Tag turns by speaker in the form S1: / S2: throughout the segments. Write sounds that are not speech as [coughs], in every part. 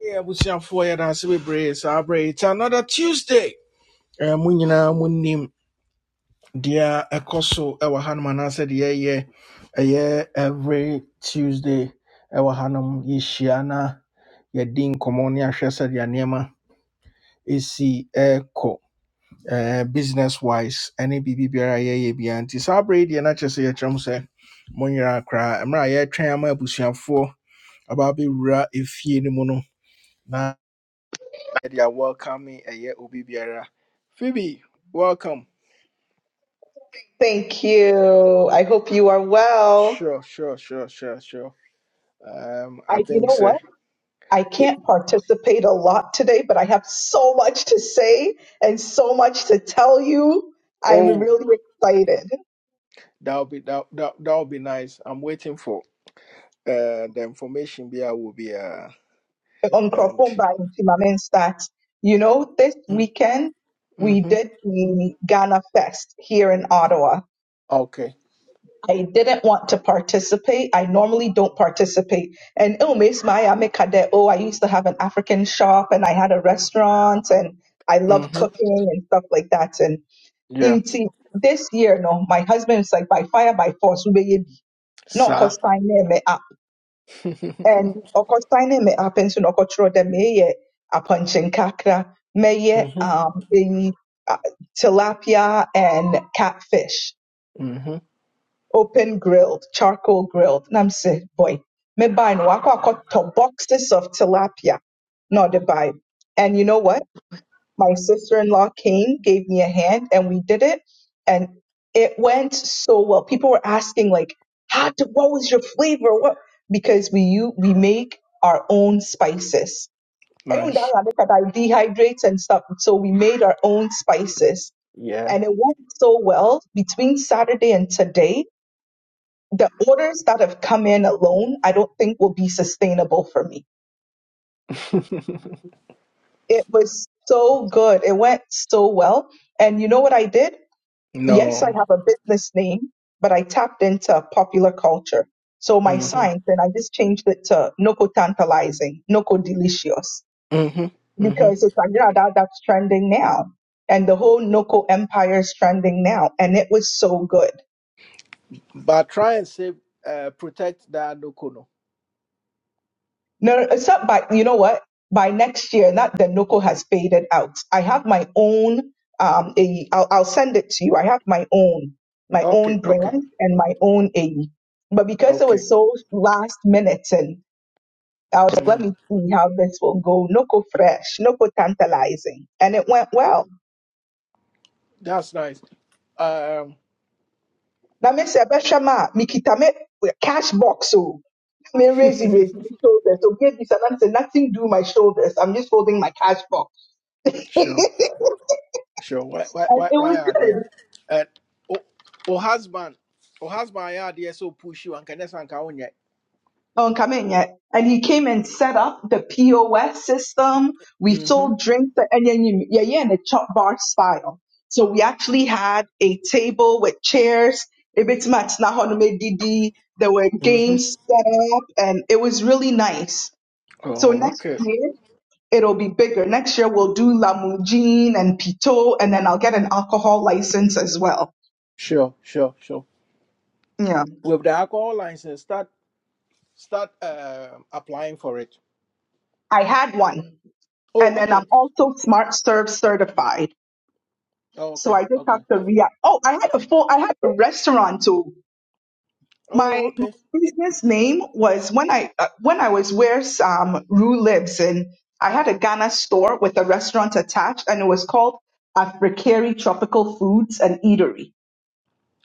S1: Yeah, abusuafoɔ yɛdaase bebree saa berɛ yi. It's another Tuesday. Eh, Mo nyinaa monim deɛ ɛkɔ so ɛwɔ hanom anaasɛ deɛ ɛyɛ ɛyɛ every Tuesday ɛwɔ hanom yishiana na yɛdi nkɔmmɔ ne ahwɛ sɛdeɛ nneɛma ɛsi eh, business wise any biribi biara a yɛyɛ biara nti saa berɛ yi deɛ na kyerɛ sɛ yɛkyerɛ m sɛ mo nyinaa koraa mmerɛ a yɛretwɛn ama abusuafoɔ aba no mu no they are welcoming a year Obi Biara. Phoebe, welcome.
S2: Thank you. I hope you are well.
S1: Sure, sure, sure, sure, sure. Um,
S2: I,
S1: I
S2: you
S1: think
S2: know
S1: so.
S2: what? I
S1: It,
S2: can't participate a lot today, but I have so much to say and so much to tell you. I'm
S1: oh,
S2: really excited.
S1: that'll be that that that'll be nice. I'm waiting for uh the information Bia will be uh and
S2: Uncrophone by Intimamen Stats. You know, this
S1: mm,
S2: weekend we
S1: mm-hmm.
S2: did the Ghana Fest here in Ottawa.
S1: okay.
S2: I didn't want to participate. I normally don't participate. And oh, Miss Maya Mikade, oh, I used to have an African shop and I had a restaurant and I love
S1: Mm-hmm.
S2: cooking and stuff like that. And
S1: Yeah.
S2: in see, this year, no, my husband is like by fire by force, we be no
S1: Sir.
S2: cause signing me up.
S1: [laughs] mm-hmm.
S2: And of course signing me up and so no control them me ye a punching kakra, me ye um a tilapia and catfish
S1: Mm-hmm.
S2: open grilled, charcoal grilled. And I'm saying, boy, me buy no I got to boxes of tilapia, not the buy. And you know what? My sister-in-law came, gave me a hand, and we did it. And it went so well. People were asking like, how to, what was your flavor? What? Because we you we make our own spices. Even though
S1: Nice.
S2: I look at I dehydrate and stuff. So we made our own spices.
S1: Yeah.
S2: And it went so well between Saturday and today the orders that have come in alone, I don't think will be sustainable for me.
S1: [laughs]
S2: It was so good. It went so well. And you know what I did? Yes, I
S1: no.
S2: have a business name, but I tapped into popular culture. So my
S1: Mm-hmm.
S2: sign, then I just changed it to Noco Tantalizing, Noco Delicious,
S1: Mm-hmm. Mm-hmm.
S2: because it's like, yeah, that, that's trending now. And the whole Noco empire is trending now. And it was so good.
S1: But try and save uh protect that no.
S2: No, no, it's not by, you know what? By next year, not the NOCO has faded out. I have my own, um, AE. I'll, I'll send it to you. I have my own, my
S1: Okay,
S2: own
S1: okay.
S2: brand and my own AE. But because it
S1: Okay.
S2: was so last minute and I was like, let
S1: Mm,
S2: me see how this will go. NOCO fresh, NOCO tantalizing. And it went well.
S1: that's nice. Um,
S2: Now, Mr. Beshama, Mikita, me cash box. So, me raise, raise my shoulders. So, give this and I said, nothing do my shoulders. I'm just holding my cash box.
S1: [laughs]
S2: [laughs]
S1: sure, sure. Why, why,
S2: And
S1: why,
S2: it
S1: why
S2: was
S1: are there?
S2: good.
S1: And oh, oh, husband, oh, husband, yeah, there so push you and can just anchor on yet.
S2: I haven't come in yet. And he came and set up the POS system. We
S1: Mhm,
S2: sold drinks and then you, yeah, yeah, in the chop bar style. So we actually had a table with chairs. A bit much na hono me didi. There were
S1: mhm.
S2: games set up and it was really nice. So
S1: Oh,
S2: next
S1: okay.
S2: year it'll be bigger. Next year we'll do Lamujin and Pito and then I'll get an alcohol license as well.
S1: Sure, sure, sure.
S2: Yeah.
S1: With the alcohol license, start, start um applying for it.
S2: I had one. And
S1: Oh,
S2: then I'm
S1: okay.
S2: also Smart Serve certified.
S1: Oh,
S2: So
S1: okay,
S2: I just
S1: okay.
S2: have to react. Oh, I had a full, I had a restaurant too. My,
S1: Oh,
S2: my
S1: okay.
S2: business name was when I uh, when I was where um, Rue lives, and I had a Ghana store with a restaurant attached, and it was called Africari Tropical Foods and Eatery.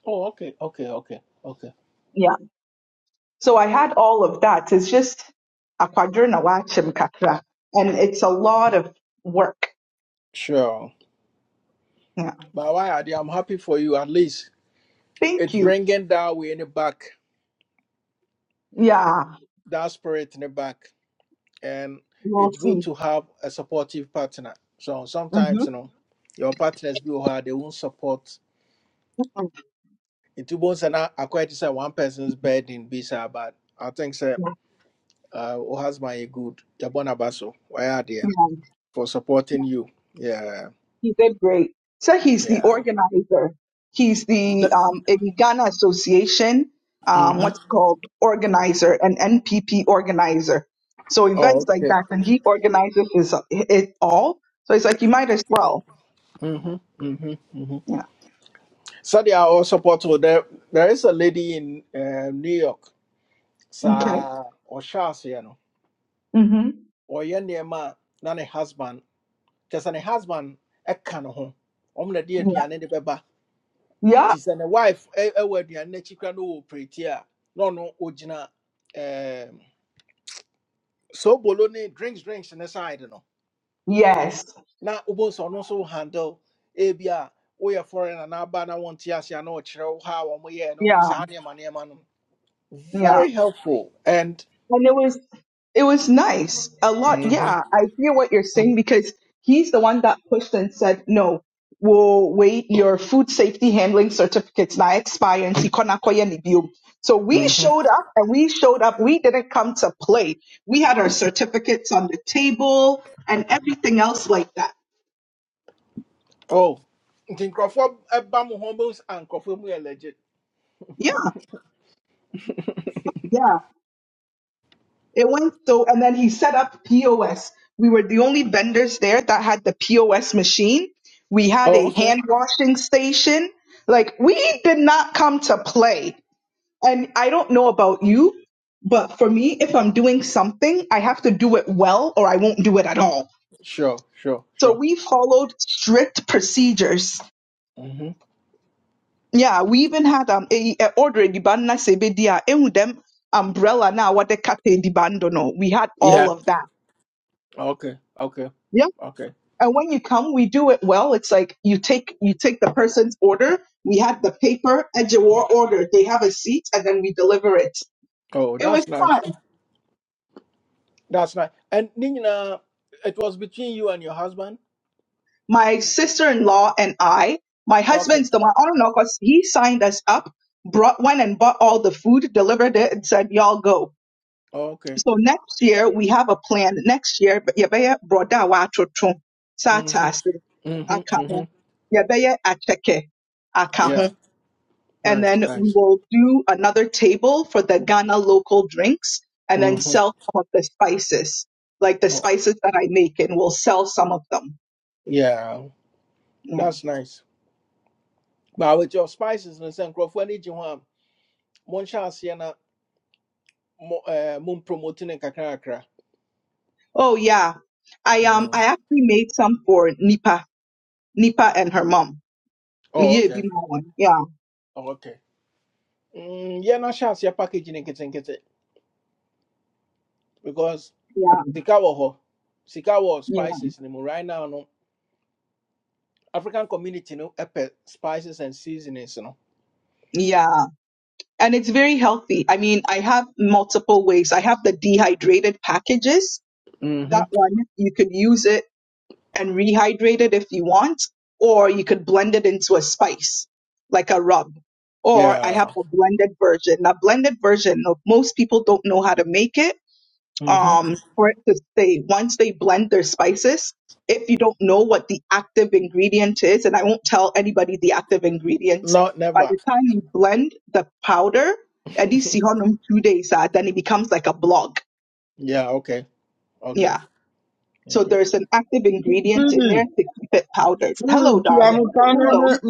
S1: Oh, okay, okay, okay, okay.
S2: Yeah. So I had all of that. It's just a quadrina wachim kakra, and it's a lot of work.
S1: Sure.
S2: Yeah.
S1: But why are they? I'm happy for you. At least
S2: Thank
S1: it's
S2: you.
S1: bringing that way in the back.
S2: Yeah.
S1: that spirit in the back and
S2: We'll
S1: it's good
S2: see.
S1: to have a supportive partner so
S2: hmm
S1: sometimes you know your partners be where they won't support into bones and i quite say one person's burden be sir but i think sir uh oh husband you good you're born about so why are there for supporting you yeah
S2: He did great. So he's the
S1: yeah
S2: organizer. He's the
S1: the,
S2: um, in Ghana Association, um,
S1: mm-hmm.
S2: what's called organizer, an NPP organizer. So
S1: oh
S2: events like
S1: okay
S2: that, and he organizes his, it all. So it's like you might as well.
S1: mm-hmm, mm-hmm, mm-hmm.
S2: Yeah.
S1: so they are all supportive there there is a lady in uh, new york
S2: Okay.
S1: sir or
S2: Mm-hmm.
S1: ɔyɛ nneɛma a na ne husband kyɛ sɛ ne husband ɛka ne ho ɔmo na ɛde
S2: Yeah.
S1: aduane de bɛba
S2: yeah.
S1: te sɛ ne wife ɛ- ɛwɔ aduane n'akyi kora No ɔwɔ preti a na ɔno ogyina ɛɛm drinks drinks ne side no
S2: Yes.
S1: na wobɛhu sɛ ɔno handle ebi a woyɛ foreigner na aba na wɔnte ase a na ɔkyerɛ wo how a wɔyɛɛ no
S2: Yeah.
S1: saa nneɛma no
S2: Yeah.
S1: very helpful and
S2: and it was it was nice a lot
S1: mhm
S2: yeah i hear what you're saying because he's the one that pushed and said no we'll wait your food safety handling certificates now expire and see kona koya ni bio." so we
S1: mhm
S2: showed up and we showed up we didn't come to play we had our certificates on the table and everything else like that
S1: oh nti nkurɔfoɔ ɛba mo and bɛhu ah, mu yɛ legit
S2: yeah yeah It went so, and then he set up POS. We were the only vendors there that had the POS machine. We had
S1: oh
S2: a
S1: okay
S2: hand washing station. Like, we did not come to play. And I don't know about you, but for me, if I'm doing something, I have to do it well or I won't do it at all.
S1: Sure, sure,
S2: So
S1: sure.
S2: we followed strict procedures.
S1: hmm
S2: Yeah, we even had um a, a order di banna sebedia, ehu dem umbrella na what the kate di bando no. We had all
S1: Yeah.
S2: of that.
S1: Okay. Okay.
S2: Yeah.
S1: Okay.
S2: and when you come we do it well it's like you take you take the person's order we had the paper ejawar order they have a seat and then we deliver it
S1: Oh,
S2: it was
S1: that's nice.
S2: fun
S1: That's nice. And Nina, it was between you and your husband.
S2: my sister-in-law and i my
S1: Okay.
S2: husband's the one I don't know because he signed us up brought went and bought all the food delivered it and said y'all go
S1: Okay.
S2: so next year we have a plan next year yɛbɛyɛ borɔda a wɔatoto saa
S1: Mhm.
S2: ataase
S1: Mhm.
S2: aka ho
S1: Mhm.
S2: yɛbɛyɛ akyɛkɛ
S1: Yeah.
S2: and then
S1: Nice.
S2: we
S1: Nice.
S2: will do another table for the Ghana local drinks and then
S1: Mhm.
S2: sell some of the spices, like the
S1: Oh,
S2: spices that I make and we'll sell some of them.
S1: yeah.
S2: Yeah.
S1: That's nice. But with your spices and some crofone ni jihwa, mon shasia na mo eh mon promoting and kakra kakra.
S2: Oh yeah. I um
S1: Mm.
S2: I actually made some for Nipa, Nipa and her mom.
S1: Oh,
S2: Me, eh, be
S1: okay.
S2: my one. Yeah,
S1: Oh, okay. Mm, yeah, na shasia packaging and kitten kitten because.
S2: yeah,
S1: sika wɔ hɔ sika wɔ
S2: yeah,
S1: spices no mu right now no african community no ɛpɛ spices and seasonings no
S2: yeah. And it's very healthy. I mean, I have multiple ways. I have the dehydrated packages.
S1: hmm
S2: That one you can use it and rehydrate it if you want, or you could blend it into a spice, like a rub. Or I have
S1: yeah
S2: a blended version. Now, blended version, no- most people don't know how to make it.
S1: hmm
S2: Um, for it to say once they blend their spices, if you don't know what the active ingredient is, and I won't tell anybody the active ingredient,
S1: no
S2: by
S1: never
S2: the time you blend the powder,
S1: [laughs]
S2: at least you have two days, ah, then it becomes like a block.
S1: yeah okay okay
S2: Yeah so
S1: okay
S2: there's an active ingredient in there
S3: Phoebe,
S2: to keep it powdered. Hello,
S3: Phoebe,
S2: darling. Hello.
S3: tuamutane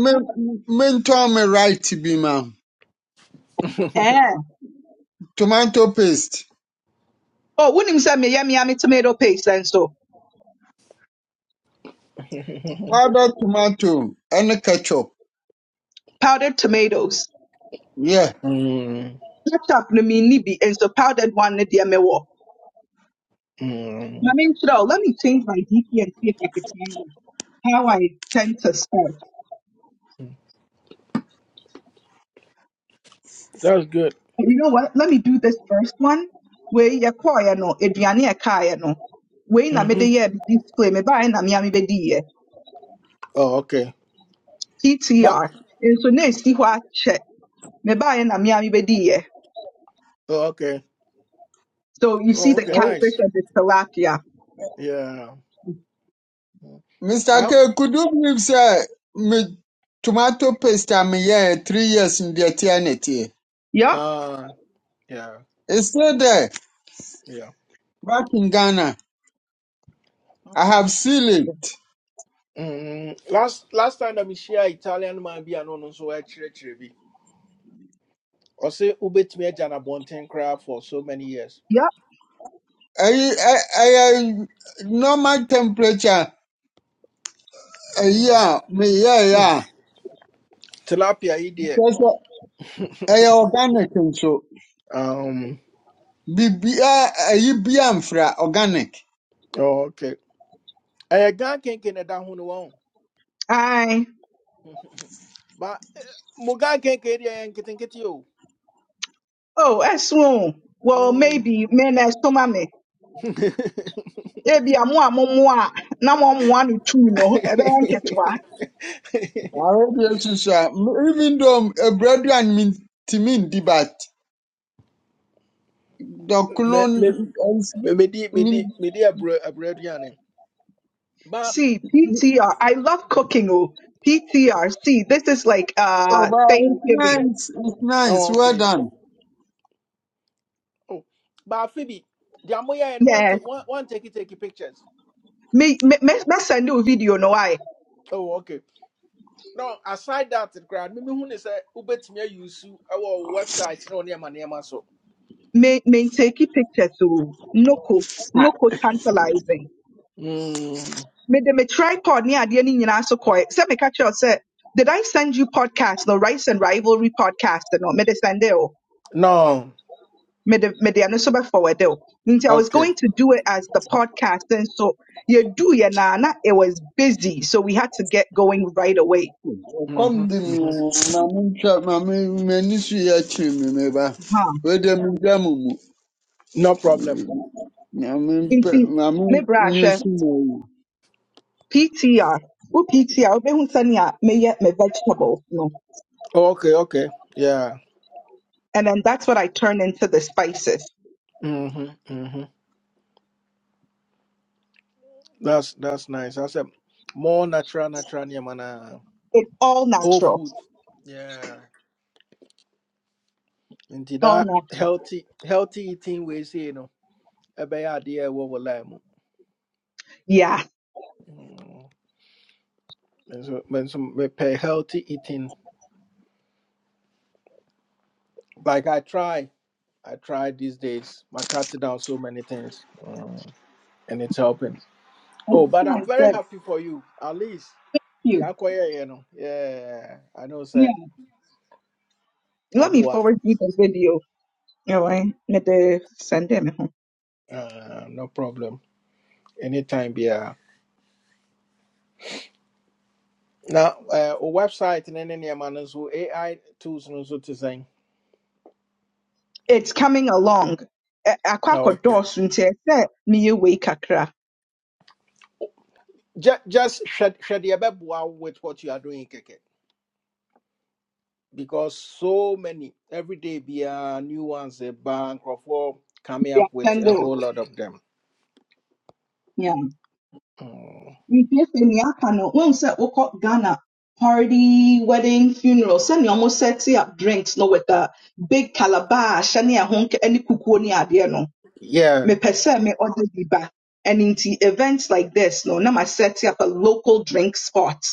S3: mentor me right bi ma.
S2: Eh.
S3: Tomato paste,
S2: Oh, wouldn't say me yummy yummy tomato paste and so
S3: powdered tomato, and ketchup.
S2: powdered tomatoes.
S3: Yeah.
S1: mm,
S2: Ketchup no me nibi and so powdered one ne dear me wo.
S1: mm,
S2: Mami nchira, let me change my DP and see if I can find it. how I tend to start.
S1: that's good
S2: But you know what? Let me do this first one. Where ya koya no, eduane ya kaya no. Wei na me
S1: hmm
S2: de ye display me ba na me ya me be di ye.
S1: oh okay but
S2: TTR. And so na si hɔ akyɛ Mebaeɛ na me a mebɛdiiɛ.
S1: oh, okay
S2: So you see
S1: oh
S2: the
S1: okay
S2: catfish
S1: nice
S2: and the tilapia.
S1: yeah
S3: Mr.
S1: I,
S3: K, could you believe say me tomato paste I am here three years in the eternity.
S2: Yup.
S1: uh yeah
S3: It's still there
S1: yeah
S3: back in Ghana. I have sealed it.
S1: mm, last last time that we share italian man be an so I ɔsɛ wobɛtumi agya no abɔnten koraa for so many years
S2: Yup.
S3: I, I, I, normal temperature. Uh,
S1: Mhm.
S3: yeah, me yeah yeah.
S1: tilapia yi deɛ
S3: Just, uh, I organic nso.
S1: um,
S3: bibia ɛyi bia mfra organic
S1: okay. ɛyɛ gan kenke na ɛda ho no wɔn
S2: Aye.
S1: [laughs] ba mo gan kenke deɛ ɛyɛ nketenkete o
S2: Oh, ɛso. Well,
S1: Mm.
S2: maybe me na ɛsoma me.
S1: [laughs]
S2: Ebi a mo a momo a na moamoa no tu no, ɛbɛyɛ nketewa.
S3: awedeɛ soso a m- even though abiradu a mintimi ndi but dɔkono
S1: Me- me-
S3: n- ɛns-
S1: me- me, di me, medi me,
S3: min-
S1: medi aburo aburo aduane ba
S2: See, PTR. love cooking. Oh, PTR. See, this is like uh
S3: ɔba, it's
S2: Thanksgiving.
S3: nice it's nice
S1: oh,
S3: well
S1: okay
S3: done
S1: oh, ba afi bi deɛ moyɛɛ no one
S2: Yes.
S1: take one- one take take pictures
S2: Me me me me send you a video no I.
S1: oh, okay no aside that koraa me mehu ne "Ubet me ayusu ɛwɔ wo website No wo nneɛma nneɛma so
S2: Me me take pictures. Oh, no ko no
S3: Ah,
S2: ko tantalizing.
S1: Mm,
S2: mede me tripod ne adeɛ no nyinaa so kɔe sɛ me kyerɛ wo sɛ did i send you podcast no rice and rivalry podcast no me mede sende o
S1: no
S2: mede mede ɛno so bɛforward o nti i was
S1: okay
S2: going to do it as the podcast and so you do naa na na. it was busy so we had to get going right away
S3: come
S1: Mhm,
S3: the di mi
S1: mhm.
S3: o maame ntwa maame m'ani so yɛ akyere mi mɛba
S2: huh.
S3: wɔde mi gya mu mu
S1: no problem
S3: maame mpɛ
S2: nti
S1: Mm.
S3: maame
S2: me bra
S3: so mu
S2: ptr wo ptr wobɛhu sɛnea meyɛ me hunsania me yet me vegetables no
S1: Oh, okay okay yeah
S2: and then that's what i turn into the spices
S1: Mhm, mhm. that's that's nice I said more natural natural nneɛma na
S2: it's all
S1: whole
S2: natural
S1: food yeah Into
S2: all
S1: that
S2: natural
S1: healthy healthy eating wei you know, a adeɛ a ɛwɔ wɔ line mu
S2: yeah
S1: Mm, me nso me nso mepɛ healthy eating like i try I tried these days. I cut down so many things, Mm, and it's helping. Oh, but I'm very happy for you, at least.
S2: you.
S1: Yeah, kwaya, you know. Yeah, I know,
S2: Yeah.
S1: sir.
S2: Let me
S1: Abua,
S2: forward you the video. All right. Me de send them home.
S1: uh, no problem. Anytime, yeah. Now, uh, o website and any man so AI tools no so to say.
S2: It's coming along. Eh, Akɔ
S1: Oh, okay.
S2: akɔdɔɔso nti ɛsɛ meyɛ wei kakra.
S1: Just just shed shed your bed with what you are doing, Keke. Because so many every day, be a new ones, a bank or four coming
S2: Yeah,
S1: up with
S2: send
S1: a
S2: it.
S1: whole lot of them.
S2: Yeah.
S1: Mm.
S2: You sɛ nea aka no, wohu sɛ wokɔ Ghana party, wedding, funeral, sɛnea ɔmo set up drinks no with a big calabash ne a honk. Any kukuo ne adeɛ no,
S1: Yeah,
S2: mepɛ sɛ me order bi ba. And into events like this, no, now I set up a local drink spot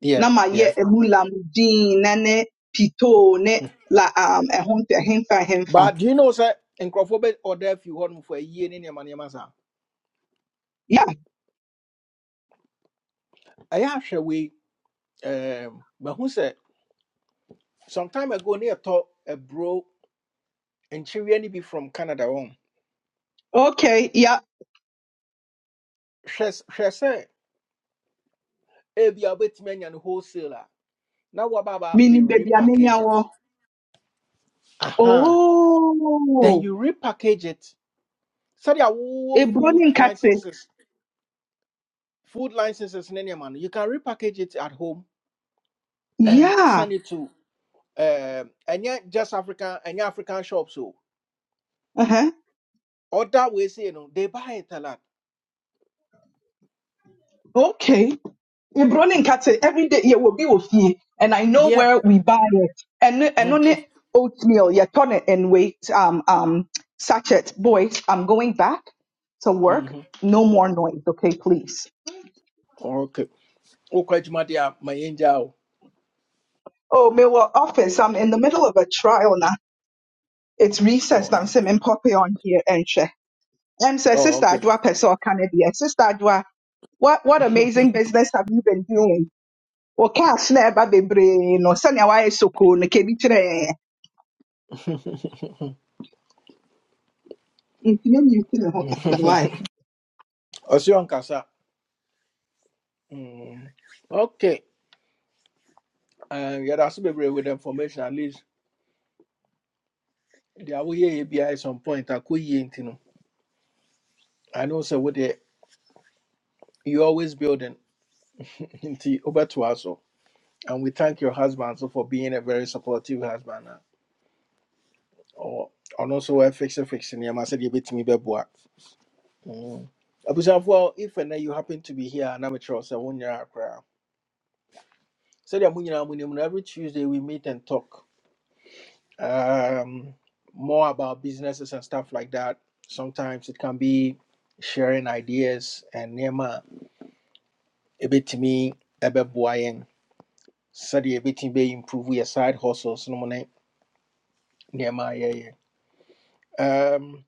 S1: yeah,
S2: Nama
S1: yeah.
S2: ye emula mudin nane pito ne la um ehunte hemfa hemfa.
S1: But do you know, sir, nkurɔfoɔ or ɔda fi hɔ for a year ne nneɛma nneɛma saa.
S2: Yeah.
S1: I actually we, um, but who said? some time ago near talk a bro, and she really be from Canada wɔn.
S2: Okay. Yeah.
S1: Hwɛ s- hwɛ sɛ ebia wobɛtumi anya no wholesale a, na woababa be
S2: Meaning baby
S1: repackage it.
S2: amenyawo.
S1: Aha. Then
S2: Oh.
S1: you repackage it. Sɛdeɛ wowɔ food
S2: Ebronin kate.
S1: licenses, food licenses ne nneɛma no, you can repackage it at home and
S2: Yeah.
S1: send it to um and yet just African and African shops so
S2: Uh-huh.
S1: or that way say you know they buy it a lot.
S2: Okay. Ebronin kate every day ye will be with you. And I know
S1: Yeah.
S2: where we buy it. And and on
S1: Mm-hmm.
S2: it oatmeal, yeah, turn it and wait. Um um sachet. Boys, I'm going back to work.
S1: Mm-hmm.
S2: No more noise, okay, please.
S1: Okay. Okay, Jumadia, my dear, my angel.
S2: Oh, my work office. I'm in the middle of a trial now. It's
S1: Oh,
S2: recess now. So I'm poppy on here and share. And say, Sister
S1: okay.
S2: Adwa Pesor Canada. Sister Adwa, what what amazing business have you been doing? Well, cash na eba bebre no sani awa esoko no kebi chire. Ntumi mi yuti ho kakra why?
S1: Osion Kasa. Mm. Okay. Um yeah, that's be with information at least. They are here ABI at some point. I could you know. I know so what they you always building [laughs] into over to us. so. And we thank your husband so for being a very supportive husband. Ɔ- ɔno nso wɔafixe fixe nneɛma sɛdeɛ ɛbɛtumi bɛboa Mm. abusuafoɔ if and then you happen to be here a, na mekyerɛ wo sɛ wo nyinaa koraa sɛdeɛ mo nyinaa monim no every tuesday we meet and talk um, more about businesses and stuff like that sometimes it can be sharing ideas and nneɛma a ɛbɛtumi ɛbɛboa yɛn sɛdeɛ ɛbɛtumi bɛimprove yɛ side hustles no mu ne nneɛma a yɛyɛ um,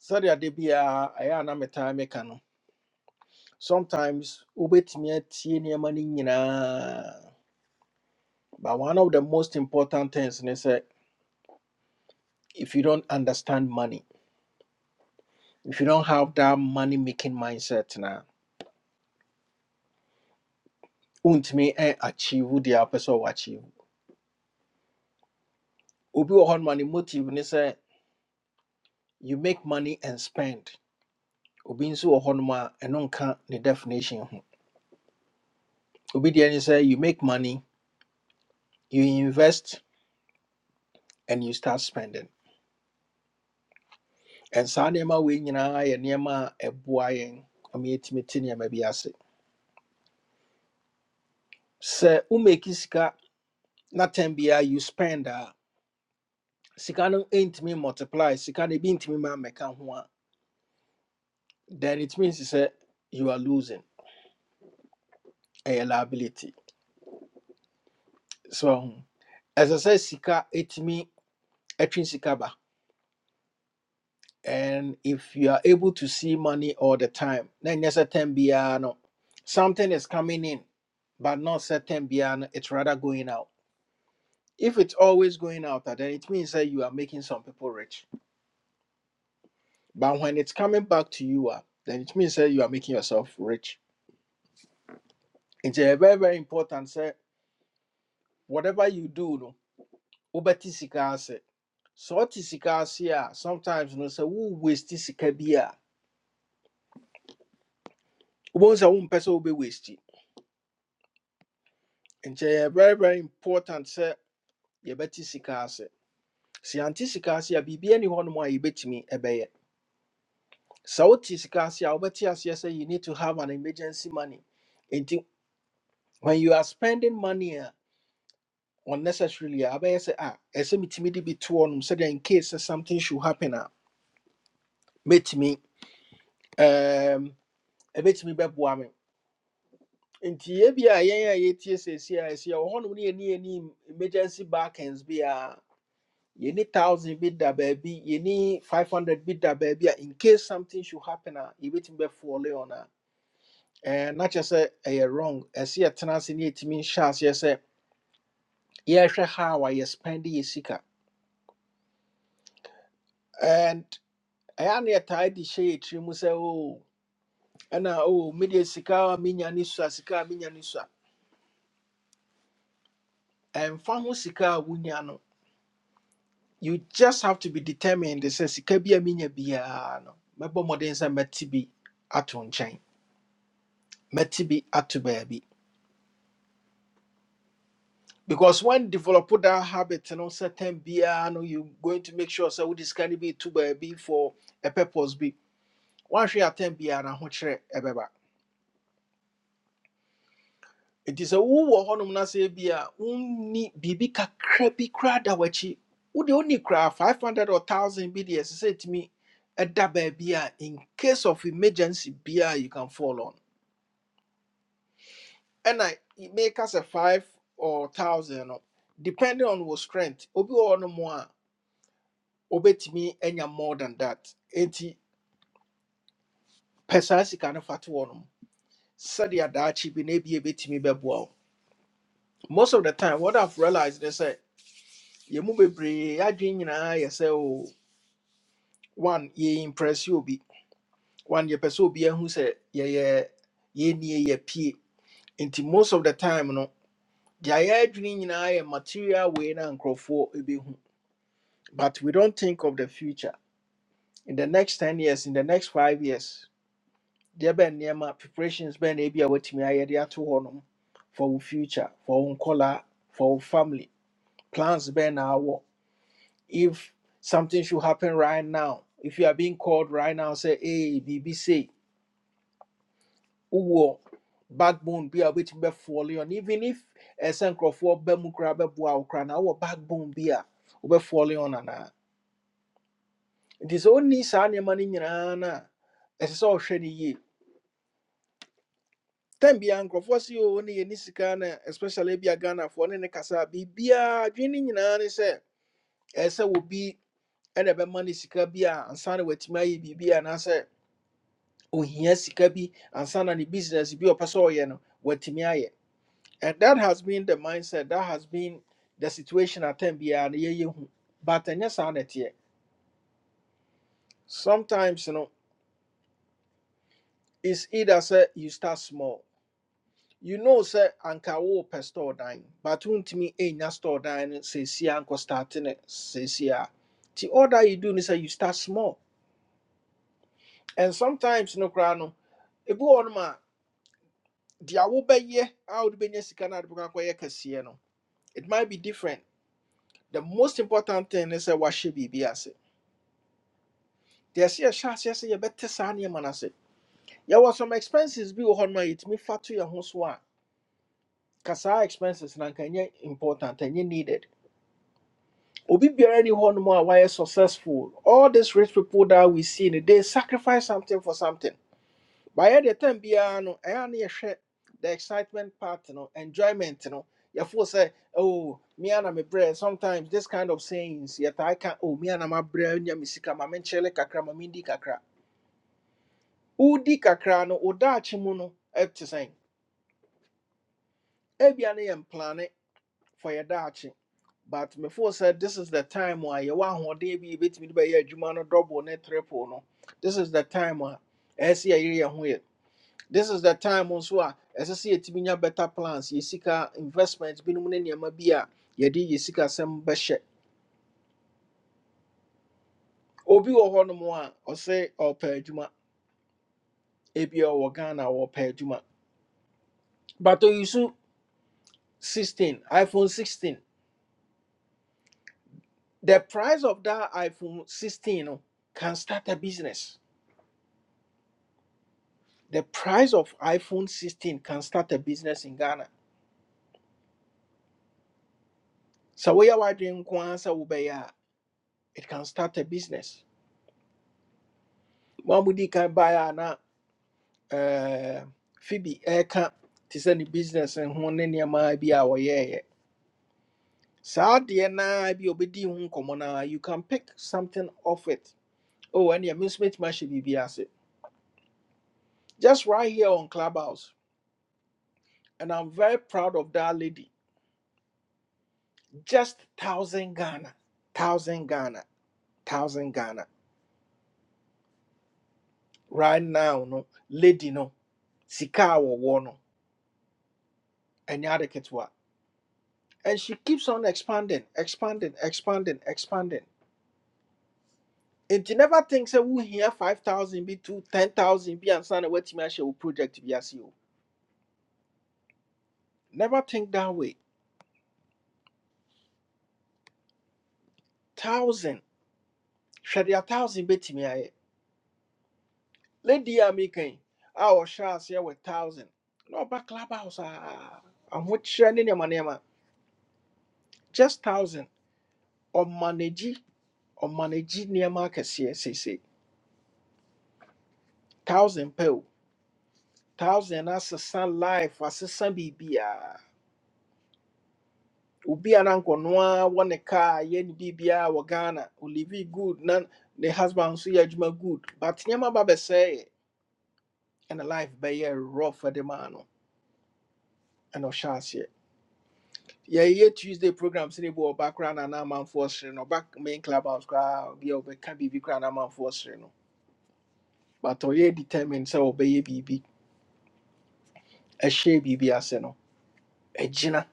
S1: sɛdeɛ de biara ɛyɛ a na metae meka no sometimes wobɛtumi atie nneɛma no nyinaa but one of the most important things ne sɛ if you don't understand money if you don't have that money making mindset na wontumi ɛ- achieve deɛ wopɛ sɛ ɔwɔ achieve obi wɔ hɔnom a ne motive ne sɛ you make money and spend obi nso wɔ hɔnom a ɛno nka ne definition ho obi deɛ ne sɛ you make money you invest and you start spending and saa nneɛma wei nyinaa yɛ nneɛma a ɛboa yɛn ama yɛtumi te nneɛma bi ase sɛ womeki sika na tam biara you spend a sika no ntumi multiply sika no ebi ntumi ma mmɛka ho a then it means sɛ you are losing ɛyɛ liability so um, ɛsɛ sɛ sika etumi ɛtwe sika ba and if you are able to see money all the time na nyɛ sɛ tam biara no something is coming in but not sɛ tam biara no it's rather going out if it's always going out a, then it means that you are making some people rich But when it's coming back to you, ah, then it means that you are making yourself rich. It's a very, very important say whatever you do, no, obeti sika ase. So what is sika ase ah, sometimes no say who waste sika bi a. Ubo say wo person wo be waste. It's a very, very important say you beti sika ase. Si anti sika ase a bibi any one more you bet me ebeye. So what is sika ase a obeti ase say you need to have an emergency money. Enti when you are spending money a. unnecessarily a bɛyɛ sɛ ah ɛsɛ metumi de bi to hɔnom sɛdeɛ in case sɛ something should happen a mɛtumi um, ɛbɛtumi bɛboa me nti ebi a yɛn a yɛtie seesie a ɛsi a wɔ hɔnom ne yɛni yɛni emergency backends bi a yɛni thousand bi da baabi yɛni five hundred bi da baabi a in case something should happen a yɛbɛtumi bɛfoɔle on a ɛɛ n'akyɛ sɛ ɛyɛ wrong ɛsi yɛtena ase ne yɛtumi nhyɛ aseɛ sɛ yɛrehwɛ how a yɛ spend yɛ sika. and ɛyɛ ne yɛtaa de hyɛ yɛ tirim sɛ o ɛna o medeɛ sika a menya ne sua sika a menya ne sua ɛmfa ho sika a wonya no you just have to be determined sɛ sika bi a menya biara no mɛbɔ mmɔden sɛ mɛte bi ato nkyɛn mɛte bi ato baabi because when develop that habit no certain biara no you going to make sure sɛ wode sika no bi to baabi for a purpose bi woanhwɛ atɛn biara ho kyerɛ ɛbɛba nti sɛ wowɔ hɔnom no sɛ bi a wonni biribi kakra bi koraa da w'akyi wode wonni koraa 500 or 1000 bi deɛ ɛsɛ sɛ ɛtumi ɛda baabi a in case of emergency biaa you can fall on ɛna make us a 5 or 1000 no depending on your strength obi wɔ hɔnom a obɛtumi anya more than that enti pɛ saa sika no fa to hɔnom sɛdeɛ daakye bi na ebia ebɛtumi bɛboa wo most of the time what i've realized is that. Ye mu bebree adwene nyinaa yɛ sɛ o one ye impress you obi one ye yɛpɛ sɛ obi ahu sɛ ye yɛnie ye pie nti most of the time no deɛ yɛ adwene nyinaa yɛ material way na nkurɔfoɔ hu. but we don't think of the future in the next ten years in the next five years deɛ bɛn nneɛma preparations be na ebi a wɔatumi ayɛ de ato hɔ nom for wo future for wo nkɔlaa for wo family plans be na awo. if something should happen right now, if you are being called right now, say, hey, BBC, uwo, backbone be a bit be falling on, even if a sancro for bemukra bebua ukrana, our backbone be a be falling on. ana. It is only sanya money in ana, as it's all shady ye. Ten be uncle for see only in Nisikana, especially be a Ghana for any Kasa, be be a dreaming in an answer, as I will be. ɛna ɛbɛma no sika be a ansa na be ayɛ biribi anaasɛ ohia sika bi ansa na ne business bi a ɔpɛ sɛ ɔyɛ no watumi ayɛ and that has been the mindset that has been the situation at time biara no yɛyɛ hu but ɛnyɛ saa na ɛteɛ sometimes you know, it's either sɛ you start small you know sɛ anka wopɛ store dan but wontumi ɛnya store dan no seesia nkɔ start ne seesia nti all that you do is that you start small and sometimes no koraa no ebi wɔ nom a deɛ wobɛyɛ a wode bɛnya sika no a wode bɛkɔ akɔyɛ kɛseɛ no It might be different. The most important thing is a washibi biase. There's a chance yes yes, yes, you better san your man There was some expenses be on my it me fat to your house one. Kasa expenses na kanye important and you needed. Obi biara ni hɔ nom a successful. All these rich people that we see, they sacrifice something for something. By the time biara no, ɛyɛ a na the excitement part no, enjoyment no. Yɛfo say, oh, me and my bread. Sometimes this kind of sayings, yet I can, oh, me and my brɛ nya me sika, ma menkyele kakra, ma mindi, kakra. Udi kakra no, odaakye mu no, ɛte sɛn. Ebia ne yɛn plane for your daakye. But before said, this is the time where you want one day be bit me by your jumano double net triple no. This is the time where I see a year this is the time nso As I see, yɛtumi nya better plans yɛ sika investment binom ne nneɛma bi a yɛde yɛ sika some bɛhyɛ obi wɔ hɔnom a ɔsɛ ɔpɛ adwuma ebi ɔwɔ ghana wɔpɛ adwuma but to you ɔyisu 16 iphone 16 the price of that iphone 16 no, can start a business the price of iphone 16 can start a business in ghana So we are wondering, ara sɛ it can start a business mo a can buy baeɛ na eh, phoebe ɛka te sɛ ne business and ne nneɛma bi a wɔyɛeɛ saa adeɛ naa bi a obɛdi ho nkɔmmɔ naa you can pick something off it oh and me nso mɛtumi ahyɛ biribi just right here on clubhouse and i'm very proud of that lady just thousand ghana thousand ghana thousand ghana right now no lady no sika a wɔwɔ no ɛnyɛ ade and she keeps on expanding expanding expanding expanding nti never think we wohia 5000 be to 10000 bi ansa na woatumi share wo project be as you never think that way 1000 hwɛ deɛ 1000 bɛtumi ayɛ lady a meka yi a ɔhyɛ aseɛ wɔ 1000 No ɔba clubhouse ah. a ahokyerɛ ne nneɛma nneɛma just 1000 ɔmanagyi market nneɛma akɛseɛ seesei 1000 pɛ o 1000 sun life as a asesa biribiaa Ubi a na nkɔnoa wɔ ne kaa yɛ ne good nan the husband nso yɛ good but nneɛma ba and ɛna life bɛyɛ rough de maa no ɛna ɔhyɛ aseɛ yɛyɛ tuesday program sine bo background ɔba koraa na na no back main club house koraa obi a ɔbɛka biribi koraa na amanfoɔ sere no but ɔyɛ determined sɛ ɔbɛyɛ biribi ɛhyɛ biribi ase no ɛgyina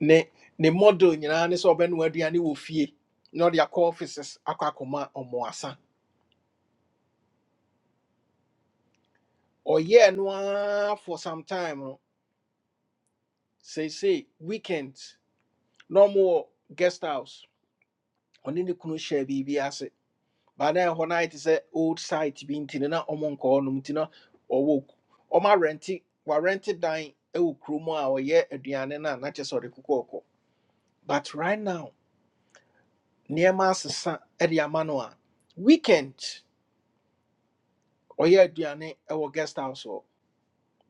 S1: ne ne model nyinaa ne sɛ ɔbɛnoa aduane wɔ fie na ɔde akɔ offices akɔ akɔma ɔmoasa ɔyɛɛ no ara for some time no say say weekends no more guest house Oni ne kunu share hyɛɛ biribi ase baa na ɛhɔ no ayɛ old site bi nti no na ɔmo nkɔ hɔnom nti na owo. Oma renti wa rented warɛnte dan wɔ kurom a ɔyɛ aduane no na kyerɛ sɛ ɔde kokɔ kɔ but right now nneɛma asesa e de ama no a weekend ɔyɛ aduane e wɔ guest house hɔ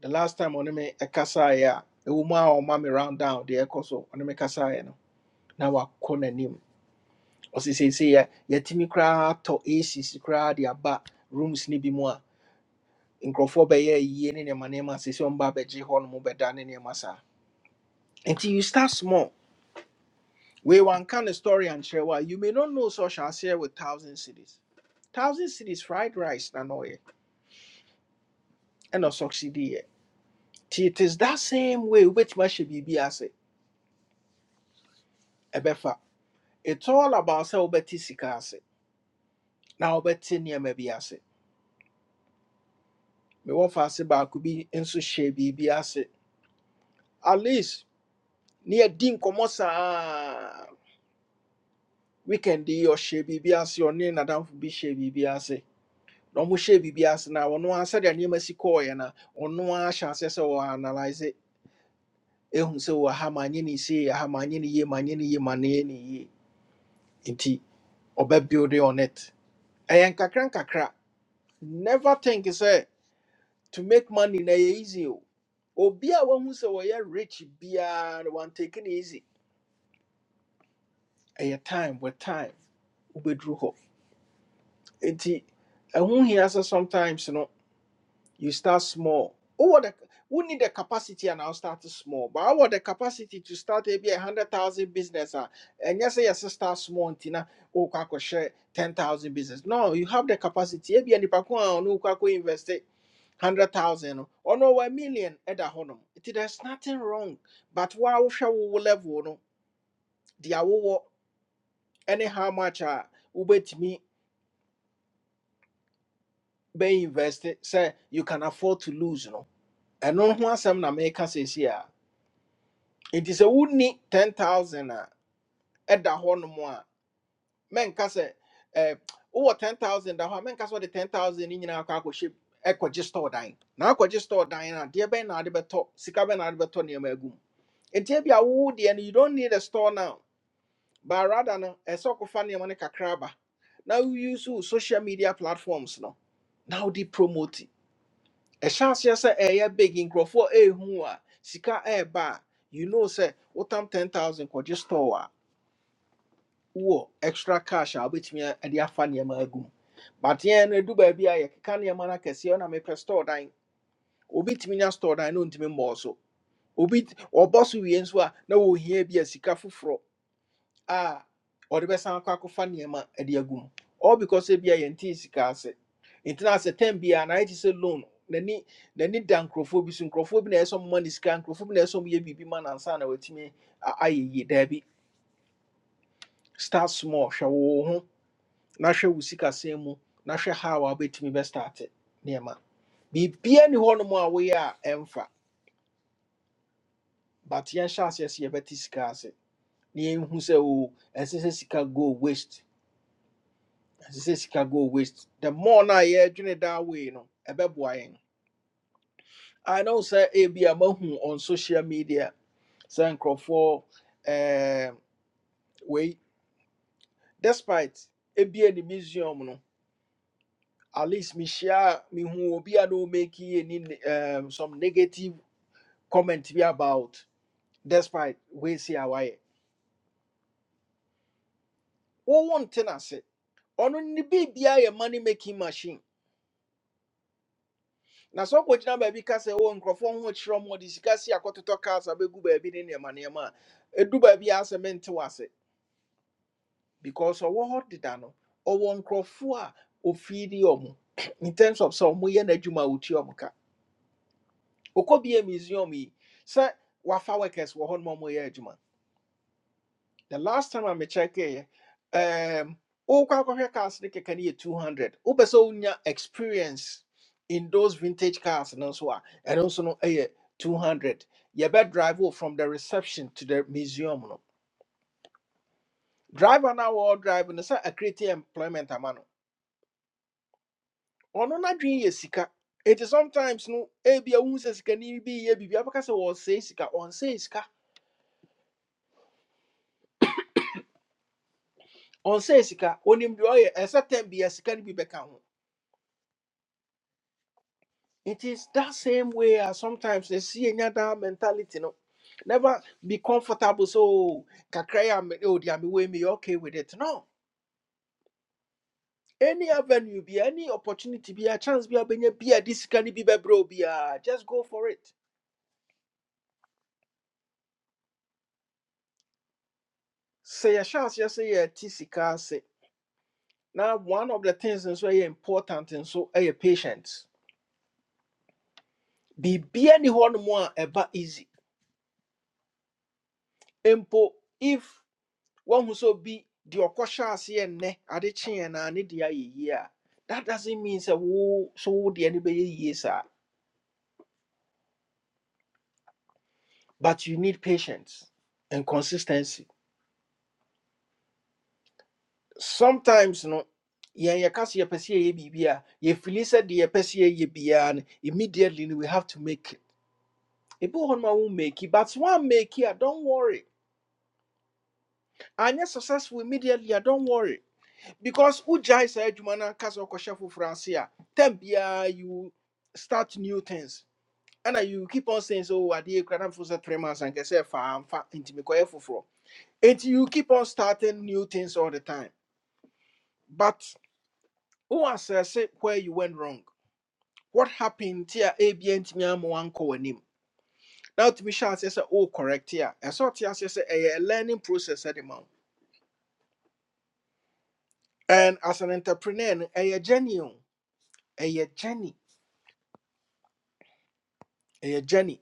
S1: the last time ɔne me kasaeɛ a ɛwɔ mu a ɔma me round down the ɛkɔ so ɔne me kasaeɛ no na wakɔ n'anim ɔsi seesei yɛ yɛtumi koraa atɔ aces koraa de aba rooms ne bi mu a nkurɔfoɔ bɛyɛ yie ne nneɛma nneɛma seesei ɔmo ba abɛgye hɔ nom bɛda ne nneɛma saa Until you start small we wei wanka ne story and share. Why you may not know such as here with thousand cities thousand cities fried rice na na and no succeed yɛ ti it is that same way wobɛtumi ahyɛ biribi ase ɛbɛfa it's all about sɛ wobɛte sika ase na wobɛte nneɛma bi ase mewɔ fa ase baako bi nso hyɛ biribi ase at least near din komosa weekend yi ɔhyɛ biribi ase ɔne nadamfo bi hyɛ biribi ase na ɔmo hyɛ biribi ase na ɔno ara sɛdeɛ nneɛma si kɔɔeɛ na ɔno analyse ehu sɛ wɔ ha ma nye ne se ha ma nye ne yie ma nye ne yie ma ne yɛ ne yie nti ɔbɛ build on it ɛyɛ nkakra nkakra never think sɛ to make money na ɛyɛ easy o obi a wahu sɛ wɔyɛ rich biara a one taking easy ɛyɛ time with time wobɛduru hɔ Enti, ɛho hia sɛ sometimes you know you start small. Wowɔ the, we need the capacity and I'll start small. But I want the capacity to start maybe a hundred thousand business a ɛnyɛ sɛ yɛsɛ start small nti na wokɔ share ten thousand business. No, you have the capacity. Maybe a nipa ko a ɔno wokɔ invest hundred thousand or no, ɔno a million ɛda hɔnom. Nti there's nothing wrong. But woa wohwɛ wo level no, deɛ wowɔ ɛne how much a wobɛtumi Be invested say you can afford to lose no ɛno ho asɛm na make us here. It is a nti need 10000 at ɛda hɔ more. Men, mɛnka sɛ eh, wowɔ 10000 that hɔ a menka sɛ wode 10000 no nyinaa kɔ akɔhyɛ ɛkɔgye store dying. Now akɔgye store dan no a deɛ bɛn na ade bɛtɔ sika bɛn na ade bɛtɔ nneɛma agu mu nti ebi a wood. And you don't need a store now but rather no ɛsɛ ɔkɔfa nneɛma no kakra ba na wouse wo social media platforms no Now they promote it. ɛhyɛ aseɛ sɛ ɛyɛ big nkurɔfoɔ ɛɛhu a sika ɛɛba a you know sɛ wotam 10000 kɔgye store a wowɔ extra cash a wobɛtumi a- ɛde afa nneɛma agu mu but yɛn no ɛdu baabi a yɛkeka nneɛma no akɛseɛ ɔna mepɛ store dan obi tumi nya store dan na ɔntumi mmɔɔ so obi t- ɔbɔ so wie nso a na wɔhia bi a sika foforɔ a ɔde bɛsan akɔ akɔfa nneɛma de agum all because ebia yɛnte sika ase nti na asɛ tɛm bia na ayɛ te sɛ loan n'ani n'ani da nkurɔfoɔ bi so nkurɔfoɔ bi na ɛsɛ ɔmoma ne sika nkurɔfoɔ bi na ɛsɛ ɔmoyɛ biribi ma nansa na watumi a- ayɛ yie daabi start small hwɛ wo ho na hwɛ wo sika sɛn mu na hwɛ how a wobɛtumi bɛstarte nneɛma biribia ni hɔnom a woyɛ a ɛmfa but yɛnhyɛ aseɛ sɛ yɛbɛte sika ase na yɛnhu sɛ o ɛsɛ sɛ sika go waste sɛ sika go waste the more na yɛdwene that way no ɛbɛboa yɛn i know sɛ ebi a mahu on social media sɛ nkurɔfoɔ ɛɛm, wei despite ebia ne museum no at least mehyia a who obi a na make any ne- some negative comment be about despite we weisi a wayɛ wowɔ nte no ase ɔno ne biribia yɛ money making machine na sɛ ɔkɔgyina baabi ka sɛ wɔ nkurɔfoɔ ho kyerɛ mu ɔde sika si akɔtotɔ cars abɛgu baabi ne nneɛma nneɛma a ɛdu baabi a sɛ mente wase because ɔwɔ hɔ deda no ɔwɔ nkurɔfoɔ a ɔfiidi ɔmo [clears throat] in terms of sɛ ɔmoyɛ n'adwuma a ɔtua ɔmo ka ɔkɔ bia museum yi sɛ wafa workers wɔ hɔ nom a ɔmoyɛ adwuma The last time I me check eh, um, wokɔ akɔhwɛ cars ne kɛkɛ no yɛ 200. Wopɛ sɛ wonya experience in those vintage cars no, so, ah, and also, a, ɛno nso no yɛ 200. drive wo from the reception to the museum no. Driver now, all wɔwɔ drive no say a acreate employment ama no. Ɔno n'adwene yɛ sika. It is sometimes no, ebia unse, sɛ sikani bi yɛ biribi abɛka sɛ wɔresɛe sika. on say sika. Ɔnsɛe sika. Onim deɛ ɔyɛ. Ɛsɛ tɛm bi a sika no bi bɛka ho. It is that same way as sometimes they see another mentality, no. Never be comfortable. So kakra am oh dear me way me okay with it. No. Any avenue be any opportunity be a chance be a benye be a this can be bro be a just go for it. Say a chance, just say a tisika say. Now one of the things that's very important and so a patience. Be be any one more ever easy. Empo if wɔhu sɛ obi deɛ ɔkɔhyɛ aseɛ nnɛ ne deɛ ayɛ yie a that doesn't mean sɛ wo so wo deɛ no sir. but you need patience and consistency sometimes no yɛn yɛka sɛ yɛpɛ sɛ yɛyɛ biribi a yɛfili sɛ deɛ yɛpɛ sɛ yɛyɛ biara no immediately no we have to make it ebi wɔ hɔ no ma won't make it but one make it don't worry anyɛ successful immediately a don't worry because wogyae saa adwuma no anka sɛ wokɔhyɛ foforɔ ase a tam you start new things And you keep on saying so adeɛ kura na mfo sɛ three months and get faa mfa nti mekɔyɛ foforɔ you keep on starting new things all the time but who wo asɛse where you went wrong what happened nti a B and me ntumi ama wankɔ w'anim na wotumi hyɛ aseɛ sɛ oh correct a ɛsɛ ɔte aseɛ sɛ ɛyɛ a learning process at the moment. and as an entrepreneur no ɛyɛ journey o ɛyɛ journey a journey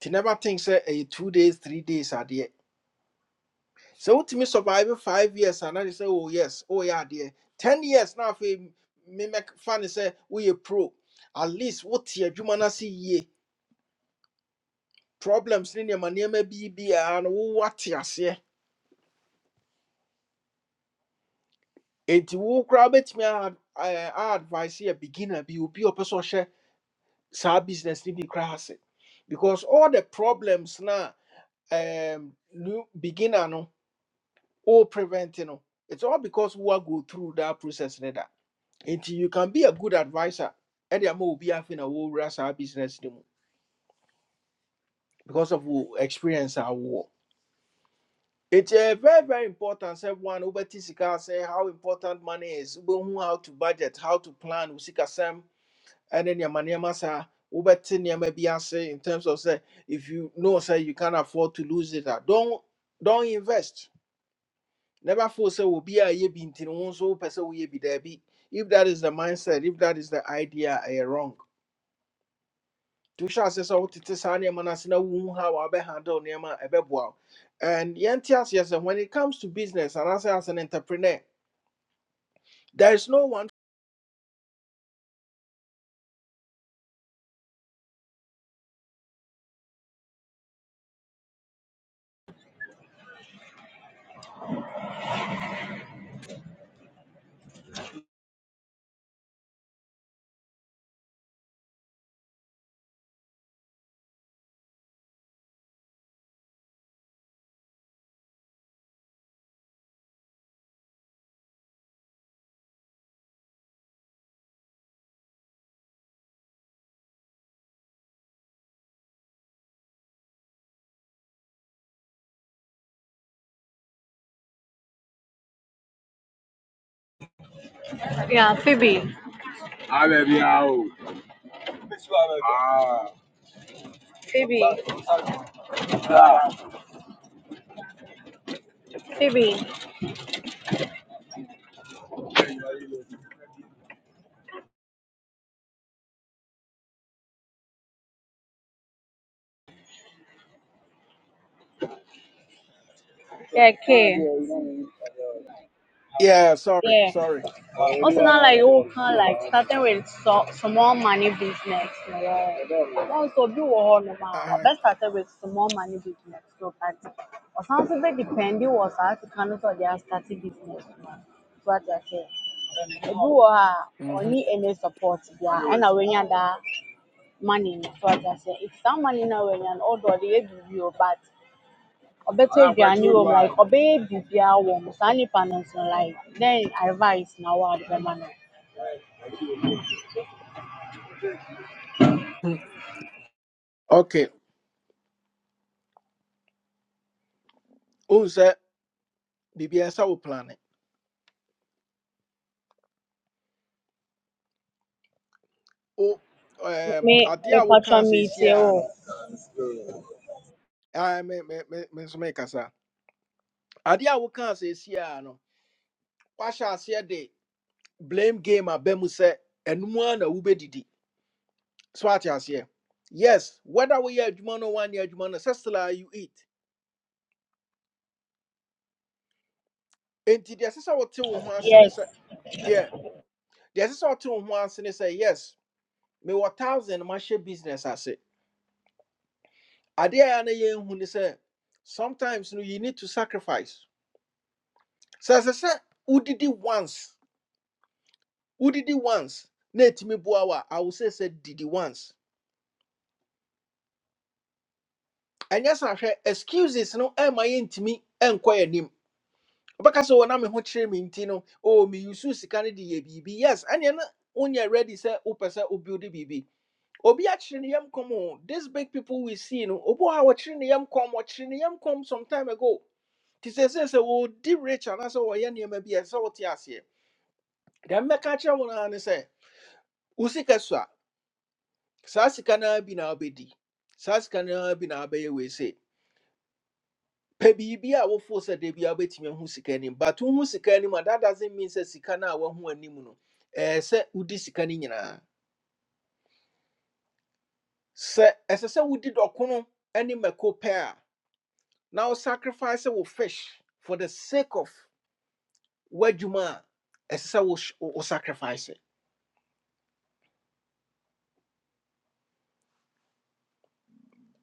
S1: nti never think sɛ a two days three days adeɛ sɛ wotumi survive five years and anaasɛ say oh yes oh yeah, dear ten years now na afei memɛfa say we a pro at least wote adwuma no see yie problems in your money may be biara no wowate aseɛ enti wo koraa wobɛtumi a a- a- advice yɛ beginner bi obi a ɔpɛ sɛ ɔhyɛ saa business no bi koraa ase because all the problems now um, new beginner no all prevent no it's all because woa go through that process neither. nti you can be a good advisor ɛde will be having a wɔwura rasa business no mu because of wo experience Our war it's a very very important sɛ one wobɛte sika sɛ how important money is wobɛhu how to budget how to plan wo sikasɛm ɛne nneɛma nneɛma saa wobɛte nneɛma bi say in terms of say if you know say you can not afford to lose it a don't don't invest never force say will be a ye binti nti no wo nso wopɛ sɛ woyɛ bi if that is the mindset if that is the idea I wrong to hyɛ ase sɛ wotete saa nneɛma no ase na wohu a ɛbɛboa wo and yɛnte aseɛ sɛ when it comes to business anaasɛ as an entrepreneur there is no one
S4: Yeah, Phoebe. Ah, baby, how? Ah, Phoebe. ah. Phoebe. Yeah, K.
S1: yeah sorry
S4: Yeah.
S1: sorry
S4: Also now like oh can like starting with so, small money business. Yeah. Also do all normal or
S1: uh-huh.
S4: best started with small money business. So that or something that depending was how to kind of they are starting business. So What I say. Do uh, or
S1: Mhm.
S4: any any support yeah. And I when you that money so I can say if some money now when an old or the you but ọbɛtɔ better Anakwadwo wɔ mu ma like ɔbɛyɛ biribiara wɔ mu saa nipa no like then advice na wɔ ade bɛma no
S1: Hmm. [laughs] okay wohu sɛ biribiaa sɛ wo plane wo um,
S4: me
S1: adeɛ
S4: me
S1: a woka
S4: patron me tie
S1: i no ah, me me- me- me nso mekasa adeɛ say, woka asɛesiaa no woahyɛ aseɛ de blame game I aba mu sɛ one a na didi. So what you say? Yes, whether we are Jumano one year Jumano, no sɛ still you eat. And deɛ ɛsɛ sɛ wote wo ho ase ne
S4: yes
S1: yeah, deɛ ɛsɛ sɛ wote wo ho ase ne sɛ yes, mewɔ thousand mahyɛ business I say. a ɛyɛ na yɛnhu ne sɛ sometimes no you need to sacrifice. Sɛ ɛsɛ sɛ wodidi once, wodidi once na ɛtumi boa I will say sɛ didi once. Ɛnyɛ sɛ ahwɛ excuses no Am ɛma yɛntumi ɛnkɔ yɛn anim. wobɛka sɛ wɔnam me ho kyerɛ me nti no o meyusu sika no de yɛ biribi yes ɛneɛ na wonyɛ ready sɛ wopɛ sɛ wo build biribi obi akyere ne yam kɔm o These big people we see no obi wɔ ha wɔkyere ne yam kɔm wɔkyere ne yam kɔm some time ago nti sɛ sɛ sɛ wɔdi rich anaasɛ wɔyɛ nneɛma bi a ɛsɛ sɛ wote aseɛ deɛ mɛka kyerɛ wo noa ne sɛ wo sika so a saa sika no bi na wobɛdi saa sika no bi na wobɛyɛ wei pɛ biribi a wofoo sɛ da bi a wobɛtumi ahu sika anim but wohu sika anim a that doesn't mean sɛ sika no a woahu anim no ɛɛ sɛ wodi sika ni nyinaa sɛ ɛsɛ sɛ wodi dɔkono ne mako pɛ a na sacrifice wo fish for the sake of w'adwuma a ɛsɛ sɛ wo sh- wo wo sacrifice it.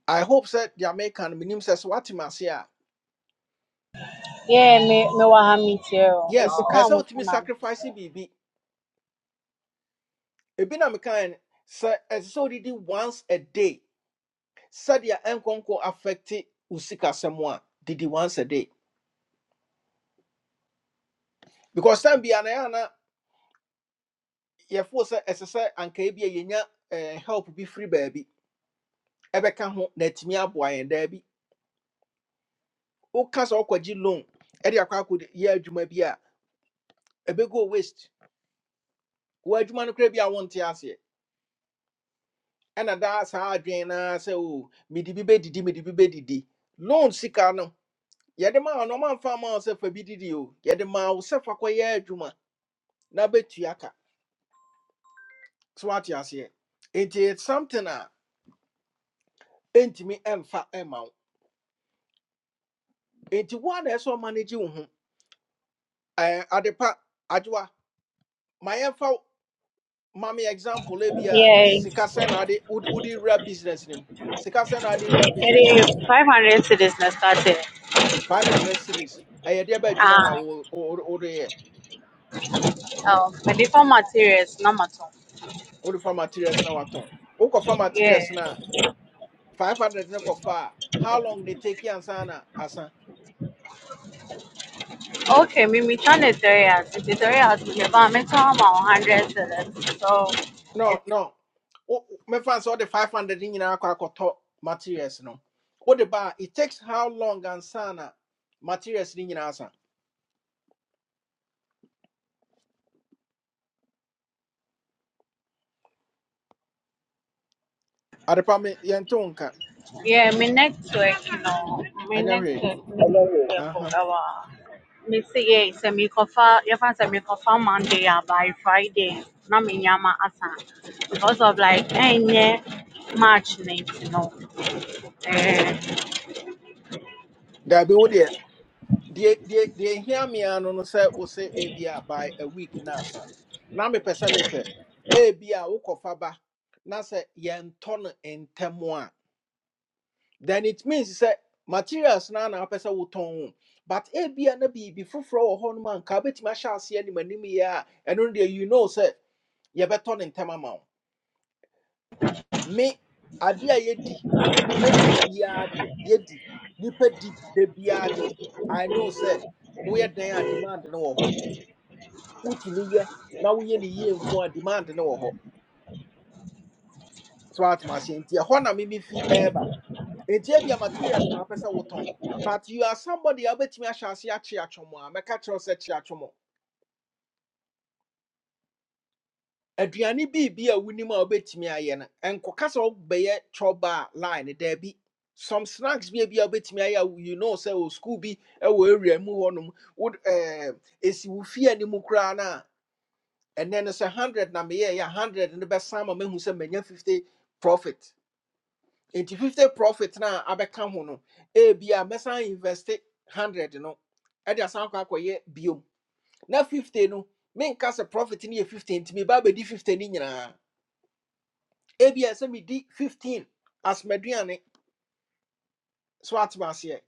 S1: i hope sɛ the american no menim sɛ sɛ woate me ase a
S4: yeah me me wɔ ha me tie o me ti
S1: yes
S4: kaa
S1: ɛsɛ
S4: mo
S1: sɛ
S4: nsa
S1: wotumi
S4: na
S1: sacrifice biribi ebi na mekae no sɛ ɛsɛ sɛ wodidi once a day sɛdeɛ ɛnkɔnkɔ affect wo sikasɛm a didi once a day because time bia na yɛa na yɛfoo sɛ ɛsɛ sɛ ankaa bi a yɛnya eh, help be bi firi baabi ɛbɛka ho na atumi aboa yɛn daabi woka sɛ wokɔgye loan ɛde akɔ akɔde yɛ adwuma bi a ɛbɛgo waste w'adwuma no koraa bi a wonte aseɛ ɛna daa saa adwene naa sɛ o mede bi bɛdidi mede bi bɛdidi loan sika no yɛde ma wo no ɔmamfa ma wo sɛ fa bi didi o yɛde ma wo sɛ fa kɔyɛ adwuma na bɛtua ka so what you say it is something a entimi emfa ema amount. enti what na so manage wo ho eh adepa adwa my emfa mami example e bia
S4: yes
S1: sika sen na ade udi rap business name? sika are the ade business name.
S4: five hundred cedis na started
S1: 500 cities eh de ba adwuma na
S4: ah
S1: wo wo de
S4: ɛwɔ mede fa materials na matɔ
S1: wo fa materials na waton wo fa
S4: yeah
S1: materials na 500 ne far. how long they take you ansana asa
S4: Okay, we meet on the area. The area is about me talking about hundred dollars. So
S1: no
S4: it's
S1: no Wo- wo- mɛfa sɛ wode 500 ne nyinaa kɔ akɔtɔ materials no what ba a it takes how long and sana materials ne nyinaa sa adepa me yɛnte
S4: yeah, me network, you know, me network, me
S1: Uh huh.
S4: network. Our me say yeah, say me cover. If I say me cover Monday ah, by Friday, na me nyama asa because of like any March night, you know. Eh,
S1: There be what daabi wodeɛ deɛ deɛ hear me and no say sɛ say a ebia by a week now na asa na mepɛ sɛ mehwɛ ebia wokɔfa ba now say yɛntɔ in temwa. then it means sɛ materials na na apɛ sɛ wotɔn but but ebia na biribi foforɔ wɔ hɔ nom a nka wobɛtumi ahyɛ aseɛ anim anim yie a ɛno no deɛ you know sɛ yɛbɛtɔ ne ntɛm ama wo me adeɛ a yɛdi yɛdi biara deɛ yɛdi nipa di da biara deɛ i know sɛ woyɛ dan a demand no wɔ hɔ wotumi yɛ na woyɛ ne yie nko a demand no wɔ hɔ so atom aseɛ nti ɛhɔ na mimi fi ɛɛba Enti ebi a materials na apɛsɛ wotɔn. But you are somebody a wobɛtumi ahyɛ ase akye atwom a mɛka kyerɛw sɛ kye atwom. Aduane biribi a wonim a wobɛtumi ayɛ no. Nkɔka sɛ wobɛyɛ chɔba a line no, daabi. Some snacks bi a bi a wobɛtumi ayɛ a wo- you know sɛ wɔ school bi wɔ area mu hɔnom. Wod ɛɛ esi wo fie anim koraa no a ɛnɛ no sɛ 100 na meyɛɛ yɛ a 100 no bɛsan ma mahu sɛ manya 50 profit. nti 50 profit na abɛka ho no ebia mɛsan invest 100 no ɛde asan akɔ akɔyɛ biom na 50 no menka sɛ profit no yɛ 15 nti meba abɛdi 50 no nyinaa ebia sɛ medi 15 as m'aduane so atema aseɛ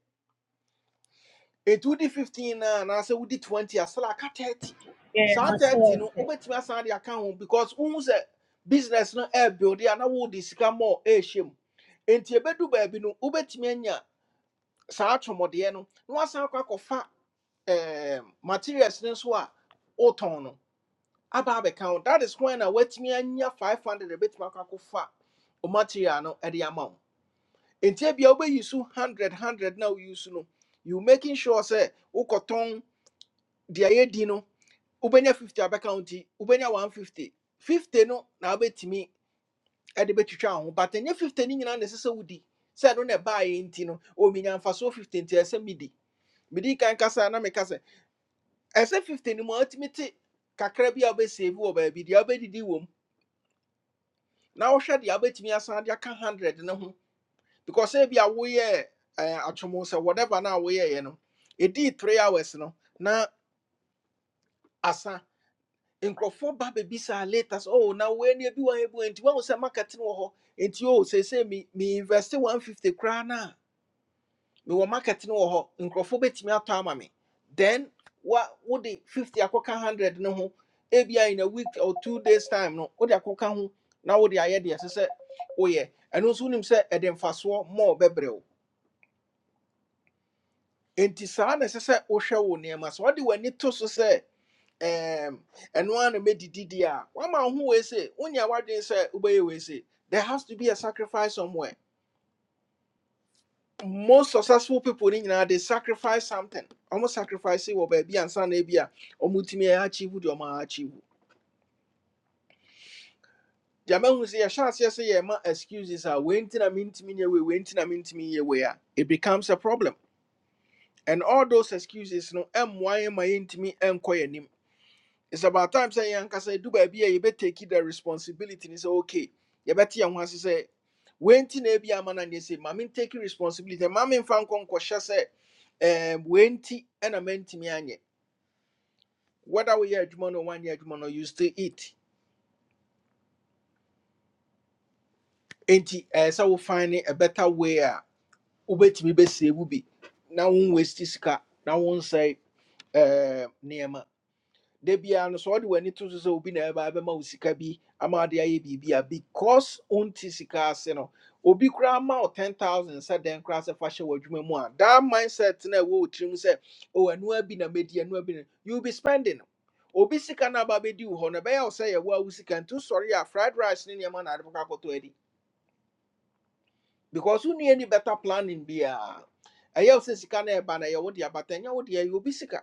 S1: ɛnti wodi 15 no a anaasɛ wodi 20 a sɛla aka 30
S4: yeah,
S1: saa
S4: my
S1: 30 no
S4: Thursday.
S1: wobɛtumi asan de aka ho because wohu sɛ business no ɛɛbuilde a na wode sika mɔɔ ɛɛhyɛ mu nti ɛbɛdu baabi no wobɛtumi anya saa atɔmɔdeɛ no na wasan akɔ akɔfa ɛɛm materials no nso a ɔtɔn no aba abɛka wo that is when a watumi anya five hundred ebetumi akɔ akɔfa o material no ɛde ama wo nti ebia wobɛyi so hundred hundred na oyi so no you making sure sɛ wokɔtɔn deɛ yɛdi no wobɛnya fifty abɛka wo nti wobɛnya one fifty fifty no na wobɛtumi ɛde bɛtwitwa wo ho but ɛnyɛ fifty no nyinaa na ɛsɛ sɛ wodi sɛ ɛno na ɛbaeɛ nti no ɔminya mfasoɔ fifty nti ɛsɛ midi medi kan kasa na meka sɛ ɛsɛ 50 no mu a watumi te kakra bi a wobɛsave wɔ baabi deɛ wobɛdidi wɔ mu na wohwɛ deɛ wobɛtumi asan de aka 100 no ho because sɛ bi a woyɛ atwomo sɛ whatever no a woyɛeɛ no ɛdii 3 hours no na asa nkurɔfoɔ ba bɛbisaa later sɛ oh na woani bi wɔ ha bi wɔ ha." nti woahu sɛ market no wɔ hɔ nti o seesei me me invest 150 koraa no mewɔ market no wɔ hɔ nkurɔfoɔ bɛtumi atɔ ama me then wa wode 50 akɔka 100 no ho ebia in a week or two days time no wode akɔka ho na wode ayɛ deɛ ɛsɛ sɛ woyɛ ɛno nso wonim sɛ ɛde mfasoɔ mɔɔ bɛbrɛ wo enti saa na ɛsɛ sɛ wohwɛ wo nneɛma so wode w'ani to so sɛ um And ara na mɛdidi deɛ a wama wo ho wei se wonya say? sɛ wobɛyɛ wei there has to be a sacrifice somewhere most successful people in Ghana they sacrifice something Almost sacrifice wɔ baabi ansa na ebi a ɔmo tumi ɛyɛ achieve deɛ ɔmo achieve deɛ mahu sɛ yɛhyɛ aseɛ sɛ yɛma excuses a wei are na mentumi nyɛ wei wei nti na mentumi nyɛ wei it becomes a problem and all those excuses no ɛmmoa yɛn ma yɛntumi ɛnkɔ yɛn anim it's about time Say, sɛ yɛn ankasa edu baabi a yɛbɛtake the responsibility ne sɛ okay you better ho ase Say, when nti na ebi ama na neɛ sɛ maame take responsibility maame nfa nkɔ nkɔhyɛ sɛ ɛɛm wei nti ɛna mɛntumi anyɛ whether woyɛ adwuma no or wanyɛ adwuma no you still eat nti ɛɛ we find a better way a wobɛtumi bɛsie mu bi na wɔn waste sika na wɔn nsɛe ɛɛm nneɛma da no sɛ ɔde w'ani to so obi na ɛba bɛma wo sika bi ama ade ayɛ because ɔnti sika ase no obi koraa ma wo 10000 sɛ dɛn koraa sɛ fa hyɛ w'adwuma mu a that mindset na ɛwɔ wo tirim sɛ o ɛnoa bi na mɛdi ɛnoa bi you be spending obi sika na aba bɛdi wo hɔ no ɛbɛyɛ wo sɛ yɛwo a wo sika nti sɔre fried rice ni nneɛma na ade bɛkɔ edi. adi because wonni any better planning bia. ɛyɛ wo sɛ sika no ɛba no ɛyɛ wo de aba ta wo de ɛyɛ obi sika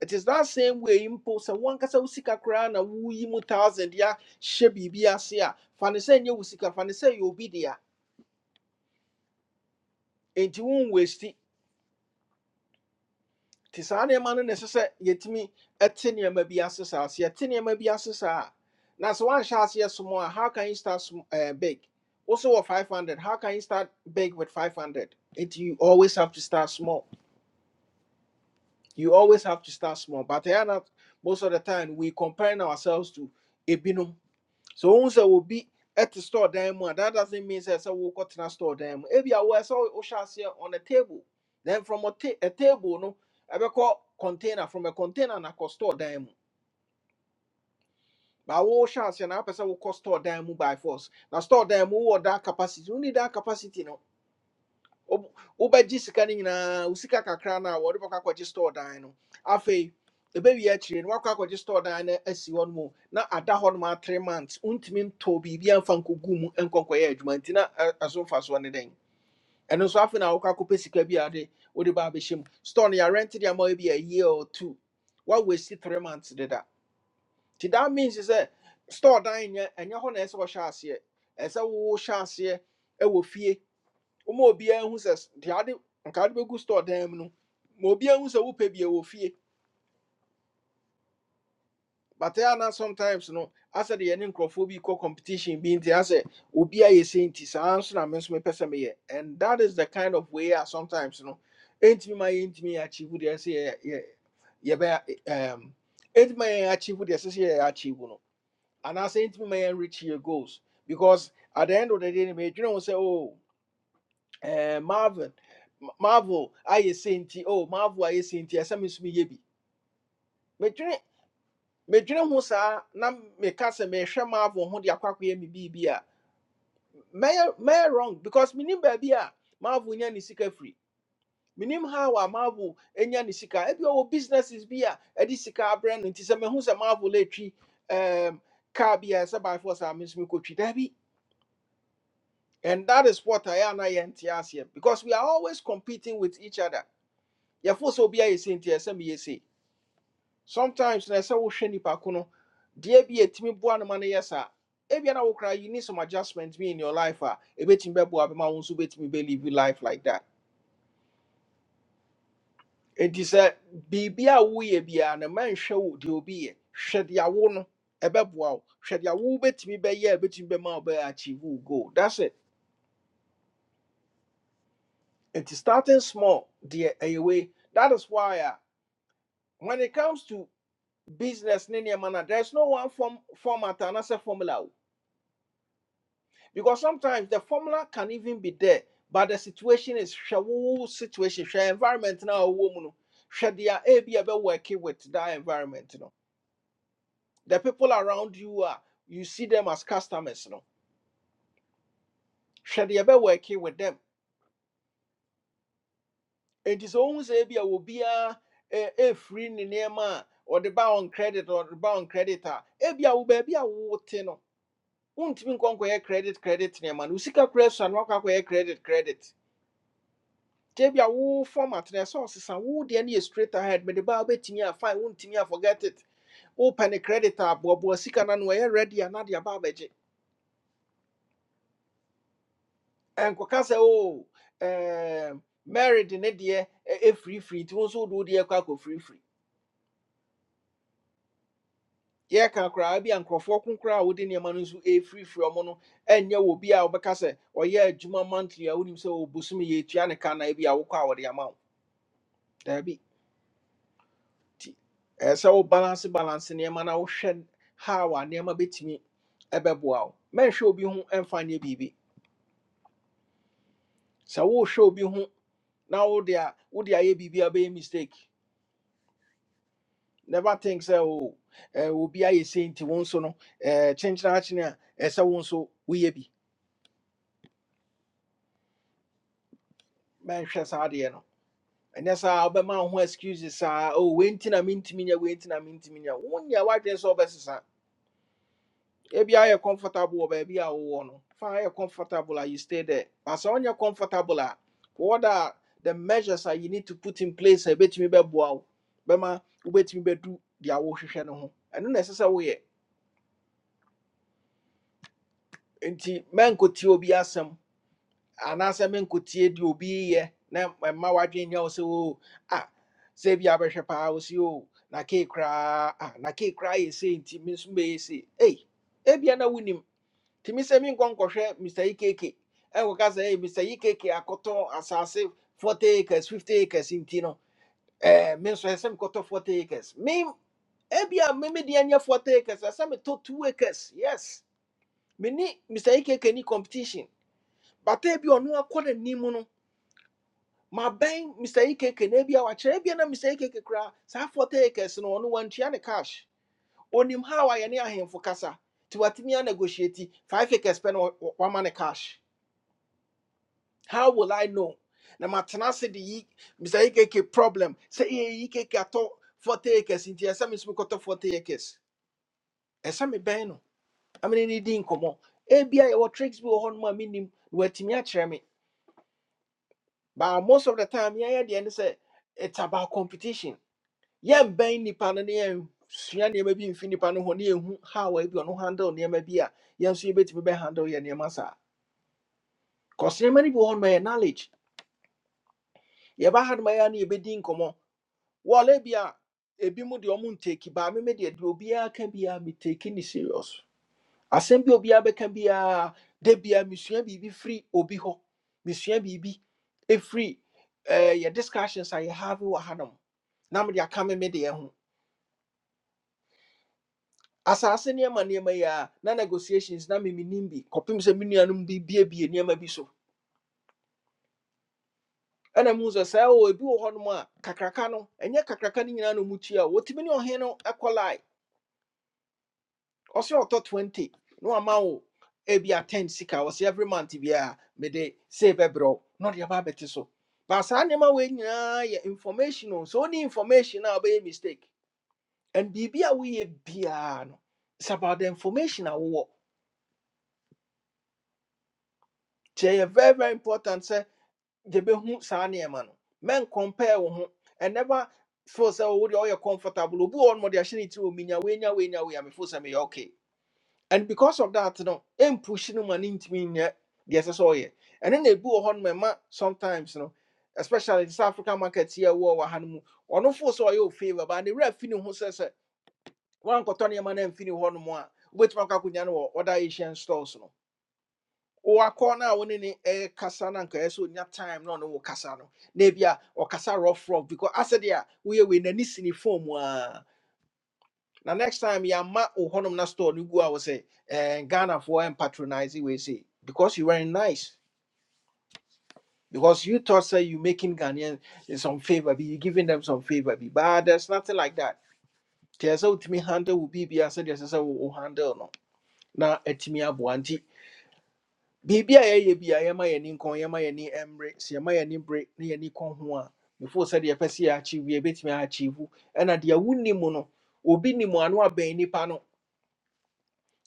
S1: it is that same way mpo sɛ wankasa wo "Usika koraa na woyi mu thousand ya hyɛ biribi ase a fa ne sɛ nyɛ wo sika fa ne sɛ yɛ obi dea enti wonwasti nti saa nneɛma no na ɛsɛ sɛ yɛtumi te nneɛma bi ase saa sɛ yɛte nneɛma bi ase saa a na sɛ woanhyɛ aseɛ a how can you start uh, big also wɔ 500 how can you start big with 500 It you always have to start small you always have to start small but they are not. most of the time we comparing ourselves to ebinom so once I will be at the store dan mu that doesn't mean sɛ sɛ wokɔtena store dan mu ebi awɔ sɛ wo- wohyɛ aseɛ on a table then from a, ta- a table no I will call container from a container na kɔ store dan mu but wohyɛ aseɛ na person will wokɔ store dan mu by force na store dan mu wowɔ that capacity You need that capacity no Wo- wobɛgye sika no nyinaa wo sika kakra no a wɔde bɛkɔ store dan no afei ɛbɛwie akyire no woakɔ akɔgye store dan no asi hɔ no mu na ada hɔ nom three months wontumi ntɔ biribi amfa nkɔgu mu nkɔnkɔyɛ adwuma nti na ɛ- ɛso mfasoɔ ne dɛn ɛno nso afei na wokɔ akɔpɛ sika bi a de wode ba abɛhyɛ store no yɛarente de ama wo bi a year or two woawasi three months deda nti that means sɛ store dan nyɛ ɛnyɛ hɔ na ɛsɛ sɛ wɔhyɛ aseɛ ɛsɛ sɛ wohyɛ aseɛ ɛwɔ fie ma who says sɛ s- deɛ ade nka ade bɛgu store them? no ma obiara hu sɛ wopɛ bie wɔ fie but ɛyɛ na sometimes no I de the nkurɔfoɔ bi kɔ competition bi nti asɛ obi ayɛ sei nti saa nso na me nso mepɛ sɛ meyɛ and that is the kind of way a sometimes no ɛntumi ma yɛntumi yɛ achieve deɛ sɛ say. Yeah, ɛm ɛntumi ma yɛn achieve deɛ sɛ say. achieve no And anaasɛ ɛntumi ma yɛn reach your goals because at the end of the day you know, ho sɛ oh. eh, Marvin, Marvel I sɛ nti, oh, Marvel I ayɛ sɛ nti, ɛsɛ me nso meyɛ bi. Medwene medwene ho saa na meka sɛ mehwɛ Marvel ho the akɔ akɔyɛ me biribi a, mɛyɛ mɛyɛ wrong because menim baabi a Marvel nya ne sika free. Menim how a Marvel nya ne sika. Ebi business is bi a ɛde sika abrɛ no nti sɛ mehu sɛ Marvel atwi um, car bi a by force a me nso mekɔtwi. And that is what I am I aseɛ because we are always competing with each other. yɛfo be a ayɛ sei nti ɛsɛ meyɛ sei sometimes na ɛsɛ wohwɛ nipa ko no deɛ bi a ɛtumi boa no ma no yɛ saa ebia na wokora you need some adjustments. bi in your life ah, a ɛbɛtumi bɛboa bɛma wo nso wobɛtumi bɛlive life like that enti sɛ biribi a woyɛ biara no ma nhwɛ wo deɛ obi yɛ hwɛ deɛ awo no ɛbɛboa shed hwɛ deɛ awo wobɛtumi bɛyɛ a ɛbɛtumi bɛma wo bɛyɛ achieve wo goal that's it enti starting small deɛ ɛyɛ wei that is why a when it comes to business ne mana? there's no one form format and as a formula because sometimes the formula can even be there but the situation is shawu situation hwɛ environment now ɔwɔ mu no hwɛ deɛ ebi with that environment you know. the people around you a you see them as customers you no hwɛ deɛ working with them It is sɛ ohun sɛ ebi a obiara eh, efiri ne nneɛma a ɔde ba credit or the on creditor. a ebi a wo baabi a wote no wontumi nkɔ nkɔyɛ credit credit nneɛma no wo sika kora sua no wakɔ akɔyɛ credit credit gye bi wo format no ɛsɛ ɔsesa wo deɛ no straight ahead mede baa wobɛtumi a fine wontumi a forget it wopɛ ne credit a boaboa sika na no ano ready na de ba abɛgye ɛnkɔka sɛ o ɛɛm, mary de ne deɛ free ɛfirifiri nti wo nso wode wo deɛ kɔ akɔfirifiri yɛka koraa bi a nkurɔfoɔ ko koraa a wode nneɛma no nso free ɔmo no ɛnyɛ wɔ bi a wobɛka sɛ ɔyɛ adwuma monthly a wonim sɛ ɔbosome yɛtua ne ka na bi a wokɔ a wɔde ama Dabi. Ti. Ɛsɛ wo balance balance nneɛma na wohwɛ how a nneɛma bɛtumi ɛbɛboa wo. Mɛnhwɛ obi ho ɛmfa nyɛ biribi. Sɛ wohwɛ obi ho na wode a wode ayɛ biribi a bɛyɛ mistake. Never think sɛ o eh, obi ayɛ sei nti wo nso no eh, kyenkyena akyene a ɛsɛ wo nso woyɛ bi. Mɛnhwɛ saa adeɛ no. Ɛnyɛ saa wobɛma wo ho excuses saa o wei nti na mentumi nyɛ wei nti na mentumi nyɛ. Wonyɛ w'adwene sɛ wobɛsesa. If ebi are comfortable wɔ I a wowɔ no fa ayɛ comfortable a you stay there but when you are comfortable a what are the measures that you need to put in place I bet you a ɛbɛtumi bɛboa wo bɛma wobɛtumi bɛdu deɛ wohwehwɛ no I don't necessarily. sɛ men nti mankɔtie obi asɛm anaasɛ mankɔtie deɛ obi yɛ na mma w'adwene nyɛ wo sɛ oo a sɛ bia bɛhwɛ paa wo You na kei koraa a na ke cry. You say, yɛ men some be say, hey, if you are not winning." tìmí sẹ mi nkọ nkọhwẹ mr ikeke ẹkọ ká sẹ mr ikeke akọtọ asase forty acres fifty acres nti no ẹẹ mi nsọ ẹsẹ mi forty acres mi ebi a mi mi di forty acres ẹsẹ mi tó two acres yes mi ni mr ikeke ni competition bàtà ebi ọ̀nù akọ n'anim no mà bẹ́n mr ikeke n'ebi a wàkyerẹ ebi na mr ikeke kura saa forty acres no ọ̀nù wàntua ne cash onim ha wàyẹ ne ahemfo kasa tiwatimi a negotiate five acres pẹ na wàma ne cash. How will I know? Na matena se de yi Mr. EKK problem. Say ye EKK ato 40 acres inti esa mi sumi koto 40 acres. Esa mi bɛn no. Amene ni di nkomo. Ebia ye wo tricks bi wɔ hɔ no ma minim na watimi akyerɛ me. But most of the time yeah yeah the end say it's about competition. Yɛn bɛn nipa no ne yɛn sua nneɛma bi mfi nipa no ho ne yɛn hu how ebi ɔno handle nneɛma bi a yɛn nso yɛbɛtumi bɛ handle yɛ nneɛma saa. Cause nneɛma no bi wɔ hɔ no ma yɛ knowledge. Yɛba ha no ma yɛ a na yɛbɛdi nkɔmmɔ. wɔle bi a ebi mu deɛ ɔmo nteki baame mi deɛ deɛ obiara ka biara mi teki ne serious asɛm bi a obiara bɛka biara de biara misua bibi free. obi hɔ misua biribi efiri ɛɛ yɛ discussions I have wɔ hanom na mo de aka mi mi deɛ ho asase nneɛma nneɛma yi a na negotiations na mi minimbi. nim bi kɔpem sɛ mi nuanom bi biebie bi so ɛna mu sɛ sɛ o ebi wɔ hɔnom a kakraka no ɛnyɛ kakraka ni nyina no nyinaa na ɔmo tua o wotumi ne ɔhen no ɛkɔ ɔsɛ ɔtɔ 20 No wama wo ebia 10 sika ɔsɛ every month biaa mede a bɛbrɛ wo na ɔde aba abɛte so but some nneɛma wei nyinaa information on. So woni information now be a wobɛyɛ mistake and biribi a woyɛ biaa no it's about the information I wowɔ nti ɛyɛ very very important sɛ they be who some no men compare wo ho and never feel sɛ wo deɛ woyɛ comfortable obi wɔ hɔ no ma ɔde ahyɛ ne tiri wɔ minya weinya weinya wei a mefo me okay and because of that no I'm pushing push no man ntimi nyɛ deɛ ɛsɛ sɛ ɔyɛ and then they wɔ on my ma sometimes no especially the south african market here, a ɛwɔ wɔ ha no mu ɔno your favour but the ref fi ne ho sɛ sɛ wankɔtɔ nneɛma no amfi ne hɔ no mu a no other asian stores no wakɔ no a wo ne ne ɛkasa no anka ɛyɛ sɛ time no, ɔne wo kasa no na ebi a ɔkasa rough rough because asɛ deɛ a woyɛ wei n'ani si ne phone mu na next time yɛama wo hɔnom na store no gu a wo sɛ eh, ghanafoɔ ɛmpatronise we say because you were nice because you thought say you making ghanaian some favor be you giving them some favor be but ah, there's nothing like that nti ɛsɛ sɛ wotumi handle wo biribia sɛdeɛ ɛsɛ sɛ say wo handle no na atumi aboa nti biribi a yɛyɛ bi a yɛma yɛni nkɔn yɛma yɛni mmere sɛ yɛma yɛni bere na yɛni kɔn ho a before sɛdeɛ yɛpɛ sɛ yɛakyiwie yɛbɛtumi aakyiwu ɛna deɛ wonim no obi ni nim ano abɛn nnipa no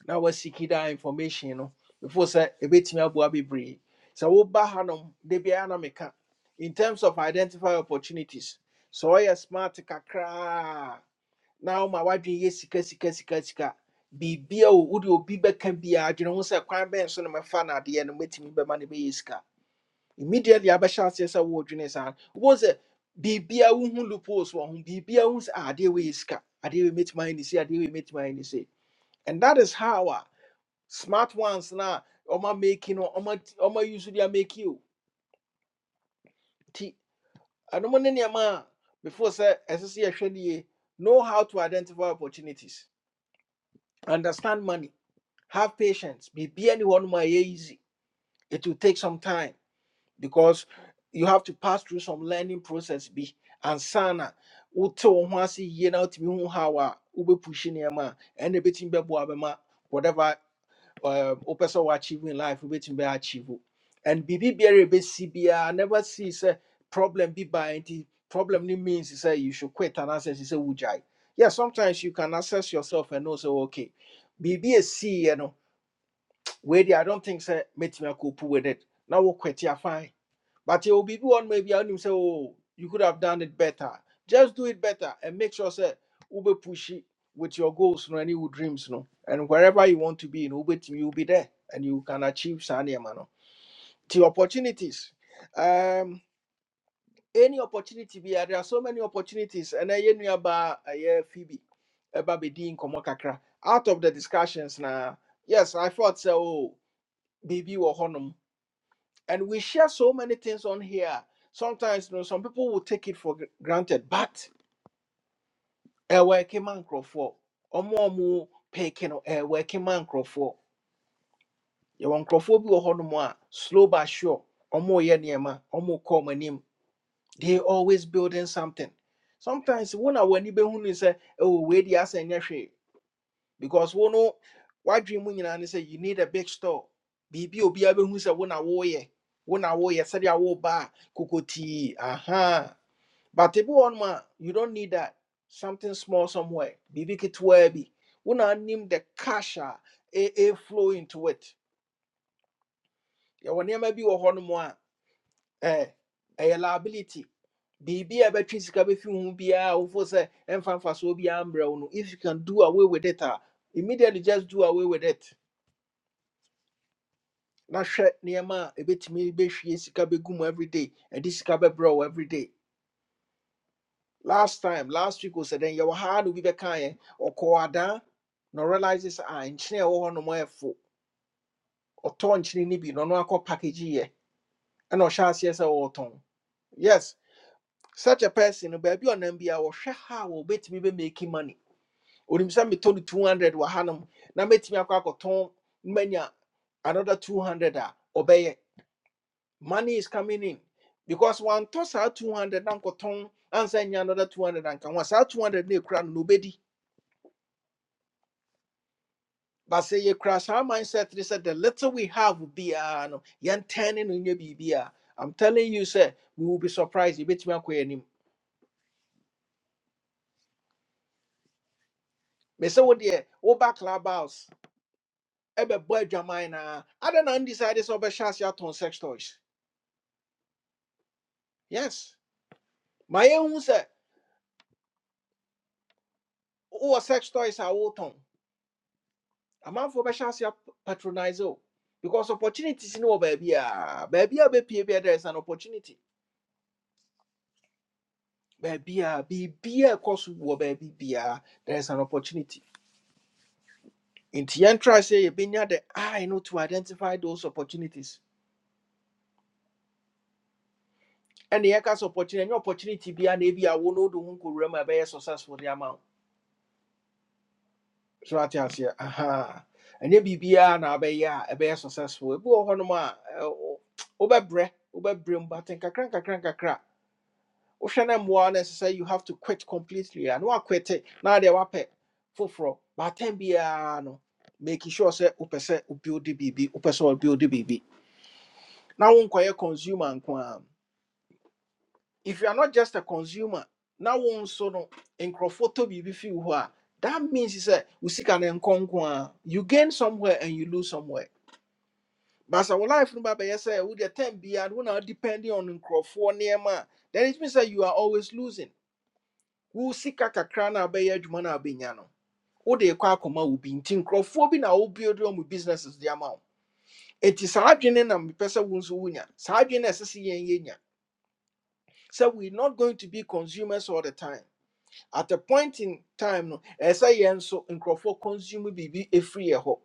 S1: na wasiki that information no before sɛ ɛbɛtumi aboa bebree sɛ woba hanom da biara na meka in terms of identify opportunities sɛ ɔyɛ smart kakraa na woma woadwene yes, sika sika sika sika biribia o wode obi bɛka biaa adwene ho say, kwan bɛn so no mɛfa no adeɛ no mɛtumi bɛma no bɛyɛ sika immediately abɛhyɛ aseɛ sɛ woɔdwene saa no wobɛhu sɛ biribia wohu loopholes wɔ ho biribia wohu sɛ "Ah, adeɛ wei yɛ sika adeɛ wei mɛtumi ayɛ ne We adeɛ wei mɛtumi ayɛ ne sei and that is how ah, smart ones na ɔma make no ɔma t- ɔma use no de make you ti ɛnom ne nneɛma a before sɛ ɛsɛ sɛ yɛhwɛ no know how to identify opportunities understand money have patience Be be anyone. My easy it will take some time because you have to pass through some learning process Be and sana. wote wo ho ase yie na wotumi hu how a wobɛpushi nneɛma a ɛna ɛbɛtumi bɛboa bɛma whatever O person sɛ wɔ achieve in life wobɛtumi bɛ achieve and biribi biara a ɛbɛsi never see say problem bi baa anti problem Ni means say you should quit anaasɛ ɛsi sɛ wogyae yeah sometimes you can assess yourself and know say okay biribi a ɛsiiɛ no wei i don't think say sɛ mɛtumi akɔpu with it Now we quit a fine but you will be one maybe and you say, Oh, you could have done it better. Just do it better and make sure say ube push it with your goals no, and your dreams no. And wherever you want to be in Ube team, you'll be there and you can achieve Sanya no. The opportunities. Um any opportunity be there are so many opportunities and I knew about a Phoebe about Bedin Kakra. Out of the discussions now, yes, I thought so, oh, baby wɔ hɔnom and we share so many things on here. Sometimes you know, some people will take it for gr- granted, but a working man for or more more picking a working man for your bi wɔ hɔnom a slow but sure ɔmo yɛ nneɛma ɔmo kɔ ɔmo anim they always building something sometimes when a wɔn ani bɛhu ne sɛ ɛwɔ wei di asɛ nyɛ because one no why dream nyinaa ne say you need a big store biribi a obiara bɛhu sɛ wo na woyɛ wo na woyɛ sɛdeɛ woba a kokotii aha but if wɔ nom a you don't need that something small somewhere biribi ketewaa bi wo na anim the casha a a flow into it yɛwɔ nneɛma bi wɔ hɔ nom a ɛɛ ɛyɛ liability biribi a ɛbɛtwe sika bɛfi wo ho biara wofo sɛ ɛmfa mfasoɔ biara mbrɛ wo no if you can do away with it immediately just do away with it na hwɛ nneɛma a ɛbɛtumi bɛhwie sika bɛgu mu everyday ɛde sika bɛbrɛ wo everyday last time last week ɔsɛ dɛn yɛwɔ haa na obi bɛkaeɛ ɔkɔɔ adaa na ɔrealise sɛ a nkyene or ɛwɔ hɔ nom ayɛ fo ɔtɔɔ nkyene no bi na ɔno akɔ package yɛ ɛna ɔhyɛ aseɛ sɛ ɔretɔn yes such a person no on NBA. ɔnam biara will bet a be making money onim sɛ metɔ no 200 wɔ hanom na mɛtumi akɔ ton? Many another 200 or ɔbɛyɛ money is coming in because one toss out 200 uncle ton and send you another 200 and can was out 200 new crown nobody but say you cross our mindset they said the little we have will be uh no yan turning on your bbr i'm telling you sir we will be surprised you bet me any me say what dear oh back clubhouse ebe boy jamai I don't undecided so be shas ya ton sex toys yes my own sir oh sex toys are all ton amanfoɔ bɛhyɛ ase ap- patronize o because opportunities no wɔ baabi a baabi a wobɛpie bia there is an opportunity baabi a biribiaa a ɛkɔ so wɔ baabi biaa there is an opportunity nti yɛntra sɛ yɛbɛnya the eye no to identify those opportunities ɛne yɛka sɛ opportunity any opportunity biaa na ebi a wo no wode wo ho nkɔwura mu a successful de ama wo so ate aseɛ aha ɛnyɛ biribiaa na abɛyɛ a ɛbɛyɛ successful ebi wɔ hɔnom a ɛ, wo- wobɛbrɛ wobɛbrɛ mu baten nkakra nkakra nkakra wohwɛ no mmoa no you have to quit completely a na Now they wape. woapɛ But baatam be no making sure sɛ wopɛ sɛ wobuilde biribi wopɛ sɛ wobuilde biribi na wonkɔyɛ consumer nko a if you are not just a consumer now wo nso no nkurɔfoɔ tɔ biribi fii wo hɔ that means sɛ say sika no nkɔ nko you gain somewhere and you lose somewhere but sɛ wo life no babɛyɛ sɛ wode be biara no wona depending on nkurɔfoɔ nneɛma a then it means that you are always losing wo sika kakra no a wobɛyɛ adwuma no a wobɛnya no wode kɔ akɔma wo bi nti nkurɔfoɔ bi na wobuild wɔn mu businesses de ama wo enti saa adwene na mepɛ sɛ wo nso wonya saa adwene na ɛsɛ sɛ yɛn yɛnya sɛ we not going to be consumers all the time at a point in time no ɛyɛ sɛ yɛn nso nkurɔfoɔ consume biribi ɛfiri yɛ hɔ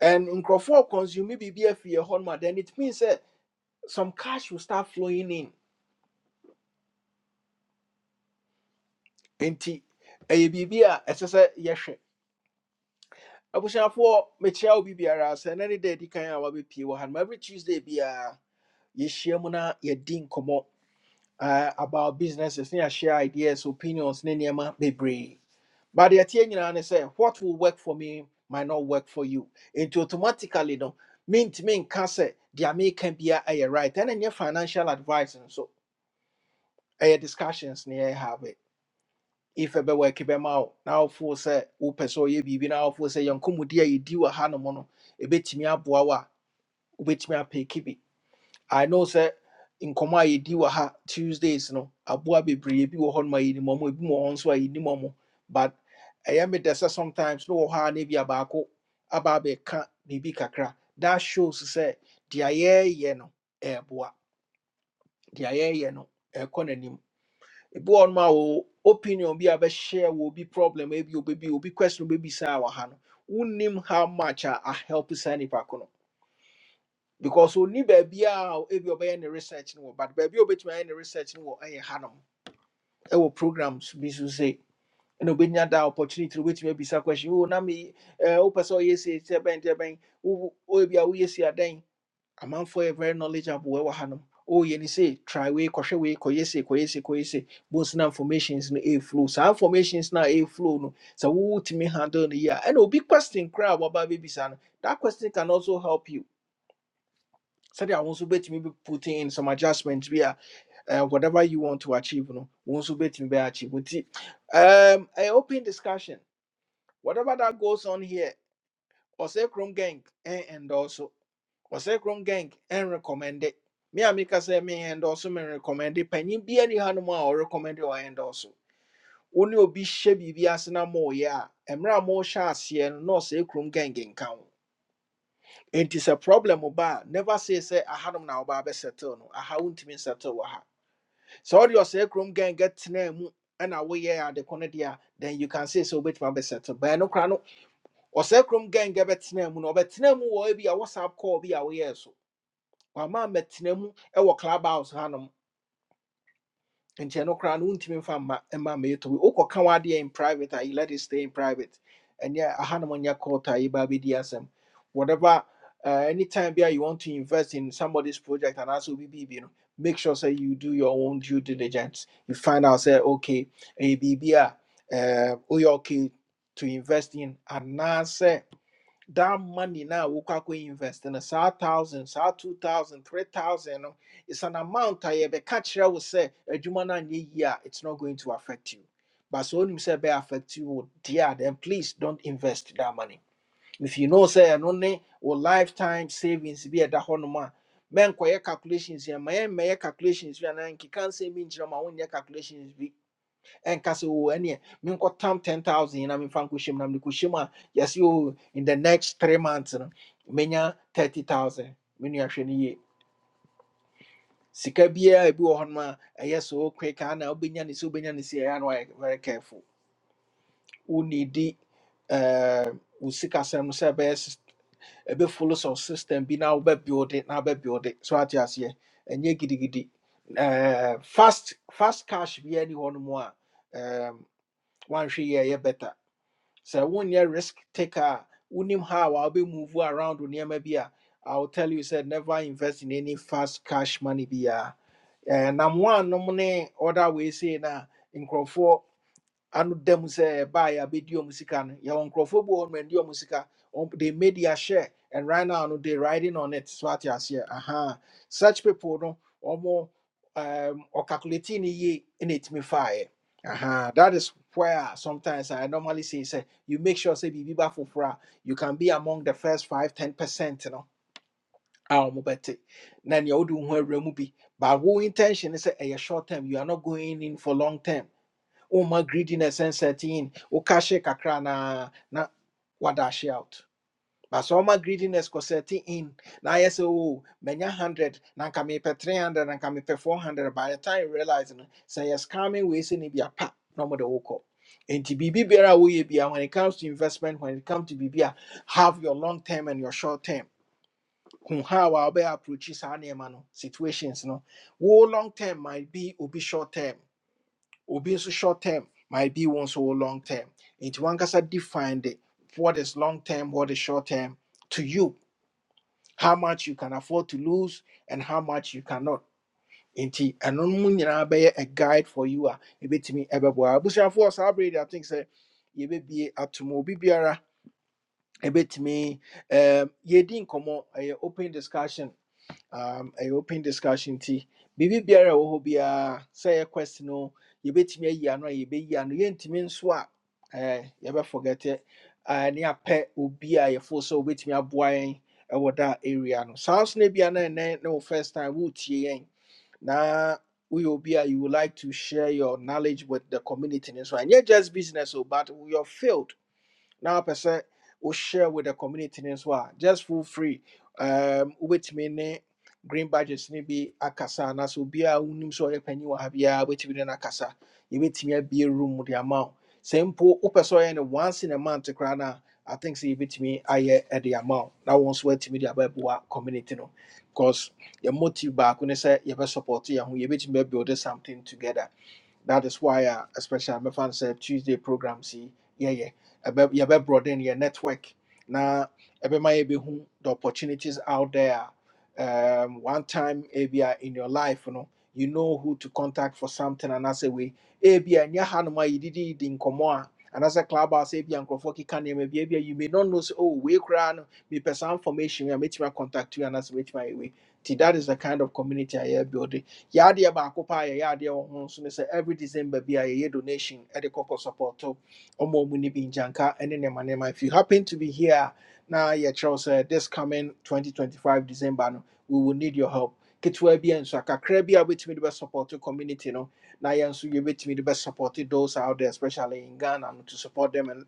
S1: and nkurɔfoɔ consume biribi afiri yɛ hɔ no then it means sɛ some cash will start flowing in enti ɛyɛ biribi a ɛsɛ sɛ yɛhwɛ I mekyia obi biara sɛ na and da adi kan a wabɛpie wɔ ha no every tuesday biara yɛhyia mu na yɛdi nkɔmmɔ ah, about businesses ne share ideas opinions ne be brave. but the ɛteɛ nyinaa ne sɛ what will work for me might not work for you It automatically no Mint nka sɛ deɛ meka bia ɛyɛ right ɛna nyɛ financial advice and so ɛyɛ discussions ne yɛhave if ɛbɛ work bɛma wo na wofoɔ sɛ wopɛ sɛ ɔyɛ biribi na wofoɔ sɛ yɛnkɔmmɔdi a yɛdi wɔ ha nom no ɛbɛtumi aboa wo a wobɛtumi apɛki bi i know sɛ nkɔmmɔ a yɛdi wɔ ha tuesdays no aboa bebree bi wɔ hɔ nom a yɛnim ɔmo ebi wɔ hɔ nso a yɛnim ɔmo but I am dɛ sɛ sometimes no wɔ hɔ a na bi abaako aba abɛka biribi kakra that shows sɛ deɛ ye ye no ɛɛboa deɛ ye ye no ɛɛkɔ n'anim ebi wɔ nom a wo opinion bi a bɛhyɛ will be problem ebi obi bi obi question obi saa wɔ ha no wonim how much a a help saa nipa ko no because oni baabi a ebi ɔbɛyɛ ne research no wɔ but baabi a obetumi ayɛ ne research no wɔ ɛyɛ ha nom ɛwɔ programs bi so se ɛna obenya da opportunity na obetumi abisa question o na mi ɛɛ wopɛ sɛ ɔyɛ esi esi ɛbɛn ɛbɛn wo wo ebi a woyɛ esi adan a man for a very knowledgeable wɔ Oh, hanom say ne sɛ try way, kɔhwɛ way, kɔyɛ se kɔyɛ se kɔyɛ se bons na informations no ɛɛflow saa informations no a ɛɛflow no sɛ wowotumi handle no And a big question crowd about wɔaba bɛbisa no that question can also help you sɛdeɛ wo nso bɛtumi be putting in some adjustments, bi uh, whatever you want to achieve no wo nso bɛtumi bɛ achieve nti um, a open discussion whatever that goes on here or say krom gang eh, and also. wɔsɛ krom gang ɛnrecommende me and a meka sɛ meyɛndɔɔso merecommende panyin bia ni hanom a recommend ɔyɛndɔɔso wo ne obi hyɛ biribi ase na moyɛ a mmerɛ a mohyɛ aseɛ no na ɔsɛ krom gang nka wo enti sɛ problem ba never say sɛ ahanom na wobaa bɛsettle no aha wontumi nsettle wɔ ha sɛ wode ɔsɛ krom gang tenaa mu and away. Yeah, ko no deɛ then you can say sɛ wobɛtumi abɛsettle bɛɛ no kora no ɔsɛ krom gang bɛtenaa mu no ɔbɛtenaa mu wɔ ebi a whatsapp call bi a woyɛɛ so wama mmɛtena mu ɛwɔ club house hanom nkyɛn no koraa no wontumi mfa mma mma mmeeto bi wokɔka wadeɛ in private a you let it stay in private ɛnyɛ ahanom nyɛ court a yɛba bɛdi asɛm whatever uh, anytime bi a you want to invest in somebody's project anaasɛ obi biribi know. make sure sɛ you do your own due diligence you find out sɛ okay ɛyɛ biribi a B B uh, woyɛ okay to invest in anaasɛ that money now we can invest in a saa thousand, saa two thousand, three thousand. No, it's an amount I be catch will say a juman year, it's not going to affect you. But so when you say be affect you, oh dear, then please don't invest that money. If you know say and only or lifetime savings be at the honoma. Men quiet calculations here, my calculations, and I can't say mean my own calculations be ɛnka sɛ o ɛneɛ menkɔtam 10000 na memfa nkɔhyɛm na mede kɔhyɛm a yɛse o in the next three months no menya 30000 me nua hwɛ no yie a ebi wɔ hɔnom a ɛyɛ so quick ana wobɛnya ne sɛ wobɛnya ne sɛ ɛyɛ a na wayɛ very careful wonedi eh, wo sikasɛm be sɛ ɛbɛyɛ sys- ɛbɛfollow some system bi na wobɛbuilde na wobɛbuilde so ate aseɛ ɛnyɛ gidigidi Eh, fast fast cash Be any one more. em, wanhwɛ yie a ɛyɛ better So sɛ wonyɛ risk taker a I'll be wobɛmove around wo nneɛma bi i will tell you said never invest in any fast cash money biara Eh, nam woanom ne other wei sei no a nkurɔfoɔ ano dɛm say buy a abɛdi ɔmo sika no on nkurɔfoɔ bi wɔ hɔ nom ɛndi they made their share and right now no they riding on it so ate aseɛ aha such people no ɔmo um, or ɔcalculate ne yie ɛna ɛtumi faeɛ aha that is where sometimes i normally say sɛ you make sure sɛ biribi ba foforɔ you can be among the first five ten percent no a ɔmo bɛte na nea wode wo ho awura mu bi but wo intention ne sɛ ɛyɛ short term you are not going in for long term Oh my greediness ɛnsɛte in woka hye kakra na na wadahye out but so my greediness kɔsɛte in na ayɛ sɛ o manya 100 na nka mepɛ 300 na nka mepɛ 400 by the time you realize no sɛ yɛ scamming wei sɛ ne No more the ɔmode wokɔ nti biribi be a we be when it comes to investment when it comes to be a have your long term and your short term hu how a wobɛyɛ approachi saa nneɛma no situations no wo long term might be obi short term obi nso short term might be one so long term nti wankasa define the what is long term what is short term to you how much you can afford to lose and how much you cannot Inti ɛno no mu nyinaa bɛyɛ a guide for you a ɛbɛtumi ɛbɛboa abusuafoɔ saa bere de i think sɛ yɛbɛbie atom obi biara ɛbɛtumi um, yɛdi nkɔmmɔ ɛyɛ open discussion um, a open discussion ti Bibi biara ɛwɔ hɔ Say a question. O. no yɛbɛtumi ayi ano a yɛbɛyi ano yɛntumi nso a eh, yɛbɛforget it, eh, ne apɛ obi a yɛfo sɛ wobɛtumi aboa yɛn ɛwɔ da area no saa so no bia na na ne first time woretie yɛn na we obi a you would like to share your knowledge with the community no so ɛnyɛ just business o but your field now, person, sɛ share with the community as well. just feel free um, wobɛtumi ne green badges no bi akasa anaasɛ obiaa wonim sɛ ɔyɛ panyin wɔ ha biaa wobɛtumi ne no akasa yɛbɛtumi abie room de ama wo sɛ mpo wopɛ sɛ ɔyɛ no once in a month koraa no a i think sɛ yɛbɛtumi ayɛ de ama wo na wo nso woatumi de abɛboa community no because yɛ motive baako ne sɛ you yɛ ho yɛbɛtumi bɛbuild something together that is why, uh, especially my fans say Tuesday program. see, yeah, yeah, you better broaden your network. Now, everybody be who the opportunities out there. Um, one time, ABI in your life, you know, you know who to contact for something, and I say we ABI and your hand my did in common. And as a club, I say, Bian Kofoki can you maybe you may not know, say, oh, we crown me, person information, we are making my contact you, and as which my way. See, that is the kind of community I am building yɛ adeɛ baako paa yɛyɛ adeɛ wɔ ho nso ne every december bi a yɛyɛ donation de kɔkɔ supporto ɔma ɔmu no bi And then, nneɛma nneɛma if you happen to be here a, na Charles sɛ this coming 2025 december no we will need your help ketewa bi a nso a kakra bi a wobɛtumi de bɛsupporto community no na yɛn nso yɛbɛtumi de bɛsupporte those out there especially in ghana no to support them and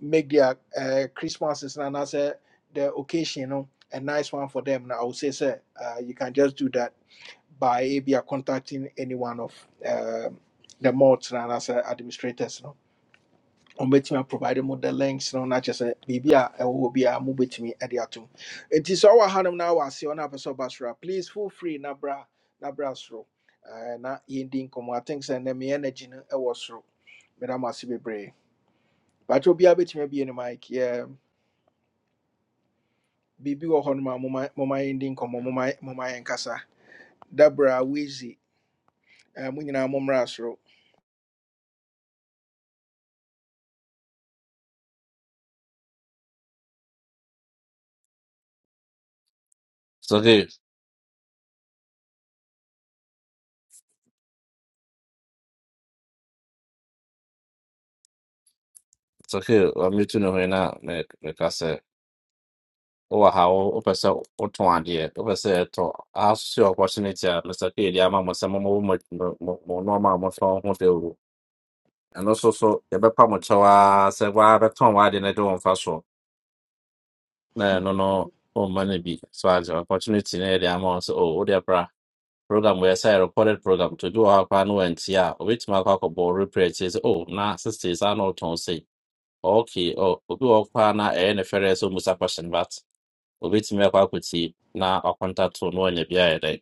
S1: make their uh, christmases no anaasɛ the occasion no a nice one for them na i would say sir, uh, you can just do that by ebi a contacting any one of um, the mods and as a administrators no On ɔmbɛtumi provide mu the links no Not just a sɛ biribi a ɛwɔ hɔ biara mobɛtumi de atom nti sɛ ɔwɔ hanom na wɔ aseɛ ɔno apɛ sɛ ɔba soro a please feel free na bra na bra soro Eh, na yɛndi nkɔmmɔ i think sɛ nnɛ me energy no ɛwɔ soro meda mo ase bebree bakyɛ obiara bɛtumi abie no mike yɛ biribi mo hɔ nom a mo momma mo nkɔmmɔ momma momma yɛnkasa dabra wizy mo nyina mo nyinaa mommra soro
S5: It's okay. It's okay. I'm meeting you right now. Like, like I said, oh how open so open idea. Open say to ask your opportunity. a Mr. K, the amount of some more more more normal more from hotel. And also so you better much our say why better turn why didn't do on fast so. yɛbɛpa mo kyɛw a sɛ woa bɛtɔn w'ade No de wo mfa so na ɛno no ɔmma no. Oh money be so as your opportunity na the amount so oh dear bra program where say recorded program to do our plan went yeah. Which my cock board repair says oh nah sisters I know don't say. Okay, oh, obi wɔ hɔ koraa na ɛyɛ ne fɛrɛ sɛ ɔmmisa question but obetumi akɔ akɔti na ɔkɔntato na ɔnya bi ayɛ dɛn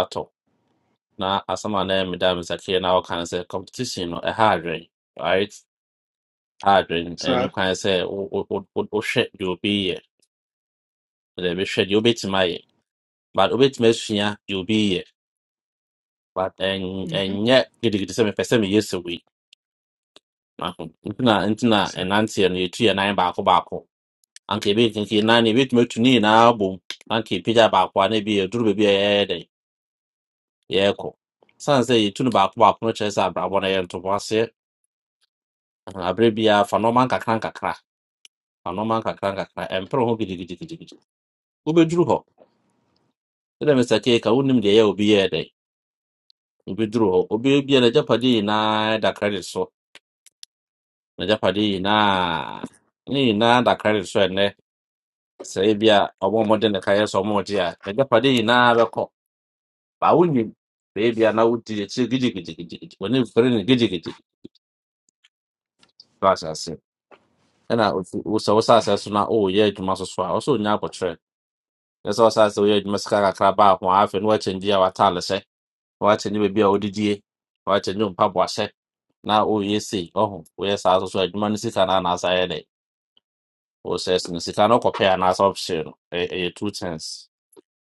S5: atɔ na asɛm a na ɛmeda me nsakyerɛ na ɔka no sɛ competition no ɛha adwen right ha adwen ɛno
S1: saa
S5: kwan sɛ wo- wo- wo- wo- wohwɛ deɛ obi yɛ deɛ ɛbɛhwɛ deɛ obetumi ayɛ but obetumi asua deɛ obi yɛ but ɛn- ɛnyɛ gidigidi sɛ mepɛ sɛ meyɛ sɛ wei nti na nti na ɛnanteɛ no yɛtu yɛ nan baako baako anke bi kinki nani bi tumi tu ni na abom anke pija baako a na bi yɛ duru baabi a yɛyɛ dɛ yɛɛkɔ san sɛ yɛtu no baako baako no kyerɛ sɛ abrabɔ no yɛ ntobo aseɛ ɛhɛn, abere biara fa nɔɔma nkakra nkakra fa nɔɔma nkakra nkakra ɛmpere ho gidigidigidigidi wobɛduru hɔ ɛdɛ mr keka wonim deɛ ɛyɛ a obi yɛɛ dɛ wobɛduru hɔ obi bia n'agyapadeɛ nyinaa da credit so n'agyapadeɛ nyinaa ne nyinaa da credit so ɛnɛ sɛ ebi a ɔmo a ɔmo de ne ka yɛ sɛ ɔmo gye a n'agyapadeɛ nyinaa bɛkɔ ba wunye baby ana wuti ya ce gidi gidi gidi gidi wani fere ne gidi gidi to asase ana usa usa asase na o ye juma so so a o so nya ko tre ya so asase o ye juma sika ka kra ba ho afi no achen dia wa tale se wa achen ni baby a odidie wa achen ni mpa bo ase na o ye se o ho o ye sa so so juma ni sika na na asa ye de o se se ni sika no ko pe ana asa option e e two cents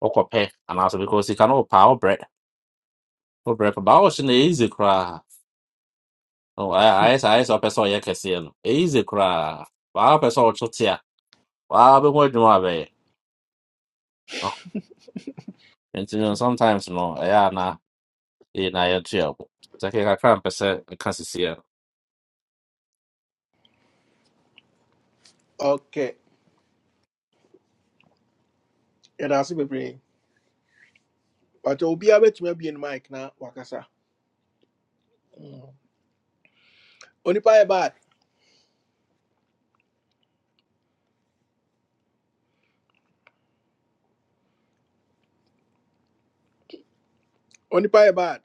S5: o ko pe ana so because sika no pa o bre o bre ba o se na easy kra Oh, ayɛ saa ayɛ sɛ ɔpɛ sɛ ɔyɛ kɛseɛ no Ɛyɛ easy koraa waa pɛ sɛ ɔto te a waa bɛho adwuma a bɛyɛ Oh, nti no sometimes no ɛyɛ a na yɛ na yɛto yɛ bo sɛke kakra mpɛ sɛ nka sesie no
S1: okay yɛda ase bebree but you'll be obiara bɛtumi abie no mic now, wakasa Mm. onipa yɛ bad onipa pay bad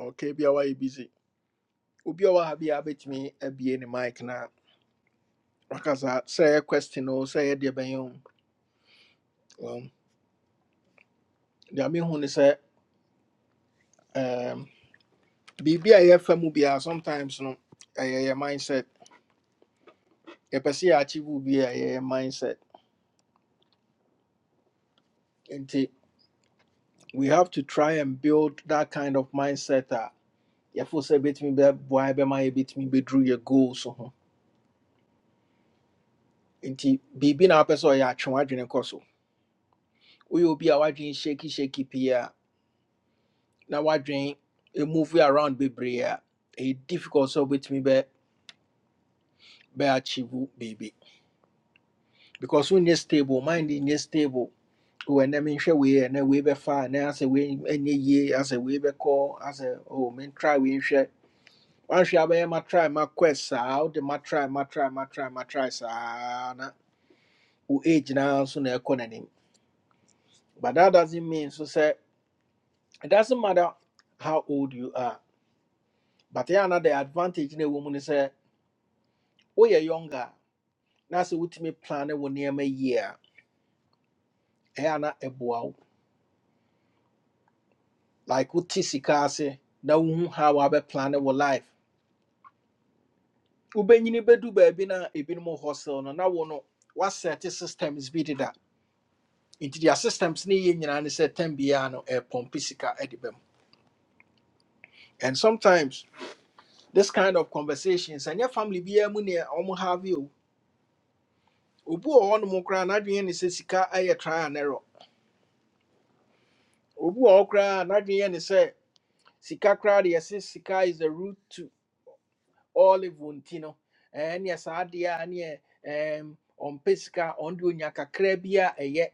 S1: okay be away busy obi a ɔwɔ ha biara bɛtumi abie ne mic na wakasa Say question o say ɛyɛ deɛ bɛyɛ o um, deɛ mehu ne say um, biribi a yɛfa mu biara sometimes no ɛyɛ yɛ mindset yɛpɛ sɛ achieve, bi a ɛyɛ yɛ mindset nti we have to try and build that kind of mindset a yɛfo sɛ bɛtumi bɛboa yɛ bɛma yɛbɛtumi bɛduru yɛ goals ho nti biribi na wapɛ sɛ ɔyɛ atwe w'adwene kɔ so woyɛ obi a w'adwene shaky shaky pii a na w'adwene e move around bebree a ɛyɛ difficult sɛ wobɛtumi bɛ bɛ achieve baby. because wonyɛ stable mind nyɛ stable When I mean, share We wɔ we menhwɛ wei ɛnɛ wei bɛfa ɛnɛ asɛ wei ɛnyɛ yie asɛ wei bɛkɔ asɛ oh men try we share. nhwɛ wanhwɛ abɛyɛ ma try ma quest out, wode ma try ma try ma try ma try saa na wo age naa nso na ɛkɔ but that doesn't mean so say. It doesn't matter how old you are, but yeah, now the advantage in a woman is uh, oh you're younger. Now so what me plan one near my year. Ayana ebuau. Like what tisika say now how I be plan our life. Ubenyini bedu baby na a bit more hustle no na wono what set systems be that. Into their systems ni yin and say ten biano a pompisika edibem. And sometimes this kind of conversations and your family be a money almost have you. obi wɔ mokra koraa n'adwene ne sɛ sika yɛ trial and error obi wɔ hɔ koraa n'adwene ne sika koraa de sika is the root to all evil nti no ɛɛ neɛ saa adeɛ a neɛ ɛɛm ɔmpɛ sika ɔnde onya kakra bi a ɛyɛ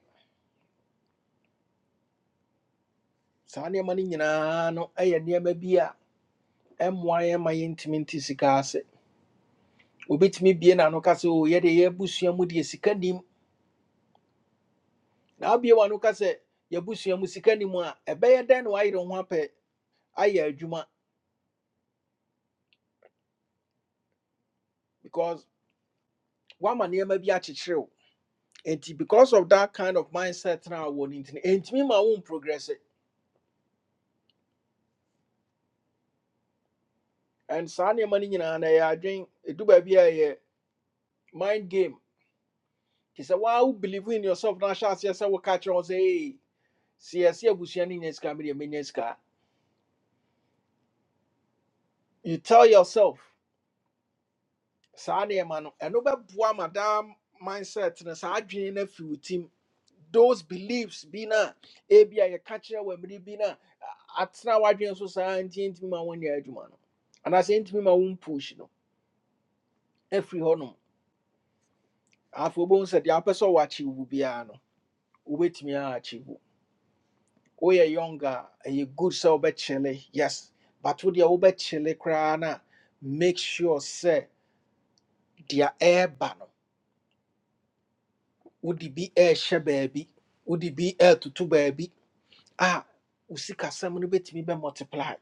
S1: saa nneɛma no nyinaa no yɛ nneɛma bi a ɛmmoa yɛn ma yɛntumi nte sika ase obɛtumi bie n'ano ka sɛ o yɛde yɛabusua mu deɛ sika nim na abie w'ano ka sɛ a ɛbɛyɛ dɛn na wayere wo ho apɛ ayɛ adwuma One wama nneɛma bi akyekyere show, and because of that kind of mindset now wɔ ne ntini ɛntumi ma wo progress it. and saa nneɛma no nyinaa na ɛyɛ adwen ɛdu a mind game He said, "Wow, believe in yourself na ahyɛ aseɛ I will catch on. Say, ee siɛse abusua no nya sika medeɛ mɛnya sika you tell yourself saa nneɛma no ɛno bɛboa ma daa mindset no saa adwene no afi wo tim those beliefs bi no a ebi a yɛka kyerɛ wɔ mmere bi no a atena w'adwene so saa nti ntumi ma wonyɛ adwuma no anaasɛ ntumi ma wompush no afiri hɔnom afei wobɛhu sɛ deɛ wopɛ sɛ wɔakyew wo biara no wobɛtumi aakyew wo woyɛ young a ɛyɛ good sɛ wobɛkyele yes but wo deɛ wobɛkyele koraa no a make sure sɛ deɛ ɛɛba no Would wode bi ɛɛhyɛ baabi wode bi two baby. Ah, wo sikasɛm no bɛtumi bɛ multiply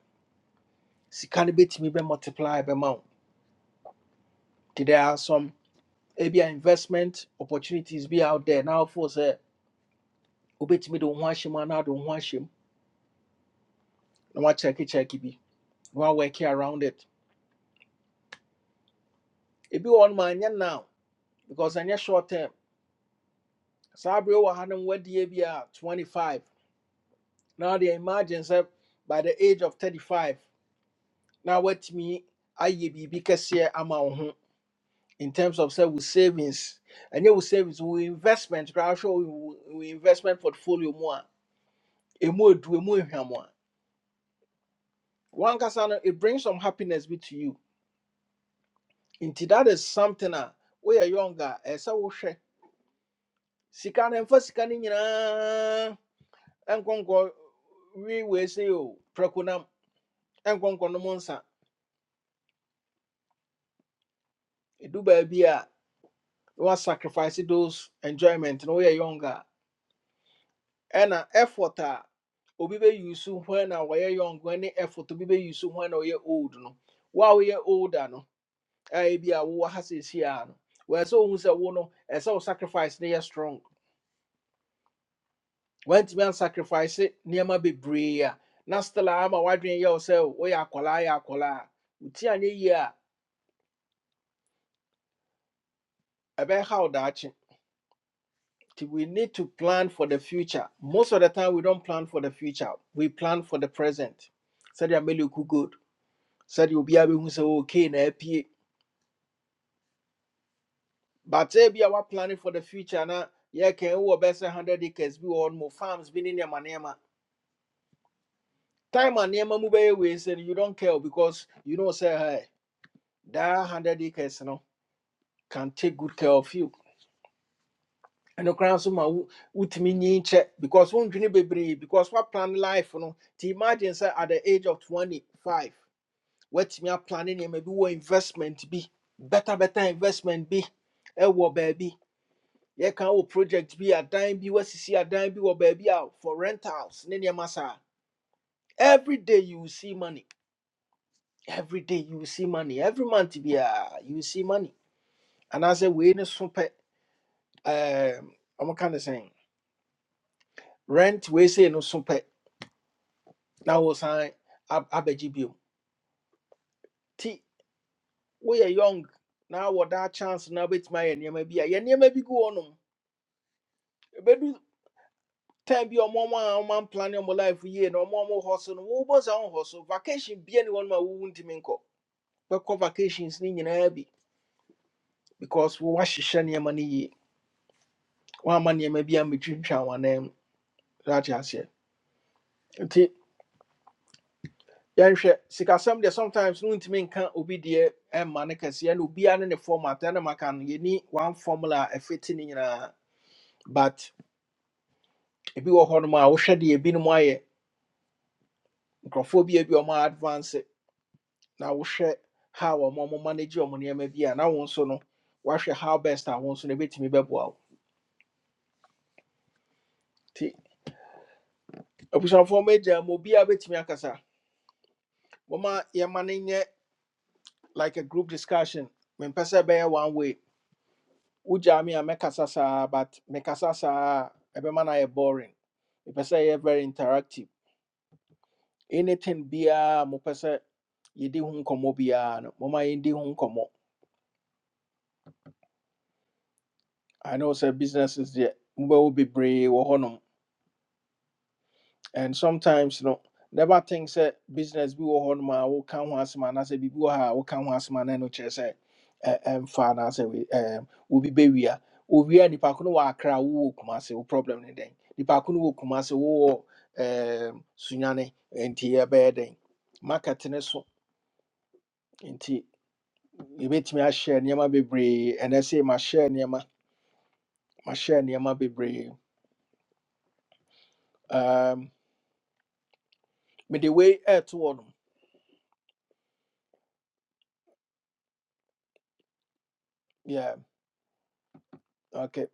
S1: sika no bɛtumi bɛ multiply bɛma wo nti there are some ebia investment opportunities be out there now. For na wofoo sɛ wobɛtumi de wo ho ahyɛ mu anaa de wo ho ahyɛ check na be. bi na woawɔke around it ebi wɔ no ma ɛnyɛ now because ɛnyɛ short term saa bere wɔ ha no wadeɛ bi a B R 25 Now they imagine sɛ by the age of 35 na woatumi ayɛ biribi kɛseɛ ama wo ho in terms of say with savings and ɛnyɛ with savings with investment koraa hwɛ wo wo investment portfolio more, a emu edu emu ehwam a wankasa no it brings some happiness be to you nti that is something a we are younger. ɛsɛ wohwɛ sika no mfa sika no nyinaa nkɔnkɔ wii we se o prɛko nam nkɔnkɔ nom nsa edu baabi a wa sacrifice those enjoyment na we are younger. ɛna effort a obi bɛ use when a wɔyɛ young ne effort obi bɛ use when a ɔyɛ old no wo a woyɛ older no ɛyɛ bi a wowɔ ha seesie a no wɔyɛ sɛ ohu sɛ wo no ɛsɛ wo sacrifice no yɛ strong wantumi ansacrifice nneɛma bebree a na still am a ama w'adwene yɛ wo sɛ woyɛ akwaraa yɛ akwaraa a woti anyɛ yie a ɛbɛha wo daakye nti we need to plan for the future most of the time we don't plan for the future we plan for the present sɛdeɛ meleku good Said you be able to say okay na apie but sɛ bia planning for the future na yeah, yɛka wowɔ bɛsɛ 100 acres be wɔ more farms bi ne nneɛma nneɛma time and nneɛma mu bɛyɛ wei sɛ no you don't care because you know say hey, that 100 acres no can take good care of you ɛno koraa nso ma wo- wotumi nyin kyɛ because wondwene bebree because woaplan life no nti imagine sɛ at the age of 25 woatumi aplane nneɛma bi wɔ investment bi better better investment bi ɛwɔ baabi Ye can wo project be a dime, bi adan see a dime, be wɔ baby out for rentals ne nneɛma saa every day you will see money every day you will see money every month be a you will see money And I say anaasɛ no ne so pɛ ɛɛm, kind of saying rent wei say no so Now na sign ab- abɛgye biom nti woyɛ young Now what that chance Now wobɛtumi my nneɛma maybe a yɛ maybe go gu time be ọmọ ọmọ a ọmọ plan ọmọ life year. No more, ọmọ hustle no more, saa hustle vacation bia ni wọn ma to ntumi nkọ bɛkɔ vacations ni nyinaa bi because we wash nneɛma money. One man nneɛma be a wɔn anan mu zaate aseɛ nti yɛnhwɛ sikasɛm deɛ sometimes no ntumi nka obi deɛ ɛmma ne kɛseɛ na obiara ne ne format ɛna maka no yɛni one formula a ɛfiti ne nyinaa but ebi wɔ hɔnom a wohwɛ deɛ ebinom ayɛ nkurɔfoɔ bi Be ebi ɔmo advance na wohwɛ how ɔmo ɔmo manage ɔmo nneɛma bi a na wɔn nso no wahwɛ how best a wɔn nso no ebetumi bɛboa wo ti abusuafoɔ mo agya mo obiara betumi akasa wɔma yɛma no nyɛ like a group discussion mempɛ sɛ ɛbɛyɛ one way wogyaa me a mɛkasa saa but mekasa saa a ɛbɛma no ayɛ boring mepɛ sɛ ɛyɛ very interactive anything biara a mopɛ sɛ yɛdi ho nkɔmmɔ biara no moma yɛndi ho nkɔmmɔ i know sɛ businesses deɛ mobɛwo bebree wɔ hɔnom and sometimes you know never think sɛ business bi wɔ hɔ nom a woka ho asɛm anaasɛ biribi wɔ ha a woka ho asɛm ana no kyerɛ sɛ ɛ- ɛmfa anaasɛ we- ɛɛm, wobi bɛwia owia nipa ko no wɔ akra a wowɔ kuma se wo problem ne dɛn nipa ko no wɔ kuma se wowɔ ɛɛm, sunyane nti ɛbɛyɛ dɛn market ne so nti yɛbɛtumi ahyɛ nneɛma bebree ɛnɛ sɛ mahyɛ nneɛma mahyɛ nneɛma bebree um, mede wei ɛɛto hɔ nom yeah okay.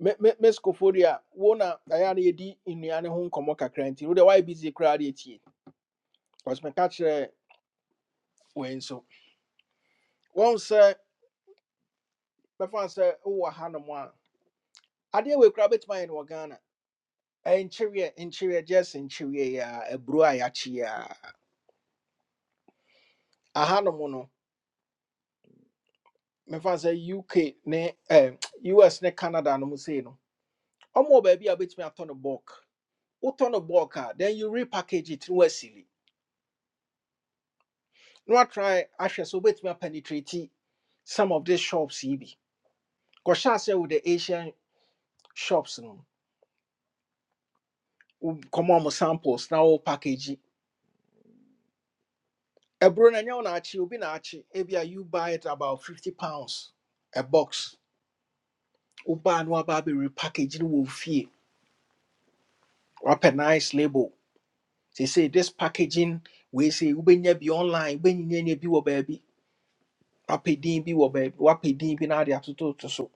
S1: Me me me ɛyɛ Wona na yɛdi nnuane ho nkɔmmɔ kakra nti wode wayɛ busy koraa de atie bcause meka kyerɛ wei nso wɔn sɛ bɛfa sɛ wowɔ ha nom a adeɛ wei koraa bɛtumi ayɛ no wɔ ghana ɛnkyereɛ nkyereɛ gyes nkyereɛ a aburo a yɛakye a aha nom no mefa sɛ uk ne eh us ne canada nom sei no ɔmɔ baabi a wobɛtumi atɔ no bulk wotɔ no bulk a then you repackage it na wasili na watry ahwɛ sɛ wobɛtumi apenetrate some of these shops here. bi kɔhyɛ sɛ wo the asian shops no come on, samples now. wo package yi. ɛburo no ɛnyɛ wo naakye obi naakye ebia you buy it about 50 pounds a box wobaa no waba abɛre package no wɔ wo fie nice label They say this packaging wei sɛ wobɛnya bi online wobɛnyanya bi wɔ baabi wapɛ din bi wɔ baabi wapɛ din bi na ade atototo so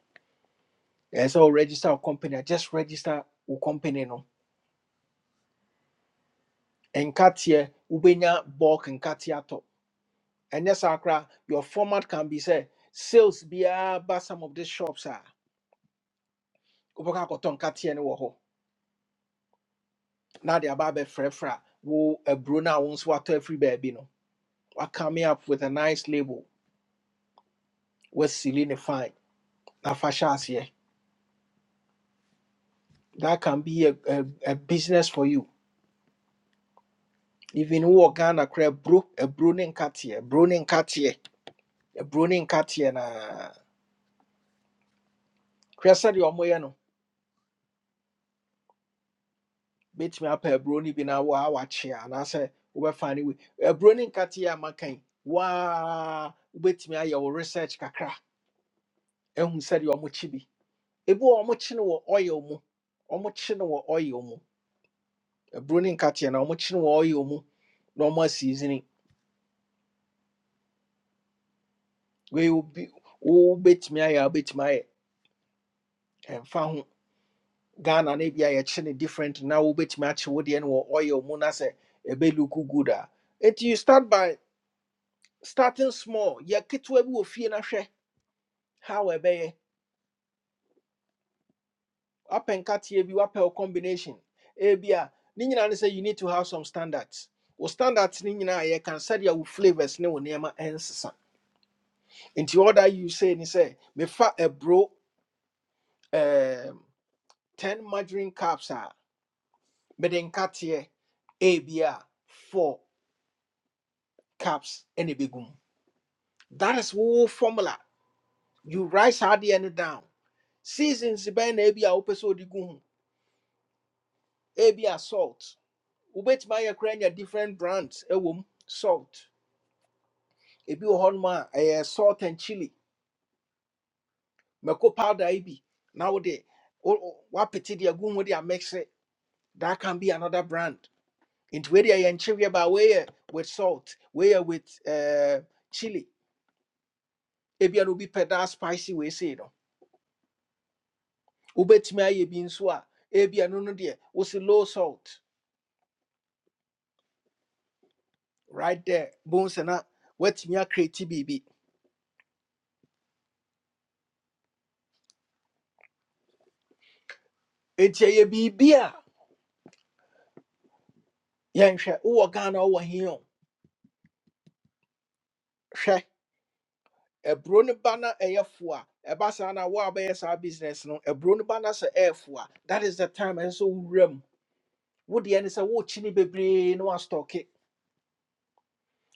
S1: ɛɛ sɛ wo register wo company a just register wo company no nkateɛ wobɛnya bulk nkateɛ atɔ ɛnyɛ saa koraa your format can be say sales be biara ba some of these shops a wobɛka akɔtɔ nkateɛ ni woho. hɔ na de aba abɛfrɛfrɛ a wo aburo no a wo nso watɔ afiri baabi no wakame up with a nice label wasili ne fine na fa hyɛ that can be a, a, a business for you even wowɔ ghana koraa aburo aburo ne nkateɛ aburo ne nkateɛ aburo ne nkateɛ naa hwɛ sɛdeɛ ɔmoyɛ no bɛtumi apɛ aburo no bi na waa wakye a anaasɛ wobɛfa no wi aburo no nkateɛ a brony katia maka wa. waa me a wo research kakra ahu sɛdeɛ ɔmokye bi ebi wɔ hɔ a ɔmokye no wɔ oil mu ɔmokye no wɔ oil mu A brony katia na ɔmokye no oil mu na ɔmo asiisini wei wobi wobɛtumi ayɛ a wobɛtumi ayɛ And ho ghana no bi a yɛkye no different na wobɛtumi akye wo deɛ no wɔ oil mu na say ɛbɛluku good a nti you start by starting small yɛ ketewa bi wɔ fie na hwɛ how ɛbɛyɛ wapɛ nkateɛ bi wapɛ combination ebi a ne nyinaa ne sɛ you need to have some standards wo standards ne nyinaa yɛka sɛdeɛ wo flavours ne wo nneɛma ɛnsesa nti all that you say ne sɛ mefa aburo um, 10 margarine cups a mede nkateɛ ebi bia 4 cups ɛna ɛbɛgu mu that is whole formula you write saa adeɛ no down seasons by na ebi a wopɛ sɛ wode gu salt wobɛtumi ayɛ koraa anya different brands ɛwɔ mu salt ebi wɔ hɔnom a ɛyɛ salt and chili Meko powder ebi. bi na wode wo- wo- woapete de agu ho de amɛkse that can be another brand Into nti wei deɛ yɛnkyeweɛ ba weyɛ with salt weyɛ with uh, chili Ebi no obi pɛ spicy we say no wobɛtumi ayɛ bi nso a ebia no no deɛ wosi low salt right there bones na woatumi akreti biribi nti ɛyɛ biribi a yɛnhwɛ wowɔ ghana wowɔ he o. hwɛ ɛburo no ba na ɛyɛ fo a ɛba saa na wo a saa business no ɛburo no ba na sɛ ɛyɛ fo a that is the time ɛsɛ sɛ wowura mu wodeɛ ne sɛ wokyi ne bebree na woastɔke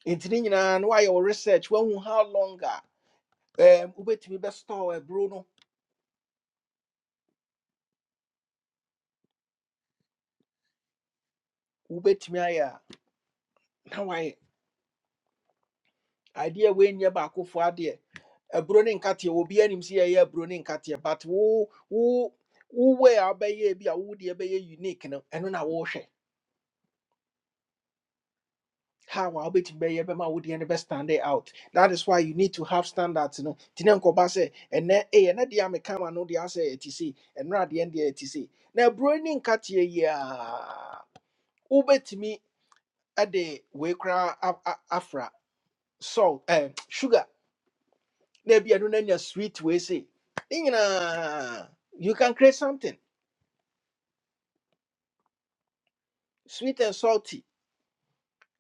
S1: nti ne nyinaa no woayɛ wo research woahu how long a ɛm, wobɛtumi bɛstɔɔ ɛburo no wobɛtumi ayɛ a na wayɛ adeɛ a woanyɛ baakofoɔ adeɛ ɛburo ne nkateɛ obi anim sɛ yɛyɛ ɛburo ne nkateɛ but wo wo wo way a wobɛyɛ bi a wodeɛ bɛyɛ unique no ɛno na wohwɛ how I'll be to be able to the end stand it out. That is why you need to have standards, you know. Tinenko Basse, and then a and the Ame come and no the answer ATC, and not the end the ATC. Now, Browning Katia, yeah, Ubet me at the Wakra Afra, salt, eh, sugar, maybe I don't know sweet way say. You know, you can create something sweet and salty.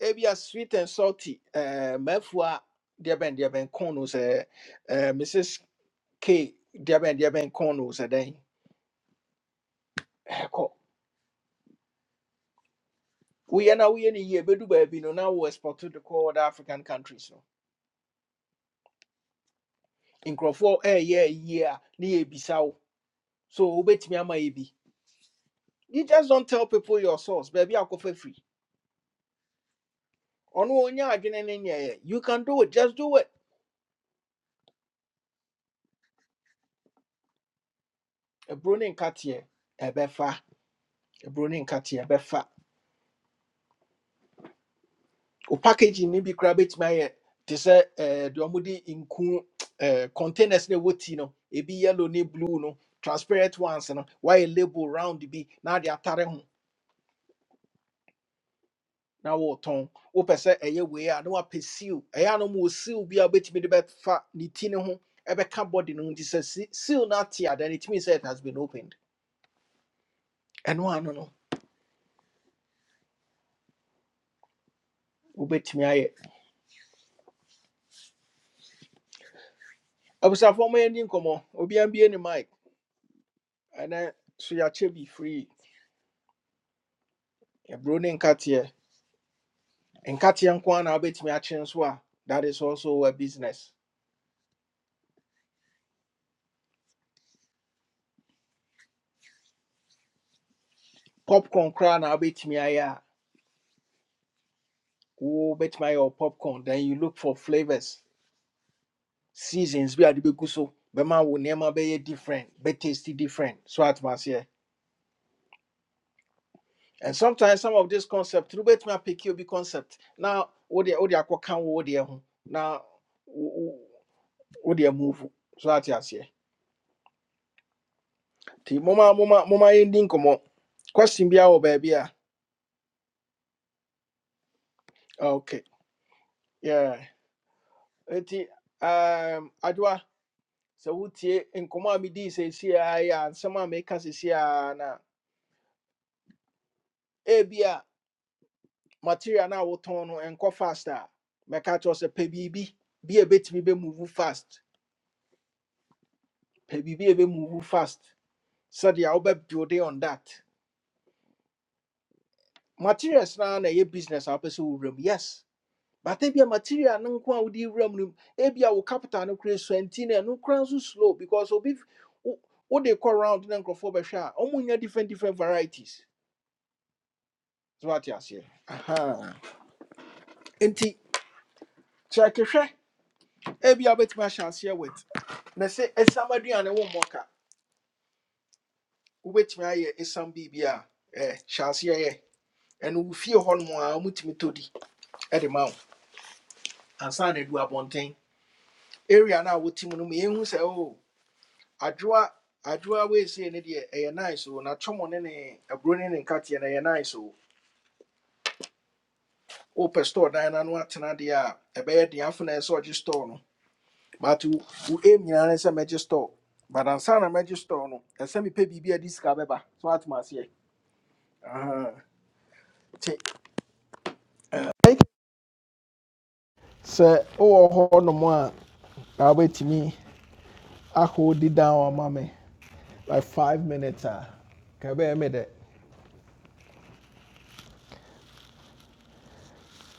S1: Maybe a sweet and salty, uh, Mefua, dear Ben, dear Ben Konos, uh, Mrs. ke deɛ bɛn deɛ bɛn kɔn no sɛ dɛn ɛkɔ woyɛ na woyɛ no yie bɛdu baabi no na wo export de kɔ other african countries no nkurɔfoɔ ɛyɛ yie a na yɛbisa wo so wobɛtumi ama yɛ bi you just don't tell people your source baabi akɔfa firi ɔno ɔnya adwene ne nyɛɛ you can do it just do it A ɛburo ne nkateɛ ɛbɛfa ɛburo ne nkateɛ ɛbɛfa o packaging ni bi kura bɛtumi ayɛ te sɛ ɛɛ deɛ wɔde nku ɛɛ containers na ɛwɔ tea no ebi yellow ne blue no transparent ones no wayɛ label round bi na de atare ho na wɔretɔn wopɛ sɛ ɛyɛ wei a na wapɛ seal ɛyɛ a mo seal bi a wobɛtumi de bɛfa ne ti ne ho ɛbɛka body no ho te sɛ se- seal no ate a then it means it has been opened ɛno ano no wobɛtumi ayɛ abusuafoɔ ɔmo yɛ ni nkɔmɔ obiara bie ne mic ɛnɛ so yɛakyɛ bi free ɛburo ne nkateɛ nkateɛ nko ara na wobɛtumi akye nso a that is also a business popcorn koraa na wobɛtumi ayɛ a wobɛtumi ayɛ wɔ popcorn then you look for flavors seasons bi a de bɛgu so bɛma wo nneema be bɛyɛ different be tasty different so atoma aseɛ and sometimes some of this concept no wobɛtumi apɛki obi concept Now, wo na wode wode akɔka wo wodeɛ ho na wo- wo- wodeɛ move so ate aseɛ Ti moma moma moma ending nkɔmmɔ question biaa wɔ baabi a okay Yeah. nti um, adwa se wotie nkɔmmɔ a medii seesei a yɛ ansɛm a meka seesei a na ebia material na a wotɔn no ɛnkɔ fast a mɛka kyerɛ wo sɛ pɛ biribi bi a ɛbɛtumi bɛmuvu fast pɛ biribi a ɛbɛmuvu fast sɛdeɛ wobɛbuilde on that materials na na ɛyɛ business a wopɛ sɛ yes But ebia material no nko a wode room. If no ebia wo capital no create so anti na ɛno kora nso slow because obi what they call round na nkurɔfoɔ bɛhwɛ a ɔmo nya different different varieties so wate aseɛ Aha. nti kyerɛkehwɛ ebia wobɛtumi ahyɛ aseɛ wit na sɛ ɛsiam aduane wo mmɔka wobɛtumi ayɛ ɛsiam biribi a eh, hyɛ aseɛ yɛ ɛno wo fie hɔ nom a womutumi tɔ di ɛde ma wo ansa na adu abɔnten area no a wotim no mu yɛhu sɛ o adwoa adwoa weesie no deɛ ɛyɛ nice o natwɔmo ne ne aburo ne ne nkateɛ no nice o wopɛ store dan na no atena deɛ a ɛbɛyɛ den afo na ɛsɛ store no but wo aim nyinaa ne sɛ mɛgye store but ansa na mɛgye store no ɛsɛ mepɛ biribi a de sika so atom aseɛ Aha. nti ɛyi- sɛ wowɔ hɔ nom a na wobɛtumi ahold down ama me like five minutes a ka ɛbɛyɛ me dɛ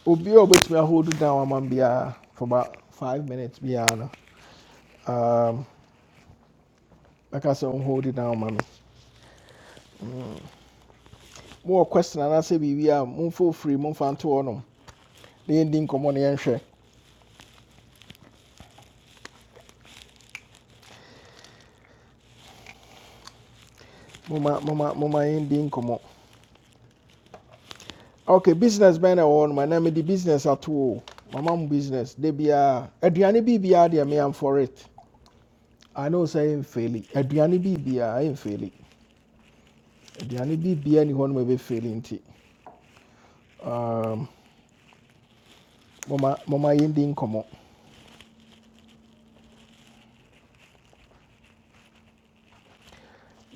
S1: obi a hold ahold down ama me for about five minutes biara no um, like I said, on hold it down, mommy. More question and I say, we are moon for free, moon fan to on The ending come on the answer. Mama, mama, mama, ending come on. Okay, business man, I want my name, the business at all. My mom business, they be a Adriani BBR, they me, I'm for it. I know, say, I'm failing. Adriani BBR, I am failing. Adriani BBR, anyone may be failing. nti, Um, mama, mama, ending come on.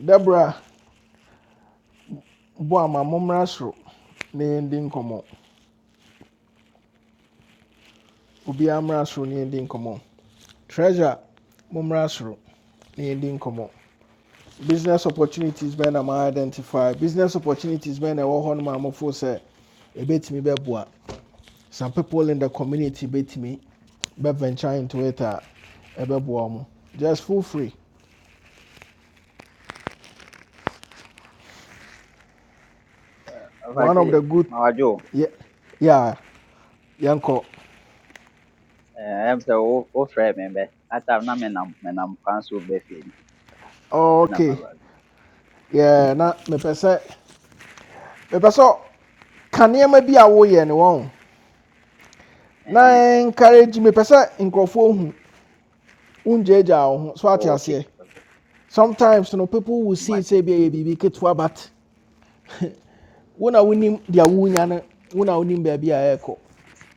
S1: Deborah, boy, my mom, Rasro, ne ending come on. Obiara mmra soro ne yɛndi nkɔmmɔ. Treasure, mommra soro na business opportunities bɛn na ma identify business opportunities bɛn na ɛwɔ hɔ no ma amɔfo sɛ ɛbɛtumi bɛboa some people in the community bɛtumi bɛventure into it a ɛbɛboa just feel free one of
S6: Ofaki,
S1: the good
S6: Mawajo,
S1: yeah, yeah, yanko.
S6: eh, I am the old old friend member. At I'm not men am men am council befin. After na
S1: okay
S6: maba.
S1: yeah, na me pesa me sɛ Can you maybe a woyɛ ne wɔn
S6: Eh
S1: na
S6: eh.
S1: encourage me pesa nkurɔfoɔ hu wongyaagyaa wo ho so ate
S6: Okay, okay.
S1: sometimes you know people will see it say
S6: Mate.
S1: bi a bibi ketewa but wo na wonim deɛ wonya no when I wonim baby a echo.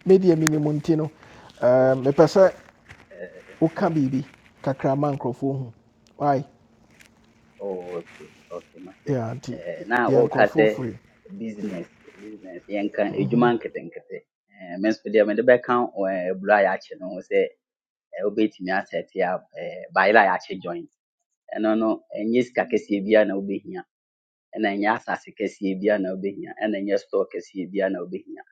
S1: me deɛ minim nti no
S6: Oh,
S1: um, mepɛ sɛ
S6: eh,
S1: woka biribi kakra ma nkurɔfoɔ hu wai
S6: oh, okay, okay, mate.
S1: yeah, nti
S6: Eh, na
S1: yɛ
S6: o
S1: nkurɔfoɔ
S6: kase
S1: firi
S6: business, business. Yenka, ejuma nkete nkete. Eh, men spedia men de beka o blue ya che no se e obetimi asset ya eh baila ya che joint. Ɛno no, ɛnyɛ sika kɛseɛ biara na wobɛhia ɛna ɛnyɛ asase kɛseɛ bia na wobɛhia ɛna ɛnyɛ store kɛseɛ bia na wobɛhia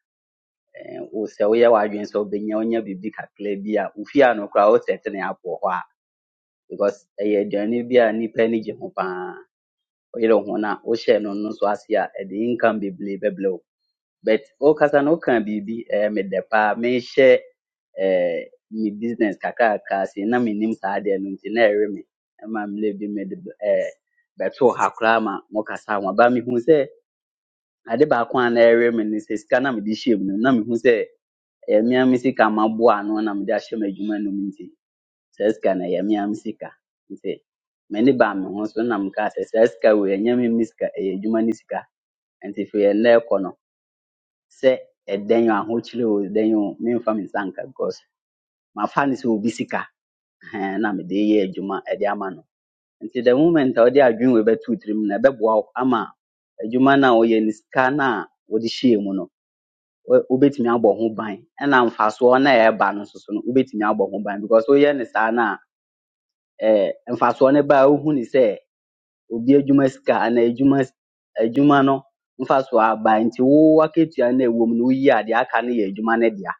S6: Ɛɛ, wo sɛ woyɛ w'adwene sɛ wobɛnya wonya biribi kakra bi a wofie a no koraa wosɛte ne apɔ hɔ a because ɛyɛ aduane bi a nnipa ani gye ho paa woyere ho no a wohyɛ no no so ase a ɛde income bebree bɛbrɛ wo but wokasa no woka biribi ɛɛ medɛ paa mehyɛ ɛɛ me business kakraka ase na mennim saa adeɛ no nti na ɛwe me ɛma mmerɛ bi mede b- ɛɛ bɛtoo ha koraa ma mokasa ho aba mehu sɛ ade baako a na ɛwe me ne sɛ sika na mede hyɛ mu no na mehu sɛ ɛyɛ mea me sika maboa ano na mede ahyɛ me adwuma no mu nti saa sika no ɛyɛ mea me sika nti m'ani baa me ho so na mekaa sɛ saa sika wei ɛnyɛ me me sika ɛyɛ adwuma no sika nti firi ɛnnɛ ɛkɔ no sɛ ɛdɛn o ahokyere o ɛdɛn o memfa me nsa nka because mafa no sɛ obi sika ɛhɛn, na mede yɛ adwuma ɛde ama no nti the moment a wode adwene wei bɛto wo tirim no ɛbɛboa wo ama adwuma no a woyɛ no sika no a wode hyɛɛ mu no wo- wobetumi abɔ ho ban ɛna mfasoɔ no a ɛba no nso so no wobetumi abɔ ho ban because woyɛ no saa no a ɛɛ mfasoɔ no ba a wohu ne sɛ obi adwuma sika anaa adwuma s- adwuma no mfasoɔ aba nti wo akatua no a ɛwɔ mu no woyi a deɛ aka no yɛ adwuma no dea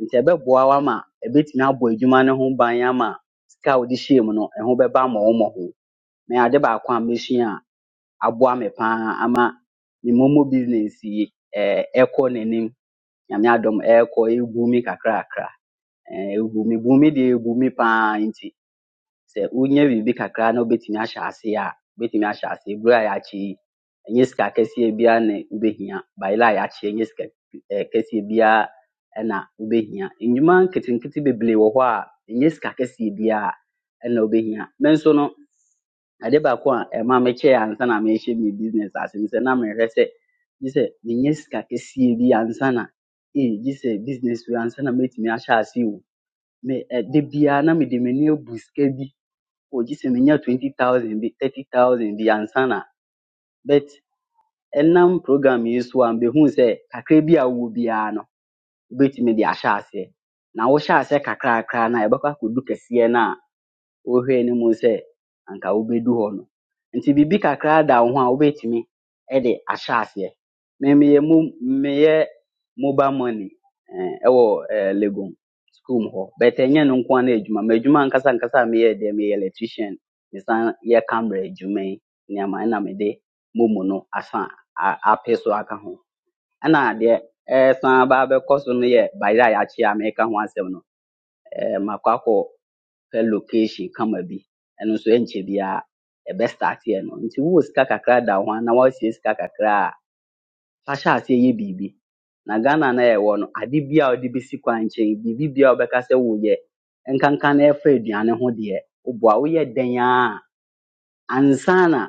S6: nti ɛbɛboa wo ama ɛbɛtumi abɔ adwuma no ho ban ama sika a wode hyɛɛ mu no ɛho bɛba mmɔwo mmɔho na ade baako a mesua a aboa me paa ama me momo business yi ɛɛ ɛkɔ n'anim nyame adom ɛɛkɔ ɛgu mi kakrakra ɛɛ, ɛgu mi bu mi deɛ ɛgu mi paa nti sɛ wonya biribi kakra na wobɛtumi ahyɛ aseɛ a wobɛtumi ahyɛ aseɛ bere a yɛakye yi ɛnyɛ sika kɛseɛ biara na wobɛhia bayela a yɛakye ɛnyɛ sika ɛɛ, kɛseɛ biara ɛna wobɛhia nnwuma nketenkete bebree wɔ hɔ a ɛnyɛ sika kɛseɛ biara ɛna wobɛhia me nso no Ade baako a ɛma mekyɛe ansa na merehyɛ me business ase no sɛ na merehwɛ sɛ gye sɛ menya sika kɛseɛ bi ansa na ee gye sɛ business wei ansa na mɛtumi ahyɛ ase o. Me ɛda biara na mede m'ani abu sika bi o gye sɛ menya twenty thousand bi thirty thousand bi ansa na but ɛnam program yi so a mehu sɛ kakra bi a wowɔ biara no wobɛtumi de ahyɛ aseɛ na wohyɛ aseɛ kakrakra no a ɛbɛkɔ akɔdu kɛseɛ no a wohwɛɛ no mu sɛ anka wobɛdu hɔ no. Nti biribi kakra da wo ho a wobɛtumi de ahyɛ aseɛ. Me meyɛ mo meyɛ mobile money eh, ɛwɔ eh, Lagos school mu hɔ. But ɛnyɛ no nko ara na adwuma. M'adwuma ankasa ankasa a meyɛ deɛ meyɛ electrician. Mesan yɛ camera adwuma yi nneɛma ɛna mede momo no asa a- apɛ so aka ho. Ɛna deɛ ɛsan aba abɛkɔ so no yɛ bayeraayakye a mereka ho asɛm no. eh, ma kɔ akɔ pɛ location kama bi ɛno nso ɛnkyɛ biara ɛbɛstarte ɛno nti wowɔ sika kakra da wo ho a na woasie sika kakra a fahyɛ aseɛ yɛ biribi na ghana na yɛwɔ no ade bia odi bi a wode bɛsi kwan nkyɛn biribi bi a wobɛka sɛ woyɛ nkanka na ɛfa aduane ho deɛ woboa woyɛ dɛn ara ansa na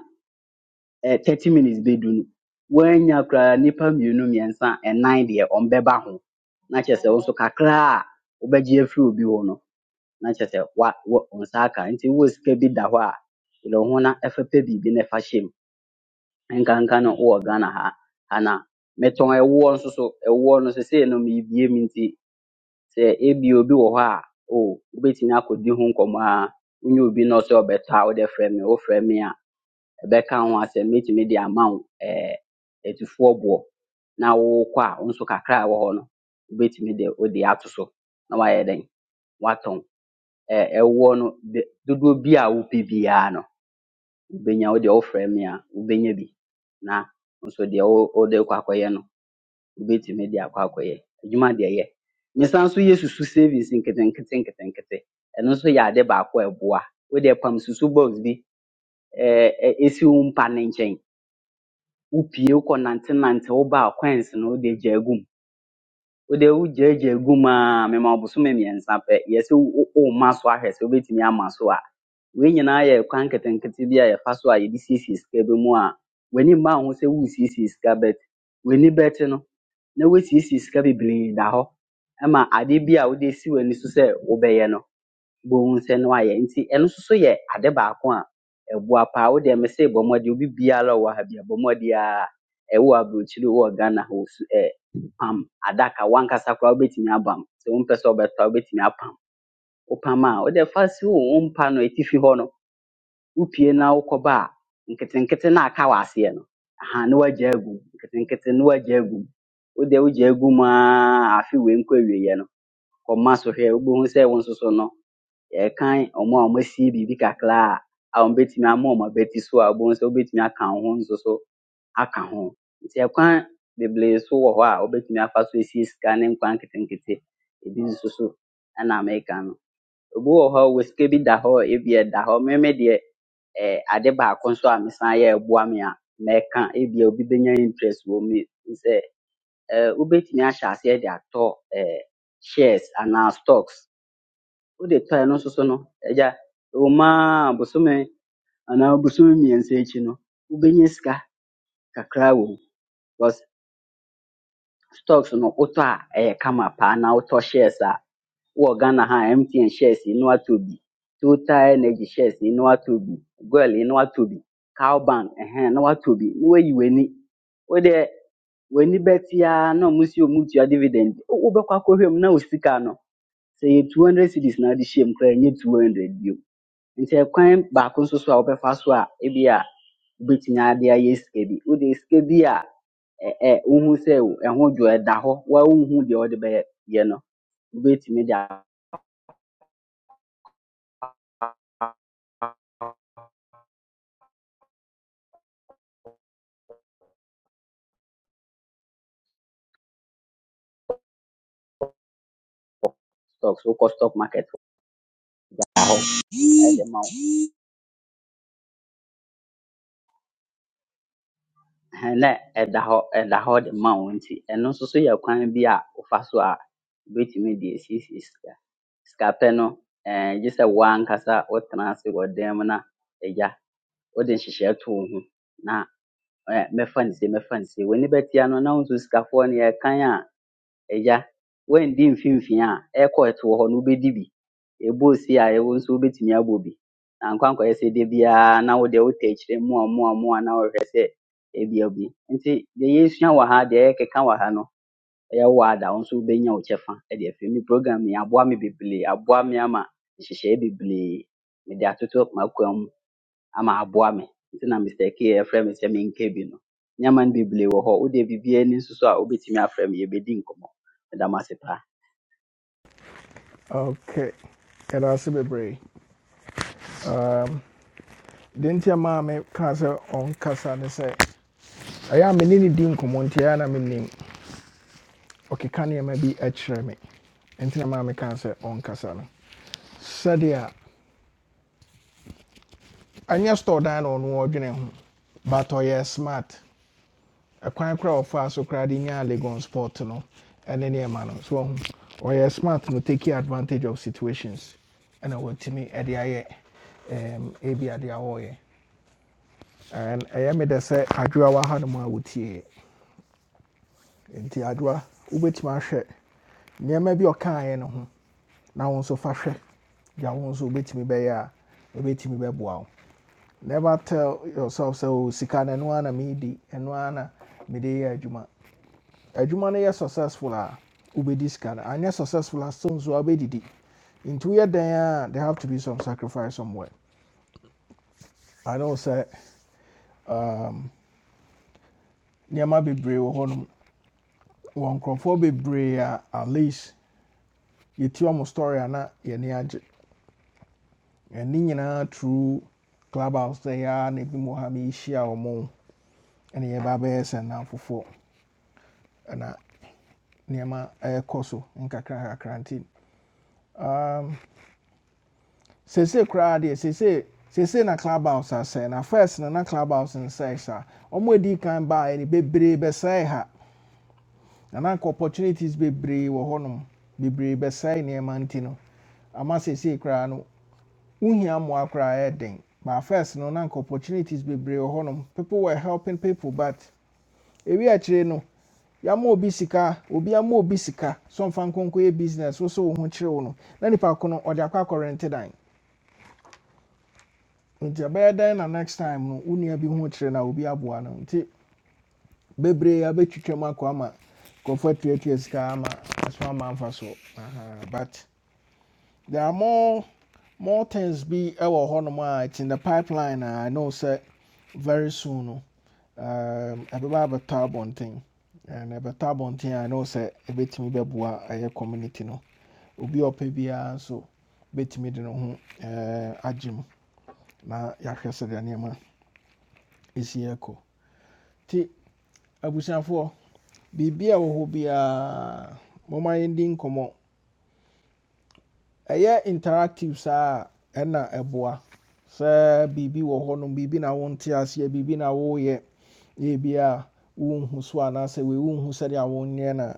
S6: eh, 30 minutes bɛdu no woanya koraa nnipa mmienu mmiɛnsa ɛnan deɛ ɔmbɛba ho na kyerɛ sɛ wo nso kakra a wobɛgye afiri obi hɔ no na kyerɛ sɛ wa wɔ wo nsa aka nti wowɔ sika bi da hɔ a dwene wo ho na ɛfa pɛ biribi na ɛfa hyɛ mu nkanka no wowɔ ghana ha ha na metɔn ɛwoɔ nso so ɛwoɔ no sesei no meebie mu nti sɛ ebi obi wɔ hɔ a o wobɛtumi akɔdi ho nkɔmmɔ a wonyɛ obi na ɔsɛ ɔbɛtɔ a wode frɛ me wofrɛ me a ɛbɛka ho asɛm metumi de ama wo ɛɛ etufoɔ boɔ na wokɔ a wo nso kakra a ɛwɔ hɔ no wobɛtumi de wode ato so na wayɛ dɛn watɔn ɛɛ ɛwoɔ no de- dodoɔ bi a wopɛ biara no wobɛnya wode wofrɛ me a wobɛnya bi na wo nso deɛ wo- wode kɔ akɔyɛ no wobɛtumi de akɔ akɔyɛ adwuma deɛ yɛ mesan nso yɛ susu savings nketenkete nketenkete ɛno nso yɛ ade baako a ɛboa wodeɛ pam susu box bi ɛɛ ɛ- esi wo mpa no nkyɛn wopue wokɔnantenante wobaa kwansi no wode gyaa gu mu wode wogyagya gu mu a mema wo bosome mmiɛnsa pɛ yɛ sɛ wo- wo- womma so ahwɛ sɛ wobɛtumi ama so a wei nyinaa yɛ kwan nketenkete bi a yɛfa so a yɛde siesie sika bi mu a w'ani mma wo ho sɛ woresiesie sika but w'ani bɛte no na woasiesie sika bebree da hɔ ma ade bi a wode si w'ani so sɛ wobɛyɛ no bohu sɛ no ayɛ nti ɛno nso so yɛ ade baako a ɛboa paa wo deɛ mese bɔ mmɔden obi biara a ɔwɔ ha bi a bɔ mmɔden a ɛwɔ aburokyire wɔ ghana ha pam adaka wankasa koraa wobɛtumi abam sɛ wompɛ sɛ ɔbɛtɔ a wobɛtumi apam wopam a wode fa si wo wo mpa no atifi hɔ no wopue na wokɔba a nketenkete na aka wɔ aseɛ no aha ne woagya agu mu nketenkete ne woagya agu mu wode wogya agu mu a afe wei nkɔ awieeɛ no kɔma so hwɛ wobɛhu sɛ wo nso so no yɛkan ɔmo a ɔmo asie biribi kakra a a ɔmo bɛtumi ama ɔmo abati so a wobɛhu sɛ wobɛtumi aka wo ho nso so aka ho nti ɛkwan bebree so wɔ hɔ a wobɛtumi afa so esie sika ne nkwa nketenkete ebi nso so ɛna meka no obi wɔ hɔ a ɔwɔ sika bi da hɔ ebi ɛda hɔ meme deɛ ɛɛ ade baako nso a mesan yɛ ɛboa me a mɛka ebia obi benya interest wɔ mu yi sɛ ɛɛ wobɛtumi ahyɛ aseɛ de atɔ ɛɛ shares anaa stocks wode tɔ ɛno nso so so no agya ɛwɔ mu ara bosome anaa bosome mmiɛnsa akyi no wobɛnya sika kakra wɔ mu stocks no wotɔ a ɛyɛ kama paa na wotɔ shares a wowɔ Ghana ha a MTN shares yi na watɔ bi Total Energy shares yi na watɔ bi Goil yi na watɔ bi Cowbank ɛhɛn na watɔ bi na wayi w'ani wo deɛ w'ani bɛte ara na ɔmo si ɔmo tua dividend wo- wobɛkɔ akɔhwɛ mu na wo sika no sɛ yɛ 200 cedis na ade hyɛ mu koraa ɛnyɛ 200 bio nti ɛkwan baako nso so a wobɛfa so a ebia wobɛtumi ade ayɛ sika bi wode sika bi a ɛ ɛ wohu sɛ ɛho dwo ɛda hɔ wa wonhu deɛ wɔde bɛyɛ no wobɛtumi de a- stocks wokɔ stock market hɔ ɛda hɔ ɛde ma wo Ɛhɛn, na ɛda hɔ ɛda hɔ de ma wo nti ɛno nso so yɛ kwan bi a wofa so a wobɛtumi de asiesie sika sika pɛ no ɛɛ gye sɛ wo ankasa wotena ase wɔ dan mu na agya wode nhyehyɛe to wo ho na ɛ, mɛfa no sei mɛfa no sei w'ani bɛtia no na wo nso sikafoɔ no yɛrekan a Agya, woanndi mfimfini a ɛrekɔɔtoo hɔ no wobɛdi bi. Ɛbɔɔ see a e wo nso wobɛtumi abɔ bi. Na nkwa nkɔyɛ sɛ da biara na wo deɛ wotɔ akyire mmoa mmoa mmoa na wohwehwɛ sɛ ebi abue. Nti deɛ yɛresua wɔ ha, deɛ yɛrekeka wɔ ha no, ɛyɛ word a wo nso wobɛnya wo kyɛfa de afiri mu. Me program yi, aboa me bebree. Aboa me ama nhyehyɛe bebree mede atoto m'akwan mu. ama aboa me nti na Mr. K ɛfrɛ me sɛ menka bi no nneɛma no bebree wɔ hɔ wode biribiaa ani nso so a wobɛtumi afrɛ me yɛbɛdi nkɔmmɔ meda mo ase paa
S1: ok yɛda ase bebree um, deɛ nti ɛmaa me kaa on kasa ne sɛ ɛyɛ a mene ne di nkɔmmɔ nti ɛyɛ a na menim ɔkeka nneɛma bi kyerɛ me nti na kasa me kaa no sɛdeɛ ɛnyɛ store dan na ɔno ɔdwene ho but oh, yes, smart A kora a ɔfaa so koraa de nyaa legon sport no ɛne nneɛma no so ɔho ɔyɛ smart no take advantage of situations ɛna watumi ɛde ayɛ ɛm, ebi ade a wɔyɛ and ɛyɛ me dɛ sɛ adwoa wɔ ha no mu a wotie nti adwoa wobɛtumi ahwɛ nneɛma bi a ɔkaeɛ no ho na wo nso fa hwɛ gya wo nso wobɛtumi bɛyɛ a ɛbɛtumi bɛboa wo Never tell yourself sɛ o sika no ɛno ara na meedi ɛno ara na mede yɛ adwuma. Adwuma no yɛ successful a wobɛdi sika no successful a still nso a wobɛdidi. Nti woyɛ dan a juma is successful, Ubediscan, and yes, successful as soon as you are bedidi. In two years, there have to be some sacrifice somewhere. I know sɛ nneɛma bebree wɔ hɔnom. Wɔ nkurɔfoɔ bebree a at least You yɛti wɔn story and na yɛni agye. Ɛne nyinaa true clubhouse sɛ yɛa na ebi mu wɔ ha meehyia wɔn ɛne yɛba abɛyɛ sɛ nnamfofoɔ. nneɛma ɛrekɔ so nkakrankakra nti seesei koraa deɛ seesei seesei na club house asɛe na first na na club house nsɛe saa wɔn a edi kan baeɛ no bebree bɛsɛe ha na na nka opportunities bebree wɔ hɔnom bebree bɛsɛe nneɛma nti no ama seesei koraa no wohia mmoa koraa ɛyɛ den but first no na nka opportunities bebree wɔ hɔnom people were helping people but ewi akyire no yɛama obi sika obi ama obi sika so mfa nkonko yɛ business wo sɛ wo ho kyerɛ wo no na nipa ko no ɔde akɔ akɔrente dan nti ɛbɛyɛ dan na next time no wo nua bi ho kyerɛ na obi aboa no nti bebree abɛtwitwa mu akɔ ama nkurɔfoɔ atuatua sika ama aso ama mfa so Aha, but there are more more things be ɛwɔ hɔnom a it's in the pipeline I know sir. very soon no um, ɛbɛba abɛtɔ abɔnten and ɛbɛtɔ thing. I know sir. sɛ ɛbɛtumi bɛboa ɛyɛ community no obi a ɔpɛ biara nso bɛtumi de ne ho ɛɛ agye mu na yɛahwɛ sɛdeɛ nneɛma ɛsi ɛkɔ nti abusuafoɔ biribi a ɛwɔ hɔ biara momma yɛndi ɛyɛ interactive saa a ɛna ɛboa sɛ biribi wɔ hɔnom biribi na wonte aseɛ biribi na woyɛ na ebi wonhu so anaasɛ wei wonhu sɛdeɛ wonyɛ na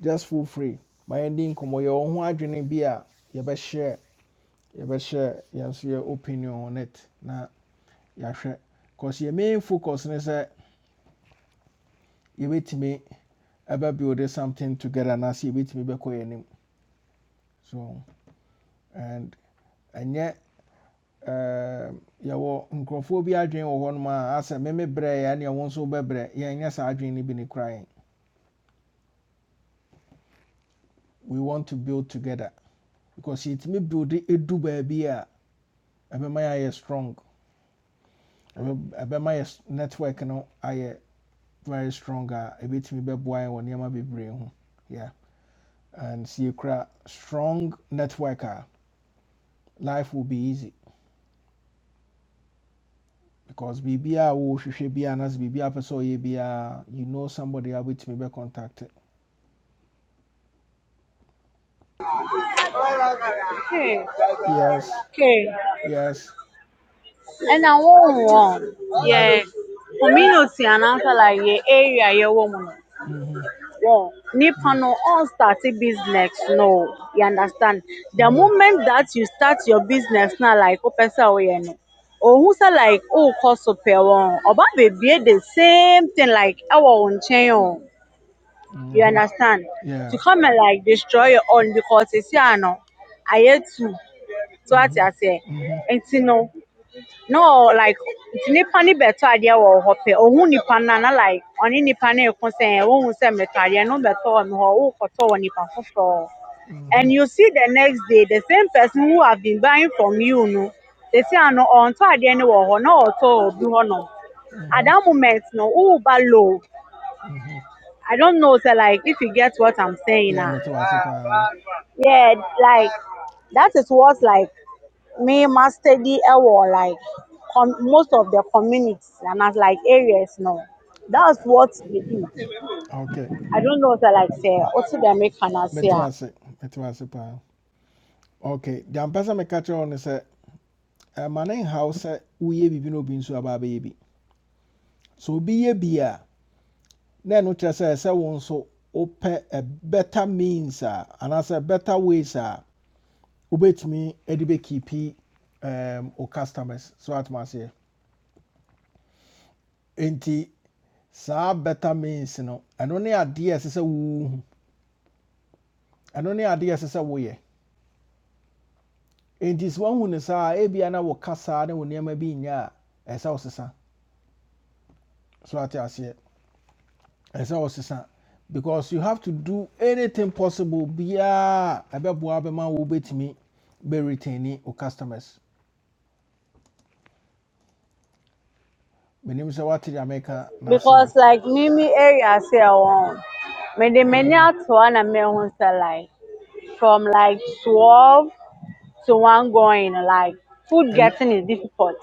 S1: just feel free ma yɛndi nkɔmmɔ yɛ wɔn ho adwene bi a yɛbɛhyɛ yɛbɛhyɛ yɛn so yɛ opinion on it na yɛahwɛ cause yɛ main focus ne sɛ me. ɛbɛ build something together anaasɛ yɛbɛtumi bɛkɔ me anim so and and ɛnyɛ ɛɛm, yɛwɔ nkurɔfoɔ bi adwene wɔ hɔnom a meme brɛɛ a ɛneɛ wo nso wobɛbrɛ yɛnyɛ saa adwene no bi ne we want to build together because yɛtumi build ɛdu baabi a ɛbɛma yɛ ayɛ strong Ɛbɛ- ɛbɛma yɛ network no ayɛ very strong a ɛbɛtumi bɛboa yɛn wɔ nneɛma be ho yeah and sɛ yɛkura strong networker life will be easy because biribiaa wɔhwehwɛ biaa nasɛ biribiaa pɛ sɛ ɔyɛ biaa you know somebody a be contacted.
S4: Okay,
S1: yes
S4: okay.
S1: yes
S4: And I want one.
S1: Mm-hmm.
S4: Yeah, community and answer like yeah area yeah woman.
S1: Mm-hmm.
S4: Yeah, Nipano all starting business. No, you understand. The
S1: Mm-hmm.
S4: moment that you start your business now, like open say no. Or who say like oh cost super one or baby the same thing like our own chain. oh. You
S1: Mm-hmm.
S4: understand?
S1: Yeah.
S4: To come and like destroy your own because it's yeah no. I hear too. So what
S1: Mm-hmm.
S4: I say,
S1: Mm-hmm.
S4: and you know. No, like nipa ne beto adeɛ wɔ hɔ pɛ nipa no na like ɔne nipa no ɛko sɛ wohu sɛ metɔ adeɛ no beto wɔ me hɔ wokɔtɔ wɔ nipa foforɔ
S1: Mm-hmm.
S4: and you see the next day the same person who have been buying from you no they sesi ano ɔntɔ adeɛ no wɔ hɔ na ɔtɔ wɔ obi hɔnom at
S1: Mm-hmm.
S4: that moment no woba low
S1: Mm-hmm.
S4: i don't know sɛ like if you get what i'm saying
S1: Yeah,
S4: ah
S1: metawase pa.
S4: yeah like that is what like Me must mastered ɛwɔ like com most of the communities and as like areas now.
S1: Uh,
S4: That's what they do.
S1: okay.
S4: I don't know if I like sɛ wote they make no ase a
S1: Metawase. Metawase pa. Okay. The ambassador me catch on is a man in house uye bibi no bin so aba So obi ye bia na no kyerɛ sɛ sɛ wo nso wopɛ a better means uh, and as a better ways a wobɛtumi edibe bɛkiipi um, wo customers so atom aseɛ enti saa better means no ɛno ne adeɛ a ɛsɛ sɛ wohu ɛno ne adeɛ a ɛsɛ sɛ woyɛ enti sɛ woahu no saa ebia na woka saa ne wo nneɛma bi nyɛ a ɛsɛ wo sesa so ate aseɛ ɛsɛ wo sesa because you have to do anything possible biaa a ɛbɛboa bɛma wo wobɛtumi bɛretaini wo customers menim sɛ woate deɛ meka no ase a
S4: because like me me area sɛ ɛwɔ hɔ, many m'ani
S1: Mhm.
S4: ato hɔ na mahu sɛ like from like twelve to one going like food
S1: Ɛwi-
S4: getting is difficult.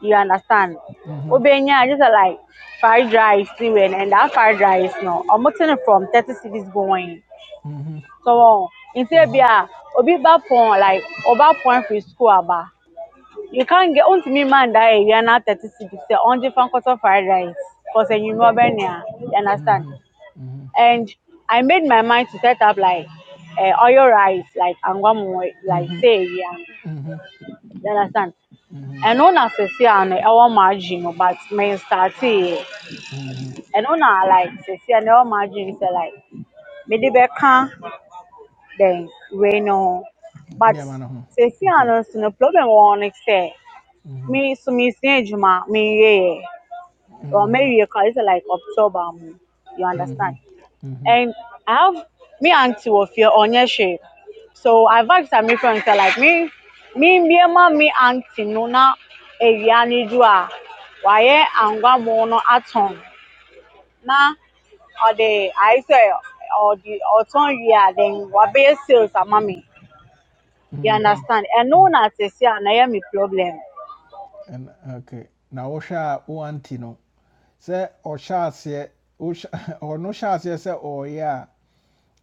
S4: You understand?
S1: mhm,
S4: Obenya just uh, like fried rice, see, and and that fried rice no, I'm not from thirty cities going.
S1: mhm,
S4: So more nti
S1: mhm,
S4: ebia obi ba pɔn like ɔba point firi school aba you can not get ontumi man that area na thirty cedis sɛ ɔngye fa nkɔtɔ fried rice cause eh, you know ɔbɛnoa you understand
S1: mhm, mhm,
S4: and i made my mind to set up like uh, oil rice like angwamu, like
S1: mhm,
S4: say area
S1: mhm,
S4: you understand
S1: mhm,
S4: And no na sɛsi a no ɛwɔ margin no but me startee
S1: mhm.
S4: ɛno na like sɛsi a no margin sɛ like mede bɛka then Reno. But
S1: nneɛma no ho
S4: sɛsi
S1: okay
S4: ano nso no problem wɔ hɔ
S1: Mhm.
S4: me, sɛ me so Juma, me, yeah, or
S1: Mhm.
S4: maybe you call it like October. mu. You understand?
S1: Mhm. Mhm.
S4: And I have me auntie of here on your shape. So I've asked some my friends say, like me, me me, ma me auntie no na area ni do a angwa mu no atɔn na or the I sɛ or the wie year then wabɛyɛ sales ama me. You
S1: Mhm.
S4: understand? And known as a see, and I am a problem.
S1: And okay, now Osha uantino. no. Say Osha se Osha [laughs] or no sha se say oh yeah.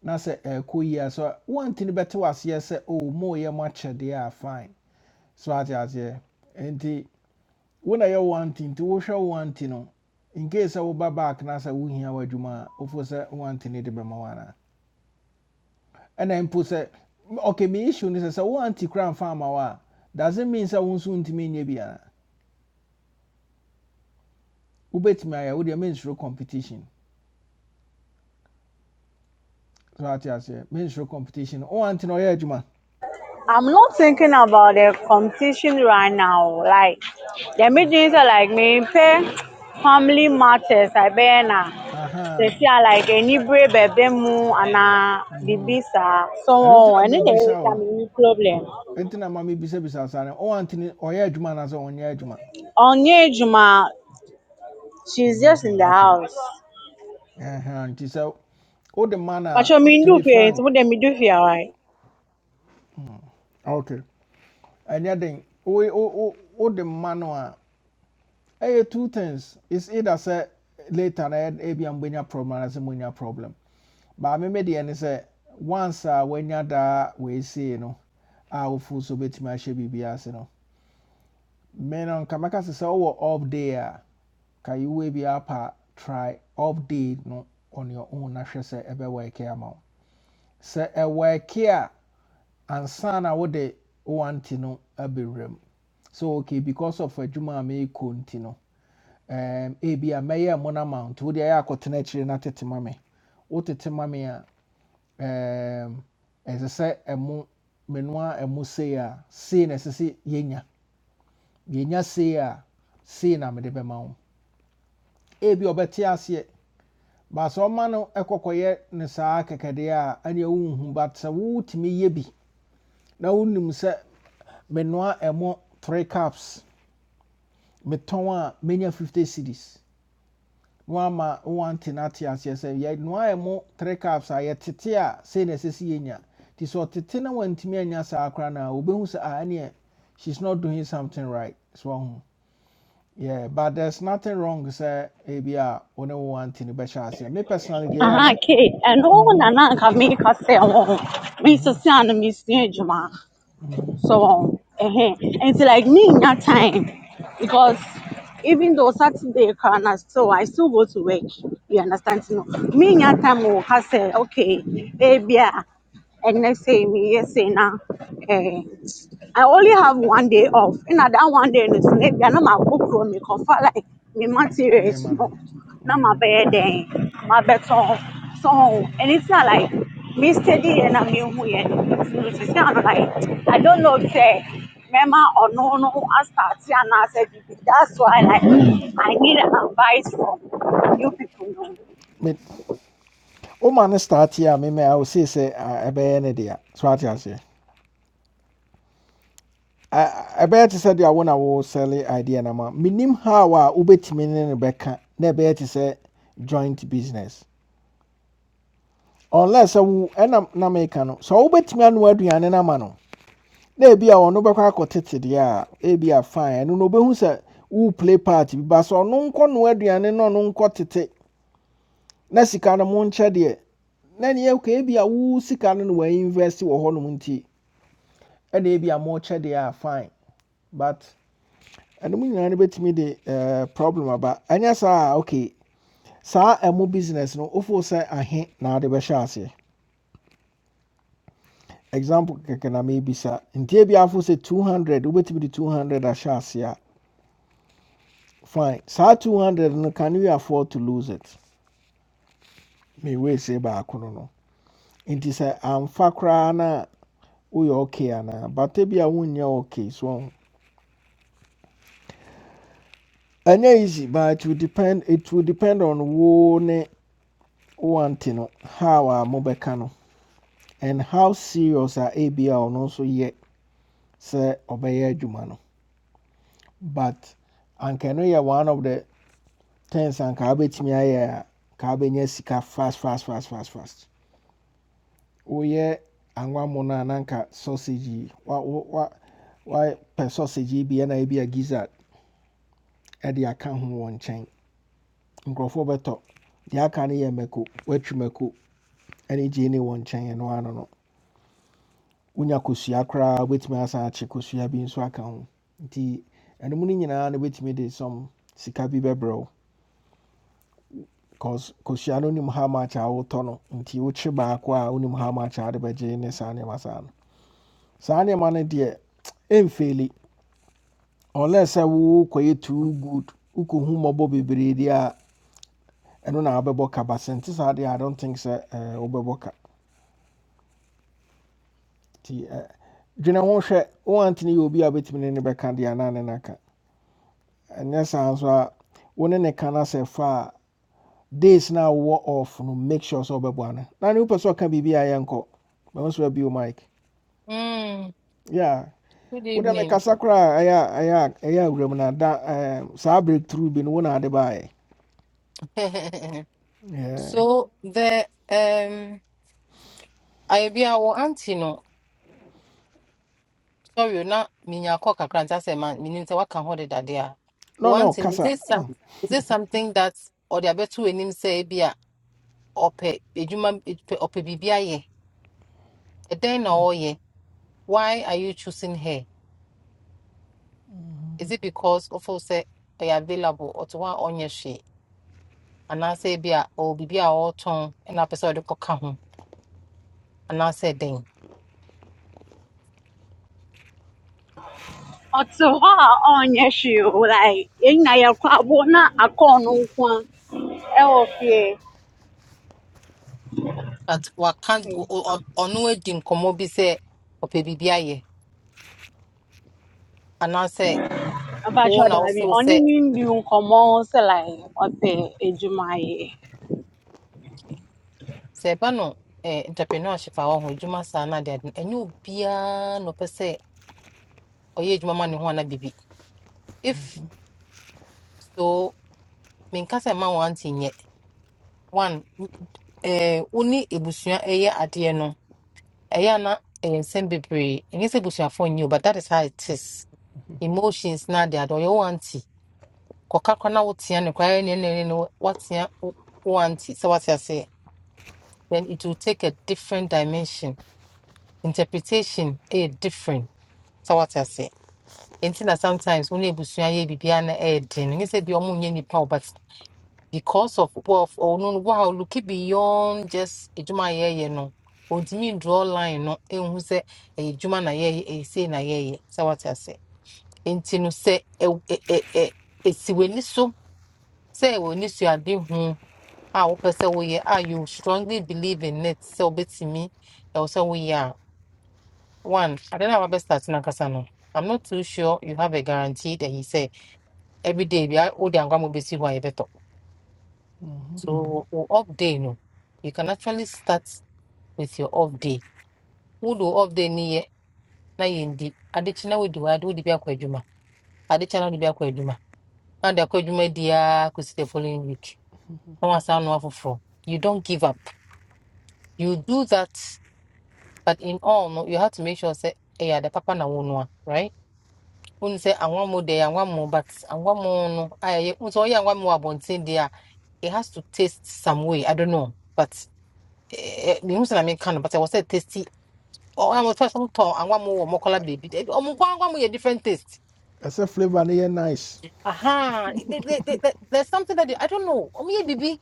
S1: Na say eh ku yeah so Uanti ni beto as yes say oh mo ye much yeah, they are fine. So at as ye. Enti when I wanting to Osha uantino. In case I will back na say wo hia wadwuma ofo say Uanti ni de bema ɛna mpo sɛ m- okay me issue ne sɛ sɛ wo anti kora mfa ama doesn't mean sɛ wo nso ntumi nyɛ biara wobɛtumi ayɛ wodeɛ mensuro competition so ati aseɛ mensuro competition wo anti na ɔyɛ adwuma
S4: I'm not thinking about the competition right now. Like the meetings are like me pay family matters. I been they see
S1: aha
S4: I like any brave baby mu and a
S1: mhm.
S4: baby sa so
S1: ɛno nti na
S4: on. And then there is
S1: mebisa
S4: a
S1: wo
S4: mini problem.
S1: nti na ma mebisabisa saa no wo anti ne ɔyɛ adwuma anaasɛ ɔnyɛ adwuma
S4: On Juma, she's
S1: ɔnyɛ
S4: just in
S1: adwuma
S4: the
S1: okay
S4: house.
S1: Ɛhɛn, nti sɛ wode ma man
S4: But
S1: a
S4: you mean
S1: to
S4: do
S1: be
S4: fear? It's
S1: frank
S4: what they me do fear, right?
S1: okay ɛnyɛ den wo- wo- wo- wode ma no a ɛyɛ two things it's either sɛ later na yɛ ebi a mbɛnya problem anasɛ a problem maame mi deɛ ne say once I when a wanya daa wɔesie no a wofu so betumi ahyɛ biribi ase no mmɛnna nka mɛka sɛ sɛ ɔwɔ off day Can you be bi apa try off day no on your own I na hwɛ work here, ɛkɛ ama wo sɛ ɛwɔ ɛkɛ a work here and son, I would want to know, a abɛwura mu so okay because of adwuma a meekɔ nti no um, ebi a mɛyɛ mo no ma wo nti wode ayɛ akɔtena akyire no tete ma me wotete ma me a Mammy, um, ɛsɛ sɛ ɛmo menoa ɛmo sei a sei na ɛsɛ sɛ yɛnya yɛnya sei a sei na mede bɛma wo ebi a ɔbɛte aseɛ baasa ɔma no ɛkɔkɔyɛ ne saa kɛkɛdeɛ a ɛneɛ wonhu but sɛ wotumi yɛ bi na wonim sɛ menoa ɛmo 3 cups metɔn a menya 50 cities woama wowante no ate aseɛ sɛ yɛnoa yɛ mo three caps a yɛtete a sei na ɛsɛ sɛ yɛnya nti sɛ ɔtete na wantumi anya saa koraa no a wobɛhu sɛ ah, ɛneɛ she's not doing something right so ɔho yeah but there's nothing wrong sɛ ebi a wo ne wo wante no bɛhyɛ aseɛ me personally deɛ yɛ
S4: Ah,
S1: ana
S4: okay. And all na na kami kasi ako. Minsan siya na misyo So um, uh and it's like me in that time because even though Saturday can I so I still go to work. You understand? No, me in that time oh, I will say okay, eh, yeah, and next say me yes say now. I only have one day off. You know that one day, in the maybe i know my cook room, me confer like me materials,
S1: nneɛma
S4: no,
S1: no
S4: not my
S1: Mhm,
S4: bed, then my bed song, song.
S1: mhm.
S4: And it's not like me steady and I'm in here. It's not like I don't know, say, Mama or no, no, I start here and I said, that's why like I need advice from you people. No.
S1: But, oh man, start here, Me- woma no starte a memɛ a wosei sɛ ah, ɛbɛyɛ ne dea so i aseɛ I ɛbɛyɛ te sɛ deɛ wo na wosɛle idea no ma menim how a wobɛtumi ne no bɛka na ɛbɛyɛ joint business unless sɛ wo ɛnam na meka no sɛ wobɛtumi anoa aduane a ama no be ebi a ɔno bɛkɔ akɔtete deɛ a ebi a fine No no wobɛhu sɛ wo play party. But so no ɔno nkɔ noa aduane na ɔno nkɔ tete na sika no monkyɛ deɛ na neɛ ka ebi a wo sika no na wainvest wɔ hɔnom nti ɛna a mokyɛ deɛ a fine but ɛno mu nyinaa no bɛtumi de eh, problem aba ɛnyɛ saa okay saa ɛmo business no wofoo sɛ ahe na wode bɛhyɛ aseɛ example kɛkɛ na meebisa nti ebia afo sɛ 200 wobɛtumi de 200 ahyɛ aseɛ a fine saa 200 no can you afford to lose it mewei se baako no no nti sɛ amfa koraa no a woyɛ okay ana, bata bi a wonyɛ okay so ɔho. ɛnyɛ easy but it will depend it will depend on wo ne wo ante no how a mobɛka no and how serious are ABA or ɔno nso yɛ sɛ ɔbɛyɛ adwuma no but anka ɛno one of the things anka wobɛtumi ayɛ a ka sika fast fast fast fast fast woyɛ anwammo no a na anka sausage yi wa- wo- wa- wapɛ sausage yi bi ɛna ebi a gizzard ɛde aka ho wɔ nkyɛn nkurɔfoɔ bɛtɔ deɛ aka no yɛ mmako watwi mmako ɛne gyeene no wonya kosua koraa wobɛtumi asan akye kosua bi nso aka ho nti ɛnom no nyinaa no wobɛtumi de some sika bi bɛbrɛ because kosua no nim how much a wotɔ no nti wokye baako a wonim how much a wode bɛgye ne saa nneɛma no saa nneɛma no deɛ ɛmfeeli unless sɛ wokɔyɛ too good wokɔhu mmɔbɔ bebree deɛ a ɛno na wobɛbɔ ka but sɛ nte saa i don't think sɛ eh, wobɛbɔ ka nti eh, dwene ho hwɛ woantene yɛ obi a wobɛtumi ne ne bɛka deɛ anaa ne naka And yes, nso a wo ne ne ka no sɛ fa a days no a off no make sure sɛ wobɛboa no na ne can be be biribi a yɛnkɔ mahu so abio mike
S7: Mm,
S1: yeah
S7: good
S1: wode
S7: evening.
S1: mekasa make a ɛyɛ a- ɛyɛ a- ɛyɛ awuram no da em, saa breakthrough bi no wo na ade baeɛ
S7: [laughs]
S1: Yeah.
S7: So the um I be our auntie no. Sorry, na minya kwa kakranta se man minim se waka ho de dade a.
S1: no
S7: Wo
S1: no
S7: auntie no, is
S1: kasa
S7: it
S1: Ah,
S7: some is it something that or the abeto enim say bi a ope ejuma ope bibia ye. E den na o ye. Why are you choosing her? Is it because of say they available or to one onye she? And I say bi a o bibia o ton and I person de koka ho. And I say den.
S4: Ọtụ hɔ a ɔnyɛ hwee o, like yɛn nyinaa yɛkɔ abo na akɔɔ no nko a ɛwɔ fie.
S7: at waka o- o- ɔno adi nkɔmmɔ bi sɛ ɔpɛ biribi ayɛ
S4: Mpacho
S7: wo na
S4: dabi,
S7: wofeel
S4: oni
S7: sɛ
S4: ni ndi nkomo se like ote the ye.
S7: sɛ ɛba no eh, entrepreneurship a wɔho adwuma saa no ade ade enye obia no ɛnyɛ obiaa na ɔpɛ sɛ adwuma ma ne ho ana bibi if so menka sɛ ma wan ante nyɛ one eh, uni ne ebusua ɛyɛ adeɛ no ɛyɛ a na ɛyɛ nsɛm bebree se sɛ ebusuafoɔ nyɛ o but that is how it is emotions na ade ade ɔyɛ want aunty. kɔka kɔ na wotea no koraa ne ne ne woatea wo anti sɛ wate aseɛ then it will take a different dimension interpretation a different sɛ wate aseɛ nti na sometimes wo ne abusua yɛ biribiaa na ɛyɛ den no nyɛ sɛ bia ɔmo nyɛ but because of wo ɔno no no, woa looki beyond just adwuma a yɛyɛ no ɔntumi draw line no ɛhu sɛ ɛyɛ na yɛyɛ ɛyɛ sei na yɛyɛ sɛ wate aseɛ nti no sɛ ɛw- ɛ- ɛ- ɛ- ɛsi so sɛ ɛwɔ ani so a wopɛ sɛ woyɛ a you strongly believe in it sɛ wobɛtumi ɛwɔ sɛ woyɛ a one ade no a wabɛstart no ankasa no i'm not too sure you have a guarantee that he said every day bia wode angoa ma wobɛsi hɔ a yɛbɛtɔ so wo wo off day no you can actually start with your off day wode wo off day no yɛ na yɛndi adekye na wodi hɔ ade wode bi akɔ adwuma adekye na wode bi akɔ adwuma na wode akɔ adwuma diaa kɔsi the following week na woasan no. foforɔ you don't give up you do that But in all, no, you have to make sure say, "Hey, yeah, the papa na wonwa, right? When say I want more there, I want more, but I want more no. I so yeah, I want more abontin there. It has to taste some way. I don't know, but eh, me who say I mean can, but I was say tasty. Oh, I'm first some tall. I want more more color baby. Eh, Oh, more, I want more a different taste.
S1: a flavor no nice
S7: Aha, There- there- there- there- there's something that they, I don't know. Oh, yeah, baby.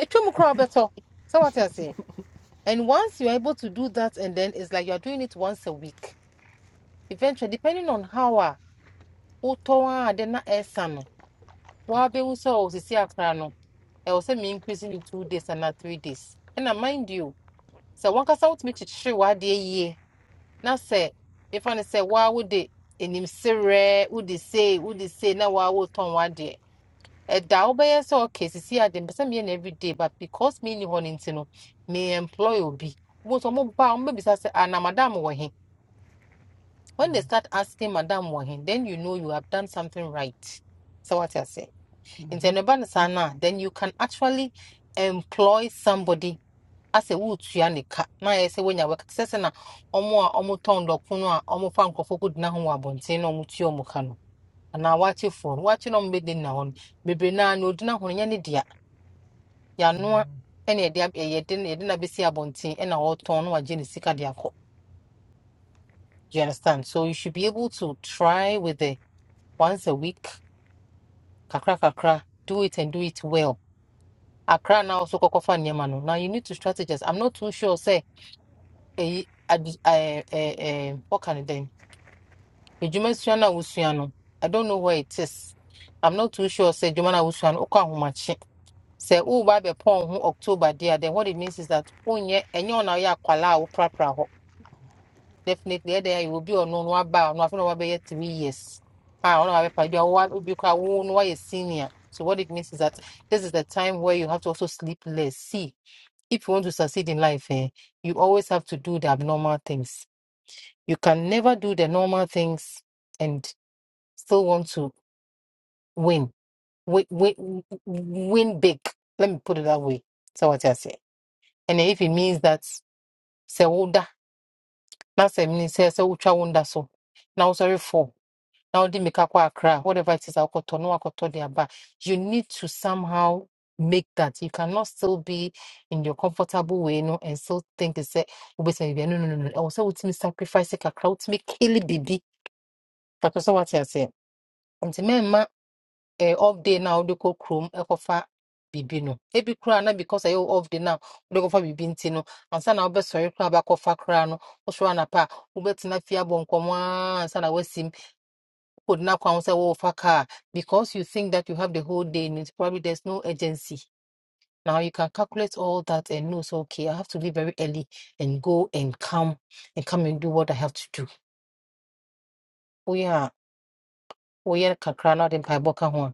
S7: A chum crowd better. So what I say. And once you're able to do that, and then it's like you're doing it once a week eventually depending on how a wotɔn a de na ɛsa no wɔabɛhu sɛ ɔ sisi akora no ɛwɔ sɛ me increase in two days and anaa three days ɛna mind you sɛ wankasa wotumi kyekyere w'adeɛ yie na sɛ mefa no sɛ woa wode enimserɛ wode sei wode sei na woa wotɔn w'adeɛ ɛda wobɛyɛ sɛ ɔka sisi ade mpɛ sɛ meyɛ no everyday but because menni hɔ no nti no me employ obi wohu sɛ ɔmobaa ɔmobɛbisa sɛ anamadam wɔ he When they start asking Madam Wahin, then you know you have done something right. So what I say, in Tenebana Sana, then you can actually employ somebody as a wood ka. Now I say when you work, say na omo a omo ton do kuno omo fa nkofo ko dina ho abonte na omo tio mo ka no. Na wache phone, wache no mbedi na hon. Bebre na no dina ho nya dia. Ya no ɛna yɛde ab- ɛyɛ de yɛde na besi abɔnten ɛna ɔretɔn na wagye sika de Do you understand? So you should be able to try with the once a week kakra kakra, do it and do it well. Akra now also kokofa niyama no. Now you need to strategize. I'm not too sure say eh adi- eh eh eh what can it then? Ejuma sua na wusua no. I don't know where it is. I'm not too sure say ejuma na wusua no okwa homache. Say oh ba be pon ho October there then what it means is that onye enye ona ya kwala wo definitely ɛdɛ you will be on one one bar no aba a ɔno afei na wabɛyɛ three years a ɔno wabɛpa bi a one, obi koraa one. no wayɛ senior so what it means is that this is the time where you have to also sleep less see if you want to succeed in life eh, you always have to do the abnormal things you can never do the normal things and still want to win win win, win big let me put it that way so what I say and if it means that se woda na se mean se sɛ wotwa wo so na wosɔre fall now they make aqua accra whatever it is akoto no akoto their bar you need to somehow make that you cannot still be in your comfortable way no and still think it's a no no no no also with me sacrifice kakra with me kill baby but also what I say and the man ma eh, off day now they go chrome ekofa bibi no ebi kura na because I off day now they go for bibi nti no and sana obe sorry kura ba kofa kura no osho pa, ubet na fia bon koma sana could now come say, "Oh, fuck her," because you think that you have the whole day and it's probably there's no urgency. Now you can calculate all that and know, so okay, I have to leave very early and go and come and come and do what I have to do. Oh yeah, oh yeah, kakra na den pa boka ho.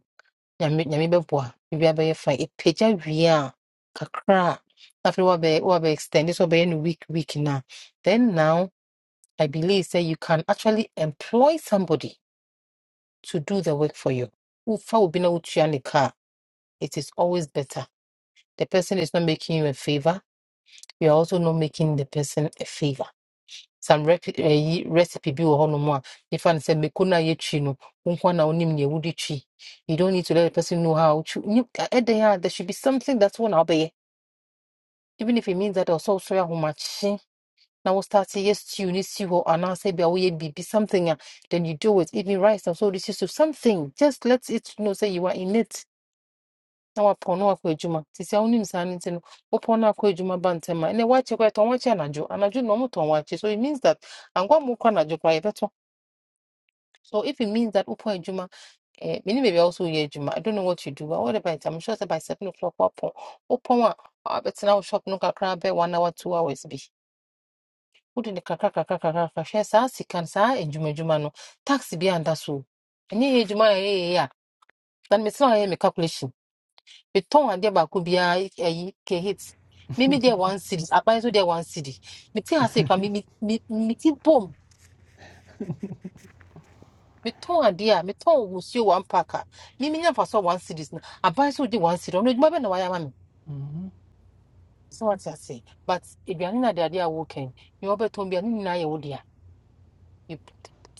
S7: Nyame nyame beboa. Bibi abeye fine. E peja wie a kakra. After what be what be extend this will be in week week now. Then now I believe say you can actually employ somebody to do the work for you. Ufa will be no car. it is always better. The person is not making you a favor. You're also not making the person a favor. Some rep, eh, yi- recipe bi wɔ hɔnom a nifa no sɛ mako no yɛtwi no wo nko na wonim nea wode twi you don't need to let the person know how to ɛdɛn a there should be something that's one na even if it means that also so wosɔre ahomakye na wo start yɛ stew ne si hɔ anaasɛ bi a woyɛ biribi something a then you do it even rice and so this is so something just let it know sɛ you are in it na wapɔn na wakɔ adwuma te sɛ wonim saa no nti no wopɔn na akɔ adwuma ba ntɛm a ɛnɛ woakye kɔ yɛtɔn wakye anadwo anadwo na ɔmotɔn wakye so it means that angoa mu kɔ anadwo koraa yɛbɛtɔ so if it means that wopɔ adwuma eh, menim baabi a wo so adwuma i don't know what you do but whatever it. is, i'm sure sɛ by seven o'clock woapɔn wopɔn a abɛtena wo shop no kakra bɛ one hour two hours bi wode ne kakra kakra kakra kakra hwɛ saa sika no saa adwumadwuma no tax bi anda so o. ɛnyɛ yɛ adwuma a ɛyɛ yɛ a na mesena ɔyɛ me calculation metɔn adeɛ baako biara ɛyi ke hit mimi deɛ one city aban nso deɛ one city mete ase kwa mimi mi mi ti bom metɔn adeɛ a metɔn wusuo one pack a mimi nya fa so one city na aban nso de one city ɔno edwuma bɛ na wayɛ ama mi so wate ase but if you are not wɔkɛn nea ɔbɛtɔn You ne nyinaa yɛ wo dea You-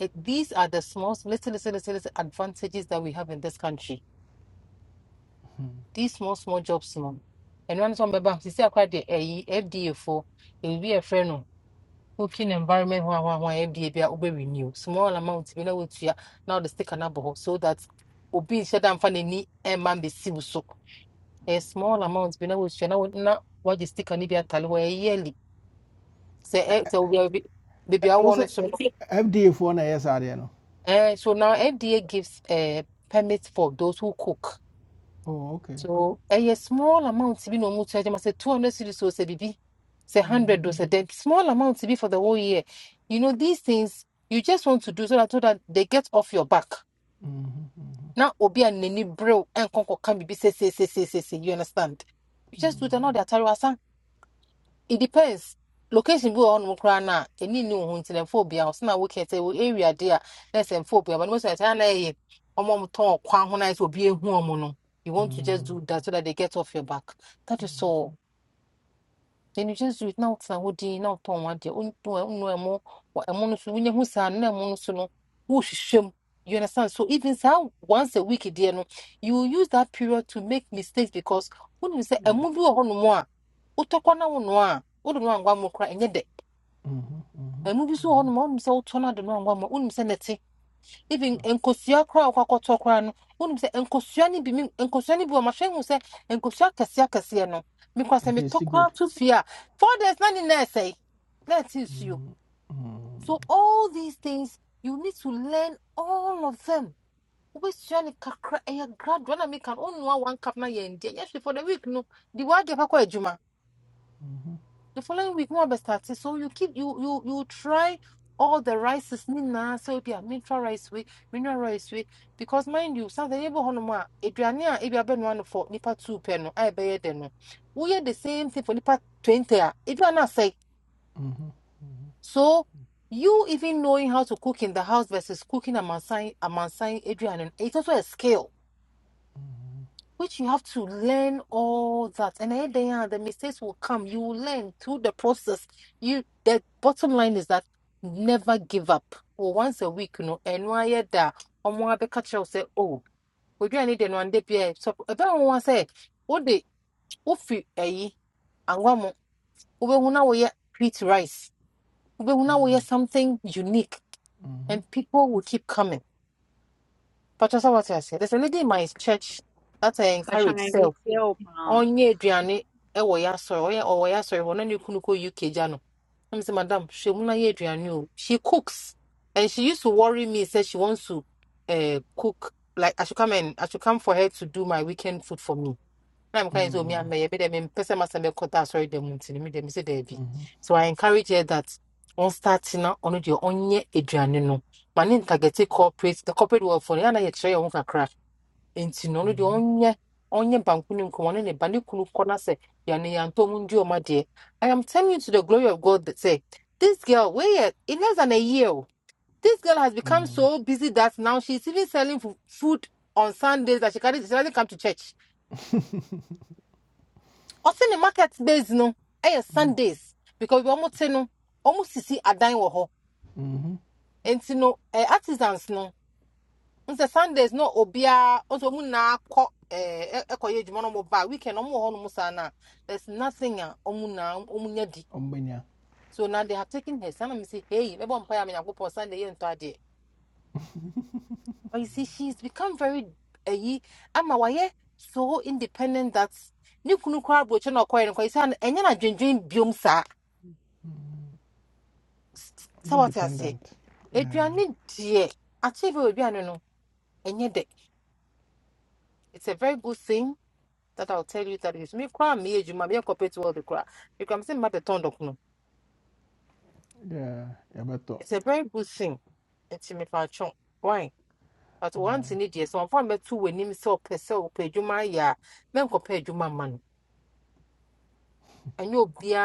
S7: eh, these are the small little little little little advantages that we have in this country these small small jobs mom. And ɛnua some sɛ ɔmbɛba sisi akora deɛ ɛyi fda will be a friend. working environment ho ho ho ebia bia obe renew small amount bi na wotua now the stick na boho so that obi nhyɛ da mfa n'ani ɛma mbesi wo so a small amount bi na wotua na wo na wɔgye stick no bi atale hɔ ɛyɛ yearly sɛ ɛ sɛ obi bi baabi a
S1: I was
S7: wowɔ no
S1: sɛ
S7: so no,
S1: fda foɔ na Ariano.
S7: so now FDA gives a permit for those who cook
S1: oh okay
S7: So a small amount to be no more charge. I must say 200 cities or say BB, say 100 or
S1: Mm,
S7: say then small amount to be for the whole year. You know, these things you just want to do so that, so that they get off your back. Now, Obi and Nini Bro and Konko can be say, say, say, say, say, say, you understand? You just do it, now they're it depends location bi on hɔnom koraa no a ɛni ne wo ho nti na mfa obi a ɔsɛ na wokɛ sɛ wo area de a na sɛ mfa obi a bɛno sɛ ɛtaa na ɛyɛ ɔma ɔmotɔn ɔkwan ho na ayɛ sɛ obi ɛhu ɔmo no you want to just do that so that they get off your back that is all Nti no Yesu na wotena hɔ din na wotɔn w'adeɛ wonto ɛ- wonnu ɛmo wɔ ɛmo no so wonya hu saa no na ɛmo no so no wohwehwɛ mu you who's an monosono who shim. You understand so even saa once a week deɛ no you will use that period to make mistakes because wonim sɛ
S1: yeah.
S7: ɛmo bi wɔ hɔnom a wotɔ kɔ na wonoa a wode no angoa mu koraa ɛnyɛ dɛ
S1: Mhm, mhm,
S7: ɛmo bi so wɔ hɔnom a wonim sɛ wotɔ no ade no angoa mu a wonim sɛ nɛte even
S1: sure.
S7: nkosua koraa a wokɔakɔtɔ no wonim sɛ nkosua no bi me- nkosua no bi wɔ mahwɛ hu sɛ nkosua kɛseɛ kɛseɛ no mekɔ sɛ
S1: And
S7: metɔ
S1: tasty
S7: koraa
S1: good.
S7: to fie a four days na ne na ɛsɛe na
S1: Mm,
S7: so all these things you need to learn all of them wobɛsua ne kakra ɛyɛ gradual na meka no wonnoa one cup na yɛndeɛ Yes. for the week no de woadeɛ kɔkɔ adwuma the following week no abɛstarte so you keep you you you try all the rices Nina. So obi a mentra rice wei mineral rice wei because mind you sɛ yɛbɔ hɔnom Adriania. If you have been one for nipa two pɛ no a ɛbɛyɛ dɛ no woyɛ the same thing for nipa twenty If you are not say
S1: mhm,
S7: so you even knowing how to cook in the house versus cooking a amansan a aduane no it's also a skill which you have to learn all that and then they are the mistakes will come you will learn through the process you the bottom line is that never give up or once a week you know. and why you da ọmọ catch kyerɛw say. oh we odwane de no ande bia so ɛbɛn wo wa what wode wofi ayi anwa mu wobɛhu una woyɛ wheat rice wobɛhu una woyɛ something unique and people will keep coming but that's what I said there's a lady in my church that I
S4: Mpacho
S7: encourage
S4: na ni
S7: so
S4: tie opa.
S7: Onye aduane ɛwɔ yɛ asɔre ɔyɛ ɔwɔ yɛ asɔre hɔ na ne kunu kɔ uk gya no I'm saying, madam, she will not eat you. She cooks, and she used to worry me. Said she wants to uh, cook. Like I should come and I should come for her to do my weekend food for me. Na I'm kind So me and
S1: mm,
S7: me. be dem Me person must be cut out. Sorry, them until me them say Debbie. So I encourage her that on starting now on the onye eduane no. Mane ntagete corporate the corporate world for na yɛ kyerɛ yɛn ho kakra nti no ɔno deɛ ɔnyɛ ɔnyɛ banku ne nkɔmmɔ ne ne ba ne kunu kɔ na sɛ yɛne yɛantɔ mu ndi ɔma deɛ i am telling you to the glory of god that say this girl wait in less than a year o, this girl has become
S1: mm,
S7: so busy that now she's even selling fu- food on sundays that she can't she doesn't come to church Also, the market days no ɛyɛ sundays because we almost say no wɔn sisi adan wɔ hɔ
S1: mhm.
S7: nti no ɛɛ artisans no. nsɛ sundays na obiara nso mu nyinaa kɔ ɛɛ ɛkɔyɛ adwuma na ɔmo ba weekend ɔmo wɔ hɔ nom saa na there's nothing a ɔmo nyinaa ɔmo nya di
S1: Ɔmbɛnya.
S7: so now they have taken her sanni mi si hey mɛbɔ mpa ya mi nyankopɔ sunday yɛ ntɔ adeɛ but you see she's become very ɛyi ama wayɛ so independent that ne kunu koraa aburokyi na ɔkɔɛ no kɔ yi sɛ ɛnyɛ na dwendwen biom saa S- s- sɛ wate
S1: Independent, yeah,
S7: aduane deɛ akyɛ aduane no ɛnyɛ dɛ it's a very good thing that I'll tell you that is me cry me age my corporate world the cry. You can see matter turned up no.
S1: yeah yeah yɛbɛtɔ
S7: It's a very good thing. It's me for chunk. Why? But once in it yes, one form two when him so per se or pay you my ya, then compare you my man. And you'll be an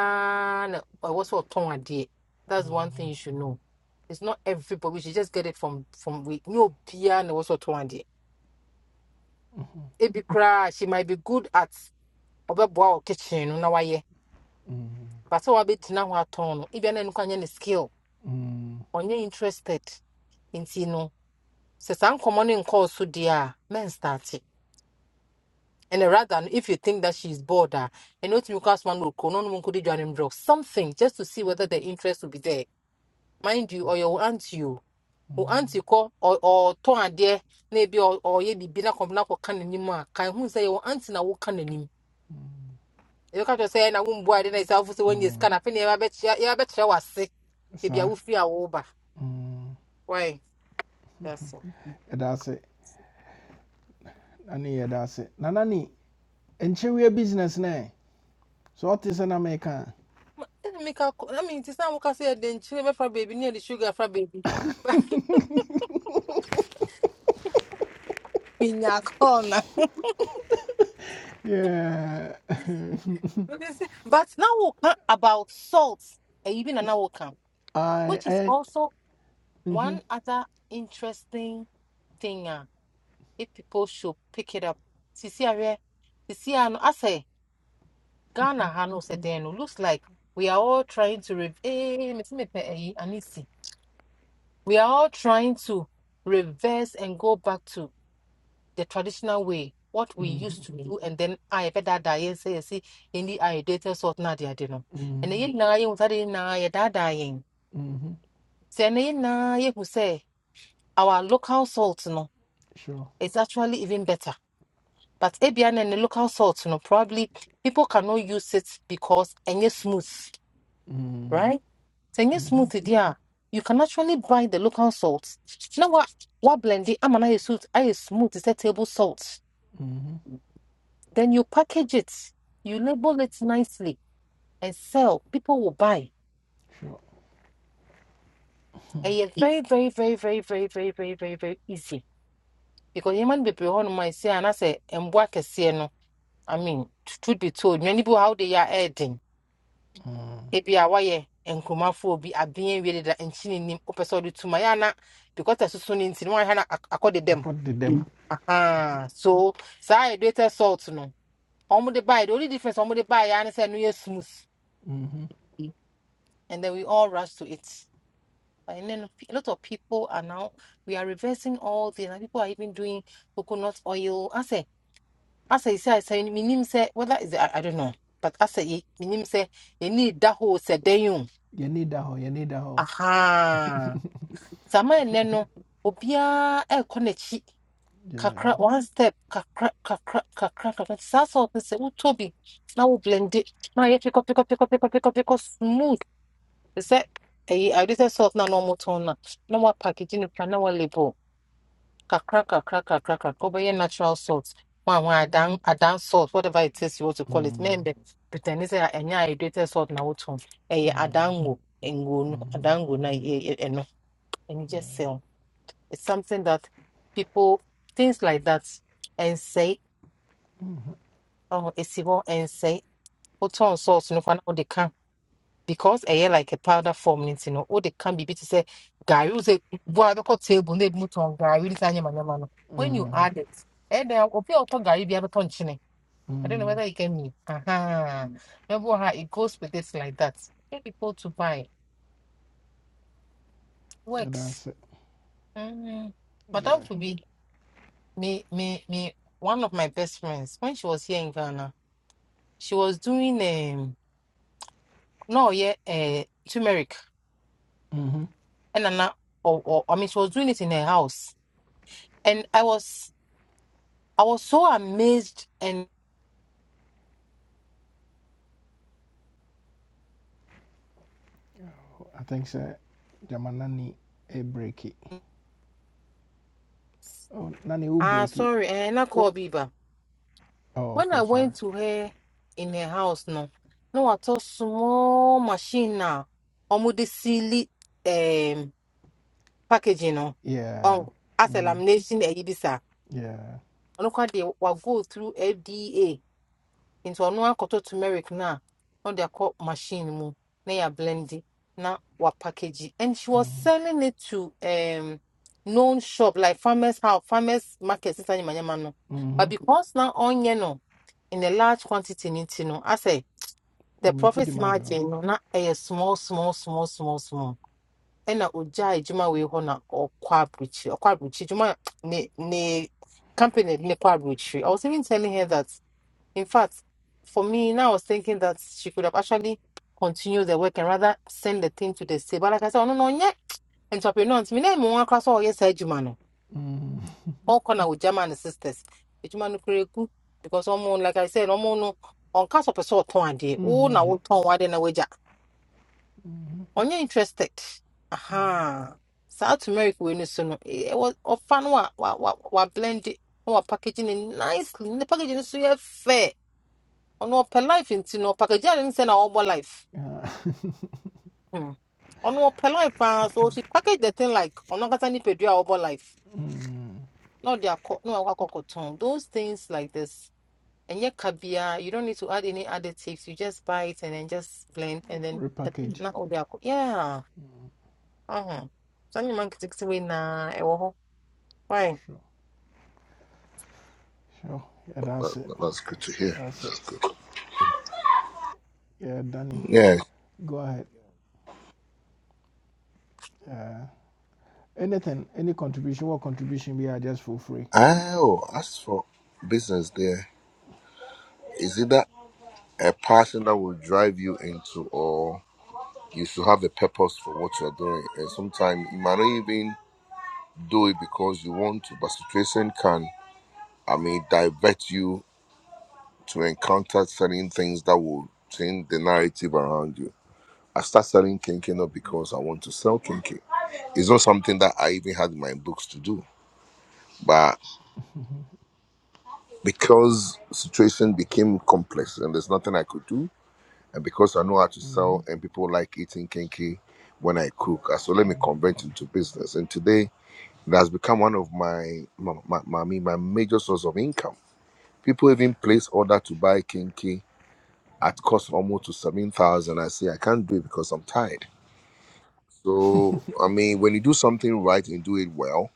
S7: I was so tongue a day. That's one thing you should know. It's not everybody. We should just get it from from we no piano was so tongue a day. It be cry, she might be good at or kitchen no na why. yeah.
S1: Mm,
S7: But so I be tina wa tone. Even any kind of skill.
S1: mm,
S7: ɔnyɛ interested nti no sɛ saa nkɔmmɔ no nkɔɔ so dia men a mɛnstarte and rather no if you think that she is bored ah, and ɛno wotumi kɔ asoma no ɔkuro no nom join him no something just to see whether the interest will be there mind you ɔyɛ wo aunty o wo call or or to adeɛ na ebi ɔ- ɔyɛ biribi na kɔm na kɔka n'anim a kan hu sɛ yɛwɔ aunty na woka n'anim ɛbɛka say na wo wombua ade na ɛsɛ afo sɛ woanya sika
S1: mm,
S7: na afei ne yɛbɛkyerɛ w'ase
S1: Sir.
S7: baabi a
S1: saa
S7: wofiri a wo ba.
S1: mm.
S7: why That's all.
S1: yɛda ase Nani? ne yɛda ase na na business ne so what is sɛ na meka a
S7: Let me call. I mean, it's not because you're the sugar for baby near the sugar for baby. Pinya corner.
S1: yeah [laughs]
S7: [laughs] But now we'll about salt, eh, even an hour come,
S1: I,
S7: which is
S1: I,
S7: also one
S1: mhm,
S7: other interesting thing. ah, If people should pick it up, Sisi Awe, Sisi Ano, I say Ghana Hano Sedeno looks like we are all trying to rev. eh, me ti me pe eh, Anisi. We are all trying to reverse and go back to. the traditional way, what we used
S1: mhm,
S7: to Mm. do, and then I bet that die say see in the I data sort na dia dino. And
S1: mhm,
S7: the na you study na ya da dying.
S1: mhm,
S7: Say na na you who say our local salt no
S1: sure
S7: is actually even better. But Ebian and the local salt no probably people cannot use it because any smooth,
S1: Mm,
S7: right? So any
S1: mhm,
S7: smooth idea. You can actually buy the local salt. Now what what blend it? I'm an I smooth. I smooth. It's a table salt.
S1: mhm,
S7: Then you package it, you label it nicely and sell. People will buy.
S1: sure
S7: And yet very, very, very, very, very, very, very, very, very easy. Because human people on my say and I say and work as no. I mean, truth be told, many people how they are adding. Ebi awaye and kumafo be a being really that and chin him up to Mayana because I soon in one hand accorded
S1: I
S7: them.
S1: akɔdedam
S7: Aha, so saa yɛ data salt no, ɔmo de buy the only difference ɔmo de baeɛ ara ne sɛ ɛno yɛ smooth.
S1: Mhm.
S7: and then we all rush to it. And then a lot of people are now we are reversing all this. And people are even doing coconut oil. I say, I say, say, I say, minim say, whether is I, I don't know, but I say, minim say, you need that whole say, then you,
S1: yɛne da hɔ yɛne da hɔ
S7: aha. Sama neno, obia e konechi.
S1: Yeah.
S7: Kakra, one step, kakra, kakra, kakra, kakra. Sasa, I say, oh, Toby, now we blend it. Now you pick up, pick up, pick up, pick up, pick up, pick up, smooth. sɛ ɛyi ade sɛ salt na na ɔmotɔn no na wɔapackage no pra na wɔlabel kakra kakra kakra kakra wobɛyɛ natural salt wan wan adan adan salt whatever it is you want to call it na
S1: Mm,
S7: ɛmbɛ pretend sɛ ɛnyɛ hydrated salt na wotɔn ɛyɛ adan ngo ngo no adan ngo no ɛyɛ- ɛno ɛno just sell it's something that people things like that ɛnsɛe ɔho ɛsi hɔ ɛnsɛe wotɔn salt no kora na wode ka because ɛyɛ like a powder form ne nti no wode ka biribi te sɛ gari wo sɛ bo a bɛkɔ table na ebimu tɔn gari ne saa nyamanyama no when you
S1: mm,
S7: add it ɛyɛ dɛ obi a ɔtɔ gari bi abɛtɔ nkyene I don't know
S1: mm.
S7: whether you get me. Aha. Remember how it goes with this like that. Get people to buy.
S1: yɛda
S7: Works.
S1: ase
S7: Mm. Madame to be me me me one of my best friends when she was here in Ghana, she was doing um no yeah uh turmeric
S1: Mm-hmm.
S7: and and, or, or I mean she was doing it in her house and I was I was so amazed and
S1: I think so. Jamanani a breaky. Oh, Nani will
S7: ah
S1: break it.
S7: sorry, and I
S1: Oh,
S7: call Biba.
S1: oh
S7: When
S1: okay,
S7: I
S1: sorry.
S7: went to her in her house, no, no, I saw small machine now, almost the silly um packaging no,
S1: Yeah.
S7: on as a
S1: Mm-hmm.
S7: lamination a ibisa.
S1: Yeah.
S7: I look quite they will go through FDA. nti ɔno akɔtɔ turmeric na, a na ɔde akɔ machine mu na yɛ blendi na wa wapackage and she was selling it to um known shop like farmers house farmers market sisan nyamanyama no
S1: Mm-hmm.
S7: but because na ɔnyɛ no in a large quantity no nti no asɛ
S1: Oh,
S7: the
S1: meaty
S7: profit
S1: demand.
S7: margin no na ɛyɛ small small small small small ɛna ogya adwuma wei hɔ na ɔkɔ aburukyiri ɔkɔ aburukyiri adwuma ne ne company ne kɔ aburukyiri i was even telling her that. In fact, for me, now I was thinking that she could have actually continued the work and rather send the thing to the state. But like I said, oh, no, no, yeah. Entrepreneur, nti me na emu one class all yes, Ejuma no.
S1: Mm-hmm.
S7: All corner with German sisters. Ejuma no kure ku because omo like I said, omo no on cast of a sort ton ade. Oh, na
S1: Mm-hmm.
S7: wo ton wade na wager. On you interested. Aha. South America we no so no. It was of fun wa wa wa wa Wa packaging it nicely. The packaging is so yeah, fair. ɔno ɔpɛ life nti no ɔpakagya ne send na ɔbɔ life
S1: Yeah.
S7: Hmm. Ono ɔpɛ life paa so she package the thing like Ono ankasa nipadua a ɔbɔ life na ɔde akɔ na wakɔ akɔkɔtɔn those things like this And yet biara you don't need to add any additives you just buy it and then just blend and
S1: [laughs]
S7: then the,
S1: Repackage.
S7: na ɔde akɔ yeah uh-huh. So saa man nketenkete wei na ewo. Why?
S1: Sure. Sure. Yeah,
S8: That,
S1: that's it.
S8: that- that's good to hear.
S1: That's it. Yeah, Danny,
S8: Yeah.
S1: go ahead. Uh, anything, any contribution, what contribution we are just for free.
S8: Oh, as for business there, is it that a passion that will drive you into or you should have a purpose for what you're doing? And sometimes you might not even do it because you want to, but situation can, I mean, divert you to encounter certain things that will change the narrative around you. I start selling kinky not because I want to sell kinky. It's not something that I even had in my books to do. but. because situation became complex and there's nothing I could do, and because I know how to sell and people like eating kinky when I cook, I said let me convert into business. And today it has become one of my my my, my, I mean, my major source of income. People even place order to buy kinky at cost almost to seven thousand. I say I can't do it because I'm tired. So I mean, when you do something right and do it well,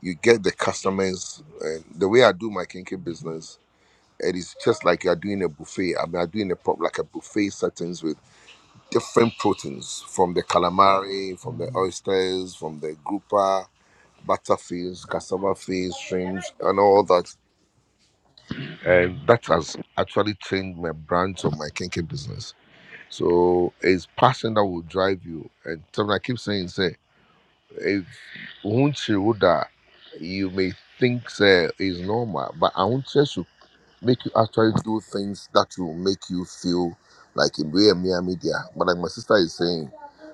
S8: you get the customers. And the way I do my kinky business It is just like you are doing a buffet. I mean, I'm doing a prop like a buffet settings with different proteins from the calamari, from the
S1: Mm-hmm.
S8: oysters, from the grouper, butterfish, cassava fish, shrimps, and all that. And that has actually changed my branch of my kinky business. So it's passion that will drive you. And something I keep saying, say, if once you would die, you may think say is normal, but I won't make you actually do things that will make you feel like in real mere media. But like my sister is saying,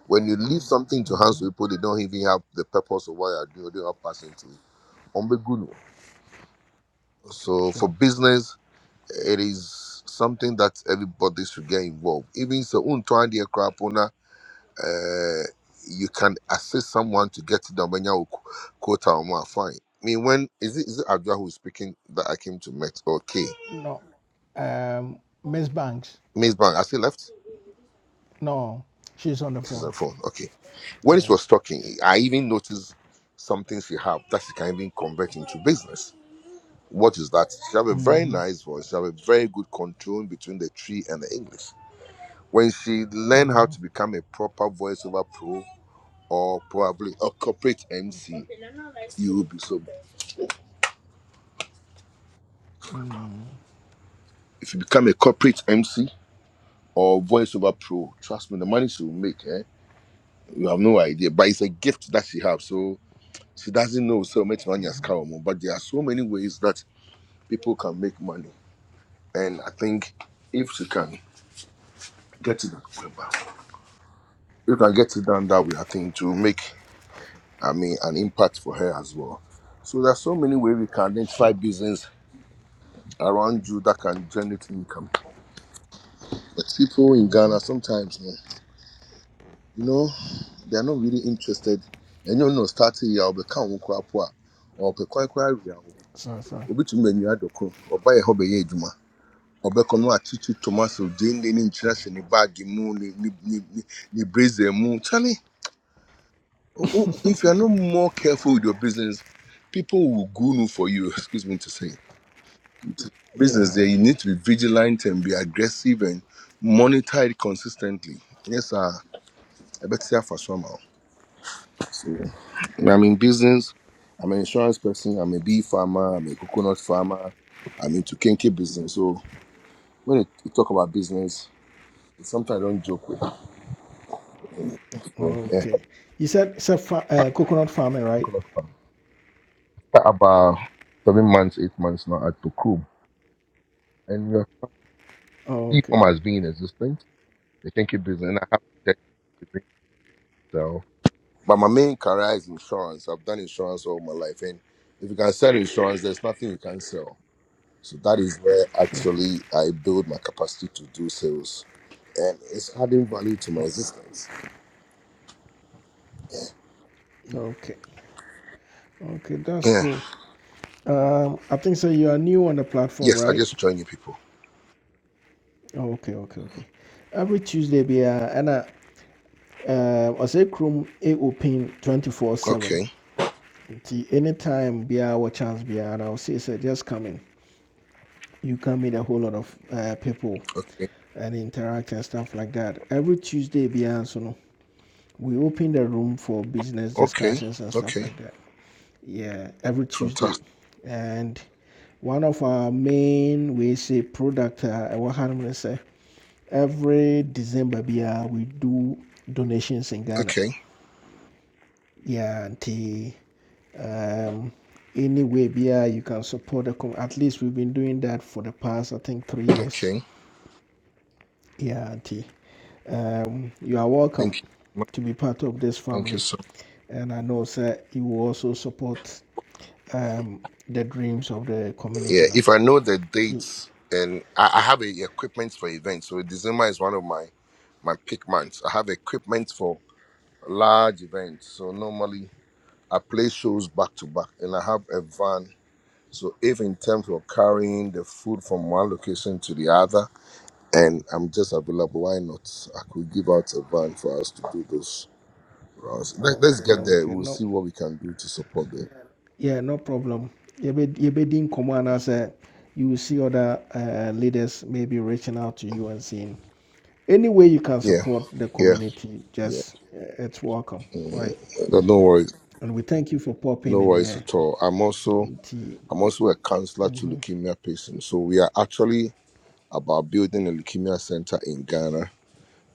S8: when you leave something to hands to people, they don't even have the purpose of what you're doing, they're not passing to it. Ombegunu. So for
S1: Sure.
S8: business, it is something that everybody should get involved. Even so untwandia krapona uh you can assist someone to get to the Obenya wo- quota or more fine. I mean when is it is it Adra who is speaking that I came to meet? Okay.
S1: No. Um, Miss Banks.
S8: Miss Bang, I see left.
S1: No, she's on the
S8: This is
S1: phone.
S8: a phone. Okay. When she
S1: Yeah.
S8: was talking, I even noticed some things she have that she can even convert into business. What is that? She have a very
S1: Hmm.
S8: nice voice. She have a very good control between the tree and the English. When she learn how to become a proper voiceover pro or probably a corporate MC, you will be so.
S1: Hmm.
S8: If you become a corporate MC or voiceover pro, trust me, the money she will make, eh? You have no idea. But it's a gift that she have, so she doesn't know. So much money has come, but there are so many ways that people can make money. And I think if you can get it done, you can get it done that way, I think to make I mean an impact for her as well. So there's so many ways we can identify
S1: Sure.
S8: business around you that can generate income. But people in Ghana sometimes no, you know, they're not really interested. And you know, starting here, I'll become or be kwan koraa po a, ɔpɛ kwan koraa wie a,
S1: So, so,
S8: obi tumi ma nnua ɔbɛkɔ no akyekye toma so gyeen de ne mu ne ne ne ne ne blazer mu Charlie, o- o- if you are not more careful with your business people will goon for you [laughs] excuse me to say business there
S1: yeah.
S8: you need to be vigilant and be aggressive and monitor it consistently yes sir ɛbɛte afa so ama wo so i'm in business i'm an insurance person i'm a bee farmer i'm a coconut farmer i'm into kinky business so when you you talk about business it's something i don't joke with so yeah
S1: Okay. You said it's a fa- uh, coconut farming, right?
S8: Okay, that's After about seven months, eight months now at Tokum, and your
S1: Oh,
S8: e-com
S1: okay.
S8: has been in existence. They can keep business, and I have to check the thing. So But my main career is insurance. I've done insurance all my life, and if you can sell insurance, there's nothing you can sell. So that is where
S1: Okay.
S8: actually I build my capacity to do sales, and it's adding value to my
S1: Oh,
S8: existence.
S1: okay. Okay. That's
S8: Yeah.
S1: cool. Um, I think so. You are new on the platform,
S8: Yes, I
S1: right?
S8: just join you people.
S1: Oh, okay. Okay. Okay. Every Tuesday, be uh, and uh, uh, I say Chrome. it open twenty four seven.
S8: Okay.
S1: Nti anytime be our chance be and I'll say so just come in. You can meet a whole lot of uh, people
S8: Okay.
S1: and interact and stuff like that. Every Tuesday, beyond so no, we open the room for business
S8: Okay.
S1: discussions and stuff
S8: Okay.
S1: like that. Yeah, every Tuesday,
S8: Fantastic.
S1: and one of our main we say product uh, ɛwɔ ha nom ne sɛ, every December bia we do donations in Ghana.
S8: Okay.
S1: Yeah, nti um, any way bia you can support the com- at least we've been doing that for the past I think three years.
S8: Okay.
S1: Yeah, Auntie. Um, you are
S8: Thank
S1: welcome
S8: you. so much.
S1: to be part of this
S8: Thank you
S1: family.
S8: so
S1: And I know, sir, you will also support um, the dreams of the
S8: Yeah,
S1: community. No?
S8: if I know the
S1: Auntie,
S8: dates and I, I have a equipment for events, so December is one of my my peak months. I have equipment for large events, so normally I play shows back to back, and I have a van. So if in terms of carrying the food from one location to the other, and I'm just available, why not? I could give out a van for us to do those rounds. Let, let's get there.
S1: okay,
S8: We'll
S1: no.
S8: see what we can do to support them.
S1: Yeah, no problem. You be you be din komo anaasɛ You will see other uh, leaders maybe reaching out to you and saying, any way you can
S8: Yeah,
S1: support the
S8: yeah,
S1: community,
S8: yeah.
S1: just uh, it's welcome. Why?
S8: No no worries,
S1: And we thank you for popping
S8: no
S1: in
S8: worries
S1: here.
S8: at all. I'm also
S1: auntie.
S8: I'm
S1: eh,
S8: also a counselor to
S1: mhm,
S8: leukemia patients. So we are actually about building a leukemia center in Ghana,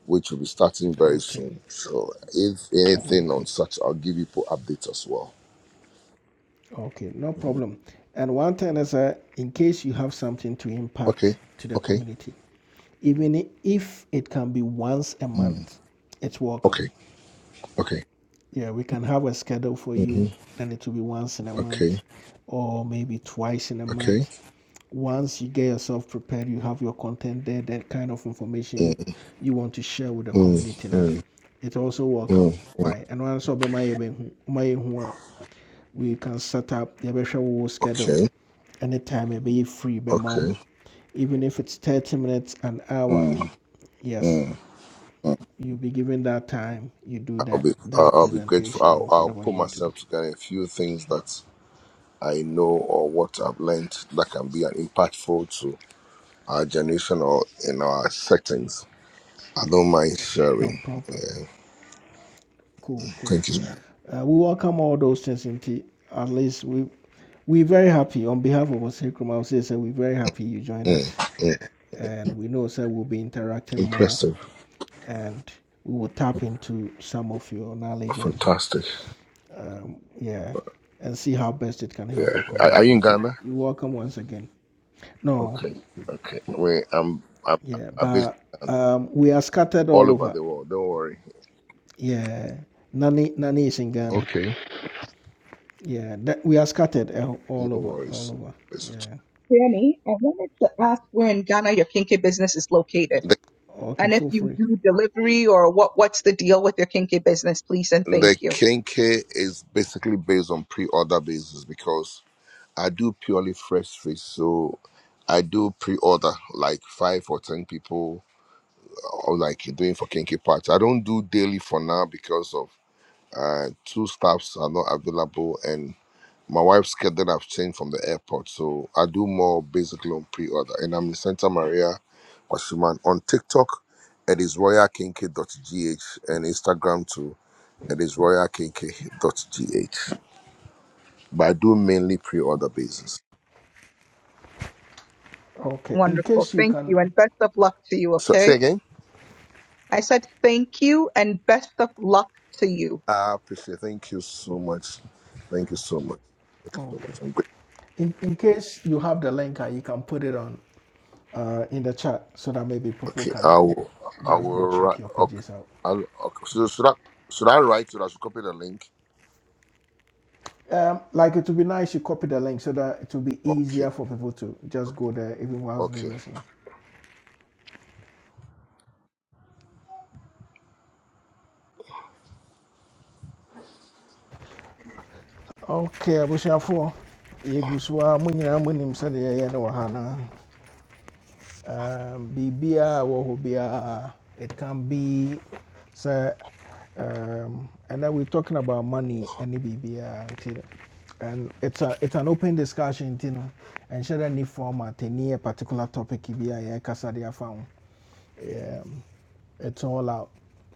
S8: which will be starting very
S1: Okay.
S8: soon. So if anything
S1: Okay.
S8: on such, I'll give you po- updates as well.
S1: Okay. No problem. And one thing is, uh, in case you have something to
S8: Okay.
S1: impact to the
S8: Okay.
S1: community, even if it can be once a
S8: Mm.
S1: month, it's welcome.
S8: Okay. Okay.
S1: Yeah, we can have a schedule for
S8: hmm
S1: you, and it will be once in a
S8: Okay.
S1: month, or maybe twice in a
S8: Okay.
S1: month. Once you get yourself prepared, you have your content there, that kind of information you,
S8: Mm.
S1: you want to share with the
S8: Mm.
S1: community now.
S8: Mm.
S1: It's also welcome.
S8: Mm. Mm.
S1: Why? And also, my we can set up the wo schedule
S8: Okay.
S1: anytime ɛbɛyɛ free bɛma wo
S8: Okay.
S1: even if it's 30 minutes an hour
S8: Mm.
S1: yes
S8: Mm.
S1: you'll be given that time you do
S8: I'll
S1: that
S8: be I'll
S1: that
S8: I'll be grateful.
S1: presentation
S8: I'll,
S1: or
S8: I'll
S1: whatever you
S8: put
S1: want to do
S8: myself together a few things that I know or what I've learned that can be an impactful to our generation or in our settings. I don't mind
S1: no
S8: sharing.
S1: problem cool cool
S8: Thank you.
S1: uh, we welcome all those things in tea at least we we're very happy on behalf of us here I'll say so we're very happy you joined
S8: Mm,
S1: us
S8: mm.
S1: and we know sir we'll be interacting more
S8: Impressive.
S1: and we will tap into some of your knowledge and
S8: Fantastic.
S1: um, yeah, and see how best it can
S8: Yeah.
S1: help the
S8: Are, are you
S1: community.
S8: in Ghana?
S1: You're welcome once again. No,
S8: Okay. Okay. We I'm, I'm,
S1: yeah,
S8: I'm based
S1: but um, we are scattered
S8: all
S1: all
S8: over
S1: over.
S8: the world. Don't worry.
S1: Yeah, Nani, Nani is in Ghana.
S8: Okay.
S1: Yeah, that, we are scattered el- all
S8: No
S1: over, all
S8: worries.
S1: over.
S8: It's-
S1: Yeah.
S2: Danny, I wanted to ask where in Ghana your kinky business is located,
S8: The,
S1: Okay,
S2: and if
S1: feel
S2: you
S1: free.
S2: do delivery or what what's the deal with your kinky business, please and thank
S8: the
S2: you.
S8: Kenke is basically based on pre order basis because I do purely fresh fish. So I do pre order like five or 10 people or like you're doing for Kinky Patch. I don't do daily for now because of uh, two staffs are not available and my wife's schedule I've changed from the airport. So I do more basically on pre-order. And I'm in Santa Maria, Washuman. On TikTok, it is royalkinky.gh and Instagram too. It is royalkinky.gh. But I do mainly pre-order basis.
S1: Okay, in
S2: Wonderful,
S1: case you
S2: thank you,
S1: can,
S2: and best of luck to you.
S8: So say
S2: Okay.
S8: again.
S2: I said thank you and best of luck to you.
S8: I appreciate Thank you so much. Thank you so much. Thank you so
S1: okay,
S8: much. I'm grateful.
S1: in, in case you have the link, uh, you can put it on uh, in the chat so that maybe people
S8: Okay,
S1: can
S8: I will. I
S1: just go
S8: will
S1: check
S8: write.
S1: your
S8: Okay,
S1: pages out.
S8: I'll, okay. So should I should I write it? I should copy the link.
S1: Um, like it would be nice you copy the link so that it will be
S8: Okay,
S1: easier for people to just go there even whilst they're
S8: okay.
S1: listening. Okay, abusuafoɔ yɛgu so a mo nyinaa monim sɛdeɛ yɛyɛ no wɔ ha no Um, biribiaa wɔ hɔ biara it can be sɛ um, and then we're talking about money and biribiaa nti and it's, a, it's an open discussion you know, and dɛ ne format ɛni a particular topic bi a yɛkasa de afa ho it's all out.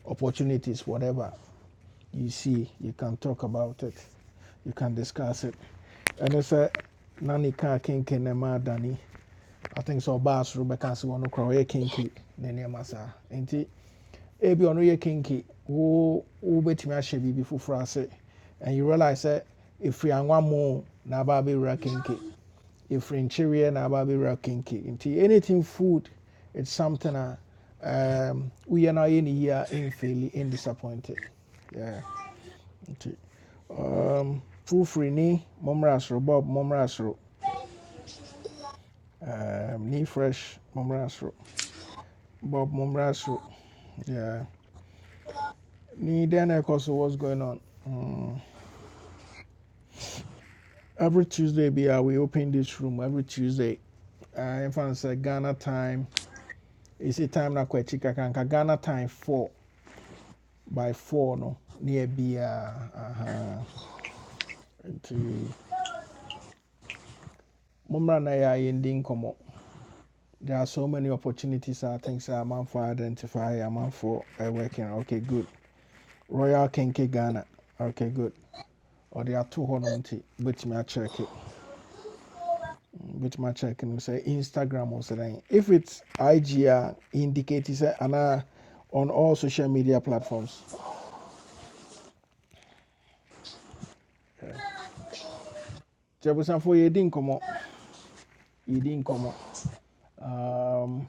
S1: Opportunities, whatever you see, you can talk about it, you can discuss it. And it's a nani ka kinki ne ma dani. I think so. Bass Rebecca, so one crow kinki ne ne masa. Ain't it? ebi ɔno yɛ kinky wo wobɛtumi ahyɛ biribi before ase and you realize that if sɛ ɛfiri mo na ba be aba abɛwura kinky ɛfiri nkyeweɛ na aba abɛwura kinky nti anything food it's something a um, we are not in here in a in disappointed. yeah. nti um, frufiri ni mommra bob mommra um, ni fresh mommra bob mommra yeah. ni then na ɛkɔ so what's going on mm. every Tuesday bia we open this room every Tuesday. Uh, in fact, sɛ Ghana time is a time na kɔ akyi kakanka Ghana time four by four no near yɛ biara nti mommra na ya ending yɛndi There are so many opportunities I think so. I'm for identify i amanfoɔ uh, working okay good Royal Kenke Ghana okay good Or there are ɔde ato But me nti check it. which my check and say Instagram or something. If it's IG, a, indicate it's an on all social media platforms. Jabusan for you didn't come up, you didn't come Um,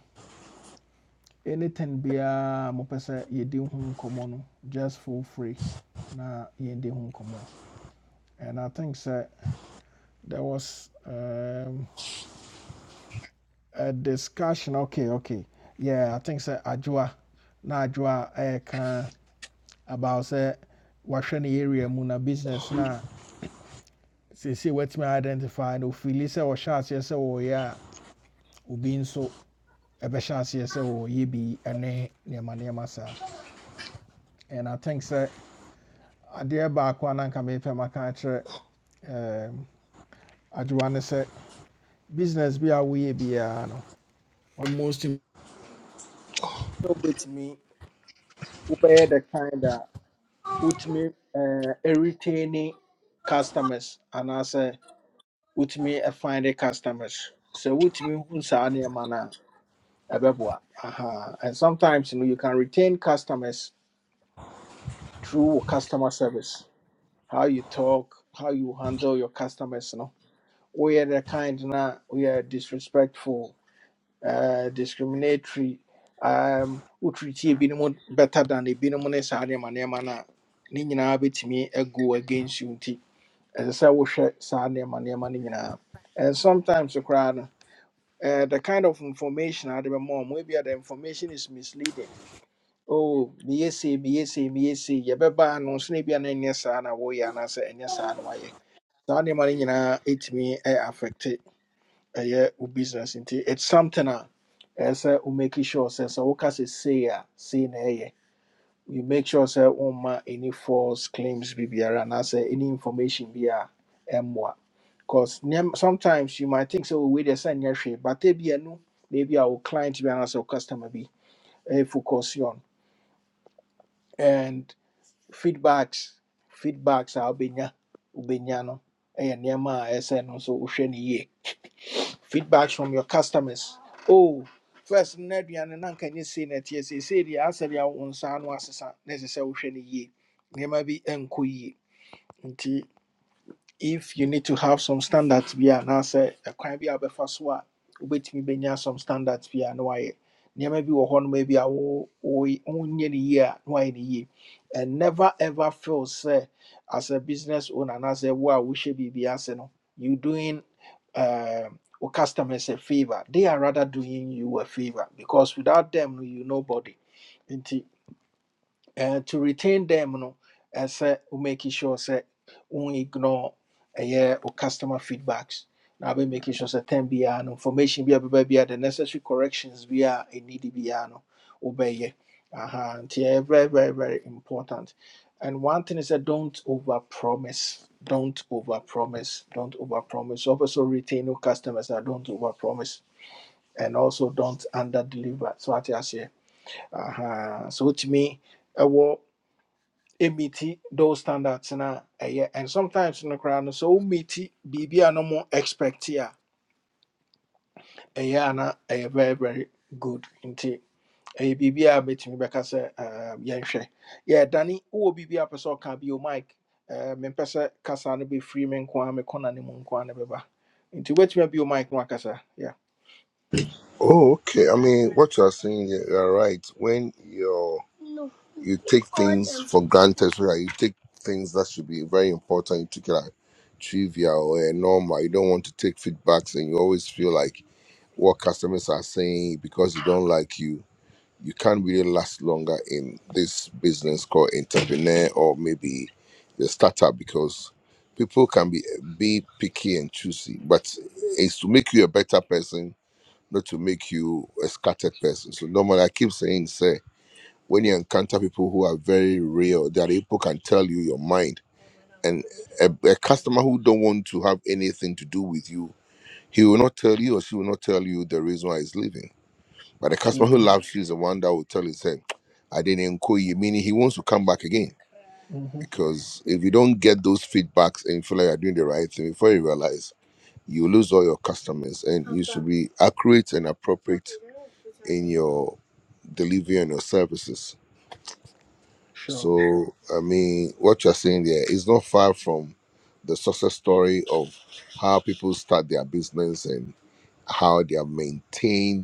S1: anything be a mopesa you didn't come on just for free. Na you didn't come on. And I think sir, there was um, a discussion. Okay, okay. Yeah, I think sir, Ajua, na Ajua, eh, can. about sɛ wahwɛ no area muna business na business no a seesei watumi identify no ofili sɛ ɔhyɛ aseɛ sɛ wɔyɛ a obi nso ɛbɛhyɛ aseɛ sɛ wɔyɛ bi ene ne nneɛma nneɛma saa and i think sɛ adeɛ baako a na nka mepɛ maka akyerɛ um, adwowa ne business bi a woyɛ a no almost im- wobɛtumi wobɛyɛ the kind a wotumi eh, ɛretaini customers and I say. wotumi ɛfind customers sɛ wotumi hu saa nneɛma no a ɛbɛboa Aha. and sometimes you, know, you can retain customers through customer service how you talk how you handle your customers no woyɛ the kind na we are disrespectful uh, discriminatory um, wotreatie ebinom better than ebinom ne saa nneɛma nneɛma no a ne nyinaa bɛtumi go against you nti ɛsɛ sɛ wohwɛ saa nneɛma nneɛma no nyinaa and sometimes you no uh, the kind of information I remember more, maybe the information is misleading. Oh, BSA, BSA, BSA, Yababa, no snibby and any son, a way, and answer any son, why. So, any money, you know, it me affected a year business. nti It's something as a make sure says, so what can say, say, you make sure say, woma any false claims be biara and anaasɛ any information be a emwa." because sometimes you might think sɛ oh, wei deɛ sɛ nyɛ hwee but ebia no baabi a wo client bi anaasɛ our customer be a focus on and feedbacks feedbacks a wobɛnya wobɛnya no ɛyɛ nneɛma a ɛsɛ no nso wohwɛ no yie feedbacks from your customers. Oh, first Ned and Nan can you see that yes, he said the answer ya on San was necessary. There might be enquiry if you need to have some standards bi a anaasɛ ɛkwan bi a wobɛfa so a wobɛtumi bɛnya some standards bi a na wayɛ nneɛma bi wɔ hɔnom bi a wo- woy- wonyɛ no yie a na wayɛ no yie and never ever feel sɛ as a business owner anaasɛ wo a wohyɛ biribi ase no you doing um, wo customers a favor they are rather doing you a favor because without them no, you nobody and to retain them no ɛsɛ wo make sure sɛ we ignore a uh, yeah wo customer feedbacks na wobɛ make sure sɛ tam biara no information bi a bɛba biara the necessary corrections bi a ɛnidi biara no wobɛyɛ aha nti ɛyɛ very very very important and one thing is that don't overpromise. don't overpromise. don't overpromise. also retain your customers that don't overpromise, and also don't underdeliver. So deliver so ate uh huh. so to me, I will meet those standards na ɛyɛ and sometimes no koraa no so wo meet biribi a no mo expect a ɛyɛ a ɛyɛ very very good nti ɛyɛ biribi a mɛtumi bɛka sɛ um, yɛnhwɛ yɛ dane wowɔ biribi a pɛ sɛ ɔka bio mike eh, mempɛ sɛ kasa no be free me nko a mekɔna no mu nko a no bɛba nti wobɛtumi abio mike no akasa yeah.
S8: Oh, okay. I mean, what you are saying, yeah, you- you're right. When you you take things for granted, so that you take things that should be very important, you take it like trivial or normal. You don't want to take feedbacks, and you always feel like what customers are saying because you don't like you. you can't really last longer in this business called entrepreneur or maybe the startup because people can be be picky and choosy, but it's to make you a better person, not to make you a scattered person. So normally I keep saying, say when you encounter people who are very real, that people can tell you your mind. And a, a customer who don't want to have anything to do with you, he will not tell you or she will not tell you the reason why he's leaving but the customer who
S1: Mhm,
S8: loves you is the one that will tell you, say, I didn't call you, meaning he wants to come back again.
S1: mhm,
S8: Because if you don't get those feedbacks and you feel like you're doing the right thing before you realize, you lose all your customers and you should be accurate and appropriate in your delivery and your services.
S1: sure
S8: So, I mean, what you're saying there is not far from the success story of how people start their business and how they are maintained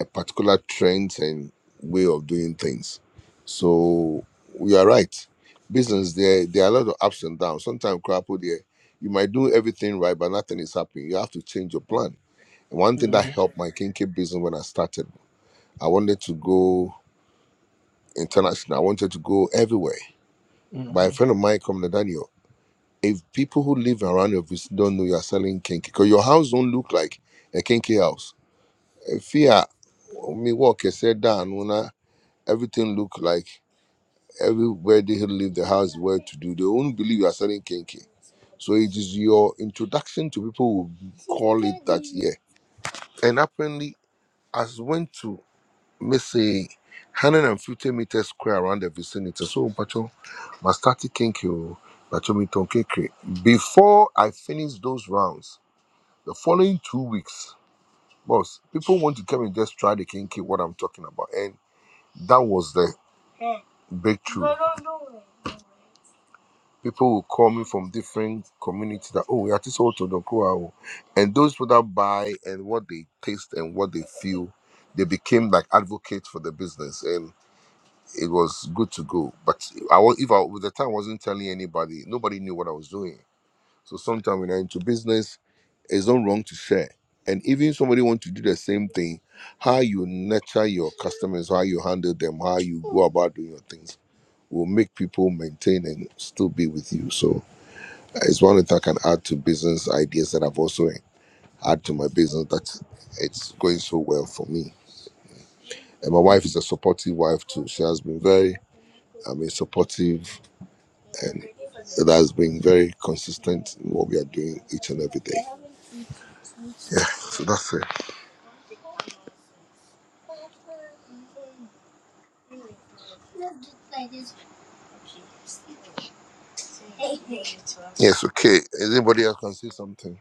S8: a particular trend and way of doing things. So you are right. Business there there are a lot of ups and downs. Sometimes crap there, you might do everything right, but nothing is happening. You have to change your plan. And one thing that
S1: Mhm,
S8: helped my kinky business when I started, I wanted to go international. I wanted to go everywhere. By a
S1: mhm.
S8: friend of mine come to Daniel. If people who live around your vicinity don't know you are selling kinky, because your house don't look like a kinky house. If you are me walk, I said down, everything look like Everybody who leave the house where to do, they won't believe you are selling kinky. So it is your introduction to people who call it that yeah. And apparently, as went to let's say 150 meters square around the vicinity. So Pacho, my starting kinky, oh, Pacho me ton kinky. Before I finish those rounds, the following two weeks, boss, people want to come and just try the kinky, what I'm talking about. And that was the breakthrough. people will call me from different communities that oh that is also Donkua. And those people that buy and what they taste and what they feel, they became like advocates for the business and it was good to go. But I was if I with the time I wasn't telling anybody, nobody knew what I was doing. So sometimes when you're into business, it's not wrong to share. And even if somebody wants to do the same thing, how you nurture your customers, how you handle them, how you go about doing your things will make people maintain and still be with you. So it's one that I can add to business ideas that I've also add to my business that it's going so well for me. And my wife is a supportive wife too. She has been very, I mean, supportive and that has been very consistent in what we are doing each and every day. Yeah, so that's it. Yes, okay. Is anybody else can say something?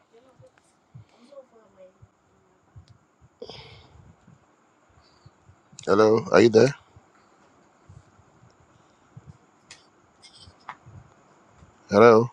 S8: Hello, are you there? Hello?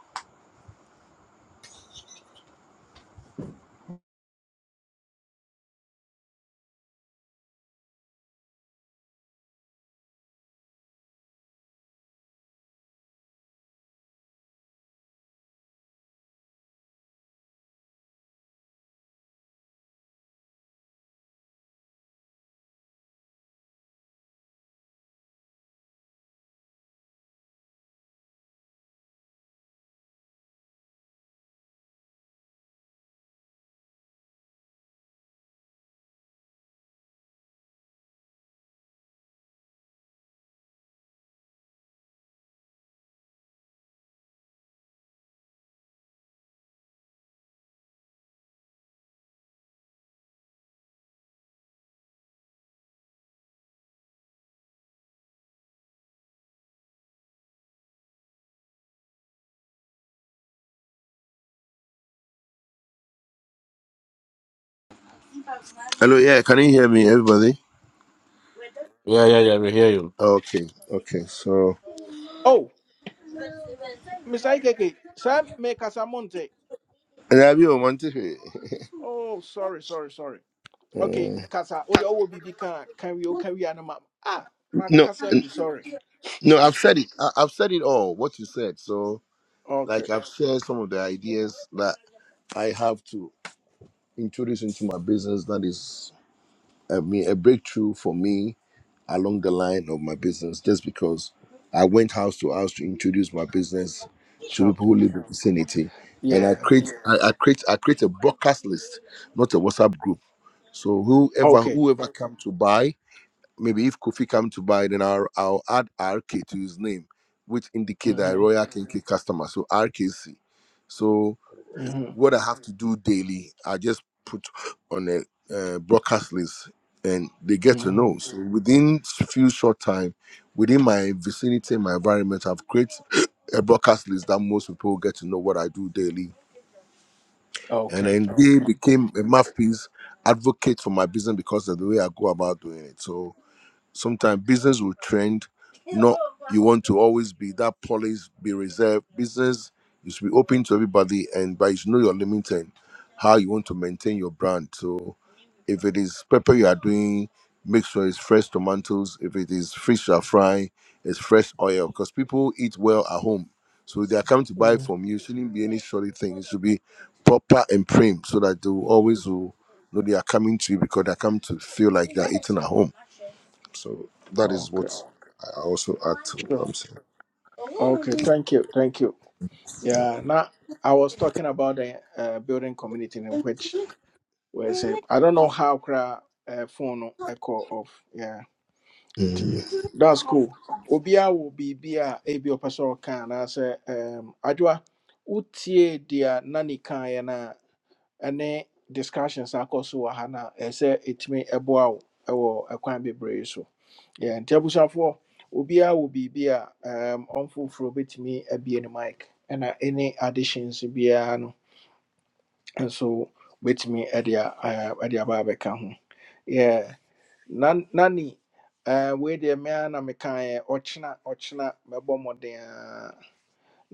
S8: Hello, yeah, can you hear me, everybody?
S5: yɛyɛyɛ mehia you
S8: Okay, okay, so.
S1: oh mr ikeke sɛ mekasa monte
S8: And have you wanted to- [laughs]
S1: oh sorry sorry sorry okay
S8: Uh,
S1: kasa wode ɔwɔ biribi ka a, ka wie carry wie a no ma ah
S8: no,
S1: makasa agu sorry
S8: No, I've said it. I, I've said it all. What you said. So,
S1: okay
S8: like, I've shared some of the ideas that I have to introduce into my business. That is, I mean, a breakthrough for me along the line of my business. Just because I went house to house to introduce my business to
S1: sure
S8: people who live in the vicinity, and I
S1: yeah
S8: create, I, I create, I create a broadcast list, not a WhatsApp group. So whoever
S1: okay
S8: whoever come to buy maybe if Kofi come to buy, then I'll, I'll add RK to his name, which indicate that a
S1: mm-hmm.
S8: Royal Kinky customer. So RKC. So
S1: Mm-hmm.
S8: what I have to do daily, I just put on a uh, broadcast list, and they get to
S1: Mm-hmm.
S8: know. So within few short time, within my vicinity, my environment, I've created a broadcast list that most people get to know what I do daily. And
S1: okay
S8: then they became a mouthpiece advocate for my business because of the way I go about doing it. So Sometimes business will trend. Not you want to always be that polished, be reserved. Business you should be open to everybody, and but you should know your limit and how you want to maintain your brand. So, if it is pepper you are doing, make sure it's fresh tomatoes. If it is fish you are frying, it's fresh oil because people eat well at home. So if they are coming to buy
S1: hmm
S8: from you. It shouldn't be any shoddy thing. It should be proper and prim so that they will always will know they are coming to you because they are coming to feel like they are eating at home. So that is
S1: okay
S8: what I also add to
S1: sure
S8: I'm saying.
S1: okay thank you thank you yeah now i was talking about the uh, building community in which where I say i don't know how kra uh, phone echo of yeah nti
S8: Mm.
S1: that's cool obiara wɔ be a ebi ɔpɛ sɛ ɔka anaasɛ um, adwoa wotie deɛ na ne kaeɛ no a ɛne discussions a akɔ so wɔ ha na a ɛsɛ sɛ ɛtumi ɛboa wo ɛwɔ ɛkwan bebree so Yeah, nti abusuafoɔ obiara wɔ be a um, ɔmfoforɔ bɛtumi abie no mic ɛna Any additions biara no nso bɛtumi ɛde a- ɛɛ, ɛde aba abɛka ho Nan- nani eh, wei deɛ me ara na mekaeɛ ɔkyena ɔkyena mɛbɔ mmɔden a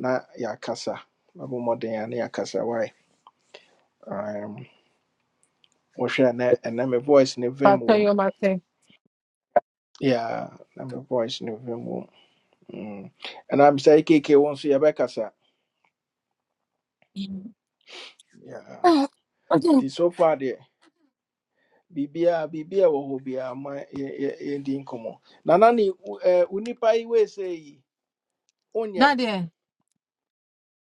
S1: na yɛakasa mɛbɔ mmɔden a na yɛakasa wae um, wohwɛ ɛnɛ ɛnɛ me voice ne vem
S7: ɛwɔ tell
S1: wɔ mu
S7: you my thing.
S1: Yeah, na me voice ne vem wɔ mu Mm. ɛna mesɛ ekeke wo nso yɛbɛkasa Yeah.
S7: Ah, okay.
S1: nti so far deɛ biribiaa biribiaa wɔ hɔ biaa ma yɛ- yɛ- yɛndi nkɔmmɔ na nane wo eh, wo nipa yi wei sɛ yi
S7: [coughs]
S1: wonyɛ
S7: Daddy, eh,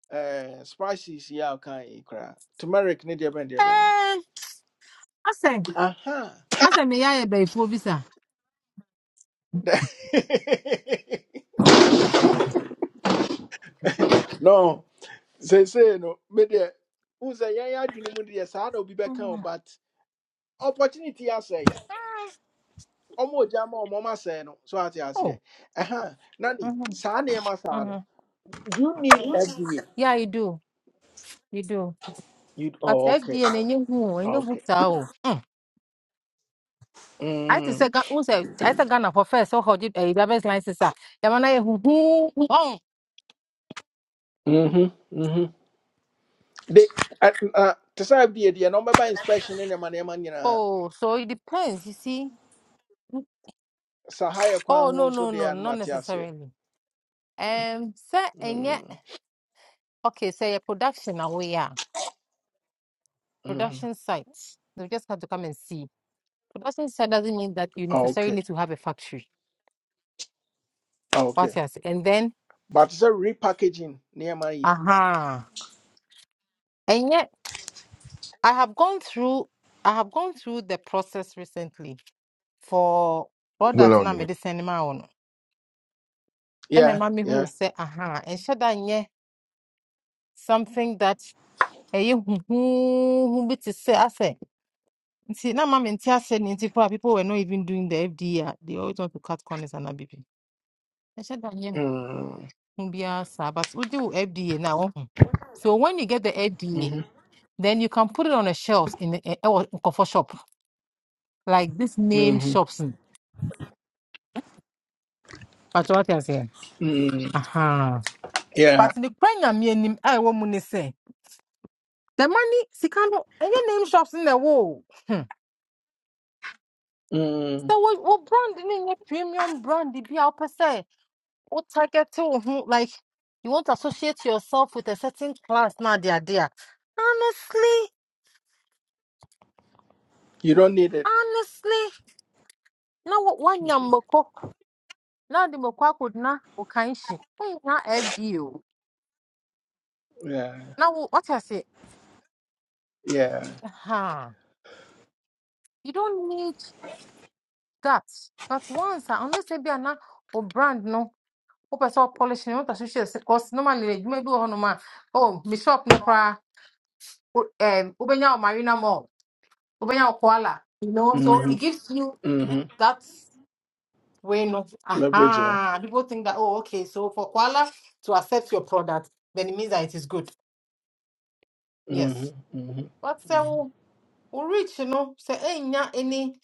S1: Eh, spices yeah okay cry. Turmeric need your bend your bang.
S7: Eh, asɛ
S1: Aha.
S7: asɛ meyɛ ayɛ bɛyifoɔ bi sa
S1: [laughs] No. Say say no. Me there. Who say yeah yeah dream mundi yes I don't be back home but opportunity I say.
S7: mm,
S1: Omo jama omo mama say no. So I say yeah. Aha. Nani.
S7: Mm-hmm.
S1: Sa na ma sa
S7: Mm-hmm.
S1: no. Do you need FDA?
S7: Yeah, you do. You do.
S1: You
S7: But
S1: oh okay.
S7: FDA and you who and you
S1: Okay.
S7: booked out. I just
S1: Mm.
S7: said, who said, I said Ghana for first, so hold it a driver's license. ah. Yeah, who- who- who- Oh,
S1: Mhm. Mhm. They uh, uh, to say FDA the number by inspection in the money, man nyinaa.
S7: oh, so it depends, you see.
S1: Sahaya kwa yɛ
S7: Oh,
S1: kwan ho
S7: no,
S1: nso
S7: no, no,
S1: deɛ a no
S7: not necessarily. Um, sir, and yet,
S1: Mm,
S7: okay, say your production away, yeah,
S1: mm.
S7: production sites. You just have to come and see. Production site doesn't mean that you necessarily
S1: okay
S7: need to have a factory. What
S1: okay
S7: else? And then,
S1: but it's a repackaging nneɛma yi
S7: aha. Uh-huh. I have gone through I have gone through the process recently for products
S8: Go on,
S7: na mede send ma wo And then
S1: yeah
S7: mommy who
S1: yeah
S7: say aha and da nyɛ something that ɛyɛ huhuuhu bi te sɛ asɛ nti na ma mente asɛ ne nti for people were not even doing the FDA they always want to cut corners and abibi. And da nyɛ
S1: mm,
S7: hu biara saa but we do FDA now. wohu. So when you get the FDA
S1: mhm,
S7: then you can put it on the shelves in the, eh, ɛwɔ nkɔfɔ shop like this named
S1: mhm,
S7: shops. But what you say?
S1: mm,
S7: Aha.
S1: yeah
S7: But the Ukraine meaning I woman is say the money Sikano any name shops in the world. Hmm.
S1: mm,
S7: So what what brand in your premium brand the be out per se? What target to mhm, like you want to associate yourself with a certain class now dear dear. Honestly,
S1: you don't need it
S7: honestly, now what one yam moko now the moko could na okanshi. Not FBO.
S1: yeah
S7: Now what I say?
S1: yeah
S7: Aha. You don't need that. But once, ah, unless maybe I'm not or brand no. wopɛ sɛ ɔpɔlehye no wotasɛ hyɛ sɛ kɔs normally adwuma bi wɔ hɔ nom a oh me shop no koraa wo- ɛm, wobɛnya wo marina mall wobɛnya wo koala you know so it
S1: mhm,
S7: gives you
S1: mhm.
S7: that way no
S1: leverage no
S7: aha people think that oh okay so for koala to accept your product then it means that it is good yes
S1: Mhm, mhm,
S7: but sɛ wo wo reach no sɛ ɛnnya any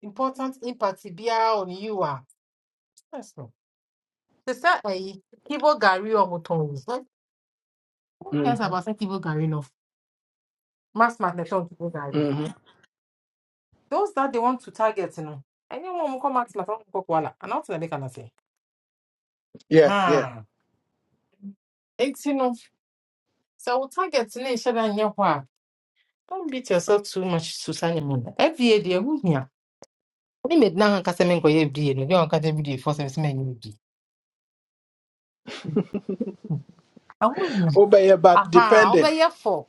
S7: important impact biara on you a ɛso te sɛ ɛyi kibo gari ɔmo tɔn wo Who cares
S1: mhm,
S7: about say kibo gari no? mass math to ɛtɔn tukuu
S1: mhm.
S7: those that they want to target you know. Anyone who come kɔ mass math wɔn kɔ koala anaa ɔtena bɛka na sɛ
S1: yeah yeah
S7: haa eti no sɛ wo target you nhyɛ da nyɛ hɔ don't beat yourself too much to sani mu na fda deɛ ɛho hia ne mɛ dina hankasa mi nkɔyɛ fda no deɛ ɔnkasa fda fɔ sɛ ɛsɛ i nyɛ fda ɛho hia
S1: wobɛyɛ but yeah, but
S7: aha
S1: dependent
S7: ɔbɛyɛ fɔ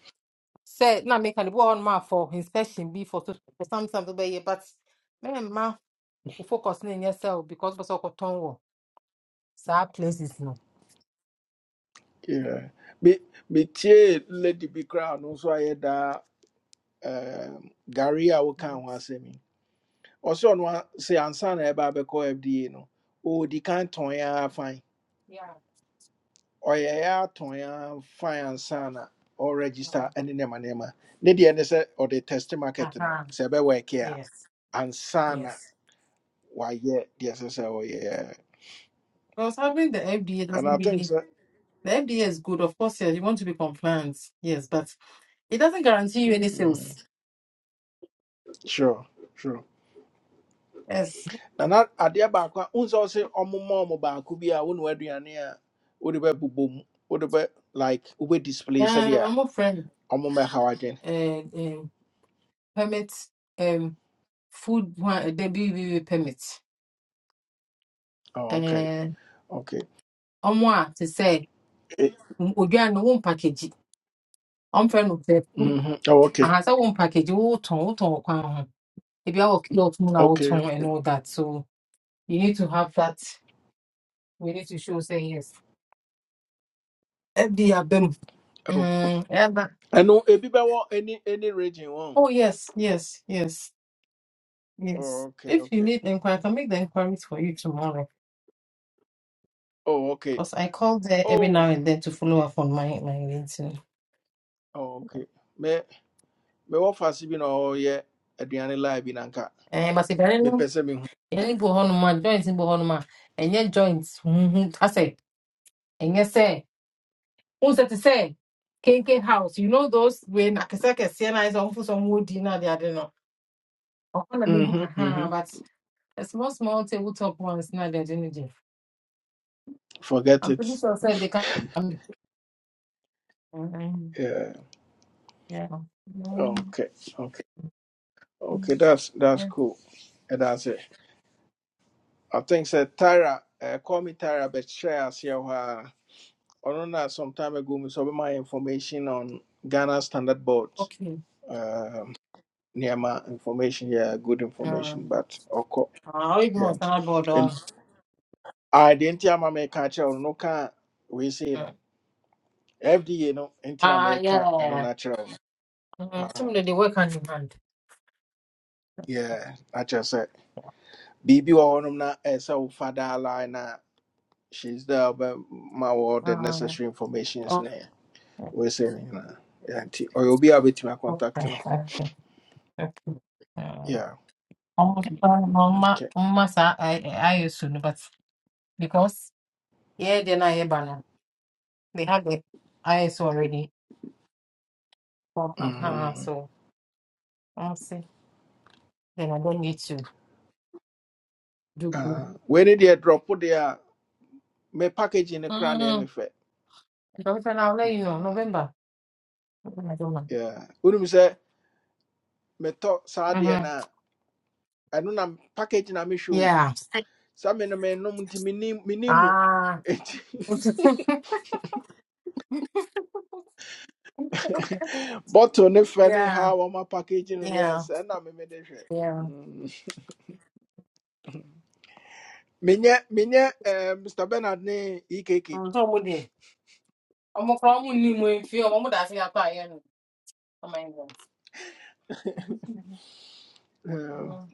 S7: sɛ na mɛka ne bi wɔ hɔ nom for inspection bi for so for something ɔbɛyɛ but mɛma o focus ne nyɛ sɛ o because bɛ sɛ ɔkɔtɔn wɔ saa places no.
S1: yeah Me- metie lady bi koraa no nso ayɛ daa um, Gary I will ho asɛm yi Also, no, say ansan e ba be call F D a- sɛ ansa na ɛba abɛkɔ fda no ɔdi kan tɔn fine. fan
S7: Yeah.
S1: ɔyɛɛ ara tɔn ara fan ansa na ɔregister ne nneɛma nneɛma ne deɛ ne sɛ ɔde test market no
S7: Uh-huh.
S1: sɛ ɛbɛwɔɛke a
S7: Yes.
S1: ansa na
S7: Yes.
S1: wayɛ deɛ ɛsɛ sɛ ɔyɛ
S7: I was having the FDA
S1: and
S7: doesn't
S1: i think
S7: really.
S1: so.
S7: The FDA is good, of course. Yes, you want to be compliant, yes, but it doesn't guarantee you any
S1: mm,
S7: sales.
S1: sure sure
S7: Yes,
S1: na na adeɛ baako a wohu sɛ ɔse ɔmoma ɔmo baako bi a wo ne w'aduane a wode bɛbobɔ mu wode bɛ like wobɛ
S7: uh,
S1: display sɛdeɛ
S7: I'm a friend.
S1: I'm on my how again.
S7: Uh, um, permit, um, food one uh, the BBB permit.
S1: Oh, okay,
S7: Uh,
S1: okay.
S7: I'm one to say, Ojuan no one package. I'm friend of the food.
S1: Mm-hmm. Oh, okay,
S7: I has a one package. Oh, ton, oh, ton, oh, If you have a lot of
S1: okay.
S7: and all that, so you need to have that. We need to show say yes. FD Abem.
S1: Oh,
S7: Mm, ever.
S1: I know a bit about any any region. One.
S7: Oh yes, yes, yes,
S1: Oh,
S7: yes.
S1: okay,
S7: If you
S1: okay.
S7: need inquiry, I can make the inquiries for you tomorrow.
S1: Oh, okay.
S7: Because I call there every
S1: Oh,
S7: now and then to follow up on my my meeting.
S1: oh, okay. Me me what fast been oh yeah. Adriana live in anka.
S7: Eh, but if I don't
S1: Me
S7: know,
S1: pese me.
S7: any bohonuma joints in bohonuma, and your joints. Mm-hmm. I say, and yes, say, who's that to say? Kinkin house. You know those when Akasaka Siena is on for some wood dinner, they are not.
S1: Mm-hmm. Mm-hmm.
S7: But a small, small tabletop ones, not the energy.
S1: Forget
S7: I'm pretty
S1: it.
S7: sure I said they can. Um,
S1: Yeah.
S7: Yeah. Um,
S1: Okay. Okay. Okay. That's that's
S7: yeah.
S1: cool. And that's it. I think said Tyra. Uh, call me Tyra, but share us here. Or not some time ago, me saw my information on Ghana Standard Board.
S7: Okay.
S1: Um, near my information, yeah, good information,
S7: Um,
S1: but okay,
S7: I even
S1: yeah.
S7: was not bored
S1: And
S7: on.
S1: I didn't hear my make or no can we say
S7: Ah,
S1: no FDA no
S7: uh,
S1: enter
S7: uh,
S1: America and no
S7: yeah.
S1: natural. no.
S7: Um, some
S1: Uh,
S7: of the work hand in hand.
S1: yeah, natural said. Bibi or no na as our father line. na She's there, but my all the
S7: Um,
S1: necessary information is
S7: oh,
S1: there. We say, you know, yeah, or you'll be able to contact,
S7: okay,
S1: you know.
S7: okay, okay. Um,
S1: Yeah,
S7: Mama,
S1: okay.
S7: Mama, I, I used to, but because yeah, then I banner. They have the IS already. From uh huh,
S1: Mm-hmm.
S7: so I'm say then I don't need to do.
S1: Uh, when it did drop put there? Me package in the crown name if
S7: Those are now late, you know, November. Mm-hmm.
S1: Yeah. Wouldn't say me talk sadi and I don't know packaging a mishu.
S7: Yeah.
S1: Some men in the men no munti minim minimu.
S7: Ah. [laughs]
S1: [laughs] Bottle ne friendly
S7: yeah.
S1: how am I packaging
S7: Yeah.
S1: yes and I'm a medicine.
S7: Yeah.
S1: Minya minya eh, Mr. Bernard ne EKK.
S7: Mm, So we did. I'm gonna call you my. in film. I'm gonna die for yeah, no. Come on, England. Mm,
S1: And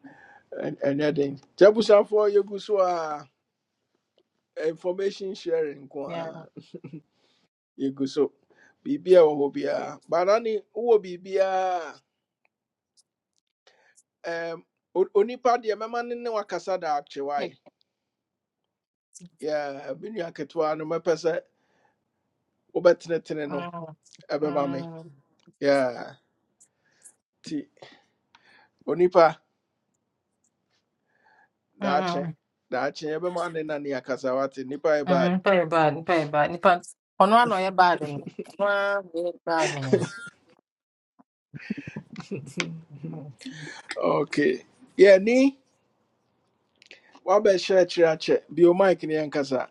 S1: anything. Jabusa for you go so ah, information sharing.
S7: Yeah.
S1: ko. yɛgu so biribiaa wɔ hɔ biara bara ne wowɔ biribiaa um, onipa deɛ mɛma ne ne wakasa da
S7: Okay.
S1: akyewae Yeah, me nua ketewa no mɛpɛ sɛ wobɛtenetene no
S7: Mm,
S1: ɛbɛma me
S7: mm,
S1: Yeah, nti onipa daakye
S7: mm,
S1: daakye yɛbɛma ne na ne akasa wate nipa yɛ bad
S7: mm, very bad, very bad. Nipa, ọ̀nà àná yẹ bad ni. Ọ̀nà yẹ bad ni.
S1: okay yɛni wabɛhyɛ akyerɛ akyɛ bio mike ne yɛnkasa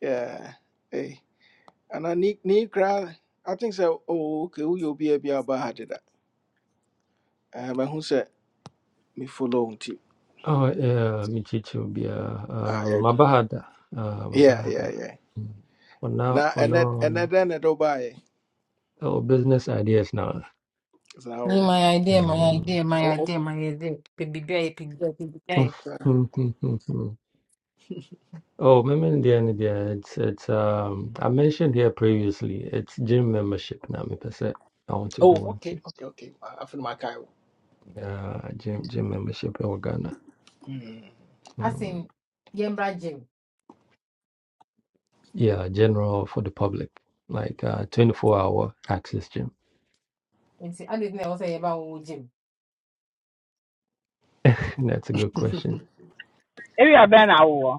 S1: Yeah, eh, ana ni ni kra. i think so. oh, okay woyɛ obiaa bi a wobaa ha deda ɛɛ mahu sɛ me follow nti
S9: Oh, yeah, me too, yeah. Uh,
S1: ayɛ
S9: my bad. Uh, my
S1: yeah yeah
S9: bad.
S1: yeah
S9: Mm. For
S1: na
S9: now, for
S1: ɛnɛ
S9: now,
S1: ɛnɛ
S9: um,
S1: dɛn na ɛdɛ ɔbaayɛ
S9: oh, business ideas now.
S1: saa
S7: Ní my
S1: wɔ
S7: idea, my
S9: Mm.
S7: idea, my
S1: hɔ oh oh
S7: idea, my idea. Bèbí bí ayé, bèbí
S1: oh, uh,
S9: Hmm, hmm, hmm, hmm. Oh, remember the end there. It's it's um I mentioned here previously. It's gym membership now. Me per se. I want to go
S1: oh, okay
S9: into
S1: okay okay A- afei na makae wo
S9: uh gym gym membership in Ghana.
S1: Mm.
S7: asɛm
S9: Mm.
S7: yɛmbra gyem
S9: Yeah, general for the public, like uh 24 hour access gym.
S7: nti ade na ɛwɔ sɛ yɛba wo say yeba wo gyem
S9: [laughs] That's a good question.
S10: Area bɛn awo.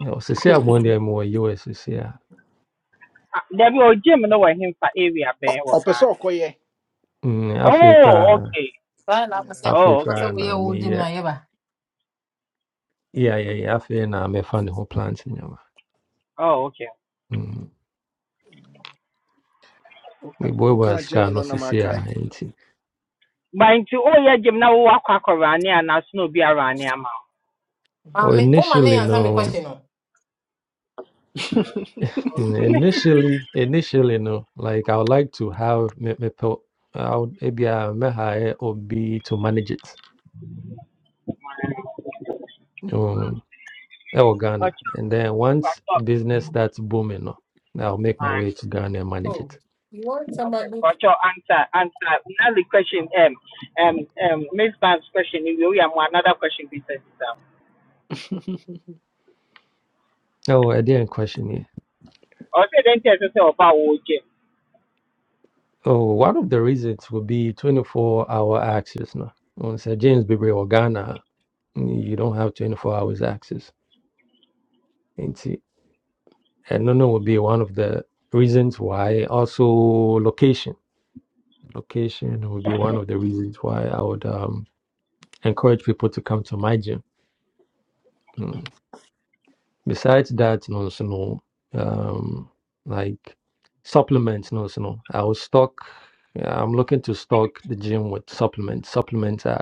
S9: Yeah, so say I'm one day more US. Yeah.
S10: There be Dabi o gym no wɔ hemfa area
S1: Ɔ-
S10: bɛn wɔ
S1: ɔpɛ sɛ
S10: Ghana?
S1: ɔkɔyɛ
S9: Mm, afei
S10: Oh,
S9: koraa
S10: okay.
S7: saa na wopɛ sɛ
S10: Oh,
S9: afei
S7: wopɛ sɛ
S9: koraa
S10: okay.
S9: na
S7: woyɛ wo gyem
S9: meyɛ
S7: na yɛba
S9: yɛayɛyɛ afei na mefa ne ho plant nyama
S10: Oh, okay.
S9: Mm,
S1: Ɔka- ɔka
S9: meboaboa sika
S1: agyɛ
S9: no
S1: no na
S9: sisi a
S1: makae
S9: nti
S10: But into oyɛ gym na wowɔ walk around here and na be around here wo.
S9: oh,
S7: maame woma ne
S9: initially no
S7: yɛansa me question? no
S9: mm,
S1: [laughs]
S9: initially initially no like i would like to have me mepɛ I would ebia mɛhae obi to manage it um, ɛwɔ ghana
S10: Okay,
S9: and then once business starts booming no i'll make my way to ghana and manage
S7: oh
S9: it
S7: you want
S10: Okay.
S7: somebody
S10: answer answer. Another question um um um Miss Banks question we we have another question beside this.
S9: oh I didn't question
S10: Ɔsɛ dɛn tɛ sɛ sɛ ɔba wɔ gym.
S9: Oh, one of the reasons would be 24 hour access. No? On Sir James Bibre or Ghana, you don't have 24 hours access. And see, and no, no would be one of the reasons why. Also, location. Location would be one of the reasons why I would um, encourage people to come to my gym. Mm. Besides that, no, so no, um, like supplements, no, so no. I will stock, I'm looking to stock the gym with supplements. Supplements are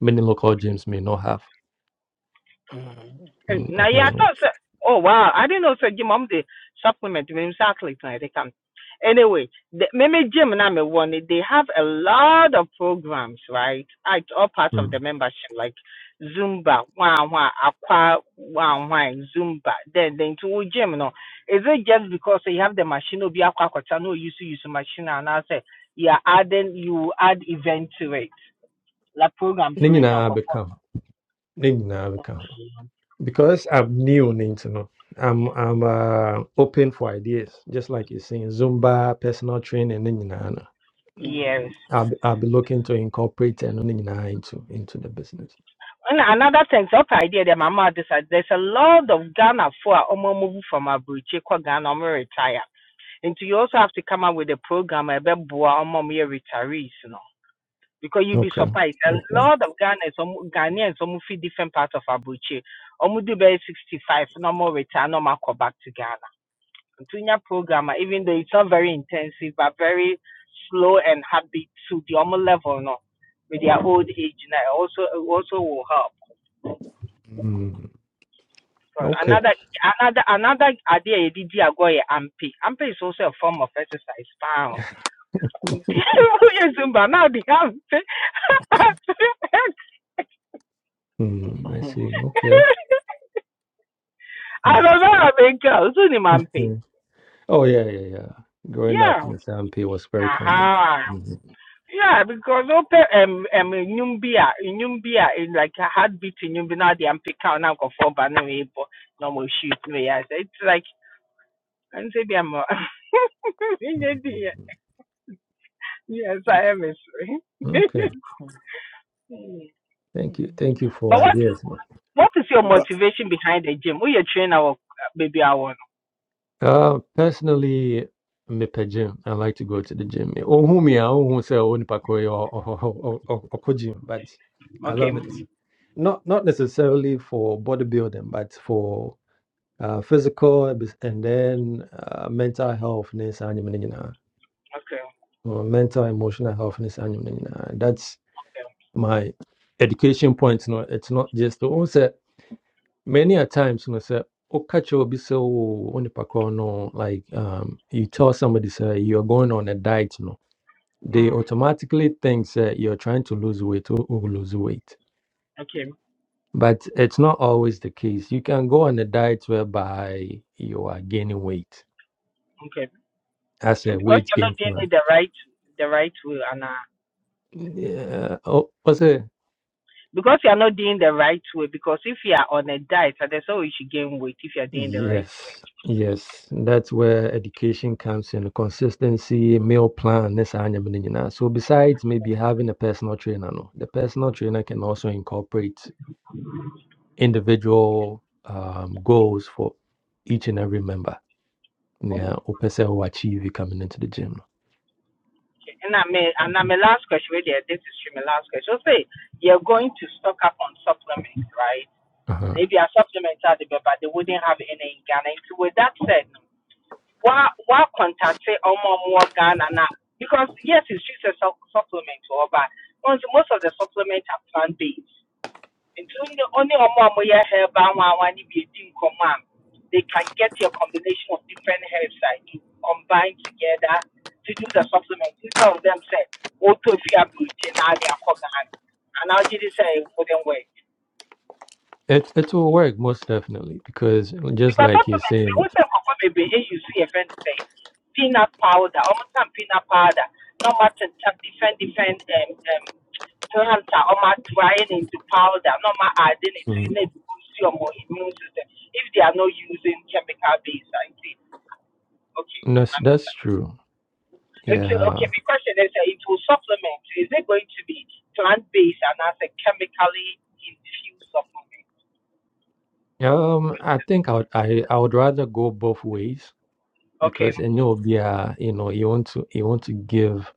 S9: many local gyms may not have.
S1: Mhm,
S10: Hey,
S9: Mm,
S10: Now, yeah, I
S9: mhm.
S10: thought, sir. Oh, wow. I didn't know, sir, Jim, I'm the supplement. I'm exactly tonight. They come. Anyway, the, maybe Jim and I'm a one. They have a lot of programs, right? Ah, It's all parts of the
S9: Mm.
S10: membership, like Zumba, wah, wah, aqua, wah, wah, Zumba. Then, then to gym, No, Is it just because you have the machine, no, be aqua, aqua, no, you see, use the machine, and I say, yeah, adding, you add event to it, like program
S9: Ne
S10: to it, and
S9: nyinaa
S10: co-
S9: bɛka ho. Ne nyinaa bɛka ho. Because I'm new ne nti no, I'm I'm uh, open for ideas. Just like you're saying, Zumba, personal training, ne nyinaa no.
S10: Yes.
S1: mhm.
S9: I'll be, I'll be looking to incorporate and ne nyinaa into into the business.
S10: And another thing, so okay, idea that my mama decided there's a lot of Ghana for omo move from Abuchi kwa Ghana omo retire. And you also have to come up with a program about boa omo me retirees, you know. Because you'll be
S9: Okay.
S10: surprised. A
S9: Okay.
S10: lot of Ghanaians, omo- Ghanaians, omo fit different parts of Abuchi. Omo do be 65, no more retire, no more go back to Ghana. Tunya program, eh, even though it's not very intensive, but very slow and happy to the omo level, no, with their old age now, also also will help.
S9: Mm.
S10: But
S9: Okay.
S10: another another another idea you did agoye ampe. Ampe is also a form of exercise. Wow. [laughs]
S9: [laughs]
S10: Yes, Zumba. Now the ampe. [laughs]
S9: mm, I see.
S1: Mhm.
S9: Okay.
S10: I
S9: Mm.
S10: don't know how they go. So the ampe.
S9: Mm. Oh yeah, yeah, yeah. Growing up in
S10: Yeah.
S9: the Pay was very common.
S10: Aha.
S9: Mhm.
S10: Yeah, because open um um nyumbia nyumbia is like a heartbeat nyumbi now the ampe count now go for but no able no more shoot no yes it's like and say be more [laughs] yes I am a
S9: Mhm.
S10: sorry. [laughs]
S9: Thank you.
S1: mhm.
S9: Thank you for
S10: But
S1: but
S10: what
S9: ideas. man.
S10: what is your
S1: but
S10: motivation behind the gym? Who you train our baby hour?
S9: Uh, personally, me pe gym. I like to go to the gym. Oh, who me? Oh, who say oh, nipa ko yo, oh, oh, oh, oh, oh, oh, gym. But I
S10: Okay,
S9: love it. Not not necessarily for bodybuilding, but for uh, physical abis- and then uh, mental health. ne saa nneɛma no
S10: okay,
S9: Or mental emotional health. ne saa nneɛma no That's
S10: okay,
S9: my education point. No, it's not just oh, say. many a times you know say "Oh, catch obi say oh onipa korɔ no like um you tell somebody say you're going on a diet you know they
S10: hmm
S9: automatically think that you're trying to lose weight or or lose weight
S10: okay,
S9: but it's not always the case you can go on a diet whereby you are gaining weight
S10: okay.
S9: as
S10: So
S9: a
S10: because
S9: weight
S10: you're
S9: gain
S10: not doing
S9: plan
S10: it the right the right way, and uh,
S9: yeah oh what's it?
S10: because you're not doing the right way, because if you are on a diet, uh, that's how you should gain weight if you're doing the right.
S9: Yes, yes, that's where education comes in, consistency, meal plan, ne saa nneɛma no nyinaa. So besides maybe having a personal trainer, no, the personal trainer can also incorporate individual um, goals for each and every member. Yeah, or person who achieve it coming into the gym.
S10: way. And I may and I'm a last question. Wait there, this is really my last question. So say you're going to stock up on supplements, right?
S9: no. Uh-huh.
S10: Maybe our supplements are there, but they wouldn't have any in Ghana. And so with that said. wa wa contact ọmọ ọmọ Ghana na because yes it's just a sup- supplement or but once most of the supplement are plant based including the only ọmọ ọmọ yẹ herbal one one if you think common they can get your combination of different herbs that you combine together to do the supplement instead of them say o to fi abiriti na adi akọ Ghana and now you say "For them way."
S9: It it will work most definitely because just
S10: Because
S9: like you're
S10: supplements, we
S9: saying,
S10: say cocoa baby, eh, you see a friend thing. Peanut powder, almost some peanut powder. No matter different, different um, um, plants are almost drying into powder, no matter adding it to
S9: Mhm.
S10: it to boost your more immune system if they are not using chemical based. I think okay.
S9: that's
S10: um,
S9: that's true.
S10: Okay, okay,
S9: Yeah.
S10: my question is uh, it will supplement. Is it going to be plant based and as a chemically infused supplement?
S9: Um, I think I would I, I would rather go both ways
S10: Okay.
S9: because any of their, you know, you want to you want to give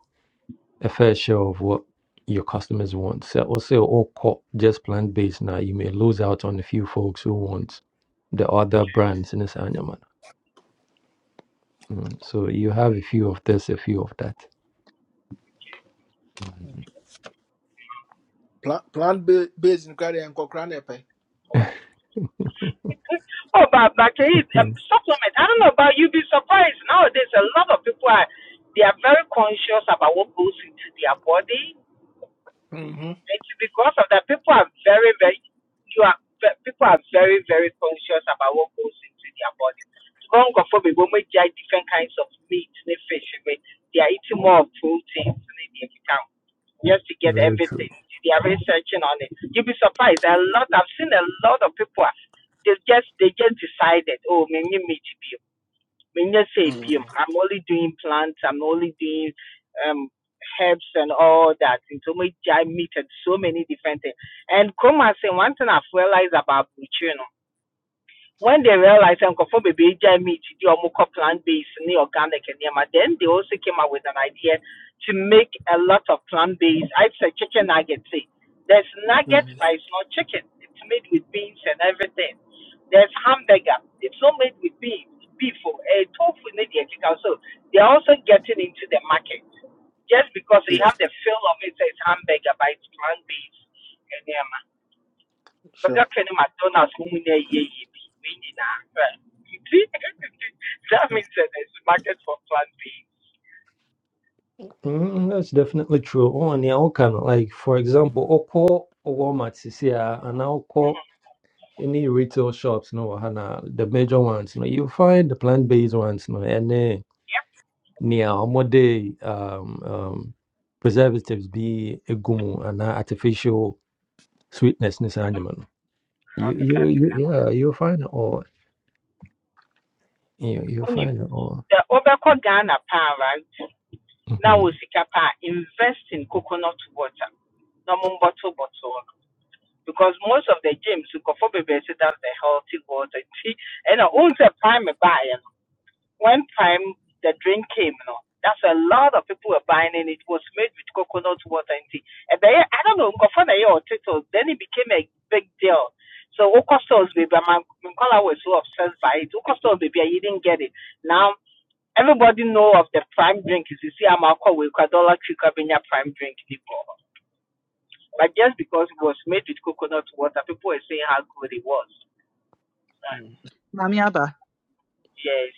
S9: a fair share of what your customers want. So also all co- just plant based now, you may lose out on a few folks who want the other brands in this animal. Mm. So you have a few of this, a few of that. Mhm.
S1: plant plant [laughs] ba- based in koraa deɛ nkɔkora na ɛpɛ
S9: [laughs]
S10: oh, but but can you, um, supplement. I don't know about you. Be surprised nowadays. A lot of people are they are very conscious about what goes into their body
S1: Mhm,
S10: it's because of that people are very, very you are pe- people are very, very conscious about what goes into their body. So going for me, when we eat different kinds of meat and fish, we- they are eating more of proteins and they become just to get
S9: Very true.
S10: everything. They are researching on it. You'll be surprised. A lot I've seen a lot of people are- they just they just decided, oh me me meat when you say PM,
S1: mhm,
S10: I'm only doing plants, I'm only doing um herbs and all that. And so much I meat and so many different things. And come and say one thing I've realized about Buchino when they realized nkurɔfoɔ bebree gyae meat di ɔmo kɔ plant based ne organic nneɛma then they also came up with an idea to make a lot of plant based i said chicken nuggets eh. there's nuggets,
S1: mhm.
S10: but it's not chicken it's made with beans and everything there's hamburger it's not made with beef beef or uh, tofu ne deɛ ɛkeka so they're also getting into the market just because they
S1: Yep,
S10: have the feel of it It's hamburger but it's plant based
S1: sure
S10: bɛkakɛ ne mcdonalds mo mu na ɛyɛ ye bi wei nyinaa right? [laughs] nti that means that there is market for plant based
S9: Mm, that's definitely true. Oh, and yeah, can like for example, Oko Walmart CCR and Oko any retail shops, no, Hana, the major ones, no, you find the plant-based ones, no, and then near Omode um um preservatives be egumu and artificial sweetness in this animal. You you you
S10: agriculture
S9: yeah, you find it all. You you
S10: wonim
S9: find it all.
S10: sɛ wobɛkɔ ghana paa right now
S9: hmm
S10: we sika paa invest in coconut water na mo bottle bottle, because most of the gyms you go for bebree say that's the healthy water [laughs] nti ɛna ohun sɛ prime baayɛ no when time the drink came, you know, that's a lot of people were buying it. It was made with coconut water and tea. And then, I don't know, Nkofana or Tito, then it became a big deal. So Oko stores baby, my Minkola was so obsessed by it. Oko stores baby, I didn't get it. Now everybody know of the prime drink. Is you see, I'm alcohol with Dollar Tree Cabinia prime drink before. But just because it was made with coconut water, people were saying how good it was.
S1: Mhm.
S2: Mamiaba,
S10: Yes.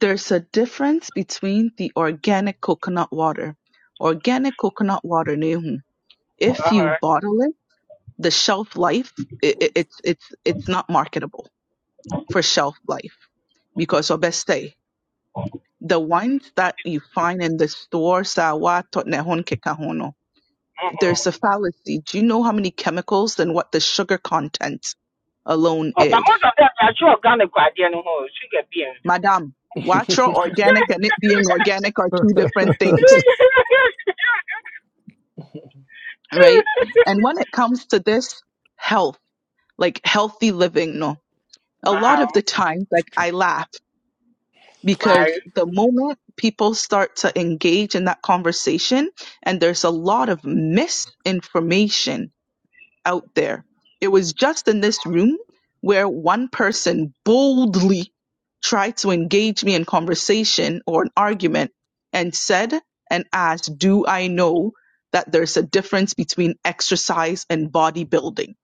S2: there's a difference between the organic coconut water. Organic coconut water, Nehum,
S10: Uh
S2: if you
S10: huh.
S2: bottle it, the shelf life, i i- it's, it's, it's not marketable for shelf life because obeste, the wines that you find in the store, sawa, totnehon, kekahono, there's a fallacy. Do you know how many chemicals and what the sugar content alone
S10: Oh, but
S2: is?
S10: most of them they are sure Ghana kwadeɛ no ho sugar beans.
S2: Madam, natural
S1: [laughs]
S2: organic and it being organic are
S9: [laughs]
S2: two different things, right?
S10: [laughs]
S2: And when it comes to this health, like healthy living, no, a lot
S10: wow,
S2: of the times, like I laugh
S10: why?
S2: because the moment people start to engage in that conversation, and there's a lot of misinformation out there. It was just in this room where one person boldly tried to engage me in conversation or an argument and said and asked, Do I know that there's a difference between exercise and bodybuilding?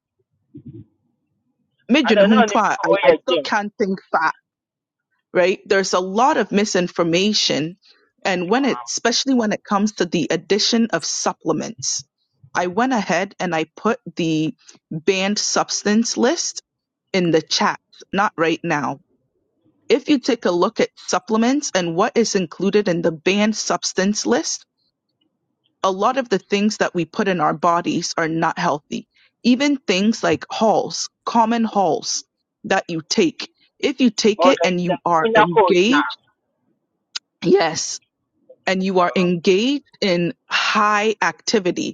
S10: I
S2: Medyo
S10: don't know him
S2: nahumpwa,
S10: so
S2: I, I
S10: well
S2: still
S10: again.
S2: can't think fat, right? There's a lot of misinformation. And when it, especially when it comes to the addition of supplements, I went ahead and I put the banned substance list in the chat, not right now. If you take a look at supplements and what is included in the banned substance list, a lot of the things that we put in our bodies are not healthy. Even things like halls, common halls that you take. If you take
S10: Or
S2: it
S10: the
S2: and
S10: the
S2: you are
S10: Kuna code now.
S2: engaged, yes, and you are engaged in high activity,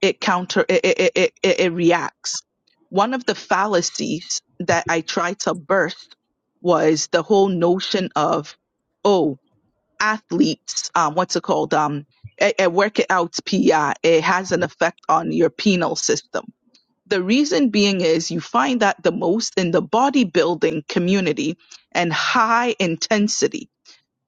S2: it counter it it, it, it it reacts one of the fallacies that i tried to burst was the whole notion of oh athletes um what's it called um a, a workout pi it has an effect on your penal system the reason being is you find that the most in the bodybuilding community and high intensity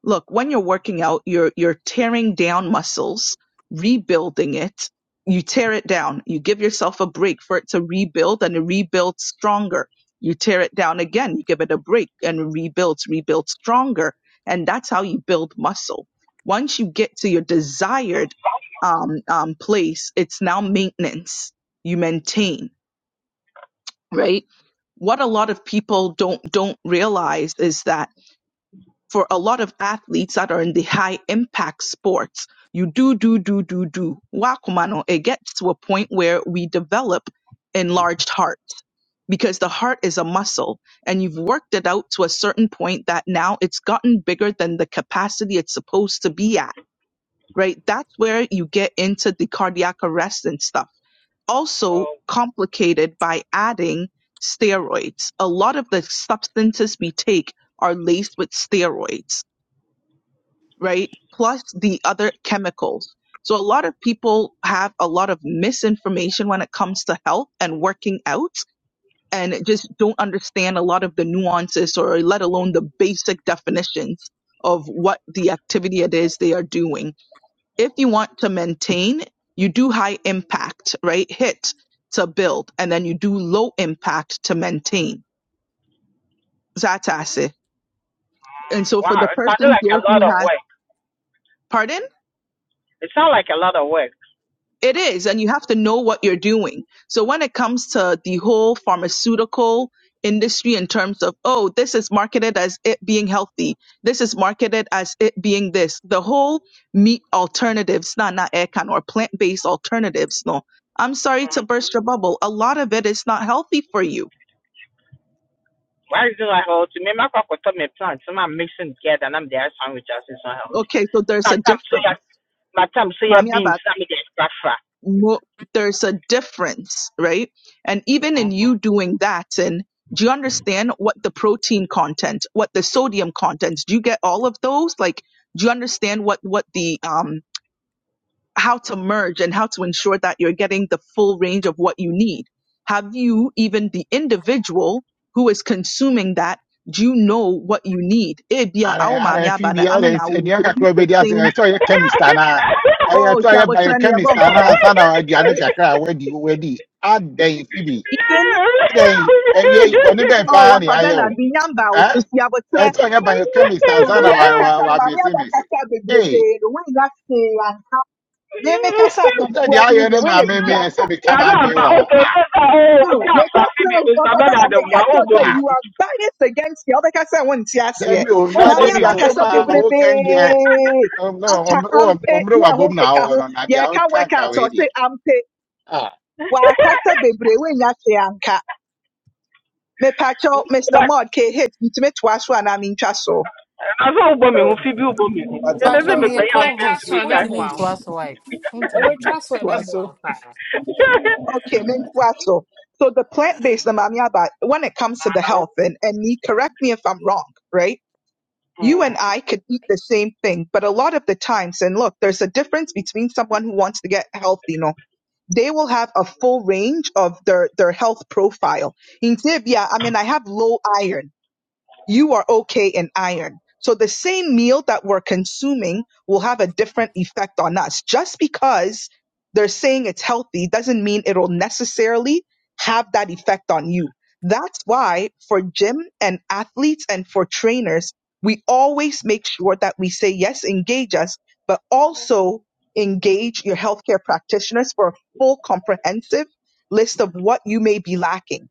S2: Look, when you're working out, you're you're tearing down muscles, rebuilding it. You tear it down. You give yourself a break for it to rebuild and it rebuilds stronger. You tear it down again. You give it a break and it rebuilds, rebuilds stronger. And that's how you build muscle. Once you get to your desired um, um, place, it's now maintenance. You maintain, right? What a lot of people don't don't realize is that for a lot of athletes that are in the high impact sports, you do, do, do, do, do. Wakumano, it gets to a point where we develop enlarged hearts because the heart is a muscle and you've worked it out to a certain point that now it's gotten bigger than the capacity it's supposed to be at, right? That's where you get into the cardiac arrest and stuff. Also
S10: Oh,
S2: complicated by adding steroids. A lot of the substances we take are laced with steroids right? Plus the other chemicals. So a lot of people have a lot of misinformation when it comes to health and working out and just don't understand a lot of the nuances or let alone the basic definitions of what the activity it is they are doing. If you want to maintain, you do high impact, right? Hit to build and then you do low impact to maintain. Zatase. And so for
S10: wow,
S2: the
S10: it sounded
S2: person
S10: like a
S2: here
S10: lot
S2: who
S10: of
S2: has,
S10: work.
S2: pardon?
S10: It sounds like a lot of work.
S2: It is, and you have to know what you're doing. So when it comes to the whole pharmaceutical industry in terms of, oh, this is marketed as it being healthy, this is marketed as it being this, the whole meat alternatives, not not ekan or plant-based alternatives, no. I'm sorry to
S10: Mm.
S2: burst your bubble. A lot of it is not healthy for you.
S10: Why is it like oh to me my papa told me plants so I'm mixing together and I'm there sandwich as it's not
S2: Okay, so there's
S10: My
S2: a
S10: time
S2: difference.
S10: soya my time soya
S2: Mami
S10: beans I'm the extra fat.
S2: mo- there's a difference, right? And even in you doing that, and do you understand what the protein content, what the sodium content? Do you get all of those? Like, do you understand what what the um how to merge and how to ensure that you're getting the full range of what you need? Have you even the individual who is consuming that? Do you know what you need? Eh, bia, awo maame
S11: ara
S2: aba
S11: fb
S2: na,
S11: ara
S2: ame na awo,
S11: ɛdi
S2: we could keep
S11: kakra
S2: the
S11: bɛ di ase
S2: same.
S11: ɛsɛ ɔyɛ chemist anaa ɛyɛ
S2: Oh,
S11: ɛsɛ
S2: si
S11: ɔyɛ
S2: abotra ni
S11: biochemist
S2: ebo
S11: anaa
S2: nkomo,
S11: ansa na aduane
S2: right?
S10: Mhm. [laughs]
S11: kakra a wadi wadi adɛn fb adɛn ɛwia yi bɔne bɛn
S2: Oh,
S11: paa ne
S2: Papa
S11: ayɛ
S2: Bernard,
S11: o
S2: me nyamba oto
S11: ɛn
S2: si abotre.
S11: ɛsɛ ɔyɛ biochemist ansa
S2: Obi
S11: na
S2: e
S11: wa wa
S10: yàrá
S2: kasa no
S11: wa
S2: ma me aba
S11: mesemese
S2: kasa bebrebe
S11: ee
S2: no we na se ya. Me me kasa
S11: ɛnata
S2: ketua
S11: deɛ
S2: bi ni
S11: ayɛ
S2: de
S11: no
S2: we
S11: na
S2: na
S11: meme
S2: bibi aka.
S11: ɛsɛ mi ka maa dwen
S10: àgbà
S11: wɔ ho
S10: oṣù
S11: ah
S10: ọjọ́ta ọ̀hún
S2: No,
S10: ọjọ́
S2: me ka
S10: àgbà bíbí
S2: kira o
S10: mi
S2: Papa
S10: sábẹ́rẹ́
S2: Bernard me ka
S10: àdẹ̀mùwá ó
S2: kira
S10: gbọ́
S2: say
S10: mi
S11: ah
S2: you
S10: hù
S2: are biased against me. Obi kasa won ti ase.
S11: dabi o
S10: ó
S11: na
S2: Ma
S10: gbọ́
S2: me
S10: mi
S11: dabi
S2: aba
S10: hù
S11: asɛm
S10: ó
S2: kasa
S10: gbọ́
S11: a
S10: mi hù.
S2: bebrebe.
S11: wokan deɛ
S2: Aka ampe
S11: ɔmmerɛ
S2: ye ho
S11: wabom na
S2: keka
S11: awɔ
S2: ho.
S11: no na
S2: Ye
S11: deɛ
S2: ka
S11: woka
S2: work
S11: nka
S2: out
S11: wei
S2: or
S11: deɛ
S2: say ampe. Wa kasa bebrebe we na se anka. Me pa cho Mr. Mod ke hate me to me twaso na me ntwaso.
S10: Àzọ́ ó gbọ́ mi hù
S1: Oh,
S10: fi bí ó gbọ́ mi hù.
S1: but
S7: Pacho,
S10: Ẹ̀mẹ́sẹ̀ mi
S1: ɔtoa
S7: me a
S1: so
S10: pẹ̀lú àǹfẹ́
S12: wobɛtwa
S10: tù
S12: so
S7: co-host
S10: mí
S12: a
S10: ká.
S7: Want to
S12: ɛbɛboa
S7: name
S12: wo
S7: to so why Want to name?
S12: wobɛtwa so a
S1: toa
S12: ɛbɛboa
S1: so
S12: wo paa
S2: Okay, Minkwaso. So the plant-based amamiaba, when it comes to the health, and, and me, correct me if I'm wrong, right? You and I could eat the same thing, but a lot of the times, and look, there's a difference between someone who wants to get healthy, you know, they will have a full range of their, their health profile. In Zambia, I mean, I have low iron you are okay in iron. So the same meal that we're consuming will have a different effect on us. Just because they're saying it's healthy doesn't mean it'll necessarily have that effect on you. That's why for gym and athletes and for trainers, we always make sure that we say, yes, engage us, but also engage your healthcare practitioners for a full comprehensive list of what you may be lacking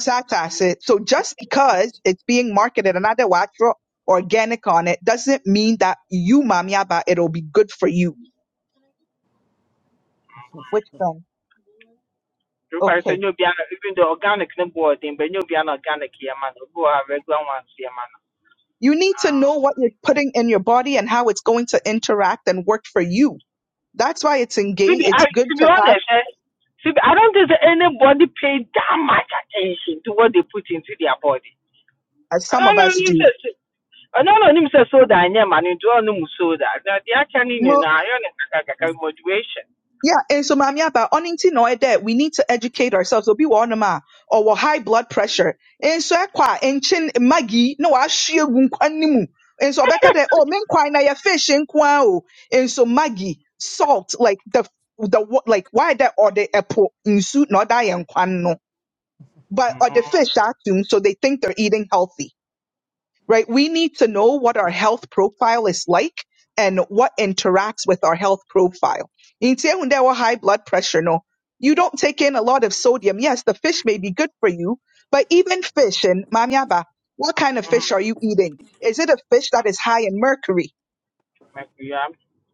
S2: tax asset. So just because it's being marketed and another watcher organic on it doesn't mean that you mamiaba it'll be good for you. Which then
S10: Rúpa ẹsẹ̀
S2: okay.
S10: ní obi àná even though organic ní bọ̀ ọ̀dín bẹ̀ ní obi àná organic yẹ ma ní obi wà regular ones yẹ ma
S2: You need to know what you're putting in your body and how it's going to interact and work for you. That's why it's
S10: Phoebe,
S2: engaged. It's
S10: I,
S2: good
S10: to be
S2: to have,
S10: honest, eh, Phoebe, I don't think that anybody paid that much attention to what they put into their body.
S2: as
S10: I
S2: some of
S10: don't know
S2: us
S10: him
S2: do.
S10: say, I don't know him say soda and yeah, man, you don't know soda. Now they are turning in
S2: No,
S10: a moderation.
S2: Yeah, and so mami aba ọnị ntị na ọyị we need to educate ourselves. Obi wọ ọnụm a ọwọ high blood pressure. And so ẹkwa nkyin magi na wahye egu nkwa ne mu. And so ọbɛka dɛ oh men nkwan na yɛ fish nko o. And so magi salt like the the wa- like why that ọdị ɛpo nsu na ɔda yɛ nkwan no. But ɔde
S10: Mm-hmm.
S2: fish atum so they think they're eating healthy right? We need to know what our health profile is like and what interacts with our health profile. In Tiehunde or high blood pressure, no. You don't take in a lot of sodium. Yes, the fish may be good for you, but even fish in Mamiaba, what kind of fish are you eating? Is it a fish that is high in mercury?
S10: I'm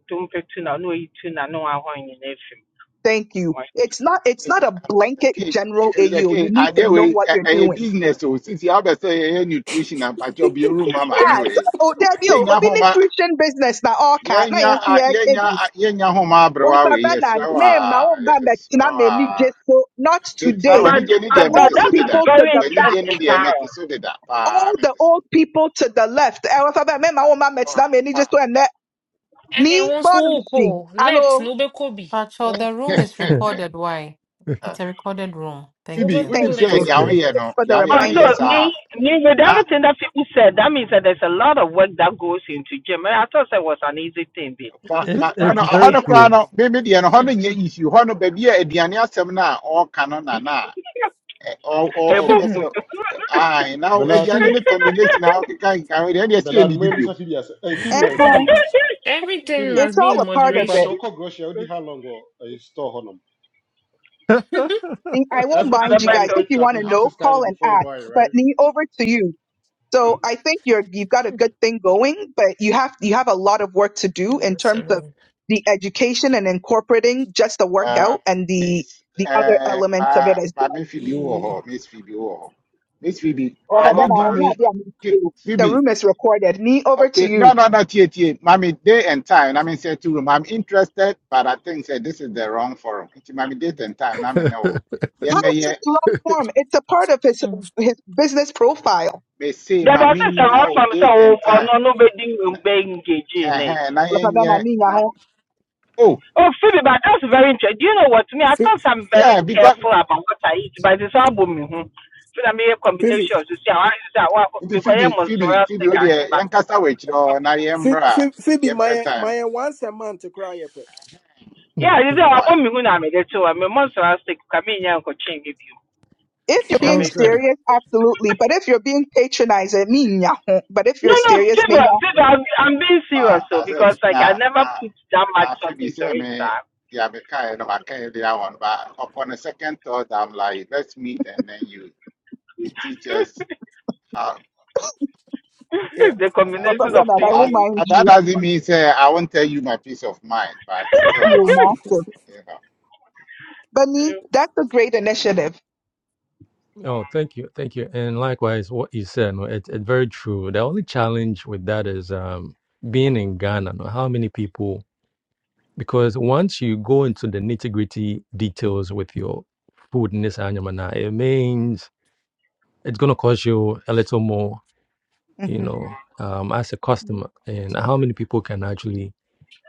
S10: don't pay tuna, no eat tuna, no I want in everything.
S2: Thank you. It's not it's
S11: Eh,
S2: not a
S11: Mr.
S2: blanket
S11: King,
S2: general AU.
S11: Mr.
S2: You
S11: King,
S2: need to
S11: ade
S2: know
S11: we
S2: what you're
S11: a
S2: doing.
S11: business o sisi abɛsɛ yɛyɛ nutrition and ampatwɔ bi eru ma maame
S2: Ah, so-
S11: we
S2: oh, there you,
S11: yɛnya
S2: obi
S11: homa
S2: nutrition business na all cat
S11: yɛnya a-
S2: na
S11: yɛnya a- yɛnya homa aberewa
S2: Pastor
S11: we
S2: Bernard,
S11: yɛsrɛ wo
S2: may my
S11: a
S2: own band that
S11: yɛsrɛ
S2: Tina
S11: wo
S2: may need
S11: a
S2: just so not
S11: metra
S10: But
S2: today.
S11: w'ani gye ne
S2: The
S10: uh,
S11: deɛ
S10: but
S11: mete
S2: old
S11: so
S10: that is
S11: deda
S2: people to
S10: very
S2: the
S11: w'ani
S2: back,
S11: gye no
S10: interesting,
S11: deɛ
S10: Power.
S11: mete so deda paa
S2: all the
S11: mete so
S2: old people to the left. Eh, Pastor Bernard, may my own band that Tina
S11: paa
S2: may need just
S11: paa.
S2: so and that
S12: ɛne
S2: ni
S12: wo nso wokɔ
S2: bonusi.
S12: o, left na
S2: Hello,
S12: wobɛkɔ bi
S7: Pacho,
S12: Wo-
S7: the room is recorded why it's
S11: Ah,
S7: a recorded room
S11: [laughs]
S7: thank
S11: Phoebe
S7: you
S12: wobɛkɔ
S11: wonim
S2: thank
S12: left
S11: sɛ
S2: you
S12: hɔ
S11: deɛ
S12: bi
S9: okay.
S11: woyɛ no
S2: for the
S11: yɛayɛ
S10: Oh, so
S11: woyɛ
S2: reminder.
S11: saa
S10: me, me with everything that people said, that means that there's a lot of work that goes into gym. And I thought that was an easy thing, babe.
S11: na
S9: It's
S11: na na
S10: Thank
S2: Mm-mm.
S9: it's
S11: na
S10: you,
S11: ɔhɔ
S9: very
S10: sir.
S11: no koraa
S9: true.
S11: no me me deɛ no hɔ no
S12: Hmm.
S11: nyɛ issue hɔ no baabi a aduane asɛm no a ɔɔka no na na a ɛ- ɔ-
S10: Hey,
S11: ɔ-
S10: boy.
S11: ɔpɛ
S12: [laughs]
S11: sɛ ae na wo-
S13: Bernard,
S11: aduane no combination How can nka ho deɛ ɛne ɛsɛ
S13: Bernard, when
S11: ɛnnidi bio
S13: Mr. Phoebe, has, eh, Phoebe,
S2: And
S13: where
S2: uh,
S13: Phoebe,
S12: everything
S13: Phoebe,
S12: must
S2: it's
S12: be in
S2: all a part
S13: Phoebe,
S2: of
S13: but
S2: it.
S12: moderation
S13: your core grocery, already how long or uh, you store honum.
S12: [laughs]
S2: I won't mind
S13: Everything
S2: you
S13: that you
S2: guys.
S10: Alábàáṣe
S2: If
S13: picked
S2: you
S10: ògbìn
S13: up,
S2: want
S13: you
S2: to
S13: have
S2: know,
S13: to scan
S2: call
S13: it
S2: and
S13: before you
S2: ask.
S13: buy it,
S2: But
S13: right?
S2: me over to you. So I think you're you've got a good thing going, but you have you have a lot of work to do in
S12: Hmm, so
S2: terms of
S12: no.
S2: the education and incorporating just the
S11: Ah,
S2: workout and the
S11: Miss,
S2: the other
S11: eh,
S2: elements of it
S11: ma
S2: as
S11: ma me
S2: well.
S9: [laughs]
S11: Phoebe wɔ
S9: Yeah.
S11: hɔ miss Phoebe wɔ hɔ miss Phoebe
S2: Okay,
S11: can
S2: then
S11: you
S10: ọ̀rọ̀ [laughs] pa.
S11: give
S2: I'll-
S11: me
S2: yeah, yeah, me
S11: K-
S2: too. The
S11: Phoebe
S2: room is recorded. Me over to
S11: okay no
S2: you.
S11: no no tie tie mami day and time i me nsɛ to room i'm interested but i think say this is the wrong forum It's mami date and time na me ne
S2: How is
S11: wo
S2: it long form? It's a part of his
S12: Hmm.
S2: his business profile.
S11: They say,
S10: Dẹ̀bọ̀
S11: Mamina,
S10: sísan
S11: now
S10: ọ̀sán sọ
S11: date and time.
S10: ọ̀nà no bẹ dín bẹ engage in it.
S11: Uh-huh. Na
S2: Okay, then I
S11: yenye,
S2: mean, yeah,
S11: na, oh,
S10: Oh, Phoebe, but that's very interesting. Do you know what? Me, I
S1: [laughs]
S10: thought I'm very
S11: yeah, because
S10: careful about what I eat, but it's all booming. So I make a
S1: Phoebe,
S10: combination of see how I say, well,
S11: the
S10: because I'm
S11: Phoebe, Phoebe,
S10: mozzarella
S11: Phoebe,
S10: stick
S11: oh, dear,
S10: but
S11: young castaway, you know, na
S1: Phoe-
S11: yembra,
S1: Phoe- Phoebe,
S11: yemper
S1: my
S11: time.
S1: my once a month to cry up.
S10: yeah,
S9: Mm.
S10: you say I
S11: Why?
S10: want me when I'm a little. I'm a mozzarella stick. Come in here and go change with you.
S2: If you're
S10: Yeah,
S2: being
S9: Also,
S10: maybe.
S2: serious, absolutely. But if you're being patronizing, me, yeah. but if
S10: No,
S2: you're
S10: no,
S2: serious, me,
S10: Viva,
S2: yeah.
S10: Viva, I'm, I'm being
S11: Uh,
S10: serious, so
S11: as if,
S10: because like I
S11: na,
S10: never
S11: na,
S10: put that much
S11: na
S10: thought
S11: Phoebe
S10: into
S11: say
S10: it,
S11: me,
S10: sir.
S11: yeah, me kind of, I can't the one, but upon a second thought, I'm like, let's meet and then you, you teach us how.
S10: [laughs]
S1: Yeah.
S10: the
S11: Uh,
S2: Okay,
S10: combination of
S2: then I
S11: but
S10: things.
S2: don't
S11: that,
S10: you-
S2: mind
S11: but that
S2: you.
S11: doesn't mean say I won't tell you my peace of mind, but still,
S2: You
S10: [laughs]
S2: know.
S11: you know.
S2: Bunny, that's a great initiative.
S9: Oh, thank you, thank you, and likewise, what you said, no, it's it's very true. The only challenge with that is um, being in Ghana. No, how many people? Because once you go into the nitty gritty details with your food in this animal, nah, it means it's gonna cost you a little more, you
S2: hmm
S9: know, um, as a customer. And how many people can actually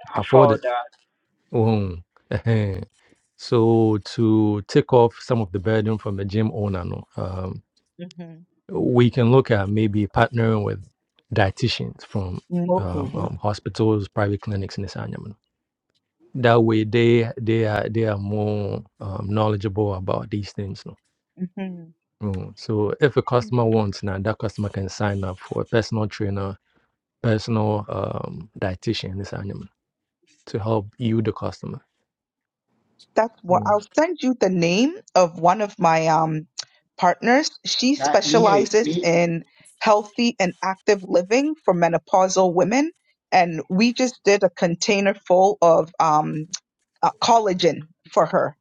S10: I
S9: afford it?
S10: found that.
S9: Mm, [laughs] So to take off some of the burden from the gym owner, no, um,
S2: Mhm.
S9: we can look at maybe partnering with dietitians from
S2: No,
S9: um,
S1: Mm-hmm.
S9: um, hospitals, private clinics in this animal. That way, they they are they are more um, knowledgeable about these things. No?
S2: Mhm.
S9: Mm. So, if a customer wants now, that customer can sign up for a personal trainer, personal um, dietitian in this animal to help you, the customer.
S2: that's what
S9: Mm.
S2: I'll send you the name of one of my um partners. She
S11: Now, ni e
S2: specializes
S11: ni
S2: in healthy and active living for menopausal women, and we just did a container full of um uh, collagen for her.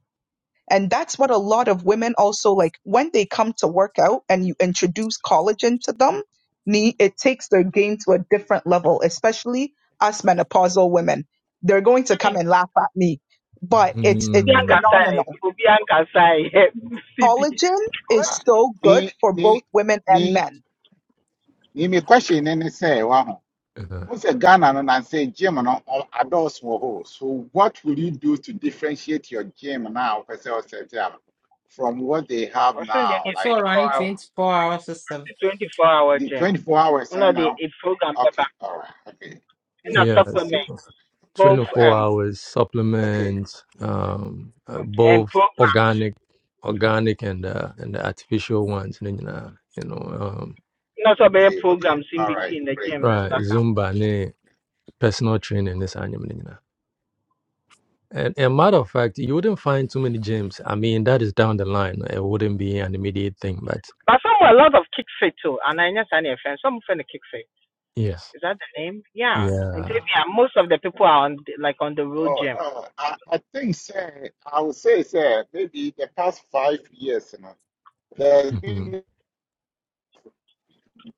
S2: And that's what a lot of women also like when they come to work out and you introduce collagen to them, ne- it takes their game to a different level, especially us menopausal women. They're going to come and laugh at me, but it's
S10: Obi
S2: it's
S9: Mm.
S10: Ankasai,
S2: phenomenal.
S10: Obi Ankasai, CB. [laughs]
S2: Collagen
S10: What?
S11: ah,
S2: is so good
S11: ni
S2: for
S11: ni
S2: both women and
S11: ni
S2: men.
S11: ni mi question ne ne sɛ wa ho
S9: Uh,
S11: Ghana no na say, Jim, no ɔ- adults wɔ hɔ so what will you do to differentiate your gym now wopɛ sɛ ɔsɛte a from what they have
S10: I soon they
S11: now
S10: need
S7: wɔse
S11: like you
S7: running
S10: 24
S11: know
S10: hours.
S7: 24 hour system
S10: 24 hour
S11: the
S10: gym.
S11: 24 hours
S10: You know,
S11: and
S10: the
S11: now
S10: a program, pepper,
S11: okay all right okay
S10: and a
S9: yeah.
S11: okay
S9: so
S10: supplement,
S11: okay
S10: both
S11: all right
S9: 24
S11: ev-
S10: um
S9: hours
S11: okay
S9: supplements, um, uh,
S10: and
S9: both
S10: program.
S9: organic, organic and uh, and the artificial ones. ne nyinaa, You know, um,
S10: Not so many
S11: okay okay
S10: programs in
S11: all right
S10: between the
S11: great
S10: gym, that's
S9: right?
S10: what I
S11: great
S10: come.
S9: Zumba, ne personal training, this anime. ne nyinaa. And a matter of fact, you wouldn't find too many gyms. I mean, that is down the line. It wouldn't be an immediate thing, but
S10: But some were a lot of kick fit too, and I just had a friend. Some friend them kick fit.
S9: yes,
S10: Is that the name? Yeah. And if
S9: yeah,
S10: yeah, most of the people are on the, like on the road
S11: Oh,
S10: jam.
S11: no, I, I think say I would say say maybe the past five years, The
S9: hmm
S11: thing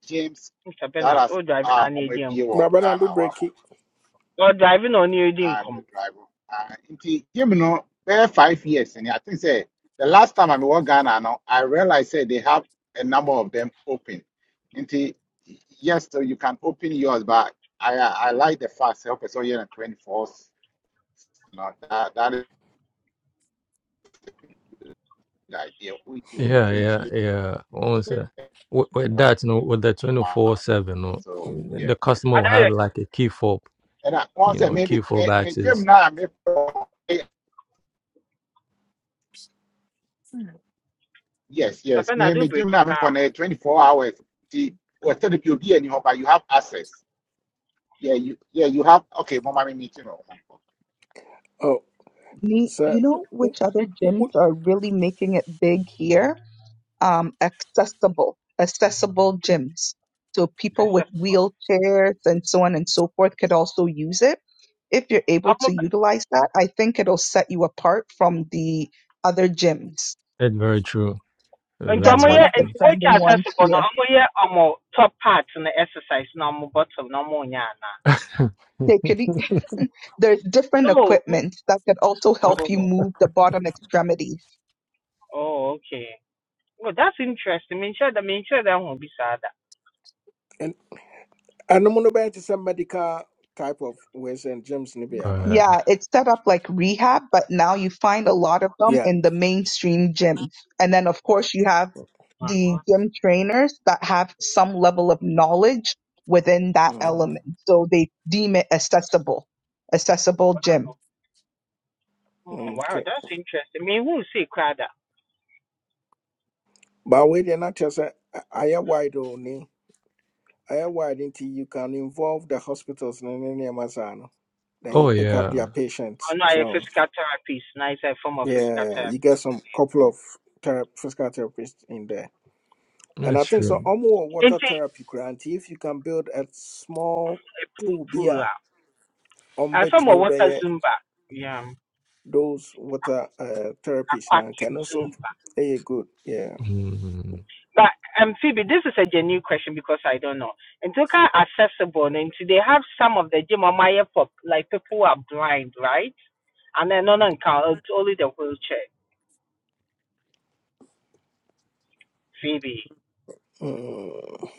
S11: James
S10: Mr.
S11: that
S10: Bernard,
S11: has
S10: Oh, driving
S11: ah
S10: on
S11: on
S10: your
S11: my beer
S10: income.
S11: or
S1: Baba na
S11: Ghana
S1: do
S11: or
S1: break it.
S10: Or driving on your
S11: I'm a
S10: income.
S11: driver. Ah, nti Jim no bare five years and I think say the last time I was Ghana now I realized say they have a number of them open. Nti yes, so you can open yours, but I I I like the fact help us all here on twenty fourth. No, that that is the idea. We will
S9: yeah, yeah,
S11: differentiate.
S9: yeah. Once uh, with, with that, you know, with the twenty four seven, you
S11: So
S9: know,
S11: yeah,
S9: the customer
S10: I
S9: will have
S10: don't
S9: like a key fob
S11: and I
S9: You
S11: once I
S9: know,
S11: maybe
S9: Q four backs
S11: maybe Jim
S9: is
S11: now I'm Yes,
S10: Mr.
S11: yes.
S10: Bernard
S11: Me
S10: do
S11: me
S10: break
S11: gym
S10: it
S11: na me for
S10: down.
S11: 24 hours. The or tell the people be any but you have access. Yeah, you yeah, you have okay, mama me meeting or
S1: Oh,
S2: Ne-
S1: so
S2: You know
S1: w-
S2: which other gyms
S1: w-
S2: are really making it big here? um, accessible, accessible gyms. So
S10: And
S2: people
S10: to
S2: with wheelchairs and so on and so forth could also use it. If you're able
S10: all.
S2: to utilize that, I think it'll set you apart from the other gyms.
S9: that's very true.
S10: and Nti
S9: Very,
S2: That's
S10: ọmọ
S2: one
S10: yẹ
S9: very
S2: of the
S9: true.
S10: nti wọ́n kí
S2: trending ones
S10: accessible na
S2: here.
S10: ọmọ yẹ top part in the exercise na ọmọ bottom na ọmọ yana.
S9: [laughs]
S2: They could, e- [laughs] there's different
S10: No.
S2: equipment that could also help you
S10: Oh,
S2: move the bottom extremities.
S10: oh okay. Well, that's interesting. Me sure that me sure that won't be sad.
S1: and and I'm gonna buy some medical type of ways and James Nibiana.
S9: right.
S2: Yeah, it's set up like rehab, but now you find a lot of them
S1: Yeah.
S2: in the mainstream gyms. And then, of course, you have
S10: Uh-huh.
S2: the gym trainers that have some level of knowledge within that
S1: Mm-hmm.
S2: element. So they deem it accessible, accessible gym.
S10: Mm-hmm. Wow,
S1: Okay.
S10: that's interesting. Me who say crowd
S1: But wait, they're not just a I am wide only. I am wide until you can involve the hospitals in any Amazon. Then you
S9: Oh
S1: pick up
S9: yeah,
S1: their
S10: Oh
S1: patients.
S10: ɔno ayɛ
S1: So
S10: physical therapist na ayɛ sɛ form of physical
S1: yeah, you
S10: therapy
S1: get some couple of ther- physical therapists in there. And I
S9: that's
S1: think so.
S9: true.
S1: Omo water
S10: nti eh,
S1: therapy grant. If you can build a small
S10: pool
S1: pool
S10: pool
S1: beer,
S10: ah. a and
S1: umbet
S10: some of
S1: me
S10: water
S1: by
S10: zumba yeah
S1: those water uh, therapies now can
S10: aquatic
S1: also
S10: zumba
S1: hey good. Yeah.
S9: Mm,
S10: but um phoebe this is a genuine question because i don't know and kind of accessible and they have some of the gym on my for like people who are blind right and then none and count only the wheelchair phoebe
S1: Mm.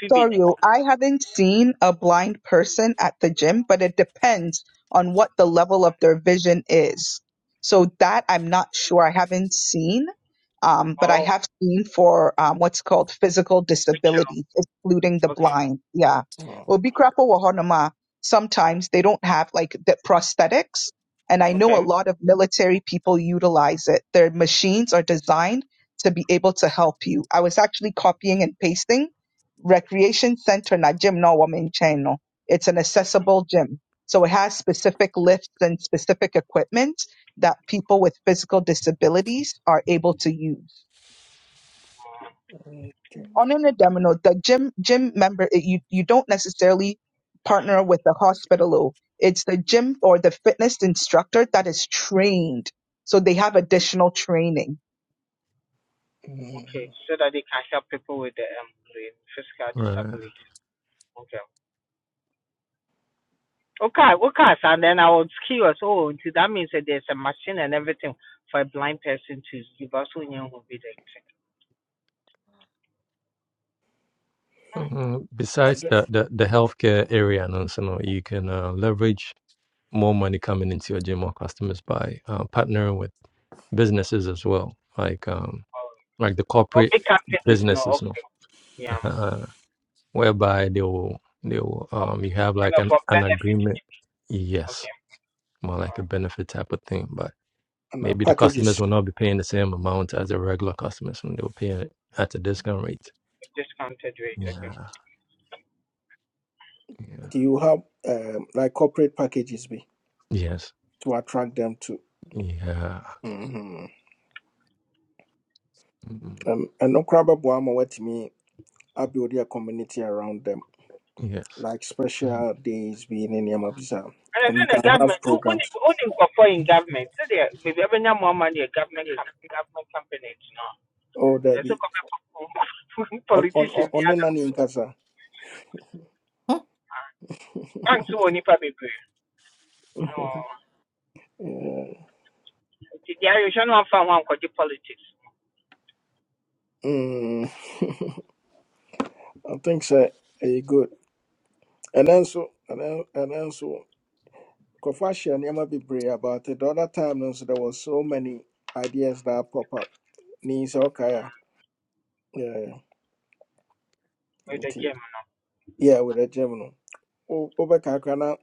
S10: phoebe
S2: Sorry, oh,
S10: anymore
S2: I haven't seen a blind person at the gym, but it depends on what the level of their vision is. So that I'm not sure. I haven't seen, um, but I
S10: oh
S2: have seen for um, what's called physical
S10: wheelchair.
S2: disabilities, excluding the
S10: okay
S2: blind. Yeah.
S1: Mm.
S2: Well, Bikrapo Wahonoma, sometimes they don't have like the prosthetics. And I know
S10: okay
S2: a lot of military people utilize it. Their machines are designed to be able to help you. I was actually copying and pasting recreation center na gym na ɔwɔ me nkyɛn no it's an accessible gym so it has specific lifts and specific equipment that people with physical disabilities are able to use
S1: Okay.
S2: on an demo no, the gym gym member it- you you don't necessarily partner with the hospital oh. it's the gym or the fitness instructor that is trained so they have additional training
S1: Mm.
S10: okay so that they can help people with the um with physical
S9: right.
S10: disability okay Okay, okay, and then I was curious. Oh, so that means that there's a machine and everything for a blind person to use. You've also known who be the
S9: Uh, besides
S1: Okay.
S9: the, the the healthcare area, and also you, know, so, no, you can uh, leverage more money coming into your gym or customers by uh, partnering with businesses as well, like um like the
S10: Oh,
S9: corporate
S10: big captain is not
S9: businesses, no?
S10: okay. Yeah,
S9: [laughs] uh, whereby they will they will
S10: um,
S9: um you have
S10: kind
S9: like
S10: of
S9: an,
S10: a
S9: an
S10: benefit.
S9: agreement. Yes
S10: Okay,
S9: more like a benefit type of thing. But
S1: And uh,
S9: maybe the customers
S1: packages.
S9: will not be paying the same amount as the regular customers when they were paying it at the discount rate.
S10: discounted rate. Okay,
S9: Yeah. Yeah.
S1: Do you have um, like corporate packages be
S9: Yes.
S1: to attract them to?
S9: Yeah.
S1: Mm-hmm.
S9: Mm,
S1: Um, and no crab boy, I'm with me. I build a community around them.
S9: Yes.
S1: like
S9: Mm.
S1: special days being in Yamabisa,
S10: and I
S1: and you
S10: said the
S1: can
S10: government.
S1: have
S10: Who only
S1: programs.
S10: only for in government? So they maybe every now more money a government com- government companies. No,
S1: Oh, there
S10: there's a
S1: be
S10: couple of [laughs]
S1: on on on
S10: politicians. The
S1: on the
S10: other
S1: nanny in Gaza. [laughs]
S10: banks who only pay. Oh,
S1: Yeah,
S10: the Irish one found one called the politics
S1: mm. [laughs] I think so. Are good? And then so and then and then so. Kofashi and Yama be brave about it. The other time, also, there was so many ideas that pop up. Ni so kaya. Yeah, yeah.
S10: with the
S1: Nti,
S10: gem.
S1: yeah, with a German. Over Kakana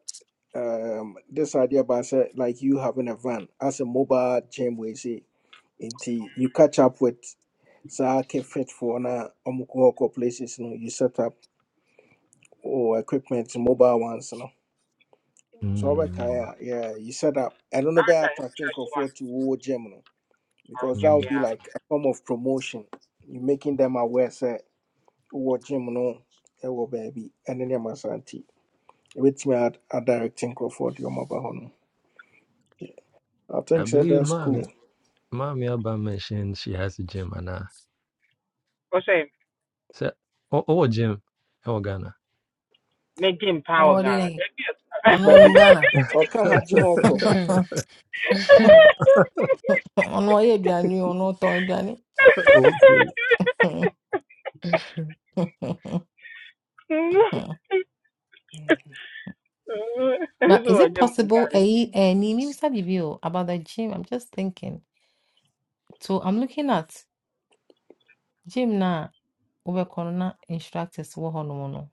S1: um this idea about say, like you having a van as a mobile gym we say until you catch up with saa can fit for na ɔmo kɔ hɔ kɔ places no you set up or equipment mobile ones no so ɔbɛkae
S9: Mm.
S1: a yeah you set up I don't know
S10: That's
S1: bɛyɛ
S10: an
S1: attract
S10: interesting one.
S1: nkurɔfoɔ to wo gym no
S10: Oh,
S1: because
S10: Jim,
S1: that would
S9: mm.
S1: be
S10: yeah.
S1: like a form of promotion you making them aware sɛ wowɔ gym no ɛwɔ baabi ɛne nneɛma saa nti ɛbɛtumi adirect nkurɔfoɔ de ɔmo your hɔ no I
S9: I
S1: think so.
S9: believe
S1: that's cool.
S9: mommy, mommy Abba mentioned she has a gym and uh,
S10: Let's say
S9: so, oh, oh, gym, oh, Ghana.
S10: maintain power,
S7: ɔwɔde
S10: Ghana.
S7: yɛn No, onim
S1: Baby,
S7: ghana
S1: or can have gym or call.
S12: Hmm. Hmm.
S7: Ɔno ɔyɛ aduane o, ɔno ɔtɔn
S10: [laughs]
S7: [laughs]
S10: That's
S7: But is
S10: what
S7: it
S10: Jim,
S7: possible? Eh,
S10: Ghana.
S7: Ayi, ɛni mimisa bibi o about the gym. I'm just thinking. So I'm looking at gym na wobɛkɔ no na instructors wɔ hɔnom no.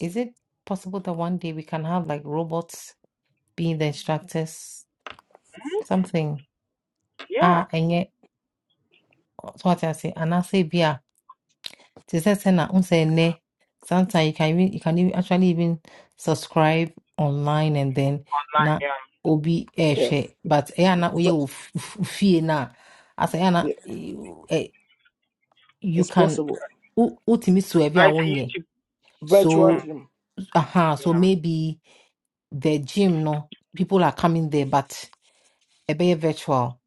S7: Is it possible that one day we can have like robots being the instructors?
S10: Mhm.
S7: Something
S10: Yeah,
S7: ah, ɛnyɛ so what I say anaasɛ bi They said send na unse ne. Sometimes you can even you can even actually even subscribe online and then
S10: online,
S7: na
S10: yeah.
S7: obi eh
S1: Yeah,
S7: share. But eh na
S1: vi-
S7: uye fee na as eh na
S1: yeah,
S7: eh you
S1: it's
S7: can
S1: possible.
S7: ultimate so every
S10: I say
S7: awonye.
S10: YouTube.
S1: Virtual
S10: hmm
S7: So
S1: gym.
S7: aha so
S10: Yeah.
S7: maybe the gym no people are coming there but a be virtual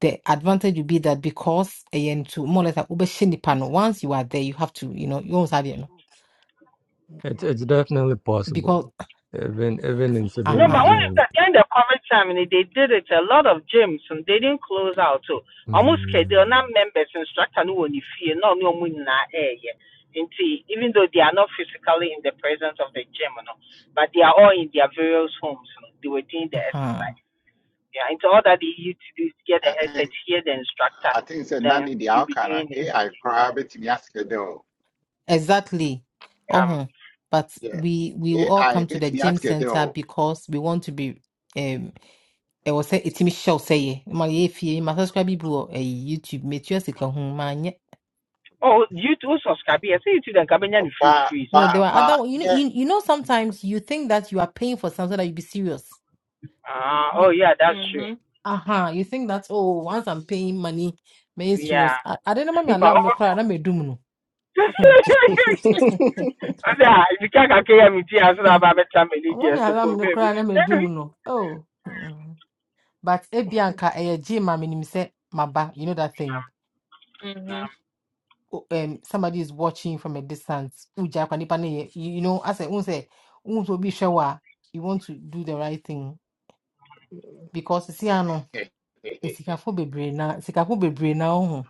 S7: the advantage would be that because again to more or less like, wobɛhyɛ nnipa no, once you are there you have to you know you always have it, you
S9: It, it's definitely possible,
S7: know
S9: even even in
S10: No,
S9: today's
S10: but
S7: Uh-huh.
S10: what if
S9: gym.
S10: that kind of COVID time and they did it a lot of gyms and they didn't close out too. Almost they are
S9: Mm.
S10: not members instructor no one if you no no money na air yet. even though they are not physically in the presence of the gym, you but they are all in their various homes, you they were doing the
S7: Uh-huh.
S10: exercise. Yeah, into all that they used to do is get the
S11: I
S10: headset,
S11: think
S10: hear the instructor,
S11: I think it's a
S10: then
S11: nanny the
S10: you be
S11: outcome
S10: doing it.
S11: AI probably to me ask it though.
S7: Exactly.
S10: Um,
S7: Uh-huh. But
S11: Yeah,
S7: we we will all
S11: AI
S7: come to the
S11: bet me
S7: gym
S11: ask it
S7: center
S11: though.
S7: because we want to be um I was say it's me shall say my if you must subscribe people a YouTube material sika ho ma nyɛ.
S10: oh, you too subscribe. I say you to the cabin free
S11: Ba
S10: freeze
S7: No,
S11: ba
S7: there
S10: out.
S7: are other
S11: ba
S7: one- you know
S11: yeah.
S7: you, you know sometimes you think that you are paying for something that you be serious.
S10: Ah, oh
S7: Be,
S10: yeah, that's true.
S7: uh-huh. You think that oh once I'm paying money, may
S10: Yeah,
S7: serious. I, I don't know my
S10: [laughs] but
S7: alarm the
S10: all
S7: cry and I'm a doom no.
S1: [laughs]
S10: Ọdẹ
S7: [laughs]
S10: à, ibi ká kàké yẹ mi tí a sọ̀rọ̀ àbá bẹ́ẹ̀ tàmí ní
S7: I
S10: ìdí
S7: want my [laughs]
S10: ẹ̀sùn fún
S7: alarm the
S10: bẹ́ẹ̀ mi.
S7: cry and
S10: ti a
S7: I'm a
S10: soro aba I tami
S7: doom no. Oh. But Ebianca, eh, Jim, I mean, say, Maba, you know that thing. Eh,
S12: Mhm.
S7: o- Um, somebody is watching from a distance. Uja, kwa nipa ne ye- You you know, as I say, unso be sure you want to do the right thing because you see, ano. know bebre na sikafo bebre na ohu.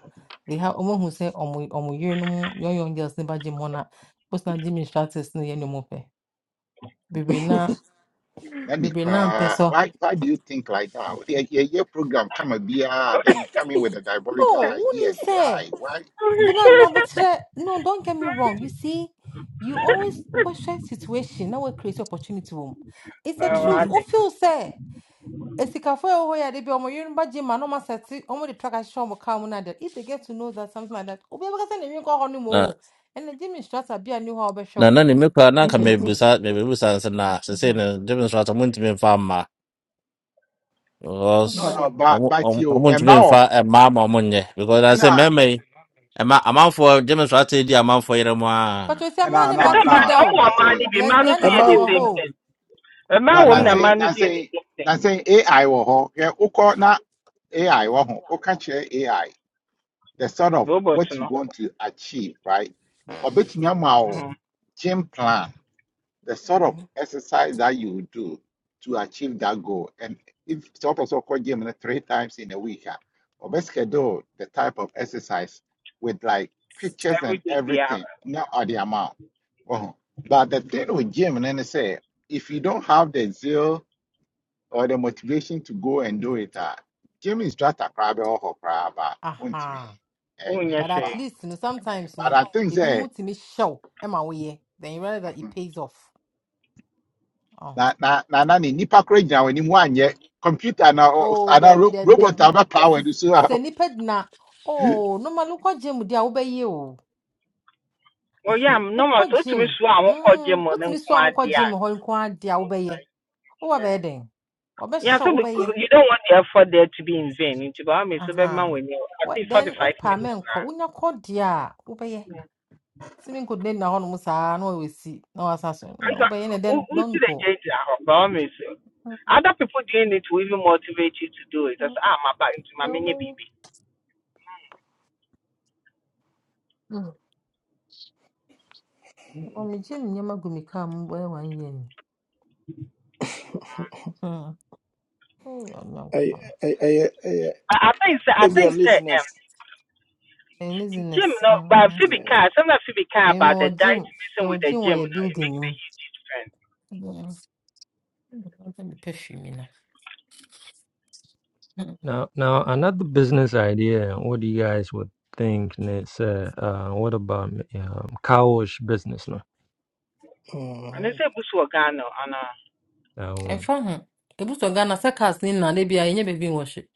S7: They have omo who say omo omo year no young young girls never Jim mona. Post na Jim instructors no ye no mo pe. Bebre
S10: ni
S7: na
S11: Nanny
S7: bebre na
S11: cry.
S7: mpeso.
S11: Why why do you think like that? Yeah, yeah, yeah program come a beer, then you
S10: idi
S11: come in with the diabolical
S7: Oh, unim
S11: ideas.
S7: say.
S11: Why? Why?
S7: But no,
S10: esun
S7: no, but
S10: fun bee mi
S7: today- no, don't get me wrong. You see, you always watch that situation, now we create opportunity. wo mu. It's the
S10: oro
S7: truth. Who
S10: see.
S7: feels say it's the cafe over here, they be on my Yoruba gym, and almost at on the track I show my car on that. If they get to know that something like that, oh, because then you go on
S5: Ah,
S7: more. And the gym instructor be a new hobby
S5: na
S7: show.
S5: na na ne me koraa na anka
S7: EKK.
S5: mebusa mebusa nsɛ na sesei
S7: Mm-hmm.
S5: no gyeme nso atɔ
S12: Mhm.
S5: montumi mfa mma
S7: What's
S11: No,
S12: Mm.
S5: because
S11: no,
S7: But
S11: but
S5: ɔmo
S11: but
S5: ɔmo-
S11: you and
S5: ɔmontumi mfa
S11: now.
S5: mmaa ma ɔmo nyɛ because I sɛ mmarima yi ɛma amanfoɔ gyeme nso atɔ di amanfoɔ yerɛ mu
S7: you
S5: a
S7: say,
S11: Nah,
S7: man, and
S10: Na
S11: nah,
S10: sẹ́
S7: Martin
S10: mmaa ni
S11: nah,
S10: ọmọ
S7: Midao.
S11: nah,
S10: ọmaa ni
S11: say,
S10: bi mmaa no so
S1: A
S10: yẹ
S7: Lesbianism,
S11: nah,
S10: the
S1: man
S7: were
S10: same
S1: woman.
S7: whole.
S10: thing. Mmaa
S11: nah,
S10: wọ mu
S11: nah,
S10: na
S5: [laughs]
S11: say,
S10: mmaa no
S11: nah,
S10: so yẹ the
S11: say,
S10: same thing.
S11: nah, say AI wɔ hɔ. Yeah, okay, na AI wɔ hɔ. Okay, kyerɛ AI the sort of
S10: Robot
S11: what you
S10: no.
S11: want to achieve, right? Ɔbɛtumi ama wo
S10: mhm,
S11: game plan the sort of exercise that you do to achieve that goal. And if some person call gym na three times in a week, ah, or best schedule the type of exercise with like pictures and
S10: Everyday bia
S11: everything, not at the amount. Oh, But the thing with gym, and then they say, if you don't have the zeal or the motivation to go and do it, ah, gym instructor probably or crab, won't me.
S7: Aha.
S10: ohun yẹ
S7: But at
S10: hwee.
S7: least you know, sometimes you
S11: But
S7: know,
S11: I think
S7: it be more
S11: that.
S7: to me show am away. Then you realize that
S11: uh-huh,
S7: it pays off. Oh,
S11: na na na na ni nipa koraa gyina wɔn anim anyɛ computer na ɔ- ɔ-
S7: oh, Debbie,
S11: ro-
S7: Debbie,
S11: robot
S7: Debbie.
S11: a power wɔn
S7: Sis,
S11: ani so a
S7: seniped na.
S11: [laughs]
S7: Oh, no man, look Jim, dear, obey you.
S10: Oyè à
S7: Look
S10: normal so otumi
S7: Jim.
S10: so àwọn kọ gye
S7: Hmm,
S10: mu ne
S7: what's me
S10: nko
S7: swan,
S10: adé
S7: look
S10: à.
S7: Jim, hold quad, dear, obey ye. Oh, obey then. Obey
S10: Yeah, so
S7: show, obey
S10: because
S7: ye.
S10: you don't want the effort there to be in vain. Nti báwo mi so bẹ́ẹ̀ ma
S7: Aha.
S10: wọ̀ ni I àti
S7: What
S10: forty
S7: then, oh,
S10: five minutes.
S7: Pamen, call,
S10: koraa.
S7: unya call, dear, obey ye. Simming could name na on Musa, no, we see. No, assassin.
S10: And so,
S7: Obey, and
S10: who,
S7: then
S10: who
S7: don't
S10: did they
S7: go.
S10: change it? I promise you. Other people doing it will even motivate you to do it. That's I'm about into my
S7: deɛ
S10: mini
S7: ɔbɛyɛ
S10: baby.
S12: Mm.
S7: Well, me gym nyama gu me car mu bɛyɛ one year. ni. Mm. Ɛyɛ
S1: I,
S7: Onyankopɔn.
S1: I, I, I,
S10: I, I think so, I
S1: I,
S7: Mm.
S10: think so,
S1: laziness.
S10: um
S7: Ɛyɛ
S10: gym
S7: laziness.
S10: no but
S7: Mm.
S10: Phoebe
S1: Yeah.
S10: can sometimes Phoebe can
S7: Me me
S10: about the
S7: wɔ gym.
S10: diet missing with
S7: Yɛwɔ
S10: the
S7: gym wɔ
S10: gym no
S7: yɛ
S10: it
S7: building
S10: makes
S7: no
S10: sense.
S7: mu. Mm. Ɛbɛyɛ me perfume na. Mm.
S9: Now, now another business idea. What do you guys would think? And It's uh, uh, what about um, cowish business? No.
S10: And they
S1: Mhm.
S10: say busu organo and uh
S9: Um,
S7: Ɛmfa ho. Ebi sɔ Ghana sɛ cars ne nna de bi a ɛnyɛ baabi nwɔ hwe.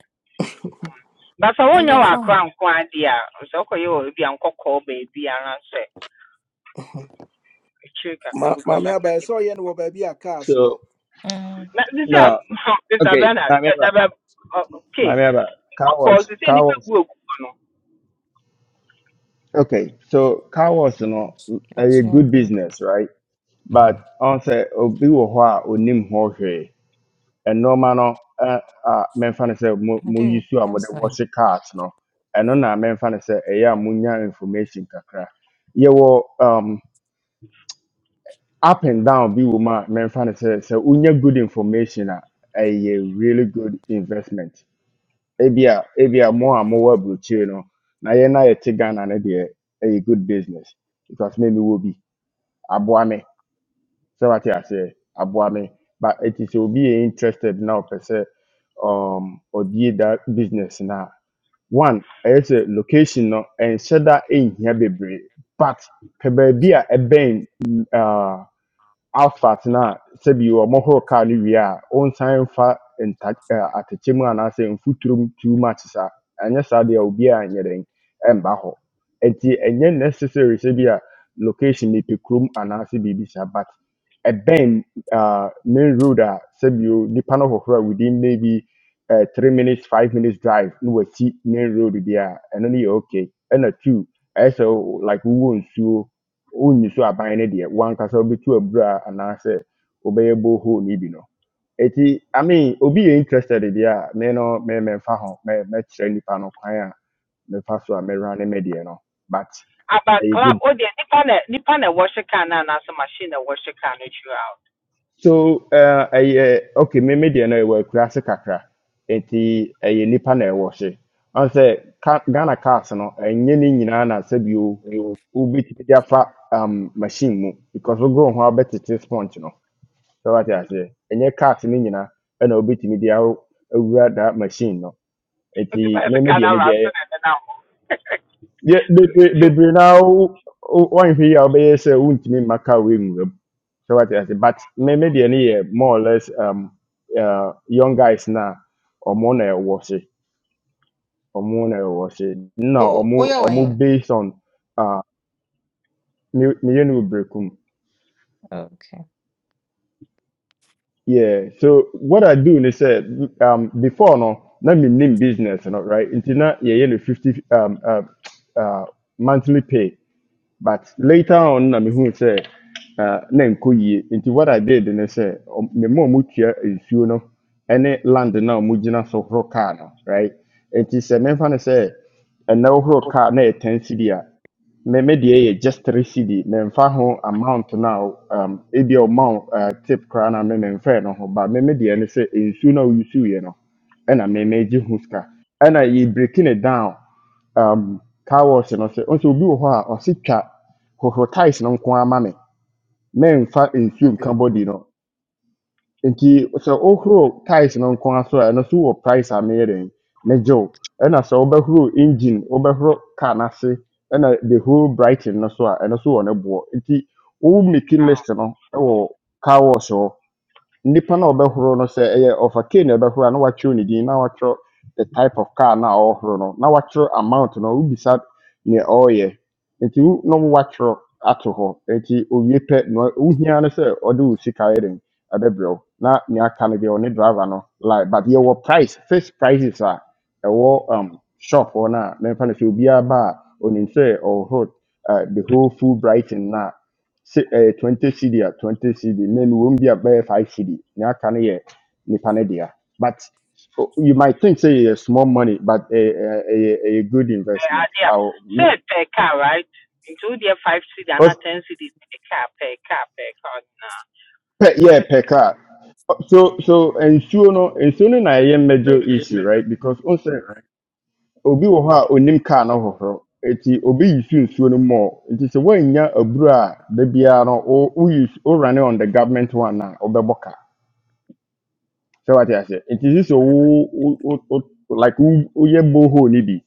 S10: but so when
S7: Ɛnde
S10: you
S7: ɛmfa
S10: are
S7: ho.
S10: quite idea so okay you will be uncle call baby and I say chill kakra
S1: Ma,
S10: because I
S1: maame aba
S10: can't
S1: ɛsɛ ɔyɛ no wɔ a cars wɔ.
S14: So
S7: Mm.
S10: na this is
S14: no,
S10: [laughs] Mr.
S14: okay,
S10: Bernard
S14: my
S10: eh,
S14: member,
S10: eh, eh,
S14: my
S10: okay
S14: member, car
S10: of course
S14: wash,
S10: you say any
S14: car wash.
S10: people
S14: Okay, so car wash, you know, a good
S7: Ɛtua ho.
S14: business, right? But
S9: mhm.
S14: on say obi wo ho a onim ho hwe. Ɛno ma no eh, a memfa no sɛ mo mo use
S7: Ɛnde
S14: a mo de
S7: that's nice.
S14: wash cars no. Ɛno na memfa no sɛ ɛyɛ a monya information kakra. Yɛwɔ um up and down bi wɔ mu a memfa no sɛ sɛ wonya good information a ɛyɛ really good investment ebia ebia mo a mowɔ aburokyire no na yɛn a yɛte ghana no deɛ ɛyɛ good business because maybe will be aboa me sɛ wate aseɛ aboa me but it is will be interested now ɔpɛ sɛ um ɔbie that business now one ɛyɛ a location no and ɛnhyɛ in here bebree but pɛ baabi a ɛbɛn afat na sɛbi ɔmohoro car on time a ɔnsan at a ɛ, atɛkyɛ mu say in mu too much sir. saa ɛnyɛ saa deɛ obiara nyɛ dɛn ɛmba hɔ nti ɛnyɛ necessary sɛ bi a location mepɛ kurom anaasɛ biribi saa but ɛbɛn uh, main road a sɛbi o nipa no within maybe uh, three minutes five minutes drive na see main road there. And ɛno no yɛ okay ɛna two ɛyɛ sɛ o- like wowɔ nsuo wonnyi so aban no deɛ wankasa wobɛtu abura anaasɛ wobɛyɛ borehole no bi no ɛti i mean obi yɛ interested deɛ a me no me memfa ho mɛ- mɛkyerɛ nnipa no kwan a mefa so a mɛra ne me deɛ no but
S10: aba
S14: ɛyɛ
S10: club
S14: good
S10: o deɛ nipa na nipa na wɔhyɛ can na anaasɛ machine na wɔhyɛ car no twere out
S14: so uh, ɛyɛ okay me me deɛ no ɛwɔ akura se kakra nti ɛyɛ nnipa na ɛwɔ hye ɔn sɛ ghana cars no ɛnyɛ ne nyinaa na sɛbio
S7: You
S14: wobɛtumi de afa um, machine mu because wogoro ho abɛtete sponge no so what I wate aseɛ ɛnyɛ cars no nyinaa ɛna wobɛtumi de awo awura that machine no
S10: [laughs] nti
S14: nti
S10: bɛyɛ sɛ
S14: meme
S10: car
S14: deɛ
S10: no
S14: ne
S10: araso
S14: deɛ
S10: na ɛnenam hɔ
S14: yɛ
S10: nti
S14: bebree now, one thing I'll be sɛ wontumi mma car wɔnwura wing, so what I say, but maybe deɛ ne more or less um, uh, young guys na ɔmo na ɛwɔ se ɔmo na
S7: O
S14: no, or
S7: o
S14: more
S7: woyɛ
S14: or
S7: wɔ he?
S14: more based on uh, meyɛ no wɔ
S7: Okay.
S14: Yeah. So what I do they said um before no, let me name business, you know, right? Until now, yeah, you know, fifty um uh, uh monthly pay. But later on, I mean, who said uh name kuyi into what I did and they said me more mutia is you know any land now mujina so car no, right? And he said, me fan say and now car na ten city me me deɛ yɛ just three cd memfa ho amount no um, ebi a ɔma wo uh, tip koraa na me memfɛɛ no ho ba me me deɛ ne sɛ nsuo na a woyusuiɛ no ɛna me me gye ho sika ɛna yɛ breaking it down um, car wash no sɛ nso obi wɔ hɔ a ɔse twa hohoro tiles no nko ara me memfa nsuo nka
S7: okay.
S14: body no nti sɛ wohoro tiles no nko ara so a ɛno so wɔ price a meyɛ den megye wo ɛna sɛ wobɛhoro engine wobɛhoro car no ase ɛna the whole brighton no so a ɛno so wɔ ne boɔ nti wo making list no ɛwɔ car wash hɔ nipa na ɔbɛhoro no say ɛyɛ ɔfa key, na ɛbɛhoro a na watwerɛ ne din na watwerɛ the type of car na ɔhoro no na watwerɛ amount no wobisa nea ɔreyɛ nti wo na watwerɛ ato hɔ nti owie pɛ na wa- wohia no sɛ ɔde wo sika yɛ den ɛbɛbrɛ wo na nea aka no deɛ ɔne driver no Like, but yɛwɔ price fixed prices a ɛwɔ um, shop hɔ no a memfa no sɛ obiara ba a ɔnim sɛ uh, the whole full brighton si- eh, 20 cd a 20 cd na wɔn bi a bɛyɛ 5 cd na aka no yɛ nipa no dea but o- you might think say a small money but a a a a good
S10: ɛyɛ
S14: investment
S10: ade a
S14: aw
S10: sɛ [laughs] per car right nti wo deɛ five cd anaa
S14: per
S10: ten cd per car per car per car nyinaa
S14: yeah
S10: ɛyɛ
S14: per
S10: so
S14: car so so nsuo no nsuo no na ɛyɛ major issue right because o obi wɔ hɔ a onim car no hohoro eti obi yi su nsuo no mɔɔ nti sɛ wɔanya aburo a da biara no o o yi o run on the government one na ɔbɛbɔ car. So what aseɛ nti sisi sɛ wo wo wo wo- like wo woyɛ borehole ni bi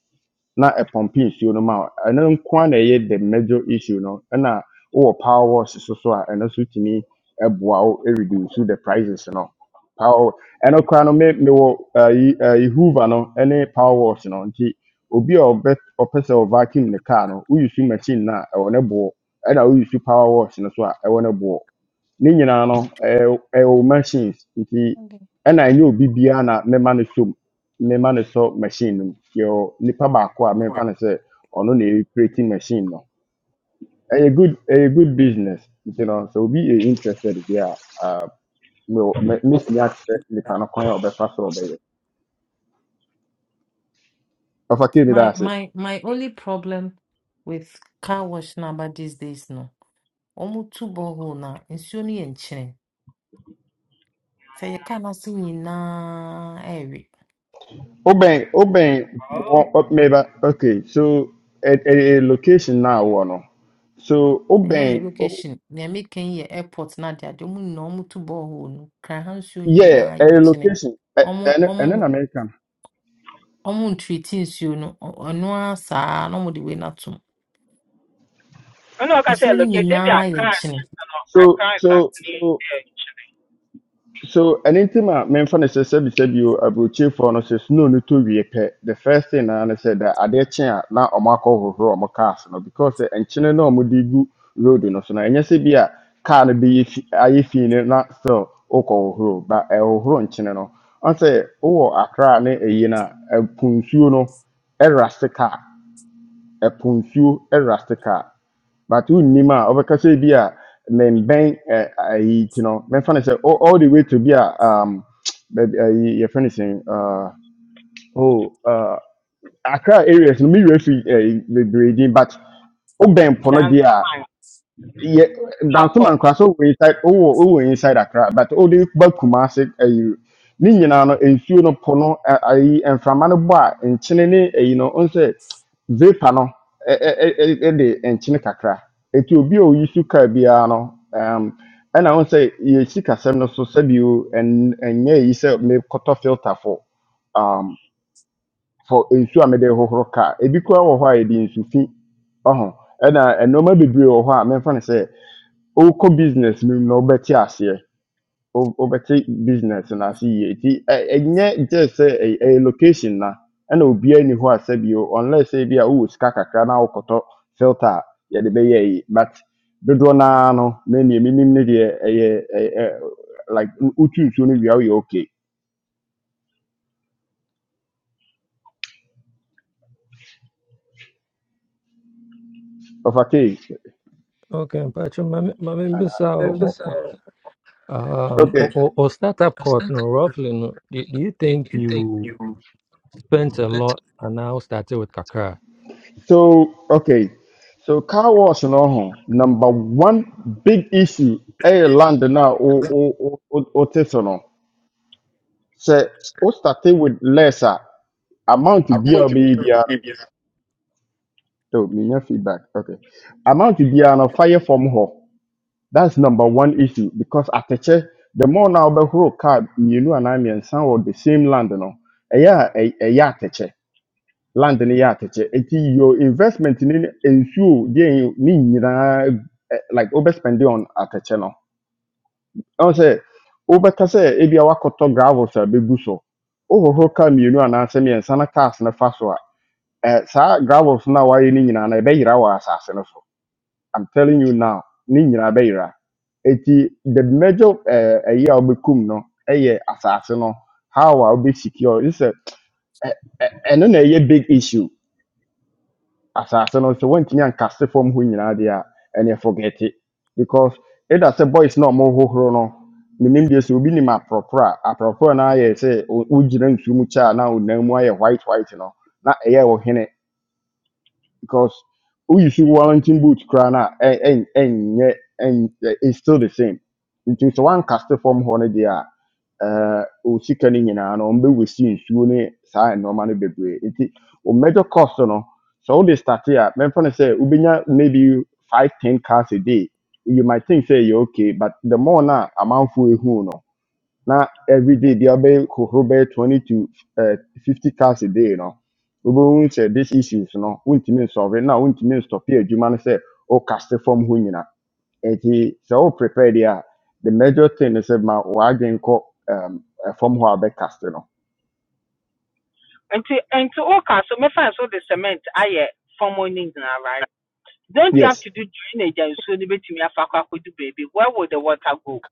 S14: na ɛpɔmpe nsuo no ma wo ɛno nko ara na ɛyɛ the major issue no ɛna oh power wash so so and also to me a ɛno so tumi ɛboa wo ɛreduce the prices no power wa- no koraa no me wo. ayi ayi hoover no ɛne power wash no nti obi a ɔbɛ ɔpɛ sɛ ɔvacuum ne car no woyi su machine na ɛwɔ ne boɔ ɛna woyi su power wash no so a ɛwɔ ne boɔ ne nyinaa no ɛyɛ ɛyɛ wo machines nti
S7: Okay.
S14: ɛna ɛnyɛ obi biara na mema no so mema no sɔ machine no mu yɛwɔ nipa baako a memfa no sɛ ɔno na ɛrepreti machine no ɛyɛ good ɛyɛ good business nti no sɛ obi yɛ interested bi a ah, me- me- mesua kyerɛ nipa no kwan a ɔbɛfa so a ɔbɛyɛ ɔfa kei ne
S7: My
S14: daase
S7: my my only problem with car wash number these days no. Omu tu borehole na nsuo no yɛ nkyene. Sɛ yɛ car no ase nyinaa ɛwe.
S14: wobɛn wobɛn
S7: Omu
S14: wɔ
S10: oh
S7: tu
S14: ɔ- meba okay so ɛ- ɛyɛ location no a wowɔ no so
S7: ɛnyɛ
S14: wobɛn
S7: me location. Nea meka yi yɛ airport na ade ade. Omu nyinaa omu tu borehole no. Kran ha nsuo
S14: Yeah,
S7: nyinaa yɛ
S14: a
S7: nkyene.
S14: location,
S7: Ɔmo
S14: and and an
S7: ɔmo
S14: American.
S7: ɔmo ntreat nsuo no. Ɔ- Ɔno ara saa na ɔmo de wei no atom.
S10: ɛna ɔka
S7: Nsuo
S10: sɛ
S7: no
S10: location bi
S7: nyinaa yɛ
S10: akra
S7: nkyene.
S10: no I
S14: So
S10: can't
S14: so
S10: actually
S14: so so an intima men fan is a service you abrochi for no says no no to we The first thing I said that are there chair now or Marco or Mocas no because the enchine no mudigu road no so na and yes be a car no be if I feel not so oko horo but a horo enchine no. I say oh akra ne a yina a punsuo no ɛrastika a nsuo but wonnim a wɔbɛkasa be a membɛn ɛ, I you know. mɛmfa no sɛ all all the way to be a um, [tsk] baabi your friend is saying. uh, oh, uh, Accra areas no me werɛ fi eh, but wobɛn po no
S10: dance nsase
S14: a
S10: my
S14: yeah,
S10: talk
S14: Dansum
S10: up.
S14: and Kraso were inside, oh, oh, were inside Accra, but all the back Kumasi, a you. Ni nyinaa no nsuo no po no a- ayi mframa no bɔ a nkyene ne ayi no ɔn sɛ vapor no ɛ- ɛ- ɛ- ɛ- will nkyene kakra You obi a oyi su kaa biara no ɛm ɛna ɔn sɛ yɛsi kasɛm no so sɛbi o ɛn ɛnyɛ yi sɛ mekɔtɔ filter for um for nsuo a mede hohoro kaa ebi koraa wɔ hɔ a yɛde nsu fi And I, nneɛma bebree wɔ hɔ a memfa no sɛ wokɔ business no mu na wobɛte aseɛ Wo- wobɛte business no ase yie nti ɛ- ɛnyɛ gye sɛ ɛy- ɛyɛ location na ɛna obiaa ni hɔ a sɛbio unless sɛ bi a wowɔ sika kakra na wokɔtɔ filter a yɛde bɛyɛ yi but dodoɔ noa no na neɛ menim ne deɛ ɛyɛ ɛyɛ- ɛ- like wo- wotwi nsuo no wie a woyɛ okay ɔfakee
S9: Okay, but your my main business, um,
S14: Okay,
S9: or, or, or startup cost, no, roughly, no. Do, do you think you spent a lot and now started with Kakra?
S14: so okay, so car wash no ho number one big issue. Hey, land na o o o o o te so no. sɛ wo starte with less a amount
S7: I'm really
S14: biara wobɛyɛ
S7: confused
S14: biara
S7: with you
S14: oh, menya feedback okay amount biara no fire from fam hɔ that's number one issue because atɛkyɛ the more na wobɛhoro car mmienu anaa mmiɛnsa wɔ the same land no ɛyɛ a ɛ- ɛyɛ atɛkyɛ land no yɛ atɛkyɛ nti your investment ne ne- nsuo deɛ ne nyinaa eh, like overspending on atɛkyɛ no ɛho sɛ wobɛka sɛ ebia wakɔtɔ gravels a bɛgu so wohohoro car mmienu anaasɛ mmiɛnsa na cars no fa so a Eh, saa gravels no a wayɛ no nyinaa no ɛbɛyera wɔ asase no so i'm telling you now ne nyinaa bɛyera eti the major eh, ɛyi a wobɛkum no ɛyɛ asase no how a wobɛsecure ne sɛ ɛ- ɛ- ɛno na ɛyɛ big issue asase no so woantumi ankase fam hɔ nyinaa deɛ a ɛneɛ forget it because ɛda sɛ boys na ɔmohohoro no menim deɛ sɛ obi nim aprɔporɔ a aprɔporɔ no ayɛ sɛ wo- wogyina nsuo mu kyɛ a na wo nan mu ayɛ white white no na ɛyɛ wo hene because who you see Wellington boots crying out and and and it's still the same. It is one castle from Honedia. Uh, osika no nyinaa no ɔmbɛwɛsi nsuo ne saa nneɛma no bebree nti o major cost no sɛ wode starte a mɛmfa no sɛ wobɛnya maybe five ten cars a day you might think say you okay but the more na amanfoɔ ehu no now every day deɛ ɔbɛyɛ hohoro bɛyɛ twenty to uh, fifty cars a day you no wobɛhu sɛ these issues no stop here. You wontumi say, "Oh, cast sɛ wokaste fam hɔ nyina nti sɛ wo prepare deɛ a the major thing is ne sɛ ma w'adwen from who fam hɔ cast, you know.
S10: nti nti woka so me find so the cement ayɛ fam hɔ no right Don't you have
S14: yes
S10: to do drainage and so they betumi afa akɔ akɔdu baby? Where would the water go?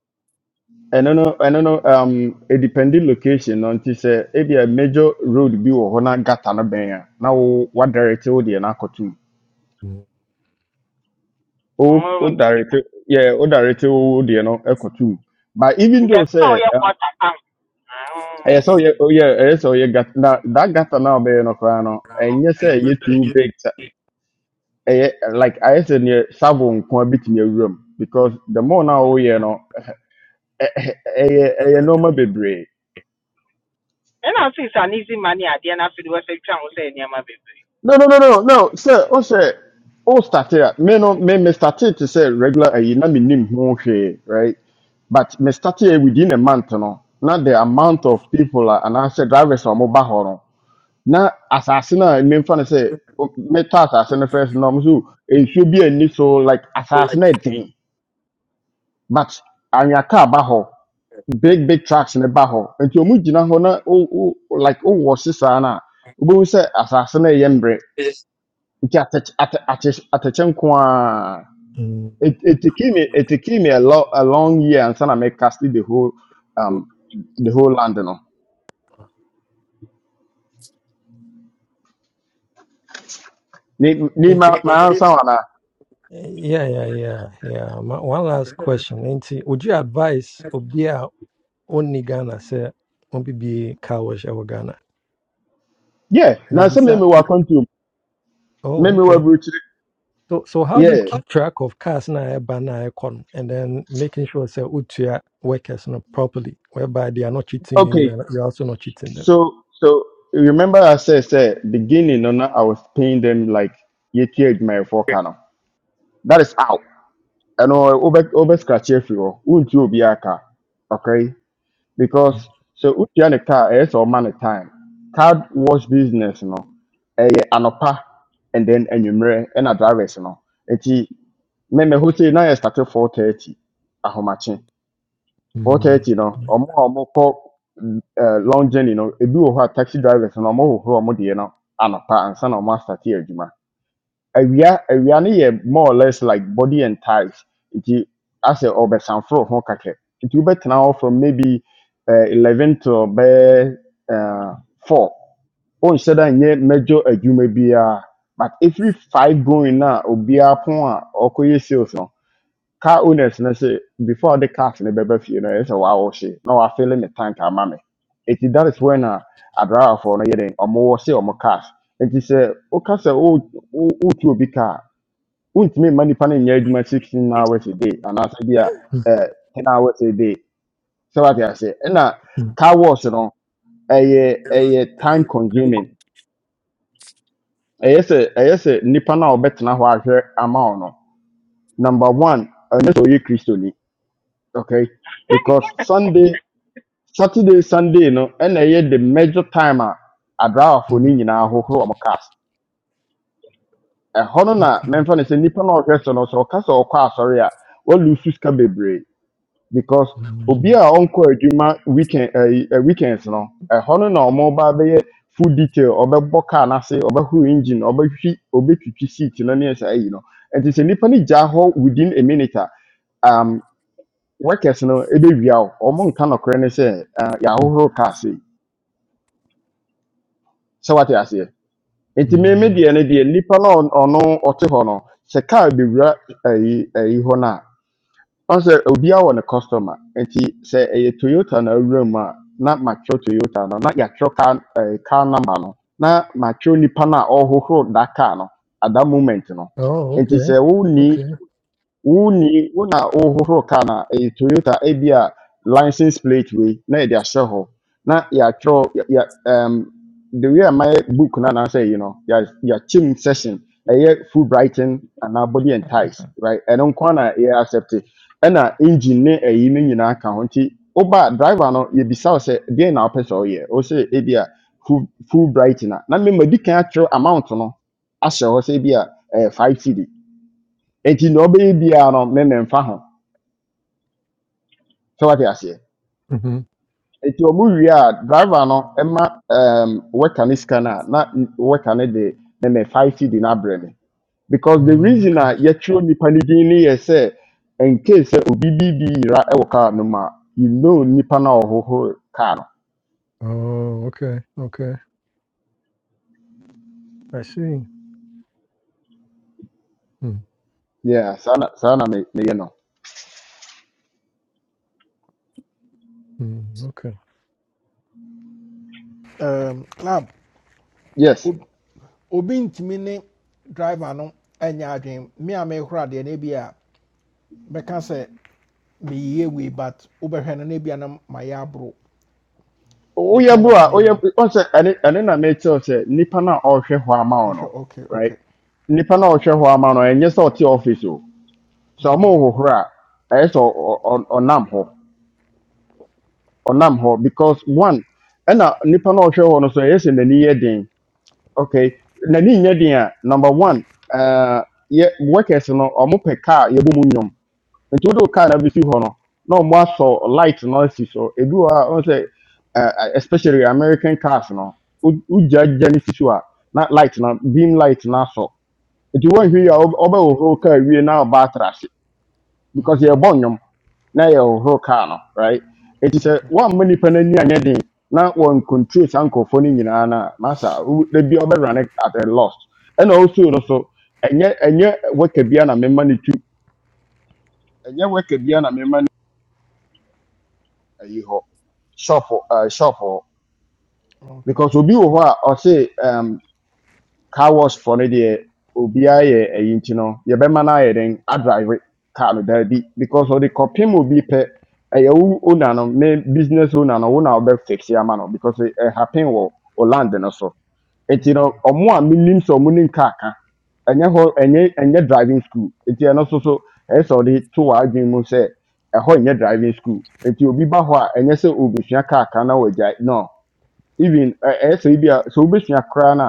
S14: I no ɛno know. um, a edependent location until say sɛ a major road be wɔ hɔ gata no bɛn a na wo wadirect wo deɛ no akɔto mu
S9: Mm.
S14: o o
S10: Mm,
S14: directly yeah o directly o deɛ no ɛkɔtum but even
S10: nti
S14: though
S10: ɛsɛ sɛ
S14: sɛ um,
S10: water tank.
S14: ɛyɛ sɛ ɔyɛ ɔyɛ ɛyɛ sɛ ɔyɛ gata na that gata na ɔbɛyɛ no koraa no
S7: right now.
S14: ɛnyɛ sɛ
S7: And you
S14: ɛyɛ
S7: could say
S14: too
S7: you-
S14: big sɛ
S7: you-
S14: ɛyɛ like ayɛ sɛ neɛ savo nko a bitumi awura mu because the more na ɔyɛ no ɛ- ɛ- ɛyɛ ɛyɛ
S7: you're-
S14: nneɛma bebree
S10: and I think it's an easy money adeɛ na afei de wɔsɛtwa ho sɛ nneɛma bebree.
S14: No, no, no, no, no. Sɛ ɔsɛ ɔstate started. me no me me started to say regular ayi na me nim ho hwee right but me started a within a month no Now the amount of people uh, and I anaasɛ drivers are wɔn ba Now no na asase no a mmemfa no sɛ o- metɔ asase no first na wɔn it should be a ni so like asase no ɛden but and your car hɔ big big trucks ne ba hɔ nti wɔn gyina hɔ na o o like o wɔ sisan na wobɛhu sɛ asase no ɛyɛ mbrɛ
S7: it's-
S14: nke atach- ata- atach- atɛkyɛ nko ara
S9: Mm.
S14: it it taking me it taking me a long a long year and na make cast the whole um the whole land no ni ni ma
S9: Nti-
S7: people
S14: ma
S7: feel
S14: answer
S7: like
S14: wana
S9: Yeah, yeah,
S7: you're-
S9: yeah, yeah. My, one
S7: you're-
S9: last
S7: you know,
S9: question. Nti, would you advise Obia only Ghana say, on not be cowish over Ghana?
S14: yeah na
S9: Maybe
S14: say me
S9: sir.
S14: me wa continue me
S9: Oh,
S14: me wa
S9: okay.
S14: bridge
S9: So so how do you
S14: yeah
S7: it's-
S9: keep track of cars na ɛba na ɛkɔ no, and then making sure sɛ wotua workers no properly, whereby they are not cheating you, you
S14: okay
S9: are you're also not cheating them.
S14: so so remember i said say beginning no na i was paying them like yeti edwuma for kano that is out and over over scratch everywhere won't you be aka okay because sɛ wotua ne car a, ɛyɛ sɛ ɔma ne time car wash business no ɛyɛ anɔpa and then anwummerɛ ɛna drivers no nti mɛmɛ hɔ sei na yɛ start four thirty ahomakye
S9: Mm,
S14: four
S9: mm,
S14: thirty no
S9: mm,
S14: ɔmo a ɔmo kɔ mm, eh, long journey no ebi wɔ hɔ a taxi drivers no ɔmo hohoro ɔmo deɛ no anɔpa ansa na ɔmo asate adwuma awia awia no yɛ more or less like body and thighs nti asɛ ɔbɛsanforo ho kakɛ nti wobɛtena hɔ from maybe uh, 11 to bɛyɛ uh, 4 wonhyɛ da nyɛ mɛdwo adwuma biara but every 5 going na obiara pon a ɔkɔyɛ sales no car owners no sɛ before the cars no bɛba fie no ɛyɛ sɛ wɔawɔhye na wɔafele me tank ama me nti that is when a adrawafoɔ no yɛ den ɔmowɔ se ɔmo cars nti sɛ woka sɛ wo- wo- wotu obi car a, wontumi mma nipa no nyɛ adwuma sixteen
S7: it's-
S14: hours a day anaasɛ bi a eh, ten hours a day sɛ wate ase ɛna car wash no ɛyɛ ɛyɛ time
S7: it's-
S14: consuming ɛyɛ sɛ ɛyɛ sɛ nipa no a ɔbɛtena hɔ ahwɛ ama wo no number one ɛnyɛ sɛ ɔyɛ kristoni okay because sunday saturday sunday no ɛna ɛyɛ the major time a adraafo no
S9: mm,
S14: nyinaa hohoro ɔmo cars ɛhɔ no na mɛmfa no sɛ nipa no a ɔhwɛ so no sɛ ɔka sɛ ɔkɔ asɔre a walu sika bebree because obi
S9: mm,
S14: a ɔnkɔ adwuma weekend ɛyi ɛ weekends no ɛhɔ no na ɔmo ba bɛyɛ full detail ɔbɛbɔ car n'ase ɔbɛhoro engine ɔbɛhwi ɔbɛtwitwi seat no ne ɛsɛ ayi no nti sɛ nipa no gyaa hɔ within a minute a um, workers no ebewia o ɔmo nka nɔkorɛ ne sɛ uh,
S9: mm,
S14: yɛahohoro car se sɛ wate aseɛ nti meme
S9: mm.
S14: deɛ no deɛ nipa no a ɔn- ɔno ɔte hɔ no sɛ car bewura ɛyi ɛyi hɔ no a ɔsɛ obiara wɔ ne customer nti sɛ ɛyɛ toyota na awura mu a na matwerɛ toyota no na yɛatwerɛ car eh car number no na matwerɛ nipa no a ɔhohoro that car no at that moment no
S9: Oh,
S14: nti
S9: okay.
S14: sɛ wonni
S9: Okay.
S14: wonni wo na wohohoro na ɛyɛ toyota ebi a license plate we na yɛde ahyɛ hɔ na ya yɛ ya um, the way a mayɛ book na na say you know no yɛ- yɛakyem session ɛyɛ full brighton and our body and ties right and nko ara na yɛ accept ɛna engine ne ɛyi no nyinaa ka ho nti woba driver no yɛbisa wo sɛ deɛn na wopɛ sɛ woyɛ wo sɛ ebi a full full brighton na na mmemmadi kan atwerɛ amount no ahyɛ hɔ sɛ ebi a five cd nti na ɔbɛyɛ biara no ne ne mfa ho sɛ wate aseɛ
S9: Mm-hmm.
S14: nti ɔmo wie a driver no ɛma um, worker ne sika no a na n- worker no de ne ne five cd no abrɛ me because the
S9: Oh,
S14: reason a
S9: okay.
S14: yɛtwerɛ nnipa no din ne yɛ sɛ nkei sɛ obi bi bi yera ɛwɔ kaa no mu a you know nnipa no a ɔhohoro kaa no
S9: Oh, okay. Okay. I see. Mm,
S14: yeah saa na saa na me- meyɛ no
S9: mm, okay.
S1: um, club
S14: yes
S1: ob- obi ntumi ne driver no anya adwene me a me hora de deɛ no bi a mɛka sɛ meyie wei but wobɛhwɛ no no bi a na mayɛ aboro The
S14: woyɛ
S1: kind
S14: bo
S1: of
S14: a woyɛ
S1: cleaning.
S14: ɔsɛ ɛne ɛne na mekyerɛw sɛ nnipa no a ɔrehwɛ hɔ ama wo
S1: Okay,
S14: no
S1: okay,
S14: right
S1: okay.
S14: nnipa no a ɔhwɛ hɔ ama no ɛnyɛ sɛ ɔte office o sɛ ɔmo hohoro a ɛyɛ sɛ ɔ- ɔ- ɔnam hɔ ɔnam hɔ because one ɛna nipa na ɔhwɛ hɔ no so ɛyɛ sɛ n'ani yɛ den okay n'ani nyɛ den a number one ɛɛ yɛ workers no ɔmo pɛ car yɛbɔ mu nnwom nti wode wo car na bɛsi hɔ no na ɔmo asɔ light na asi so ebi wɔ hɔ a ɔmo sɛ ɛɛ especially american cars no wogyagya no si so a na light na beam light na asɔ nti wɔnhwɛ yi a
S1: Mm,
S14: ɔbɛhohoro car wie na ɔba atra ase because
S1: mm,
S14: yɛbɔ nnwom na yɛ ɔhoro kaa no right eti sɛ
S1: okay,
S14: one nipa n'ani anyɛ den na wɔn control saa nkurɔfoɔ no nyinaa na masa ebi ɔbɛrane at a loss ɛna also, no so ɛnyɛ ɛnyɛ wɛka bia na mɛma ne tu ɛnyɛ wɛka bia na mɛma ne ayi hɔ shop ɛɛ shop hɔ
S1: okay.
S14: because obi wɔ hɔ a ɔse um, car wash for no deɛ obiara yɛ ɛyi nti no yɛbɛma no ayɛ den adrive car no daabi because ɔde kɔpem obi pɛ ɛyɛ wo owner no ne business owner no wo na wobɛfixe ama no because ɛ- happen wɔ wo land no so nti no
S1: Mm,
S14: ɔmo a menim sɛ ɔmo nim car ka ɛnyɛ hɔ ɛnyɛ ɛnyɛ driving school nti ɛno so so ɛyɛ sɛ ɔde to w'adwene mu sɛ ɛhɔ nyɛ driving school nti obi ba hɔ a ɛnyɛ sɛ obesua car ka na wagyae no even eh ɛyɛ sɛ ebi a sɛ wobɛsua koraa no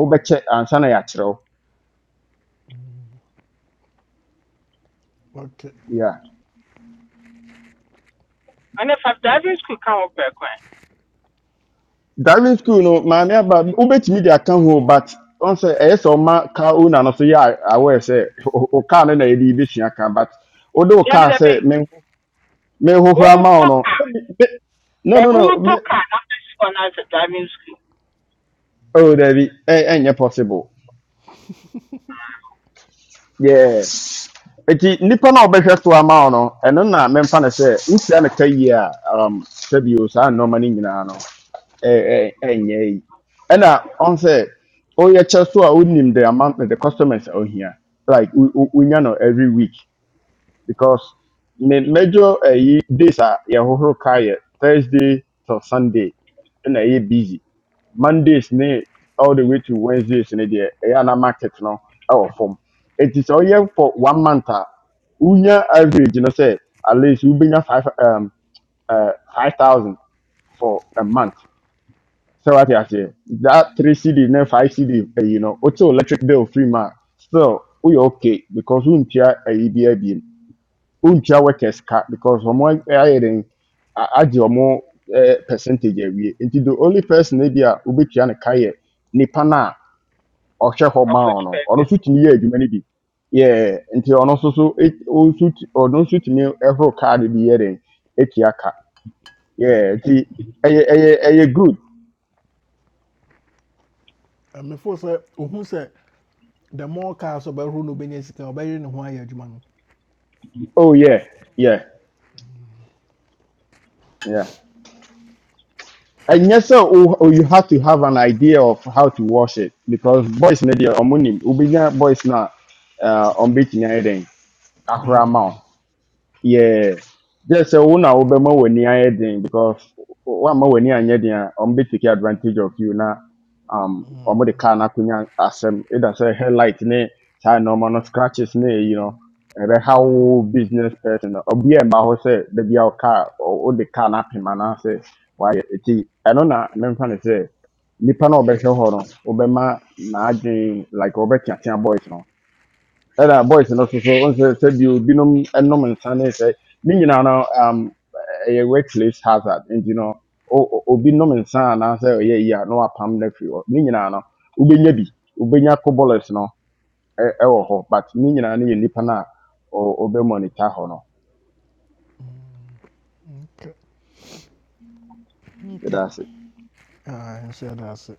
S14: wobɛkyɛ ansa na yɛakyerɛ wo
S1: okay.
S14: yeah.
S10: Ɛna fa [laughs] driving school ka ho pɛ kwan.
S14: driving school no maame aba wobɛtumi de aka ho but ɔn sɛ ɛyɛ sɛ ɔma car owner no so yɛ a- aware sɛ o o car no na yɛde yɛbɛsua ka but wode wo
S10: Dabi
S14: car sɛ
S10: dabi
S14: menho menhohora ma wo
S10: wotɔ
S14: no
S10: car.
S14: me- me- no
S10: Dabi
S14: no no me
S10: wotɔ car na afei si hɔ na sɛ driving school
S14: oh dabi ɛ- ɛnyɛ possible yeah nti nnipa no a wɔbɛhwɛ so ama wo no ɛno na memfa no sɛ wosia no ka yie a um, sɛbio saa nnɔma no nyinaa no eh, eh, eh and I ɛna ɔn sɛ ɔyɛ kyɛ so I would name the amount that the customers are here like we we wonya no every week because me major ɛyi days a yɛhohoro kaa yɛ thursday to sunday ɛna ɛyɛ busy mondays ne all the way to wednesdays ne deɛ ɛyɛ ana market no our form. It is sɛ ɔyɛ for one month a wonya average no sɛ at least we wobɛnya five um, uh, five thousand for a month so what you say? That three CD, then five CD, eh, you know, also electric bill free man. Still, we okay because we untia a EBIB, untia workers cut because from one higher than add your more percentage every. Until the only person maybe a ubitia ne kaya ni pana or share her
S10: afɔ
S14: man
S10: ti
S14: or
S10: pɛ
S14: no
S10: pɛ.
S14: suit me many be. Yeah, until on also so so it all suit or no suit ni every card be hearing it yaka. Yeah, it's a good.
S1: And before sɛ ohu Say. the more cars ɔbɛhoro no ɔbɛnya sika ɔbɛyere ne ho ayɛ adwuma no
S14: Oh yeah, yeah. Yeah. And yes, sir, oh, oh, you have to have an idea of how to wash it because boys na deɛ ɔmo nim obinya boys na uh, ɔmo betumi ayɛ
S1: ɔbɛyɛ
S14: Ahura
S1: adwuma
S14: ahora
S1: no.
S14: yeah just sɛ wo na wobɛma w'ani ayɛ den because woamma w'ani anyɛ den a ɔmo bɛtake advantage of you na um ɔmo the car
S1: Mm,
S14: no akɔnya asɛm ɛda sɛ headlight ne say normal no scratches ne you know ɛbɛha
S1: mm,
S14: wo business person no ɔbia mma hɔ sɛ da bia wo car ɔ- wode car no apem anaasɛ wayɛ ɛti ɛno na memfa ne sɛ nipa na ɔbɛhwɛ hɔ no wobɛma n'adwen like ɔbɛteatea boys no ɛna boys no nso so wọn sɛ sɛbi obinom nom nsa ne sɛ ne nyinaa no um, ɛyɛ workplace hazard nti no o- o- obi nom nsa anaasɛ ɔyɛ yi a na wapam no afiri hɔ ne nyinaa no wobɛnya bi wobɛnya ko bollocks no ɛ- ɛwɔ hɔ but ne nyinaa no yɛ nnipa no a ɔ- ɔbɛmonitor hɔ no
S1: okay. Okay.
S14: yɛda ase
S1: Ah, nhyɛ da ase.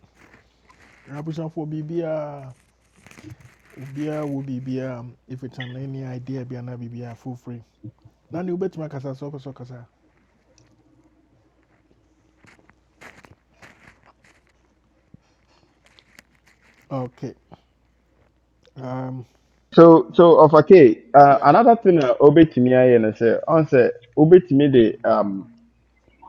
S1: Abusuafoɔ biribiara obiara wɔ biribiara if it's an any idea bi anaa biribiara feel free. Na ne wobɛtumi akasa sɛ So, so, ɔkasa. Okay. Um,
S14: so so ɔfa uh,
S1: yeah.
S14: another thing a obetumi ayɛ no sɛ ɔn sɛ obetumi de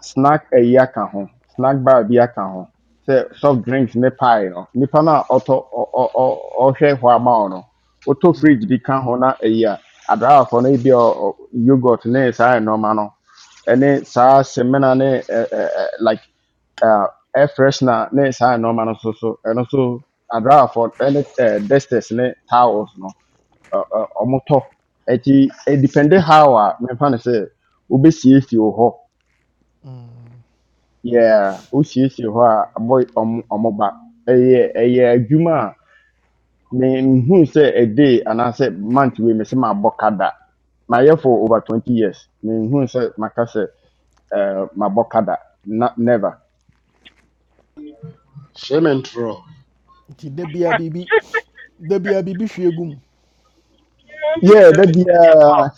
S14: snack ɛyi aka ho snack bar bi aka ho sɛ soft drinks ne pie no nipa no a ɔtɔ ɔ- ɔ- ɔ- ɔhwɛ hɔ ama wo no wotɔ
S1: Mm,
S14: fridge bi ka ho na ɛyi a adraafoɔ no ebi a ɔ- ɔ- yogurt ne saa nneɛma no ɛne saa semina ne ɛ- ɛ- ɛ- like uh, air freshener ne saa nneɛma no so so ɛno so adraafoɔ ɛne ɛ, dusters ne towels no ɔ- ɔ- ɔmo tɔ ɛti ɛdipɛnde how a mefa no sɛ wobɛsiesie wɔ hɔ
S1: mm.
S14: yeah, wosiesie hɔ a abɔ ɔmo ɔmo ba. Ɛyɛ ɛyɛ adwuma a me- nhuu sɛ a day anaasɛ month wei me sɛ mabɔ ka da. Mayɛ for over twenty years. Menhuu sɛ maka sɛ ɛɛ mabɔ ka da. Na never.
S13: Shame and throw.
S1: Nti da biara
S10: Ah,
S1: biribi Da bi a biribi hwie gu
S10: nti
S14: Yeah, that be uh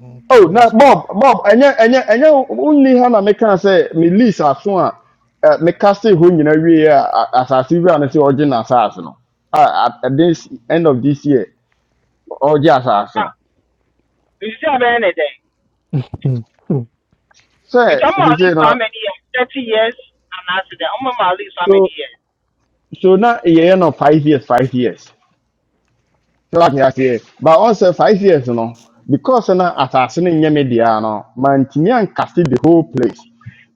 S1: Okay,
S14: oh na
S1: that's cool.
S14: Bob Bob ɛnyɛ ɛnyɛ ɛnyɛ wonni ha na mekaa sɛ me lease aso a ɛ meka se hɔ nyinaa wie a a- asase wura no sɛ ɔgye n'asase no. A a- at this end of this year ɔgye asase no.
S10: anything.
S9: [laughs] Mm, mm,
S10: [laughs] You dɛn? Nti
S14: sɛ
S10: ɔmo a ɔdi
S14: sese no
S10: for how many years? Thirty years I'm not today? I'm gonna ɔdi for how many
S14: so
S10: years?
S14: so na yɛyɛ no five years five years So sɛ wate aseɛ but ɔsɛ five years no because now asase no nyɛ me dea no mantumi ankase the whole place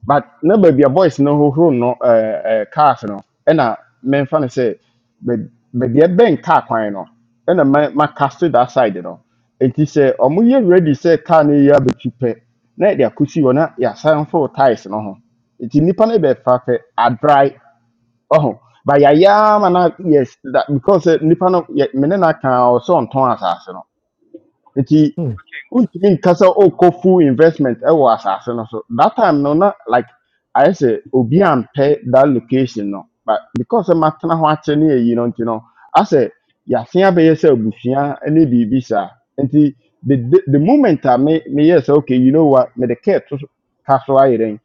S14: but na baabi a boys no hohoro no ɛɛ ɛɛ cars no ɛna memfa say, but but baabi ɛbɛn car kwan no ɛna ma makase that side no nti sɛ ɔmo yɛ ready sɛ car no yɛ abɛtu pɛ na yɛde akɔsi hɔ na yɛasan foro tyres no ho nti nnipa no bɛfa a bit far, a dry. Oh, but yɛayɛ ama no yes that, because eh, nnipa no yɛ- me ne no aka no nti
S9: mm.
S14: wontumi nka sɛ wokɔ full investment ɛwɔ asase no so that time no na like ayɛ sɛ obi ampɛ that location no but because sɛ matena ho akyɛ ne yɛyi no nti no asɛ yɛase abɛyɛ sɛ abusua ne biribi saa nti the, the, the moment a me meyɛ sɛ okay you know what mede kaa to so- ka so ayɛ dɛn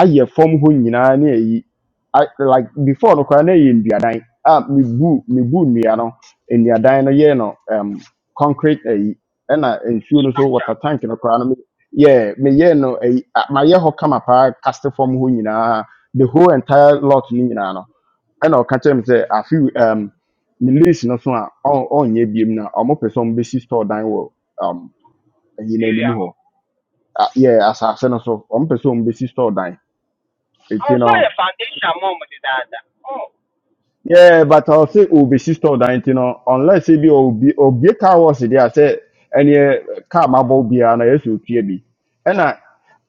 S14: ayɛ fam hɔ nyinaa ne ayi I- like before no koraa na ɛyɛ nnuadan a mebu mebu nnua no nnuadan no yɛ no um, concrete ayi ɛna nsuo no so
S10: structure
S14: water tank no koraa no yeah, me- yeah meyɛ no ayi a- mayɛ hɔ kama paa kaste fam hɔ nyinaa the whole entire lot no nyinaa no ɛna ɔka kyerɛ me sɛ afe um, ne lease no so a ɔn- ɔnyɛ biom na ɔmo pɛ sɛ ɔmo bɛsi store dan wɔ um, ayi n'anim
S10: area.
S14: hɔ A- yeah asase no so ɔmo pɛ sɛ ɔmo bɛsi store dan eti
S10: Also,
S14: no
S10: the foundation mom did that. Oh,
S14: Yeah, but I'll say Obi sister that you know, unless it be Obi Obi car was there, I say any car mabo be an yes you be. And I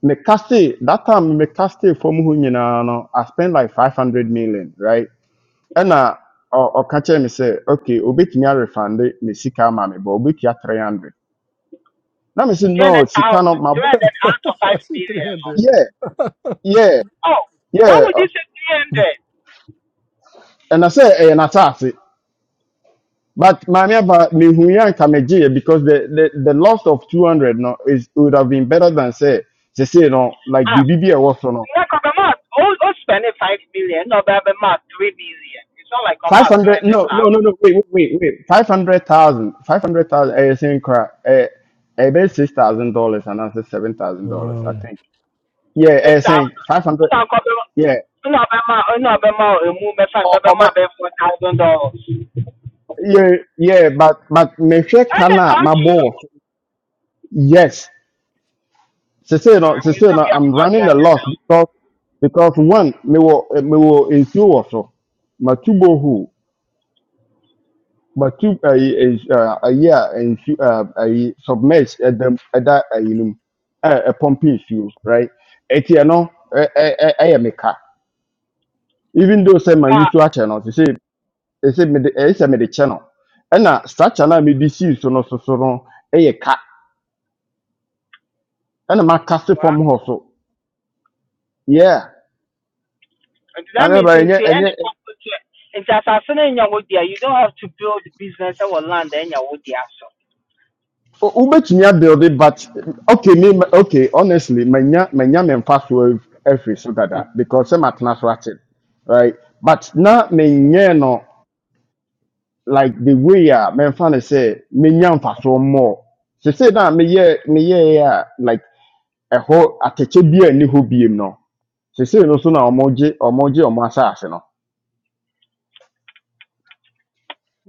S14: me cast that time me cast from who you know, no, I spent like five hundred million, right? And I or catch me say, okay, Obi me refund it, me sika mammy, but Obi ya three hundred. Now me say
S10: two
S14: no,
S10: hundred
S14: sika
S10: thousand,
S14: no mabo.
S10: two hundred out of
S9: [laughs]
S10: 5
S9: I see
S10: billion.
S9: 300.
S14: Yeah,
S9: [laughs]
S14: yeah,
S10: Oh, why
S14: yeah.
S10: would you say 300?
S14: And I say, and I But Mami Aba, mehuya kamejie because the, the, the loss of 200 no is would have been better than say they say no like
S10: Ah,
S14: B B B was no
S10: like I'm about, oh, oh, spending 5 billion, no, but I'm about 3 billion. It's not like i mark
S14: 500
S10: about
S14: no no no no wait wait wait wait 500,000 500,000 eh saying cry eh eh be $6,000 and that's $7,000
S9: Wow.
S14: I think yeah
S10: 200,000,
S14: eh
S10: 6,000.
S14: saying 500
S10: No, I'm
S14: yeah
S10: no, I'm no, I'm a movement fast,
S14: oh,
S10: I'm
S14: oh, my,
S10: about $4,000.
S14: yeah yeah but but me hwe
S10: And then,
S14: kana my
S10: okay,
S14: boss yes She said, uh, she
S10: we
S14: said,
S10: still
S14: uh,
S10: be
S14: I'm
S10: about
S14: running a loss
S10: 200,000.
S14: because, because one, me wo, eh, me wo nsuo wɔ so. Matubo who, matu, ayi, eh, ah, ayi a nsu, ah, ayi submerged ɛdam, ɛda ayi no ɛ, ɛpɔmpi nsuo, right? Eti ɛno, ɛ, ɛ, ɛ, ɛyɛ me ka. Even though say my
S10: But,
S14: usual channel, she said, she said, me de, ɛyɛ sɛ me de channel. Ɛna structure na me de si so no, so so no, ɛyɛ ka. Ɛna ma kase
S10: wow.
S14: fam hɔ so. Yeah.
S10: And that
S14: ɛna
S10: means
S14: ba
S10: in the end,
S14: ɛnyɛ
S10: it's assassin in Yawodia. You don't have to build business or land in Yawodia. So,
S14: O- wobɛtumi abuilde but okay me ma- okay honestly manya manya me mfa so af- afiri so dada because sɛ matena so ate right but na menyɛ no like the way a memfa no sɛ menya mfasoɔ mmɔɔ sesei na me, meyɛɛ yeah, like ɛhɔ atɛkyɛ bi a ɛni hɔ biem no sesei no so na ɔmogye ɔmogye ɔmo asase no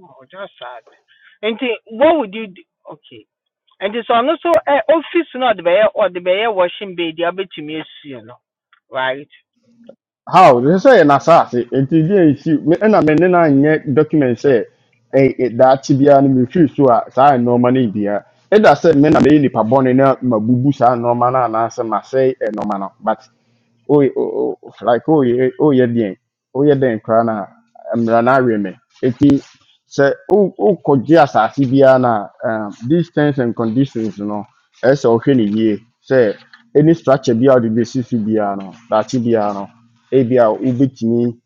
S10: oh, that's sad. And the, what would you do? Okay. And it's on also uh, office, not the bear or the bear washing baby, I'll to me, you know. Right?
S14: how sɛ say yɛ n'asaase nti di a esi me ɛna me ne na nyɛ document sɛ ɛ ɛ daakye biara no mefiri so a saa nneɛma no bia ɛda sɛ me na meyɛ nipa bɔne na mabubu saa nneɛma no anaasɛ masɛe nneɛma no but oh, o oh, oh, like oh, eh, oh, yeah, oh yeah den oyɛ den koraa na mmara no awe me sɛ wo- wokɔgye asase biara no a um, these terms and conditions no ɛsɛ sɛ wohwɛ no yie sɛ any structure biara wode bɛsi so biara no daakye biara no ebia wobɛtumi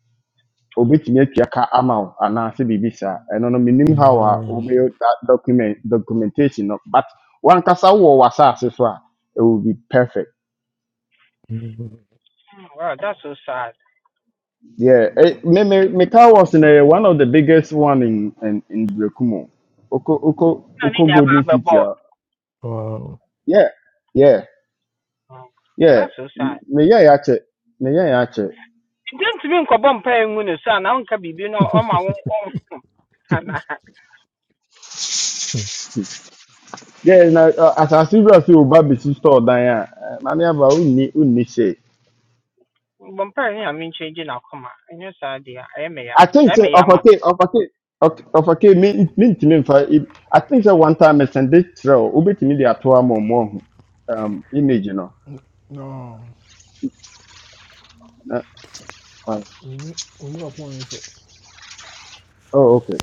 S14: obɛtumi atua ka ama wo anaasɛ biribi saa ɛno no menim how a
S9: Yeah.
S14: wobɛyɛ that document documentation no but wankasa wowɔ w'asase so a it will be perfect
S9: Mm,
S10: Mm, Wow, that's so sad.
S14: yeah eh, me me me car was in a, one of the biggest one in in in Brekumo. Oko oko
S10: No,
S14: oko
S10: they never
S14: Golden
S10: have a
S14: City
S9: Wow.
S14: Yeah, yeah,
S10: Mm,
S14: yeah.
S10: That's so sad.
S14: Me yeah ya che. Me yeah ya che.
S10: It Didn't mean Cobom paying when you son, I don't care, you know, on my own. And I,
S9: [laughs]
S14: Yeah, na as as I see you see business Bisi store dan ya. Mami aba unni unni she.
S10: Bumpire, [laughs] I mean, changing our comma. And yes, idea, I may,
S14: I think
S10: I
S14: say
S10: may,
S14: of
S10: I'm
S14: okay, of okay. okay, me me ntimi mfa. I think say one time I send it through. Obetimi dey ato am mo um image no.
S1: No,
S14: Na-
S1: oni oni ɔpɔn yi so.
S14: Oh, okay.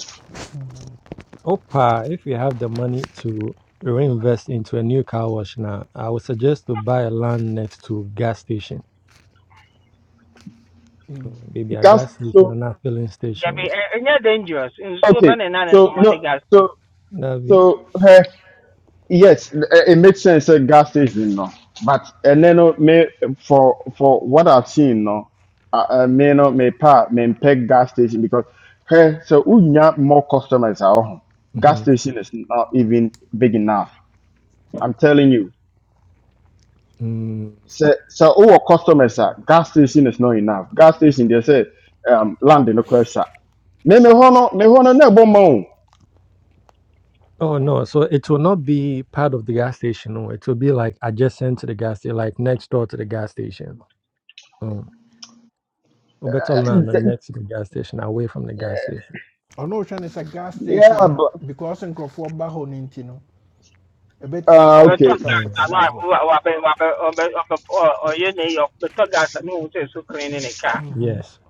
S9: Opa, if you have the money to reinvest into a new car wash now, I would suggest to buy a land next to gas station.
S1: Mm.
S9: Maybe a
S14: That's
S9: gas station
S14: so
S9: and a filling station.
S10: Debbie, ɛnyɛ dangerous. Nsuo bɛ
S14: okay.
S10: ne nan ne
S14: So
S10: dama ne
S14: no
S10: gas bi.
S14: so
S9: That'd be.
S14: so her Yes, it it makes sense. A gas station, no. But and then uh, me for for what I've seen, no. Uh, uh, me no me pa me peg gas station because hey, so we have more customers at home. Gas
S9: Mhm.
S14: station is not even big enough. I'm telling you.
S9: Mm.
S14: So so our customers are gas station is not enough. Gas station they say um land in the crash. Me me hono me hono na bomb.
S9: Oh no, so it will not be part of the gas station. No. It will be like adjacent to the gas station, like next door to the gas station. Mm. Or better land than next to the gas station, away from the gas station.
S1: Ɔno ohwɛ ne sɛ gas
S14: Yeah,
S1: station no
S14: but
S1: because nkurɔfoɔ ba hɔ no A bit more
S14: uh
S10: top
S14: okay
S1: direct
S10: gas
S9: Mm.
S1: traffic
S10: alarm
S1: about.
S10: wabɛ wabɛ ɔbɛ ɔbɛ ɔyɛ ne yɛ ɔbɛtɔ gas ne ohun sɛ so clean in a car.
S9: Yes.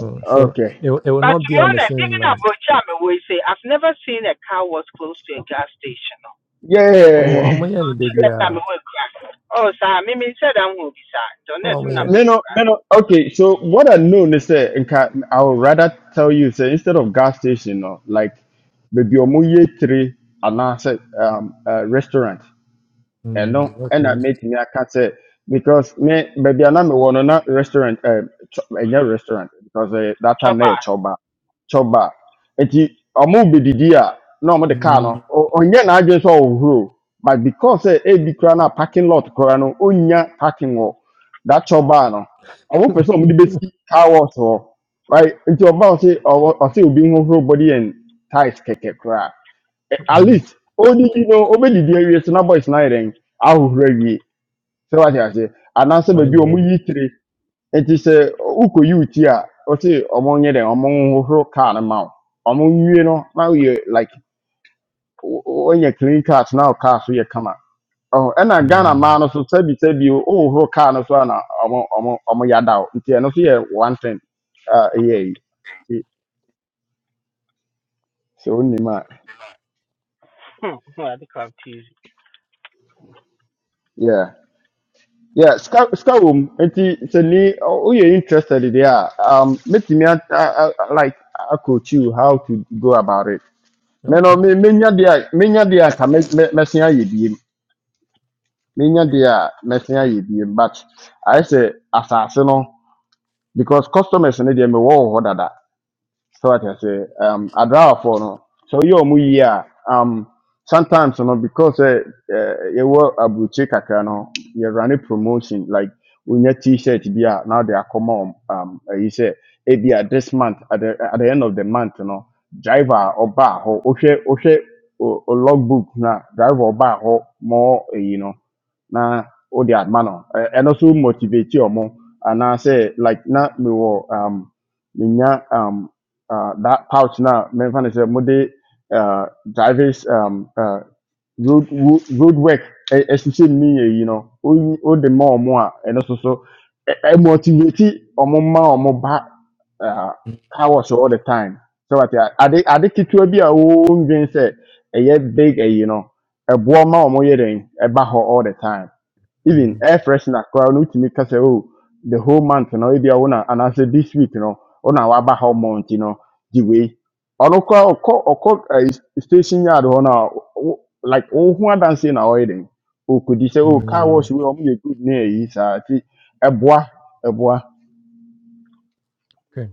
S9: Mm. So
S14: okay
S9: it, will- it will
S10: But
S9: not
S10: to
S9: be
S10: be
S9: on the
S10: honest,
S9: same
S10: even
S9: land.
S10: Abrochi Amewo yi say, I've never seen a car was close to a gas station.
S9: Oh,
S14: yeah. [laughs]
S9: I'm here, ni baby.
S10: That time
S9: ah.
S10: we Oh, sir, me me said I'm going to be sir. Don't
S9: Oh, I'm
S10: thing i
S9: here.
S10: number
S14: No,
S10: going
S14: no,
S10: to
S14: no, no. Okay, so what I know is that nka- I would rather tell you say instead of gas station, no, like maybe omuye three and I said, um uh, restaurant
S9: Mm,
S14: ɛno ɛna
S9: okay.
S14: mɛtumi aka sɛ because me baabi a na mewɔ no na restaurant ɛm, chɔ- ɛnyɛ restaurant because ɛyɛ that
S10: chop
S14: time na yɛ
S10: out.
S14: chɔba chɔba nti ɔmo bɛdidi a na ɔmo de car
S9: Hmm.
S14: no ɔ- ɔnyɛ n'adwene sɛ ɔhohoro but because sɛ ebi koraa na parking lot koraa no ɔnya parking wɔ that chɔba no ɔmo pɛ sɛ ɔmo de
S9: [laughs]
S14: bɛsi car wash wɔ right nti ɔba ɔse ɔwɔ- ɔse obi hohoro body and thighs kɛkɛ koraa at
S9: mm,
S14: least only you know. awie the area, boys na yɛn ahohoro awie I wate ase anaasɛ baabi
S9: mine
S14: a ɔmo
S9: ready.
S14: yi tire nti sɛ wokɔ yi wo ti a ɔte ɔmo nyɛ dɛn ɔmo nhohoro kaa no ma wo ɔmo nwie no na woyɛ like when you clean cars now wo kaa so yɛ Oh, and ɛna ghana
S9: Hmm.
S14: man, no so be sɛbi o wohohoro who can so a na ɔmo ɔmo ɔmo yada wo nti ɛno so one thing a yeah, so nti sɛ
S10: [laughs] I think I'm teasing.
S14: yeah Yeah, ska ska room. Enti sɛ ni oyɛ interested in there, um, metumi a, a, a like a coach you how to go about it. Mɛ no
S9: okay.
S14: me menya deɛ a menya deɛ a ka mɛ mɛ mɛsen ayɛ biem. Menya deɛ a mɛsen ayɛ biem but ayɛ sɛ asase no because customers in deɛ mewɔ wɔ order dada so I can say um I draw for no. So you mu yi um sometimes you know because uh, uh, you were abuchi kakra no you run a promotion like when your t-shirt be a now they are common um uh, you say e be a this month at the at the end of the month you know, driver or bar or okay, okay, ohwe logbook na driver or bar or more uh, you know na o de adma no Ɛ- ɛno so motivate ɔmo anaasɛ like na mewɔ um menya um, uh, that pouch now. memfa no sɛ mode uh, drivers um, uh, road wo- road work ɛ- ɛhyehyɛ mu you know, no woyi- wode ma more. And also, so I ɛ- ɛ- motivate ɔmo ma ɔmo ba uh, car wash all the time so what? wate a- ade ade ketewa bi a wondwen sɛ ɛyɛ big ɛyi no ɛboɔ ma ɔmo yɛ den ɛba hɔ all the time even
S9: Hmm.
S14: air freshener koraa no wotumi ka say, oh the whole month no ebi a wona anaasɛ this week no wona waba hɔ month no gye wei ɔno koraa ɔkɔ ɔkɔ ɛyi station yard hɔ no a wo- like wohu adanseɛ na ɔyɛ den okudi sɛ oh car
S9: hmm,
S14: wash we ɔmo yɛ good ne ɛyi saa ti ɛboa ɛboa
S9: Okay.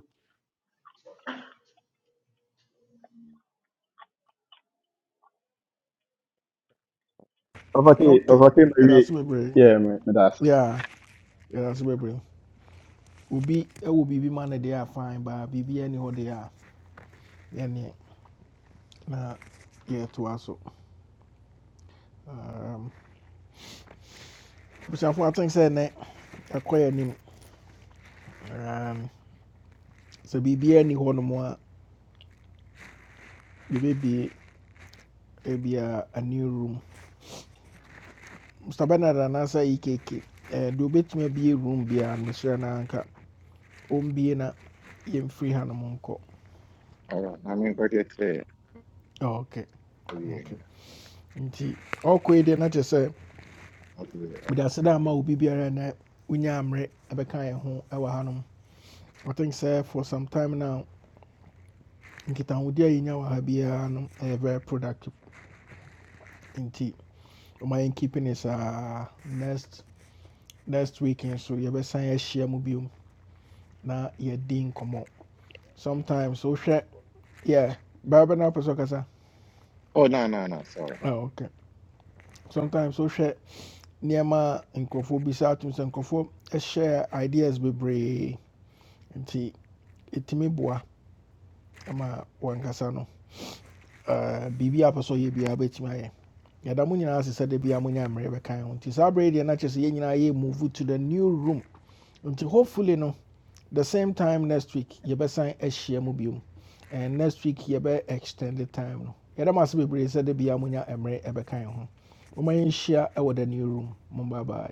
S14: ɔfɔte
S1: Okay,
S14: ɔfɔte ma wie
S1: that's ase bebree.
S14: me, mɛ
S1: Yeah, that's yɛda ase bebree. Obi ɛwɔ biribi ma no deɛ a fine but biribi ɛni hɔ deɛ a yɛneɛ na yɛtoa so. Um, Busuafo I think sɛ ɛnɛ ɛkɔ yɛ anim. Um, Sɛ biribi ɛni hɔ more a yɛbɛbie ebi a a new room. Mr. Bernard anaasɛ EKK eh, deɛ obɛtumi abue room biara no mesrɛ no anka ɔmbue na Okay. hanom nkɔ
S11: Hold I mean, but it's there.
S1: ok
S11: Oh, yeah, yeah.
S1: ok nti ɔkɔ yi deɛ na kyerɛ sɛ
S11: Okay, oh,
S1: mede aseda ama obi biara na wonya mmerɛ ɛbɛka yɛ ho ɛwɔ hanom I think sɛ for some time now nkitahodi a yɛnya wɔ ha biara no ɛyɛ very productive nti ɔma yɛn keep ne saa next next week nso yɛbɛsan ahyia mu biom na yɛdi nkɔmmɔ sometimes wohwɛ Yeah, baabi na apɛ sɛ ɔkasa.
S11: oh, no, no, no, sorry.
S1: Oh, okay. Sometimes wohwɛ nneɛma a nkurɔfoɔ bisa atom sɛ nkurɔfoɔ share ideas bebree nti ɛtumi boa ma wankasa no uh, biribi a apɛ sɛ ɔyɛ biara bɛtumi ayɛ. Yɛda mo nyinaa ase sɛ da biara monya mmerɛ bɛkan ho nti saa berɛ yi deɛ na kyerɛ sɛ yɛn nyinaa yɛ move to the new room nti hopefully no the same time next week you better sign a share biom and next week you better extend the time no yɛda mo ase bebree sɛ de bia monya mmerɛ ɛbɛkan ho momma the new room mo bye bye